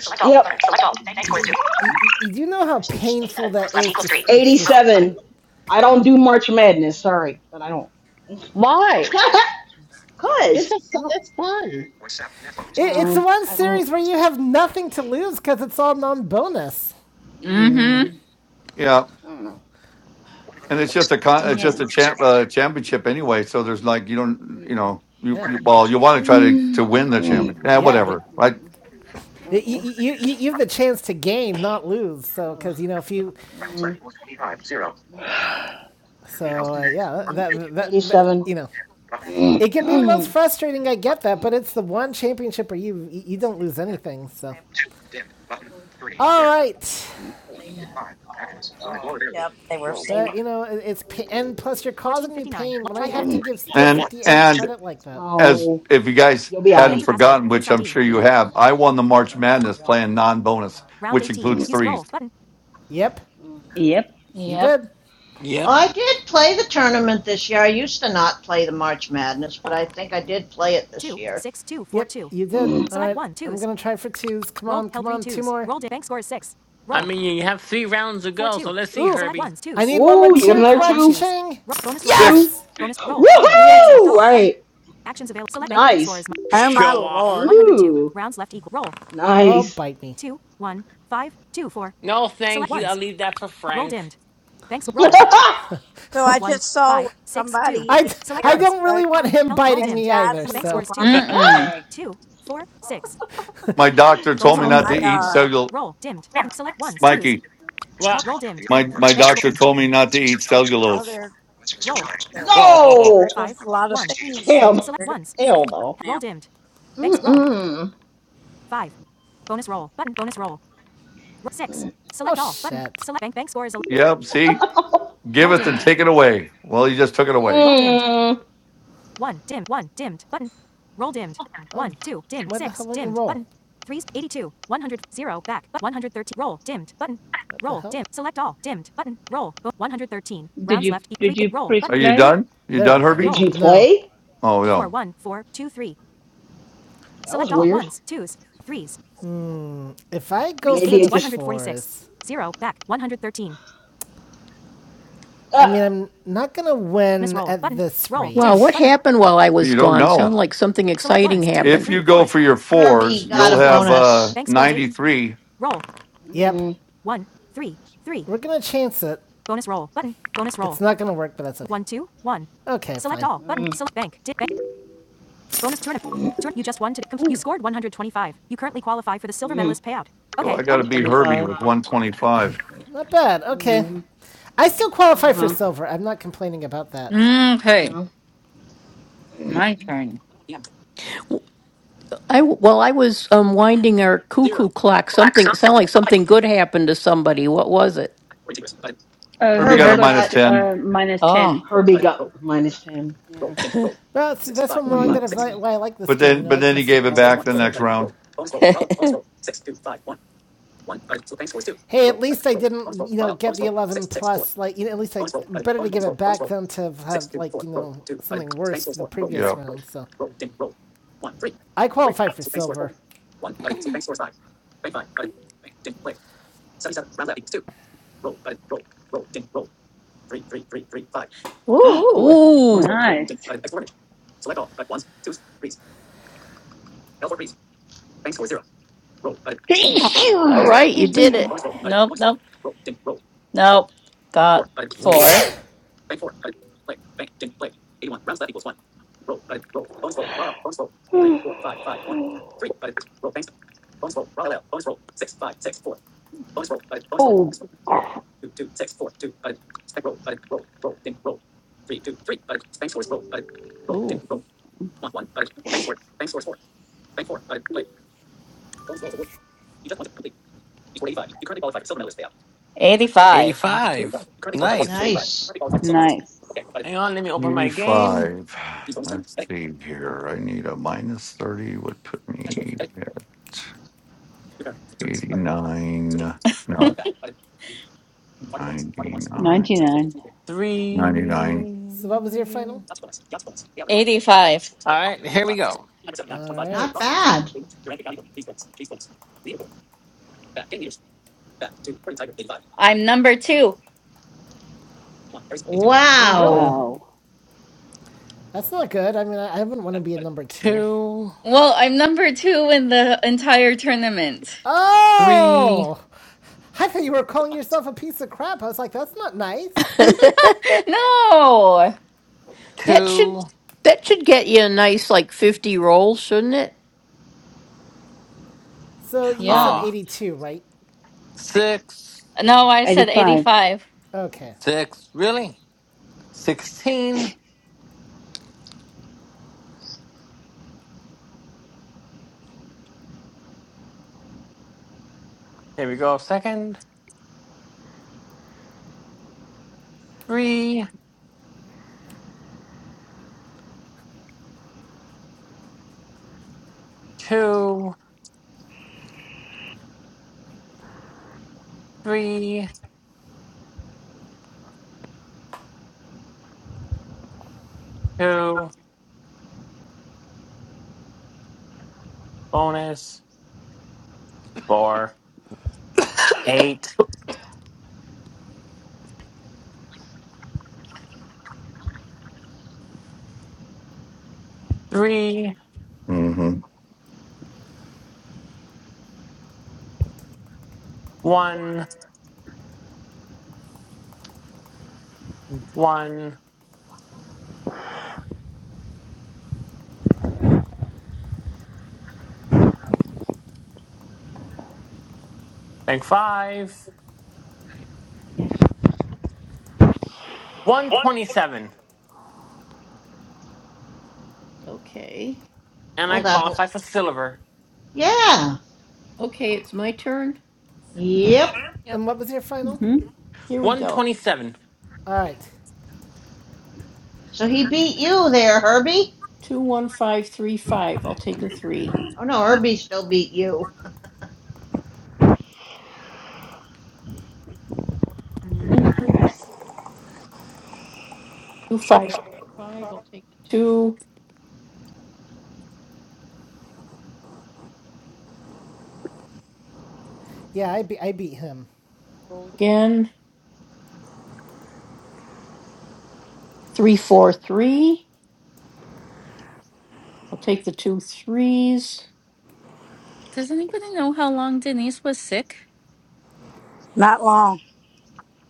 D: Select all. Yep. Button. Select all. Bank, bank scores two.
B: you, you, you do know how painful
D: Eighty-seven. Rounds
B: that
D: left
B: is
D: equals
B: to. s-
D: three.
B: to
D: Eighty-seven. I don't do March Madness. Sorry, but I don't.
N: Why? Three's bonus turn. It's
D: Cause
N: a,
D: I
N: fu-
D: don't.
N: it's fun.
B: it, it's the
D: No,
B: one
D: I don't.
B: series where you have nothing to lose because it's all non-bonus.
A: Mm-hmm.
D: Mm,
J: Yeah,
D: I don't know. I
J: and
D: don't
J: it's just a con- it's just
M: Yeah.
J: a champ uh, championship anyway. So there's like you don't
D: know.
J: you know you,
B: Yeah,
J: you well you want to try to to
D: Mm,
J: win the
D: mm,
J: championship. Yeah,
B: yeah, but
J: whatever. Right.
D: mm.
B: you,
D: Mm,
B: you, you, you have the chance to gain, not lose. So, because
D: ugh,
B: you know, if you,
D: mm, mm,
B: so uh, yeah,
D: mm,
F: This
B: that, that that
D: 87.
B: you know, it can be the most frustrating. I get that, but it's the one championship where you you
F: this
B: don't lose
F: picture,
B: anything. So,
F: grandparents ordered
B: all right,
F: it up. They were saying,
B: but you know, it's and plus you're causing me pain when I have to give Steel
J: And
B: Fifty Eight
J: and
B: credit like that.
J: as
D: oh,
J: if you guys
D: you'll be
J: hadn't
D: alright.
J: forgotten, which I'm sure you have, I won the March Madness playing non-bonus, which includes threes.
B: Yep,
M: Yep.
B: he
A: Yep.
B: did.
C: Oh,
G: Yep.
C: I did play the tournament this year. I used to not play the March Madness, but I think I did play it this year.
B: Yep, you did. All right, right, I'm going gonna try for twos. Come on, come on, two more.
G: I mean, you have three rounds to go, so let's see, Herbie.
B: need one more
D: Ooh, you got
B: two. Come
D: another two?
B: ching.
J: Six.
D: Two? Woohoo! All
M: Yes.
D: right. Nice.
F: "Oh my
G: Show off.
F: lord!"
D: Ooh,
B: Oh,
D: nice.
B: bite me.
G: No, thank you. I'll leave that for Frank.
F: So I just saw where somebody in
B: really want
F: Arizona
B: him
F: has died from the bubonic
A: Mm-mm.
F: plague. Oh,
J: My doctor told me
D: Um,
J: not
F: my
J: to eat
F: god.
J: cellul. Mikey,
G: what?
J: my my doctor told me not to eat
F: Well,
J: cellulose.
F: they're getting
G: Oh,
F: rid
D: no!
F: of a lot of things, so
D: Damn.
F: they're going to see this
D: Hell
F: stuff
D: no.
F: now.
D: Mm-mm.
J: Yep. See, give it and take it away. Well, you just took it away.
D: Mm,
B: the hell?
M: Did you did you press
J: Are you
M: play?
J: done? You
B: There
J: done,
B: we go.
J: Herbie?
D: did you
B: Now,
D: play?
J: Oh no,
D: That was weird.
B: if I go
D: Maybe it just.
B: I
D: Uh,
B: mean, I'm not gonna win
J: you don't know. If you go for your fours,
C: Herbie got
J: you'll
C: a
J: have uh,
C: bonus.
J: 93.
B: Yep.
D: mm,
B: We're gonna chance it. It's not gonna work, but that's okay. Okay. fine.
D: mm, mm, mm,
J: So I got to beat Herbie
D: 125.
J: with 125.
B: Not bad. Okay.
D: Mm,
B: I still qualify for
D: uh-huh,
B: silver. I'm not complaining about that.
A: Okay.
D: no.
A: My turn.
M: Uh,
J: Herbie got
M: Herbie
J: a
C: Herbie
A: Herb.
M: got
J: minus
C: got
J: 10,
M: uh, minus ten.
D: Herbie got minus 10. Yeah.
B: Well, see, that's what more that i why I like this
J: but
B: game. You
J: then
B: know,
J: but
B: I
J: then
B: can
J: he
B: still
J: gave it
B: qualify
J: back
B: for
J: the next
B: silver.
J: round.
B: Hey, at least I didn't, you know, get the 11 plus. Like, you know, at least I better to give it back than to have like, you know, something worse the previous
J: Yep,
B: round. So I qualify for silver.
A: Ooh.
M: nice. Excuse me.
A: Nope, nope, nope. Got four.
M: Oh,
A: 85.
G: eighty-five. Nice.
C: nice.
M: nice.
G: hang on. Let me open my game.
J: 85. Let's see here. I need a minus 30 would put me at 89. No, 99.
M: 99.
J: ninety-nine
B: So what was your final?
G: Three.
A: 85.
G: All right, here we go.
B: All
C: Not
B: right.
C: bad.
A: I'm number two.
B: Well, really,
C: Wow.
M: Wow.
B: that's not good. I mean, I, I wouldn't want to be a number two.
G: Two,
A: Well, I'm number two in the entire tournament.
G: three,
B: Oh, I thought you were calling yourself a piece of crap. I was like, that's not nice.
A: No!
G: two,
B: So you said
A: Yeah.
G: ah,
B: 82, right?
G: six,
A: No, I said
M: 85.
A: 85.
B: Okay.
G: six, really? 16. Here we go, second. Three, two, three, two, bonus. four, eight, three,
J: Mm-hmm.
G: one, one, bank five, 127. And
C: Oh,
G: I
C: that whole
G: qualify for silver.
C: Yeah.
L: Okay, it's my turn.
C: Yep.
B: And what was your final?
M: Mm-hmm.
L: Here we go.
G: 127.
B: All right.
C: So he beat you there, Herbie.
L: Two one five three five. I'll take a three.
C: Oh no, Herbie still beat you.
L: Two five four five. I'll take the two.
B: Yeah, I, be- I beat him.
L: Roll again. Three four three. I'll take the two threes.
A: Does anybody know how long Denise was sick?
F: Not long.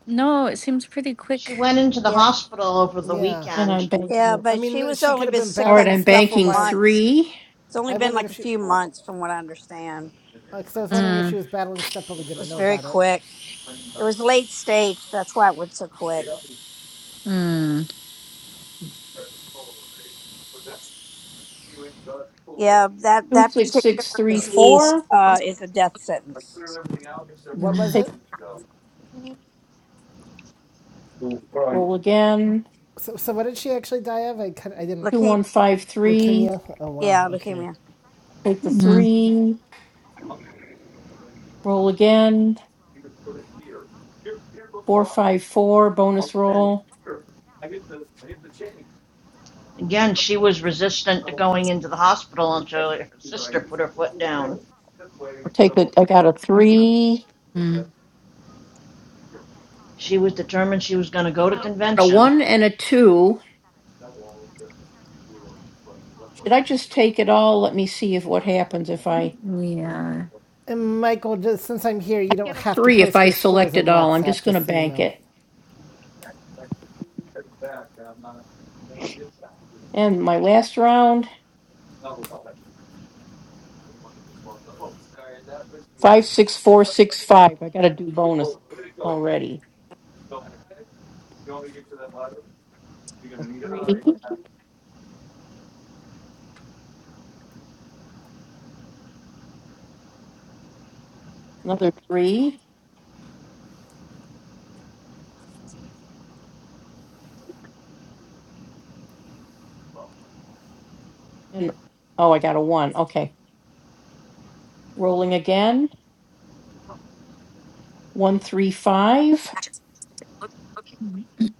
A: No, it seems pretty quick.
C: She went into the
F: Yeah,
C: hospital over the
B: Yeah.
L: And I'm
C: weekend.
L: banking.
F: yeah,
B: I
F: but she
B: mean,
F: was
B: she could
F: only
B: have
F: been
B: been
F: sick
L: All right,
B: battling
L: I'm
B: stuff for
F: a
B: a
F: month.
L: banking
B: while.
L: three.
F: It's only
B: I
F: been
B: wondered
F: like
B: if
F: a
B: she,
F: few months, from what I understand.
B: because I was wondering if she
A: Mm,
B: was battling stuff, but we
F: It
B: didn't
F: was
B: know
F: very
B: about it.
F: quick. It was late stage. That's why it went so quick.
A: mm,
F: Yeah, that
L: Two
F: that
L: six six three
F: disease
L: four.
F: uh, is a death sentence.
B: What
A: mm,
B: was
L: Take
B: it?
L: three. Roll again.
B: So, so what did she actually die of? I, I didn't
L: Two
F: Leuke-
L: one five three.
B: leukemia. Oh
F: yeah,
B: wow. Okay.
F: leukemia.
L: Take the
A: mm,
L: three. Roll again. Four five four. Bonus roll.
C: Again, she was resistant to going into the hospital until her sister put her foot down.
A: mm.
C: She was determined she was going to go to convention.
A: Yeah.
B: And Michael, just since I'm here, you don't have to post your scores on WhatsApp, just so you know.
J: We wanted to swap the votes. Sorry, that was me. People, would it go. So, you want me to get to that ladder? You're gonna need it. Oh yeah.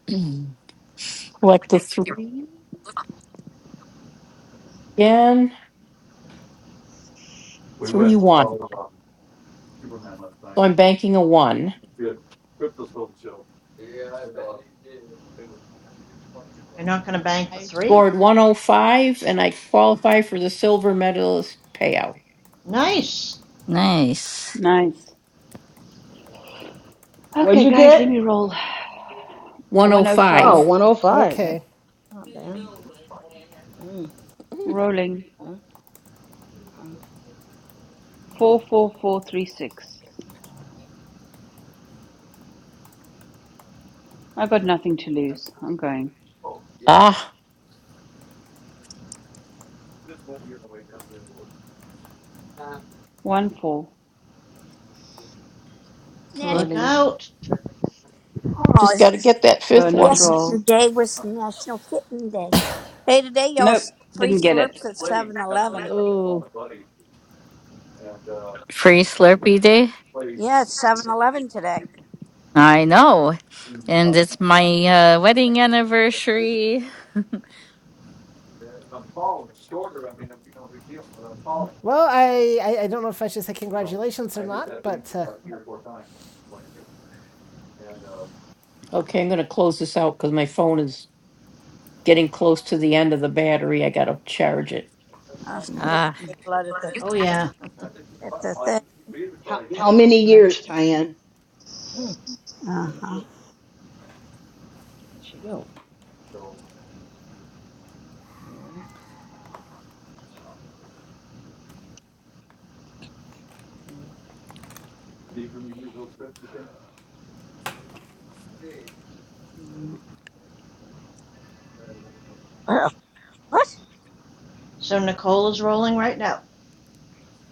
J: We went and saw um, Superman last night. Yeah, Crypto sold the show. Yeah, I bet uh, you did. It was twenty years
C: You're
J: old.
C: not going to bank the three? Nice.
A: Nice.
M: Nice.
D: What'd
M: Okay,
D: you
M: guys, let
D: get?
M: me roll. 105.
D: Oh, one oh five. That's
B: Okay.
D: not bad.
J: And this bike,
D: Mm,
M: Rolling.
D: uh, uh,
M: 44436. I
J: you
M: got
J: got-
M: nothing to
J: and-
M: lose. I'm going.
J: oh, Yeah. this won't be on the way down here. but
M: 1 4.
F: National.
C: Look
M: Rolling.
C: out.
F: Oh,
M: Bonus roll.
F: yesterday was National Kitten Day. Hey, today y'all
M: Nope,
F: free
M: didn't get it.
F: slurps at Seven
J: I played after
F: Eleven.
J: that. I called my buddy and uh,
A: Free Slurpee Day?
J: played
F: Yeah, it's Seven Eleven today.
A: I know. And
J: about the
A: it's
J: time.
A: my uh, wedding anniversary.
J: If I'm tall and shorter, I mean, it'd no big deal, but I'm tall.
B: Well, I, I, I don't know if I should say
J: So
B: congratulations
J: I
B: or
J: hit
B: not,
J: that thing
B: but uh,
J: about three or four times. And, uh, that's
F: Uh,
J: fine.
D: uh.
F: they
A: Ah.
J: I
F: blood at the
C: Oh yeah.
J: didn't think
F: at
J: about
F: the thing.
J: it wait until
D: how,
J: I hit
F: At
D: how
F: the
J: that,
D: many years,
F: convention.
D: Tyann? Hmm, Where'd
F: Uh-huh.
D: she go? Mm, mm.
J: even we do those fifty things,
D: Mm,
J: uh, we're,
F: What?
C: So Nicole is rolling right now.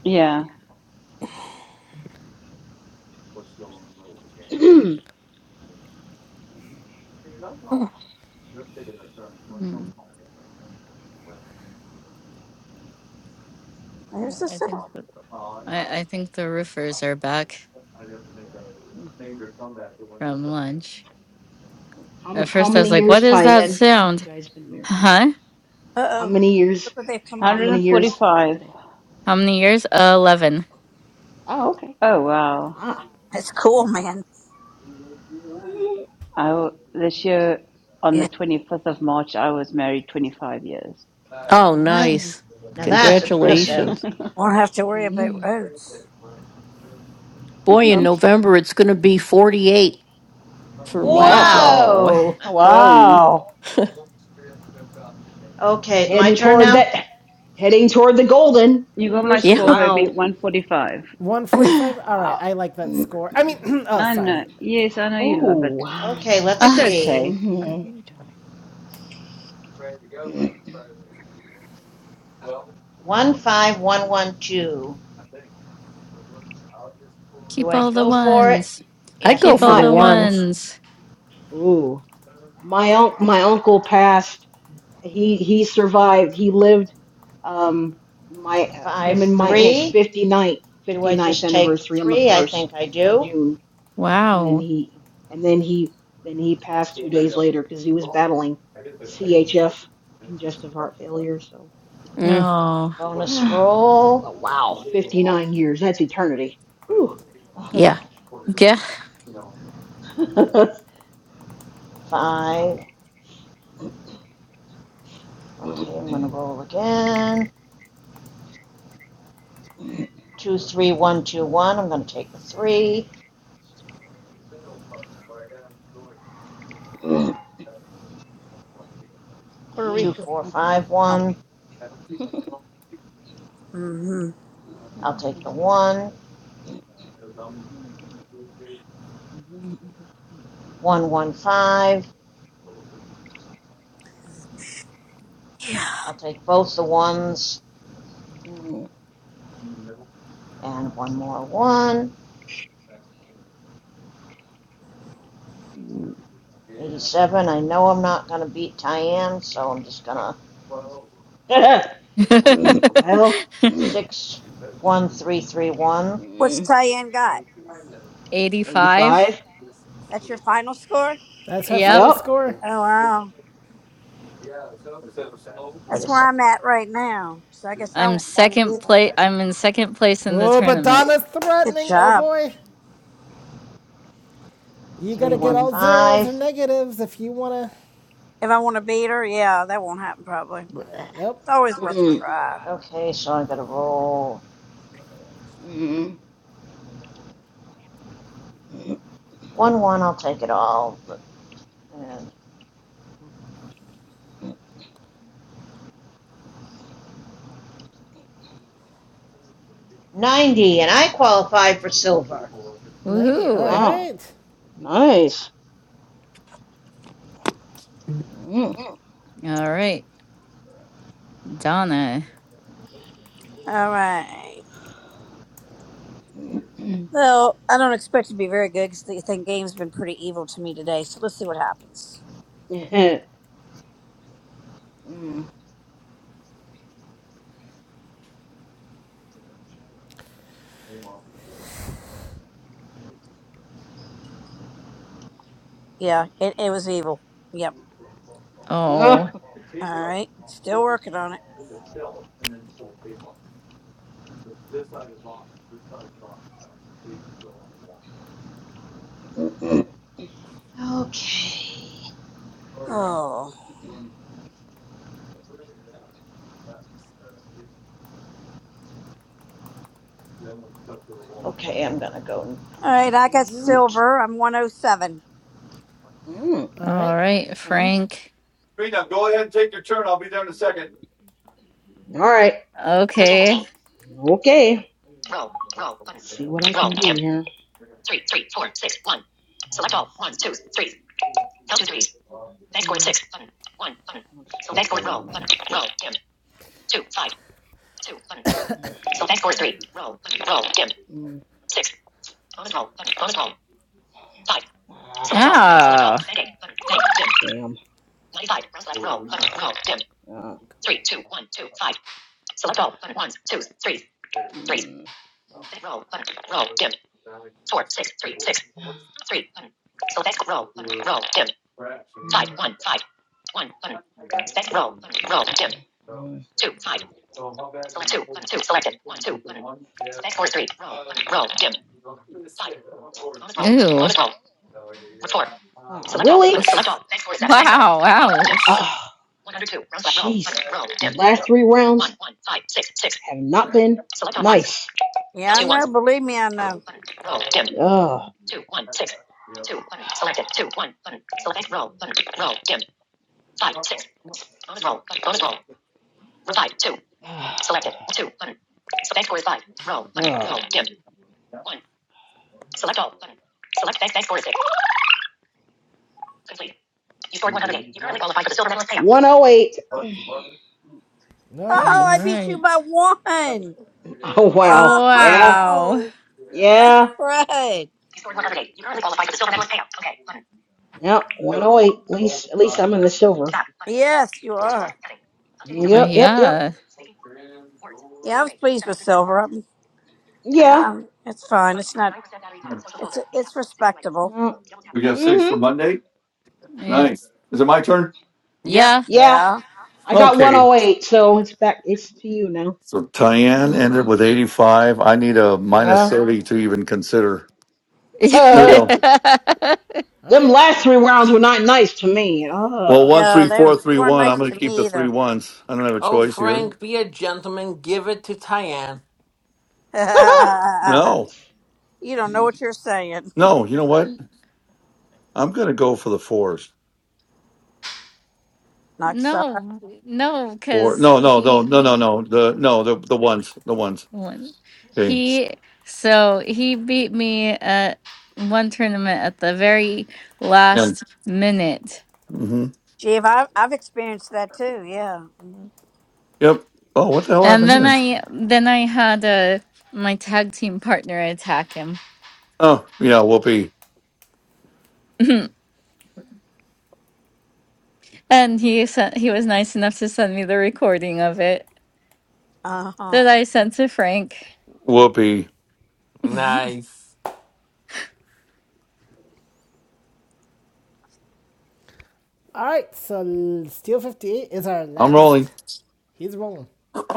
M: Yeah.
J: still in the middle of the game, whatever. the No, no, they're taking their turn, well, no,
A: Mm,
F: There's
A: well,
F: the
A: I
F: sun.
J: well,
A: think the,
J: i Uh, and
A: I, I
J: I,
A: think the roofers are back
J: I'd have to make a major comeback when
A: from
J: there's a, All
A: lunch.
D: how
A: At
D: m- how
A: first I
D: many
A: was like,
D: years,
A: what is that
D: Tyann? You
A: sound?
D: guys been married?
A: Huh?
F: Uh
D: How
F: oh.
D: many years?
F: Look what they've come up
D: How
F: with.
D: many years
M: 145.
D: today?
A: How many years? Uh, 11.
D: Oh, okay.
M: Oh, wow.
D: Ah,
F: It's cool,
D: nice.
F: man.
M: I w- this year on the
F: Yeah.
M: 25th of March, I was married 25 years.
J: right,
D: Mm,
C: That's now that's
D: mm,
C: impressive.
F: Won't have to worry about
D: mm.
F: roads.
J: right.
C: Okay.
D: Wow,
A: Wow.
C: Whoa.
M: Whoa.
D: wow.
C: Okay, my
D: Heading
C: turn
D: toward
C: now?
D: that, heading toward the golden
M: You got my
D: anniversary.
M: score,
D: Wow,
M: Herbie, 145.
B: 145? All right,
D: wow.
B: I like that
D: Mm.
B: score. I mean, oh,
M: I know.
B: sorry.
M: Yes, I know you
D: Oh,
M: love it.
D: wow.
C: Okay, let's
M: It's
A: Ah,
C: see.
M: okay.
D: hmm
C: 15112.
J: think.
C: Do
A: keep
C: I
A: all the
C: go for it?
A: ones.
C: Yeah, I
A: Keep
C: think
A: all
C: I
A: the
D: My
C: do.
A: ones.
D: Ooh, my unc my uncle passed. He he survived. He lived um my
C: Five
D: him and my aunt's
C: three.
D: 59th
C: Do I
D: 59th
C: just take the
D: anniversary on the
C: 3? I
D: 1st
C: think I
D: of
C: do.
D: June. And then
A: Wow.
D: he and then he then he passed
J: But
D: 2 days later cuz he was battling CHF congestive heart failure, so
A: Oh.
C: Bonus
D: but
C: roll.
D: wow, 59 years, that's eternity. Whew.
A: Yeah.
C: 5.
D: wow.
C: Okay, I'm going to roll again. 23121. I'm going to take the 3.
F: Puerto
D: Mm.
F: Rico.
C: 451.
F: Mm-hmm.
C: I'll take the 1. 115. I'll take both the ones and one more 1. 87. I know I'm not going to beat Tyann, so I'm just going to
D: well,
C: 61331.
F: What's
D: mm,
F: Tyann got?
A: 85?
D: 85.
F: That's your final score?
B: That's our
A: Yep.
B: final
D: Yep.
B: score.
F: Oh, wow.
C: What
F: That's
C: is
F: where I'm at right now. So I guess I
A: I'm
F: won't want to
A: second
F: beat
A: place.
F: her.
A: I'm in second place in the
B: Oh, but
A: tournament.
B: Donna's
F: Good
B: threatening. Oh,
F: job.
B: boy. You gotta get
D: Mm.
B: all zeros or
C: 315?
B: negatives if you wanna.
F: If I want to beat her, yeah, that won't happen probably. It's
B: Nope.
F: always worth a
D: Mm.
F: try.
C: Okay, so I got to roll
D: Mm. mm.
C: 1 1. I'll take it all. And 90, and I qualify for silver.
B: 90. All
A: Woohoo.
D: Wow.
B: right.
D: Nice. Mm.
A: All right. Donna.
F: All right. Well, I don't expect to be very good because the thing game's been pretty evil to me today. So let's see what happens.
D: Mm.
F: Yeah, it, it was evil. Yep.
A: Oh.
D: Mm.
F: All right. Still working on it.
C: Okay.
F: Oh.
C: Okay, I'm going to go.
F: All right. I got silver. I'm 107.
D: Mm,
B: All
A: All
B: right.
A: right,
D: mm. All
A: Frank.
J: go ahead and take your turn. I'll be there in a second.
D: right. Thirteen,
A: Okay.
D: fourteen. Okay. Roll, roll, button. See what I roll, can do here. Three, three, four, six, one. Select all. One, two, three. Held two threes. Bank scored six. Button. One, button. So bank scored roll. Button. Roll, dim. Two, five, two, button. So bank scored three. Roll, button. Roll, dim. Mm. Six. Bonus roll. Button. Bonus roll. Five. Select all. Button. Select all.
A: Oh.
D: Bank eight. Button. Bank dim. Damn. Ninety-five. Round select roll. Button. Roll. Dim. Uh. Three, two, one, two, five. Select all. Button. Ones, twos, threes, threes. Mm. Roll. Button. Roll. Dim. Four, six, three, six. Three. Button. Select. Roll. Button. Roll. Dim. Five, Mm. one, five. One. Button. Select. Roll. Button. Roll. Dim. Mm. Two, five. Select two. Button. Two. Selected. One, two. Button. Select four, three. Roll. Button. Roll. Dim. Five. Bonus roll. Button.
A: Ooh.
D: Bonus roll. four. Oh, Select really? Button. Select all. Thanks for seven. Thanks seven.
A: Wow.
D: Dim.
A: Ouch.
D: Ah, 102. Round select roll. Roll. Dim. last three rounds One one five six six. have not been Select all nice.
F: Yeah,
D: Count
F: I
D: two
F: know.
D: ones.
F: Believe me, I
D: Roll.
F: know.
D: Button. Roll. Dim. Ugh. Two one six. Two button. Selected. Two one button. Select roll. Button. Roll. Dim. Five six. Bonus roll. Bonus roll. Five two. Ah, Selected. Two button. So bank score is five. Roll. Button. ugh. Roll. Dim. One. Select all. Button. Select bank. Bank score is six. Complete. You scored 108. You currently qualify for the silver medalist payout. 108.
B: All
A: All
F: Oh, I
B: right.
F: beat you by
A: right.
F: one.
D: Oh wow. Yeah.
A: Wow.
F: Whoa.
J: Yeah.
D: Yeah. You
F: Fred.
D: scored one other day. You currently qualify for the silver medalist payout. Okay. Button. Yep.
J: Never,
D: 108. At
J: all
D: least at
J: the
D: least
J: time,
D: I'm in
J: i
D: the silver. Stop. Button.
F: Yes, you
D: Dashboard.
F: are.
D: Heading. Updating
A: Uh,
D: Yep. document. Yep. Yep.
A: Yeah.
D: Speaking. Words.
F: Yeah, I
D: Speaking
F: was
D: rate.
F: pleased with
D: Seventy percent
F: silver.
D: words.
F: I'm,
D: Yeah.
F: um, it's fine.
D: Click.
F: It's not,
D: Twenty-nine percent battery. power. Social folder.
F: it's, it's respectable.
D: Eight
J: We
D: Yep.
J: got six for
D: Mhm.
J: Monday.
A: Yep.
J: Nice. Is it my turn?
G: Yep.
A: Yeah.
D: Yeah.
F: Yeah.
D: I got
J: Okay,
D: 108, so it's back. It's to you now.
J: So Tyann ended with 85. I need a minus
D: Yeah.
J: 30 to even consider. There we
D: Uh,
J: go.
B: All
D: them
B: right.
D: last three rounds were not nice to me. Uh, I
J: Well, one,
F: Yeah,
J: three,
F: they, they
J: four, three,
F: weren't
J: one. I'm
F: nice
J: going to
F: to
J: keep the
F: me
J: three
F: either.
J: ones. I don't have a
G: Oh,
J: choice here.
G: Frank, be a gentleman. Give it to Tyann.
J: No,
F: you don't know what you're saying.
J: no. You know
A: Uh,
J: what? I'm going to go for the fours.
F: Knock yourself
A: no, no,
J: Four.
A: because
J: No, no,
A: he
J: no, no, no, no. The no, the the ones, the ones.
A: One.
J: Okay.
A: He so he beat me at one tournament at the very
J: And
A: last minute.
J: hmm
F: Gee, if I've, I've experienced that too. Yeah. hmm
J: yep. Oh, what the hell
A: And
J: happened
A: then
J: here?
A: I then I had uh my tag team partner attack him.
J: Oh, yeah. Whoopee,
A: and he sent he was nice enough to send me the recording of it
F: Uh huh.
A: that I sent to Frank.
J: whoopee.
G: Nice.
B: All right. So, Steel 58 is our
J: I'm
B: last.
J: rolling.
B: He's rolling.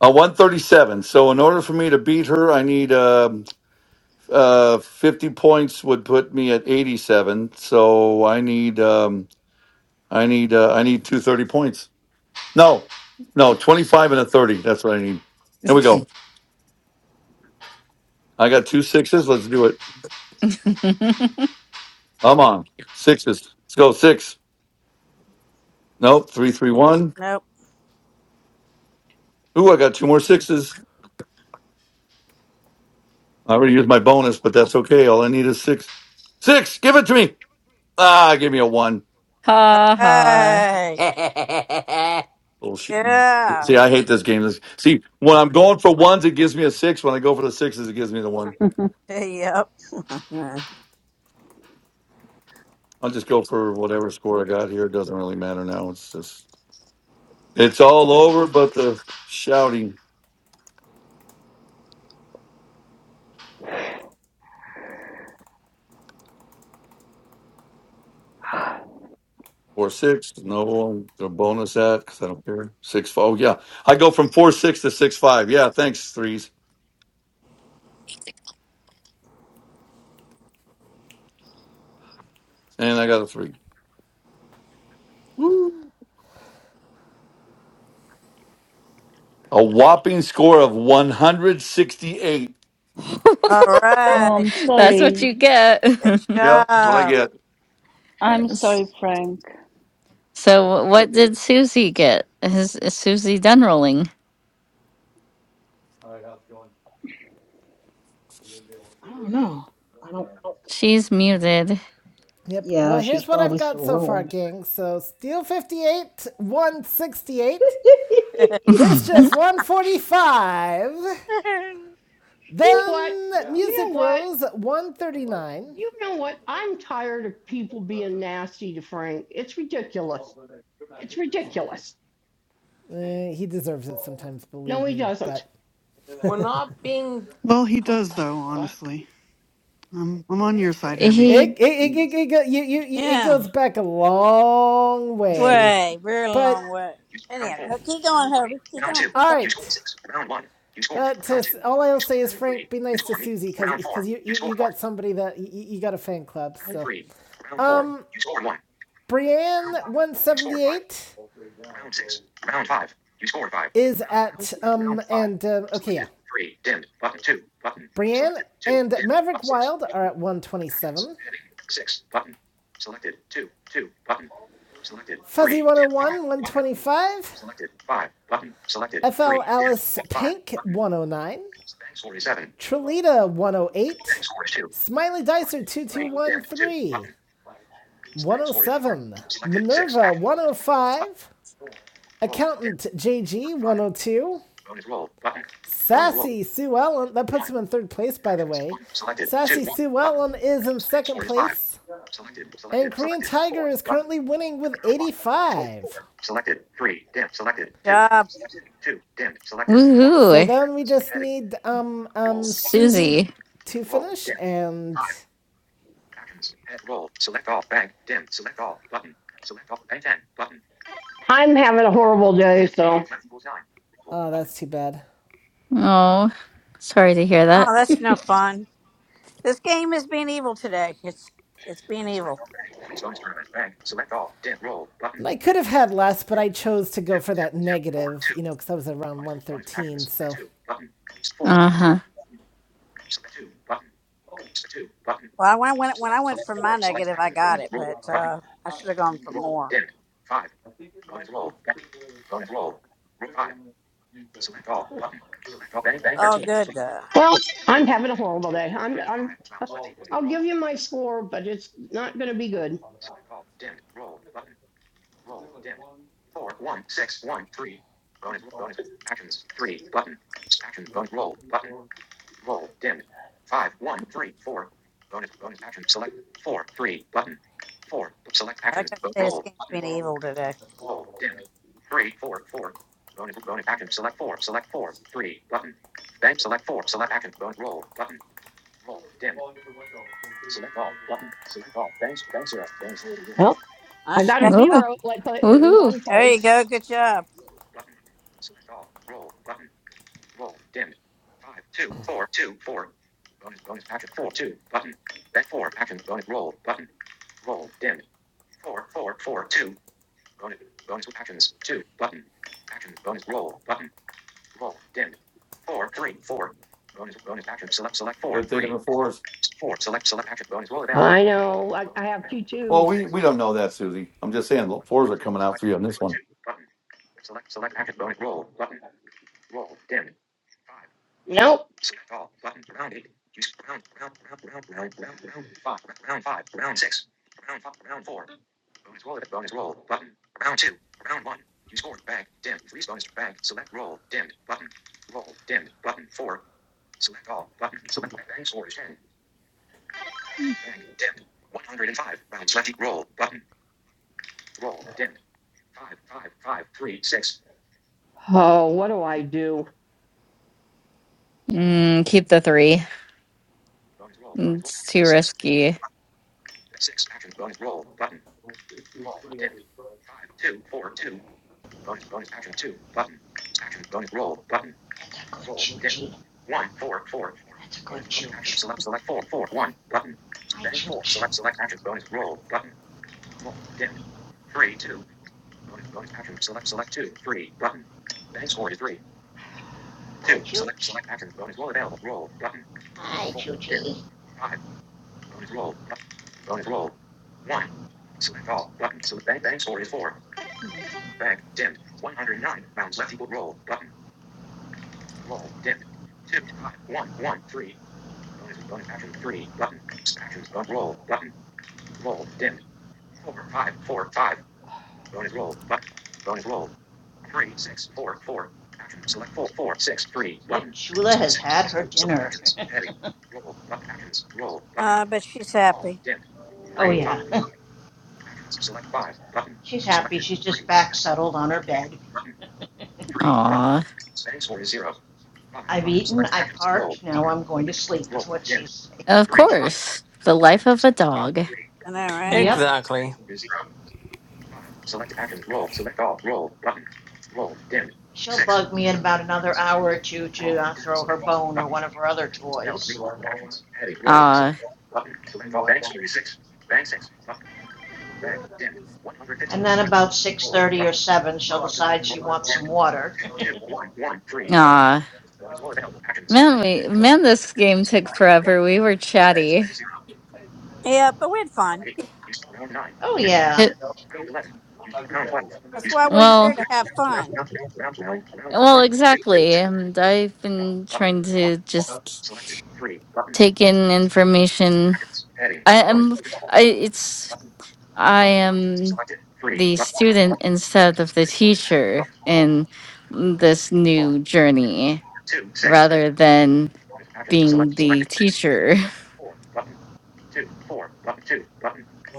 J: A 137. So in order for me to beat her, I need uh, Uh, 50 points would put me at 87. So I need, um, I need, uh, I need two thirty points. No, no, 25 and a 30. That's what I need. There we go. I got two sixes. Let's do it.
A: ha
J: I'm on sixes. Let's go. Six. Nope. Three, three, one.
F: Nope.
J: Ooh, I got two more sixes. I already used my bonus, but that's okay. All I need is six. Six. Give it to me. Ah, give me a one.
A: ha.
F: Right.
J: Bullshit.
F: Yeah.
J: See, I hate this game. This- See, when I'm going for ones, it gives me a six. When I go for the sixes, it gives me the one.
F: Yep. Mhm.
J: I'll just go for whatever score I got here. It doesn't really matter now. It's just it's all over, but the shouting four six. No one the bonus that because I don't care six five. Oh yeah, I go from four six to six five. Yeah, thanks threes, and I got a three. Woo. A whopping score of one hundred sixty eight.
F: All
M: Oh,
F: right.
M: I'm
A: That's what
M: sorry.
A: you get.
F: Good
J: Yeah, that's what I
F: job.
J: get.
M: I'm sorry, Frank.
A: so what
J: Okay.
A: did Susie get? Is, is Susie done rolling?
J: All right, how's it going? You gonna be able to take
D: don't
J: it?
D: know. I don't.
J: Yeah.
A: She's muted.
B: Yep. Well,
D: Yeah, she's
B: here's what I've
D: probably
B: got
D: still
B: so far,
D: rolling.
B: gang. So Steel 58, 168, Mischief 145,
N: You know what?
B: then
J: Yeah.
N: You
B: Music
N: know what?
B: Rose
J: My buddy,
B: 139.
N: You know
J: you were
N: what?
J: on the
N: I'm
J: phone.
N: tired of people being nasty to Frank. It's
J: All
N: ridiculous.
J: of a sudden, I
N: It's
J: hit the
N: ridiculous.
J: chain.
B: Uh, he deserves it sometimes,
J: But
N: No,
B: believe
N: he
B: me,
N: doesn't.
B: but
J: then I
G: We're
J: did,
G: not being.
K: Well,
J: I
K: he
J: think
G: What
J: I
K: does,
J: did,
G: the
K: though,
J: well, probably,
G: fuck?
K: honestly. I'm, I'm on
J: oh,
K: your side,
J: one,
K: Herbie.
A: he,
B: it, it, it, it, it, go- you, you, it
F: Yeah.
B: goes back a long way.
F: Way. Very long
B: But,
F: way. Anyhow, go- keep going, Herbie. Keep going. Keep
B: all
F: going.
B: right. But to, all I'll say is, Frank, be nice to Susie because you, you, you got somebody that you, you got a fan club, so. um. Brienne178
J: all grade down, so it won't,
B: is at, um, and, uh, okay, yeah. Brienne and Maverick Wild are at 127. Fuzzy101, 125. FL Alice Pink, 109. Trelita, 108. Smiley Dicer, 2213. 107. Minerva, 105. Accountant JG, 102. Sassy Sue Ellen, that puts him in third place, by the way. Sassy Sue Ellen is in second place. And Korean Tiger is currently winning with 85.
F: Job.
B: So
A: woohoo,
B: then we just need um, um, Susie
A: Susie.
B: to finish, and
N: I'm having a horrible day, so.
B: oh, that's too bad.
A: Oh, sorry to hear
F: Oh,
A: that.
F: that's no fun. This game is being evil today. It's it's being evil.
B: And I could have had less, but I chose to go for that negative, you know, because I was around 113. So,
A: Uh huh.
F: Well, I went when, when I went for my negative, I got
J: uh,
F: it,
J: I
F: but uh, I
J: don't
F: should
J: know,
F: have
J: I
F: gone
J: mean,
F: for
J: I would,
F: more.
J: I think it might reach to the, trip down and meet the computer dev. Sure.
F: All good though.
N: Well,
J: Oh,
N: I'm
J: there's
N: having a
J: one
N: horrible
J: over
N: day.
J: too?
N: I'm, I'm,
J: Oh, okay,
N: I'll
J: good.
N: give you my score, but it's not going to be
J: On
N: good.
J: the outlets. Is there like one, two, maybe five, six, you want to do three, four, five,
F: Yeah, like I say, this game's being
J: well,
F: evil
J: on
F: today.
J: that far wall there. They were recalling every window, we'll get
N: Select all
J: over.
N: button. Select all. Banks. Bank zero. Bank zero. Well,
F: Uh,
N: I
F: she
N: got a
F: got some.
A: Oh,
N: zero like pla- in
A: woohoo.
N: one
F: There you
N: place.
F: go. Good
N: Select all
F: job.
N: button.
J: Good thing in the forest
N: Four. Select. Select. action. Bonus Roll available. I know. I, I have two
J: Well,
N: twos.
J: we
N: Six.
J: we don't know that, Susie. I'm just saying the floors are coming out for you on this one.
N: Nope. Oh, what do I do?
A: Mm, keep the three. It's too risky.
C: That's a good choochie. That's a good chooch. Hi, chooch. Hi, chooch. Hi, choochie. Yep, Chula has had her dinner.
F: Uh, but she's happy.
C: oh, yeah. She's happy. She's just back settled on her bed.
A: Aw,
C: I've eaten, I parked, now I'm going to sleep, is what she's saying.
A: of course. The life of a dog.
F: I know, right?
C: yep.
G: Exactly.
C: She'll bug me in about another hour or two to uh, throw her bone or one of her other toys.
A: Ah,
C: And then about 6.30 or 7, she'll decide she wants some water.
A: ah. Man, we man, this game took forever. We were chatty.
F: Yeah, but we had fun.
C: oh, yeah.
A: It,
F: That's why we're
A: well,
F: here to have fun.
A: well, exactly. And I've been trying to just take in information. I am. I. It's. I am the student instead of the teacher in this new journey rather than being the teacher.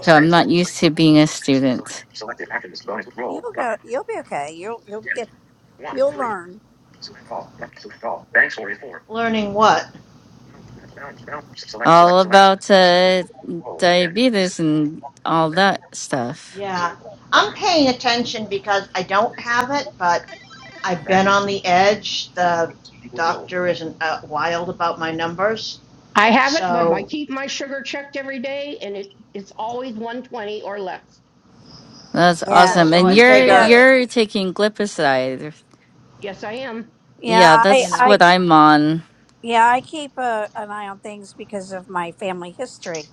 A: So I'm not used to being a student.
F: You'll go. You'll be okay. You'll you'll get. You'll learn.
C: Learning what?
A: All about uh, diabetes and all that stuff.
C: Yeah. I'm paying attention because I don't have it, but I've been on the edge. The doctor isn't uh, wild about my numbers.
N: I have it, but I
C: So,
N: keep my sugar checked every day, and it it's always 120 or less.
A: That's
F: Yeah.
A: awesome.
N: So
C: so
A: And
C: I
N: you
A: you're
N: can
C: figure,
F: Yeah.
N: do it.
A: you're taking glipizide.
N: Yes, I am.
A: Yeah,
F: Yeah. I
A: that's
F: I
A: what I'm on.
F: yeah I keep a, an eye on things because of my family history.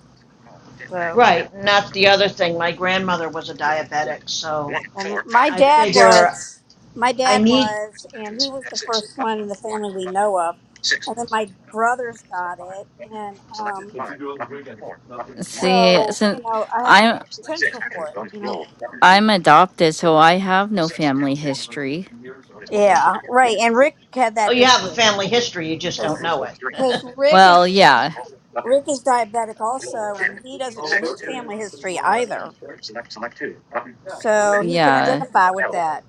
F: So.
C: right, and that's the other thing. My grandmother was a diabetic, so
F: Well, my dad was, my
C: I
F: dad
C: need,
F: was, and he was the first one in the family we know of. And then my brothers got it, and um,
A: See,
F: so you
A: since
F: know, I have a
A: I'm
F: potential for it. You know.
A: I'm adopted, so I have no family history.
F: Yeah, right. And Rick had
C: oh,
F: that
C: you have a
F: issue
J: Oh,
C: family history, you just don't
F: because
C: know it.
F: because Rick is
A: Well, yeah.
F: Rick is diabetic also, and he doesn't know his
J: Thursday, you
F: family
J: were, so you
F: history
J: were married on
F: either,
J: the tenth? Yeah, Yeah, we were
F: so he can
A: Yeah,
F: identify with that.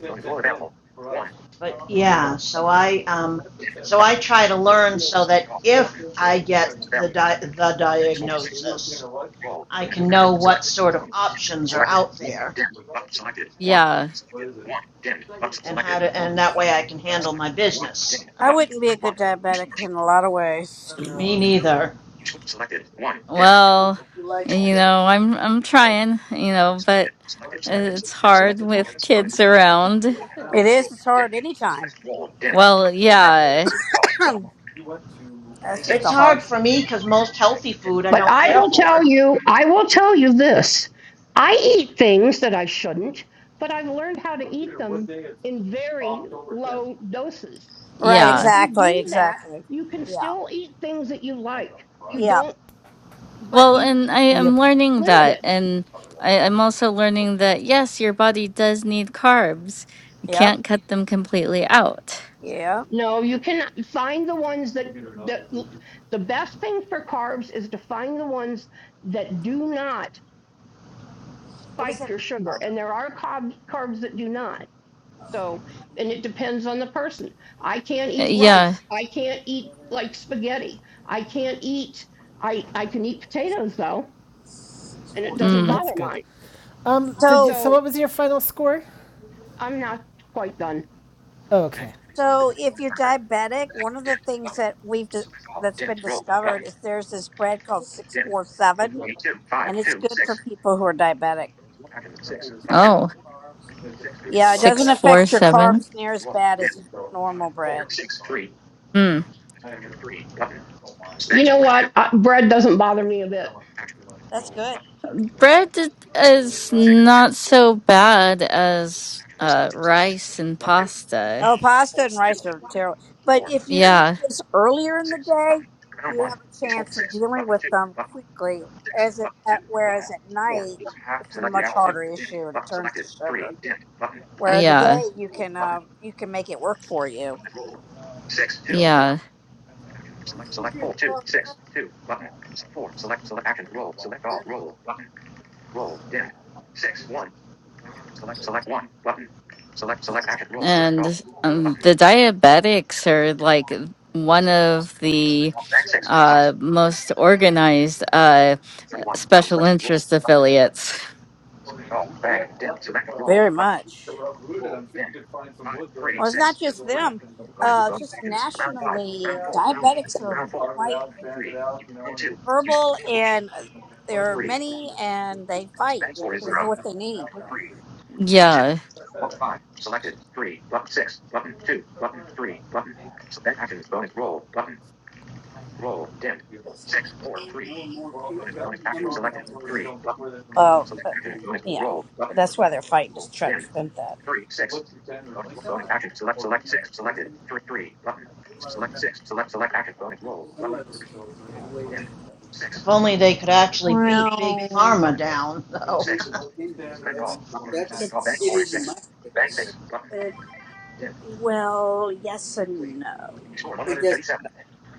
J: ten, ten, ten for us.
C: But yeah, so I,
J: The
C: um,
J: tenth of ten,
C: so I
J: ten.
C: try to
J: Ten,
C: learn so that
J: ten,
C: if I
J: ten,
C: get
J: ten,
C: the,
J: ten. So
C: di- the
J: you were being a
C: diagnosis,
J: what?
C: I can know what sort of options are out there
A: yeah.
J: What is it?
C: and how to, and that way I can handle my business.
F: I wouldn't be a good diabetic in a lot of ways.
C: Me neither.
A: Well, you know, I'm I'm trying, you know, but uh, it's hard with kids around.
F: It
J: Now,
F: is. It's hard anytime.
A: Well, yeah,
F: That's just
C: It's
F: the hard
C: hard
F: one.
C: for me because most healthy food I
N: But
C: don't
N: I
C: care
N: will tell
C: for.
N: you, I will tell you this. I eat things that I shouldn't, but I've learned how to eat them
J: it's
N: in
J: October
N: very
J: tenth.
N: low doses. Uh,
F: Right,
N: And if
A: yeah.
N: you
F: exactly,
N: do that,
F: exactly.
N: you can
F: Yeah.
N: still eat things that you like. You
J: Right.
F: Yep.
N: don't, but
A: Well,
N: you
A: and I am
B: yep,
A: learning
N: limit
A: that,
N: it.
A: and
J: probably won't
A: I,
J: go.
A: I'm also
J: No
A: learning that yes, your body does need carbs. You
F: Yep.
A: can't cut them completely out.
F: Yeah.
N: No, you can find the ones that,
J: Computer,
N: that
J: another computer,
N: the best thing for carbs is to find the ones that do not
F: What is
N: spike
F: it?
N: your sugar.
F: Oh.
N: And there are carbs, carbs that do not So, and it depends on the person. I can't
A: Uh,
N: eat
A: Yeah.
N: rice. I can't eat like spaghetti. I can't eat, I, I can eat potatoes though, and it
B: well,
N: doesn't
A: Mm.
B: that's
N: bother
B: good.
N: mine.
B: Um, did you, so
F: So
N: So
B: what was your final score?
N: I'm not quite done.
B: Oh, okay,
F: so if you're diabetic, one of the things that we've di- that's been discovered is there's this bread called 647 and it's good for people who are diabetic.
J: computer stop.
A: Oh,
J: It's a kid.
F: Yeah, it
J: who-
A: six,
F: doesn't
A: four,
F: affect your
A: seven.
F: carbs near as bad
J: who
F: as
J: was telling-
F: normal
J: telling me,
F: bread.
J: "Sorry,
A: Hmm.
J: I had never seen that. I told Mike, you
N: You
J: know,
N: know what? Uh, bread doesn't bother me a
J: I
N: bit.
J: don't want to spend too much
F: That's
J: money and
F: good.
J: doing that.
A: Bread is not so bad as
J: So
A: uh,
J: we're-
A: rice and pasta.
F: Oh, pasta and rice
J: I'm-
F: are terrible. But if you eat
A: Yeah,
F: this earlier in the day, you have a chance of dealing with them quickly. As it, at, whereas at night, it's a much harder issue, and it turns to sugar. Where the
A: yeah,
F: day you can uh, you can make it work for you
A: yeah.
J: Next time we're going to.
A: And um, the diabetics are like one of the
J: do it. Well,
A: uh, most organized uh, special interest affiliates.
J: and we, we have plenty of, uh,
F: very much.
J: around root and I'm sure you could find some wood there
F: Well,
J: to,
F: it's
J: go
F: not just
J: grow back
F: them.
J: and.
F: Uh, just nationally,
J: Yeah.
F: diabetics
J: You know,
F: are
J: carve it
F: quite
J: out, sand it out, you know, and,
F: verbal, and uh,
J: and there's
F: there
J: plenty
F: are
J: of wood out
F: many,
J: there.
F: and they fight
J: Before the
F: for what
J: breakdown,
F: they need.
J: now down street.
A: Yeah.
J: You
F: Well, uh, yeah, but that's why they're fighting is to try to prevent that.
C: If only they could actually
F: Well,
C: pharma down, though.
F: it's it's it, well, yes and no.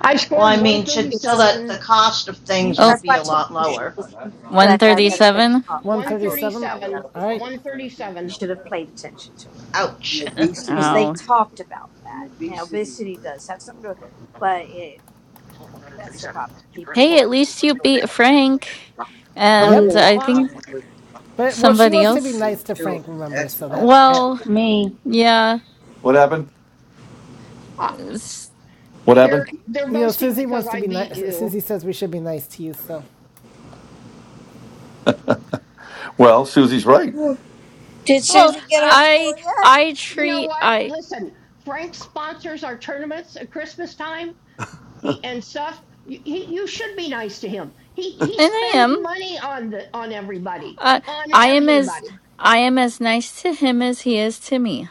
N: I
C: well,
N: scored
C: I mean, should, so
F: It's, it's,
C: that the
N: 137.
C: cost of
F: it's
J: know,
F: you.
C: things
A: Oh,
F: That's why I told
C: went
F: you you
J: so,
F: should
C: lower.
J: yeah,
F: listen
J: that's
F: to
J: not that,
A: one
F: that guy
N: Herbie,
F: that thing.
A: thirty-seven.
F: Um, I told you
J: you
B: 137.
F: about
J: got
F: when I
N: 137.
J: about
B: All
F: was listening.
B: right.
J: almost three feet, you
F: You
N: 137.
J: know.
F: should have paid attention to it.
C: Ouch.
F: because they
A: Oh.
F: talked about that. Now, obesity
J: uh,
F: does have something to, but it that's the problem. People,
A: Hey,
F: they,
A: at least you beat Frank.
N: Oh,
B: Yep.
A: And
N: no.
A: I
N: Why?
A: think
B: But well, she
A: somebody
B: wants to be
A: else.
B: nice to Frank. Remember, so that that
A: Well,
M: Me.
A: yeah.
J: What happened?
N: Uh,
A: S-
J: What
N: they're,
J: happened?
N: they're
B: you know,
N: boasting
B: Susie
N: because
B: wants to
N: I
B: be
N: beat
B: nice.
N: you.
B: Susie says we should be nice to you. So,
J: Well, Susie's right.
F: Did
A: Well,
F: Susie get her
A: I
F: score yet?
A: I
N: You know
A: treat
N: what?
A: I
N: Listen, Frank sponsors our tournaments at Christmas time. He and stuff. You, he, you should be nice to him. He he
A: and I
N: spends
A: am
N: money on the on everybody,
A: uh,
N: on
A: I am as
N: everybody.
A: I am as nice to him as he is to me.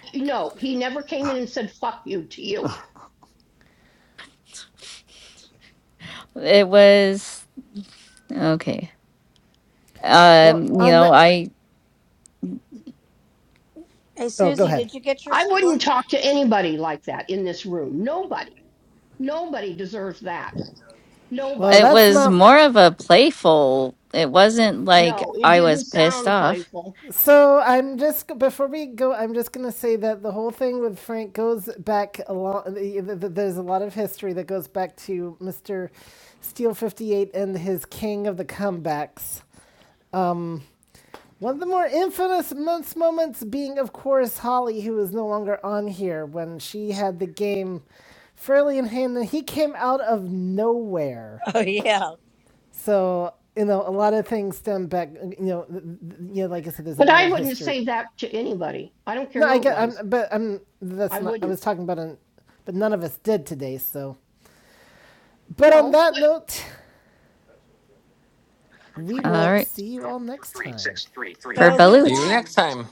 N: You know, he never came in and said "fuck you" to you.
A: It was okay.
B: well,
A: Um, you
B: on
A: know,
B: that.
A: I
F: Hey,
B: Oh, go
F: Susie,
B: ahead.
F: did you get your
N: I
F: score?
N: wouldn't talk to anybody like that in this room. Nobody, nobody deserves that.
B: Well,
N: Nobody.
A: it
B: that's
A: was
B: not.
A: more of a playful. It wasn't like
N: No, it
A: I
N: didn't
A: was pissed
N: sound
A: off.
N: playful,
B: So I'm just before we go, I'm just gonna say that the whole thing with Frank goes back a lot. There's a lot of history that goes back to Mister Steel Fifty Eight and his King of the Comebacks One of the more infamous month's moments being, of course, Holly, who is no longer on here when she had the game fairly in hand and he came out of nowhere.
F: Oh yeah.
B: So, you know, a lot of things stem back, you know, th- you know, like I said, there's a
N: but
B: lot
N: I
B: of
N: wouldn't
B: history.
N: say that to anybody. I don't care
B: No, I
N: who it
B: get,
N: was.
B: I'm, but I'm,
N: I
B: that's not, I
N: wouldn't.
B: was talking about an, but none of us did today, so. But on
N: No,
B: that note, we
A: All
B: will
A: right,
B: see you all next time.
A: for
F: So who
G: See you
A: Balut.
F: won?
G: next time.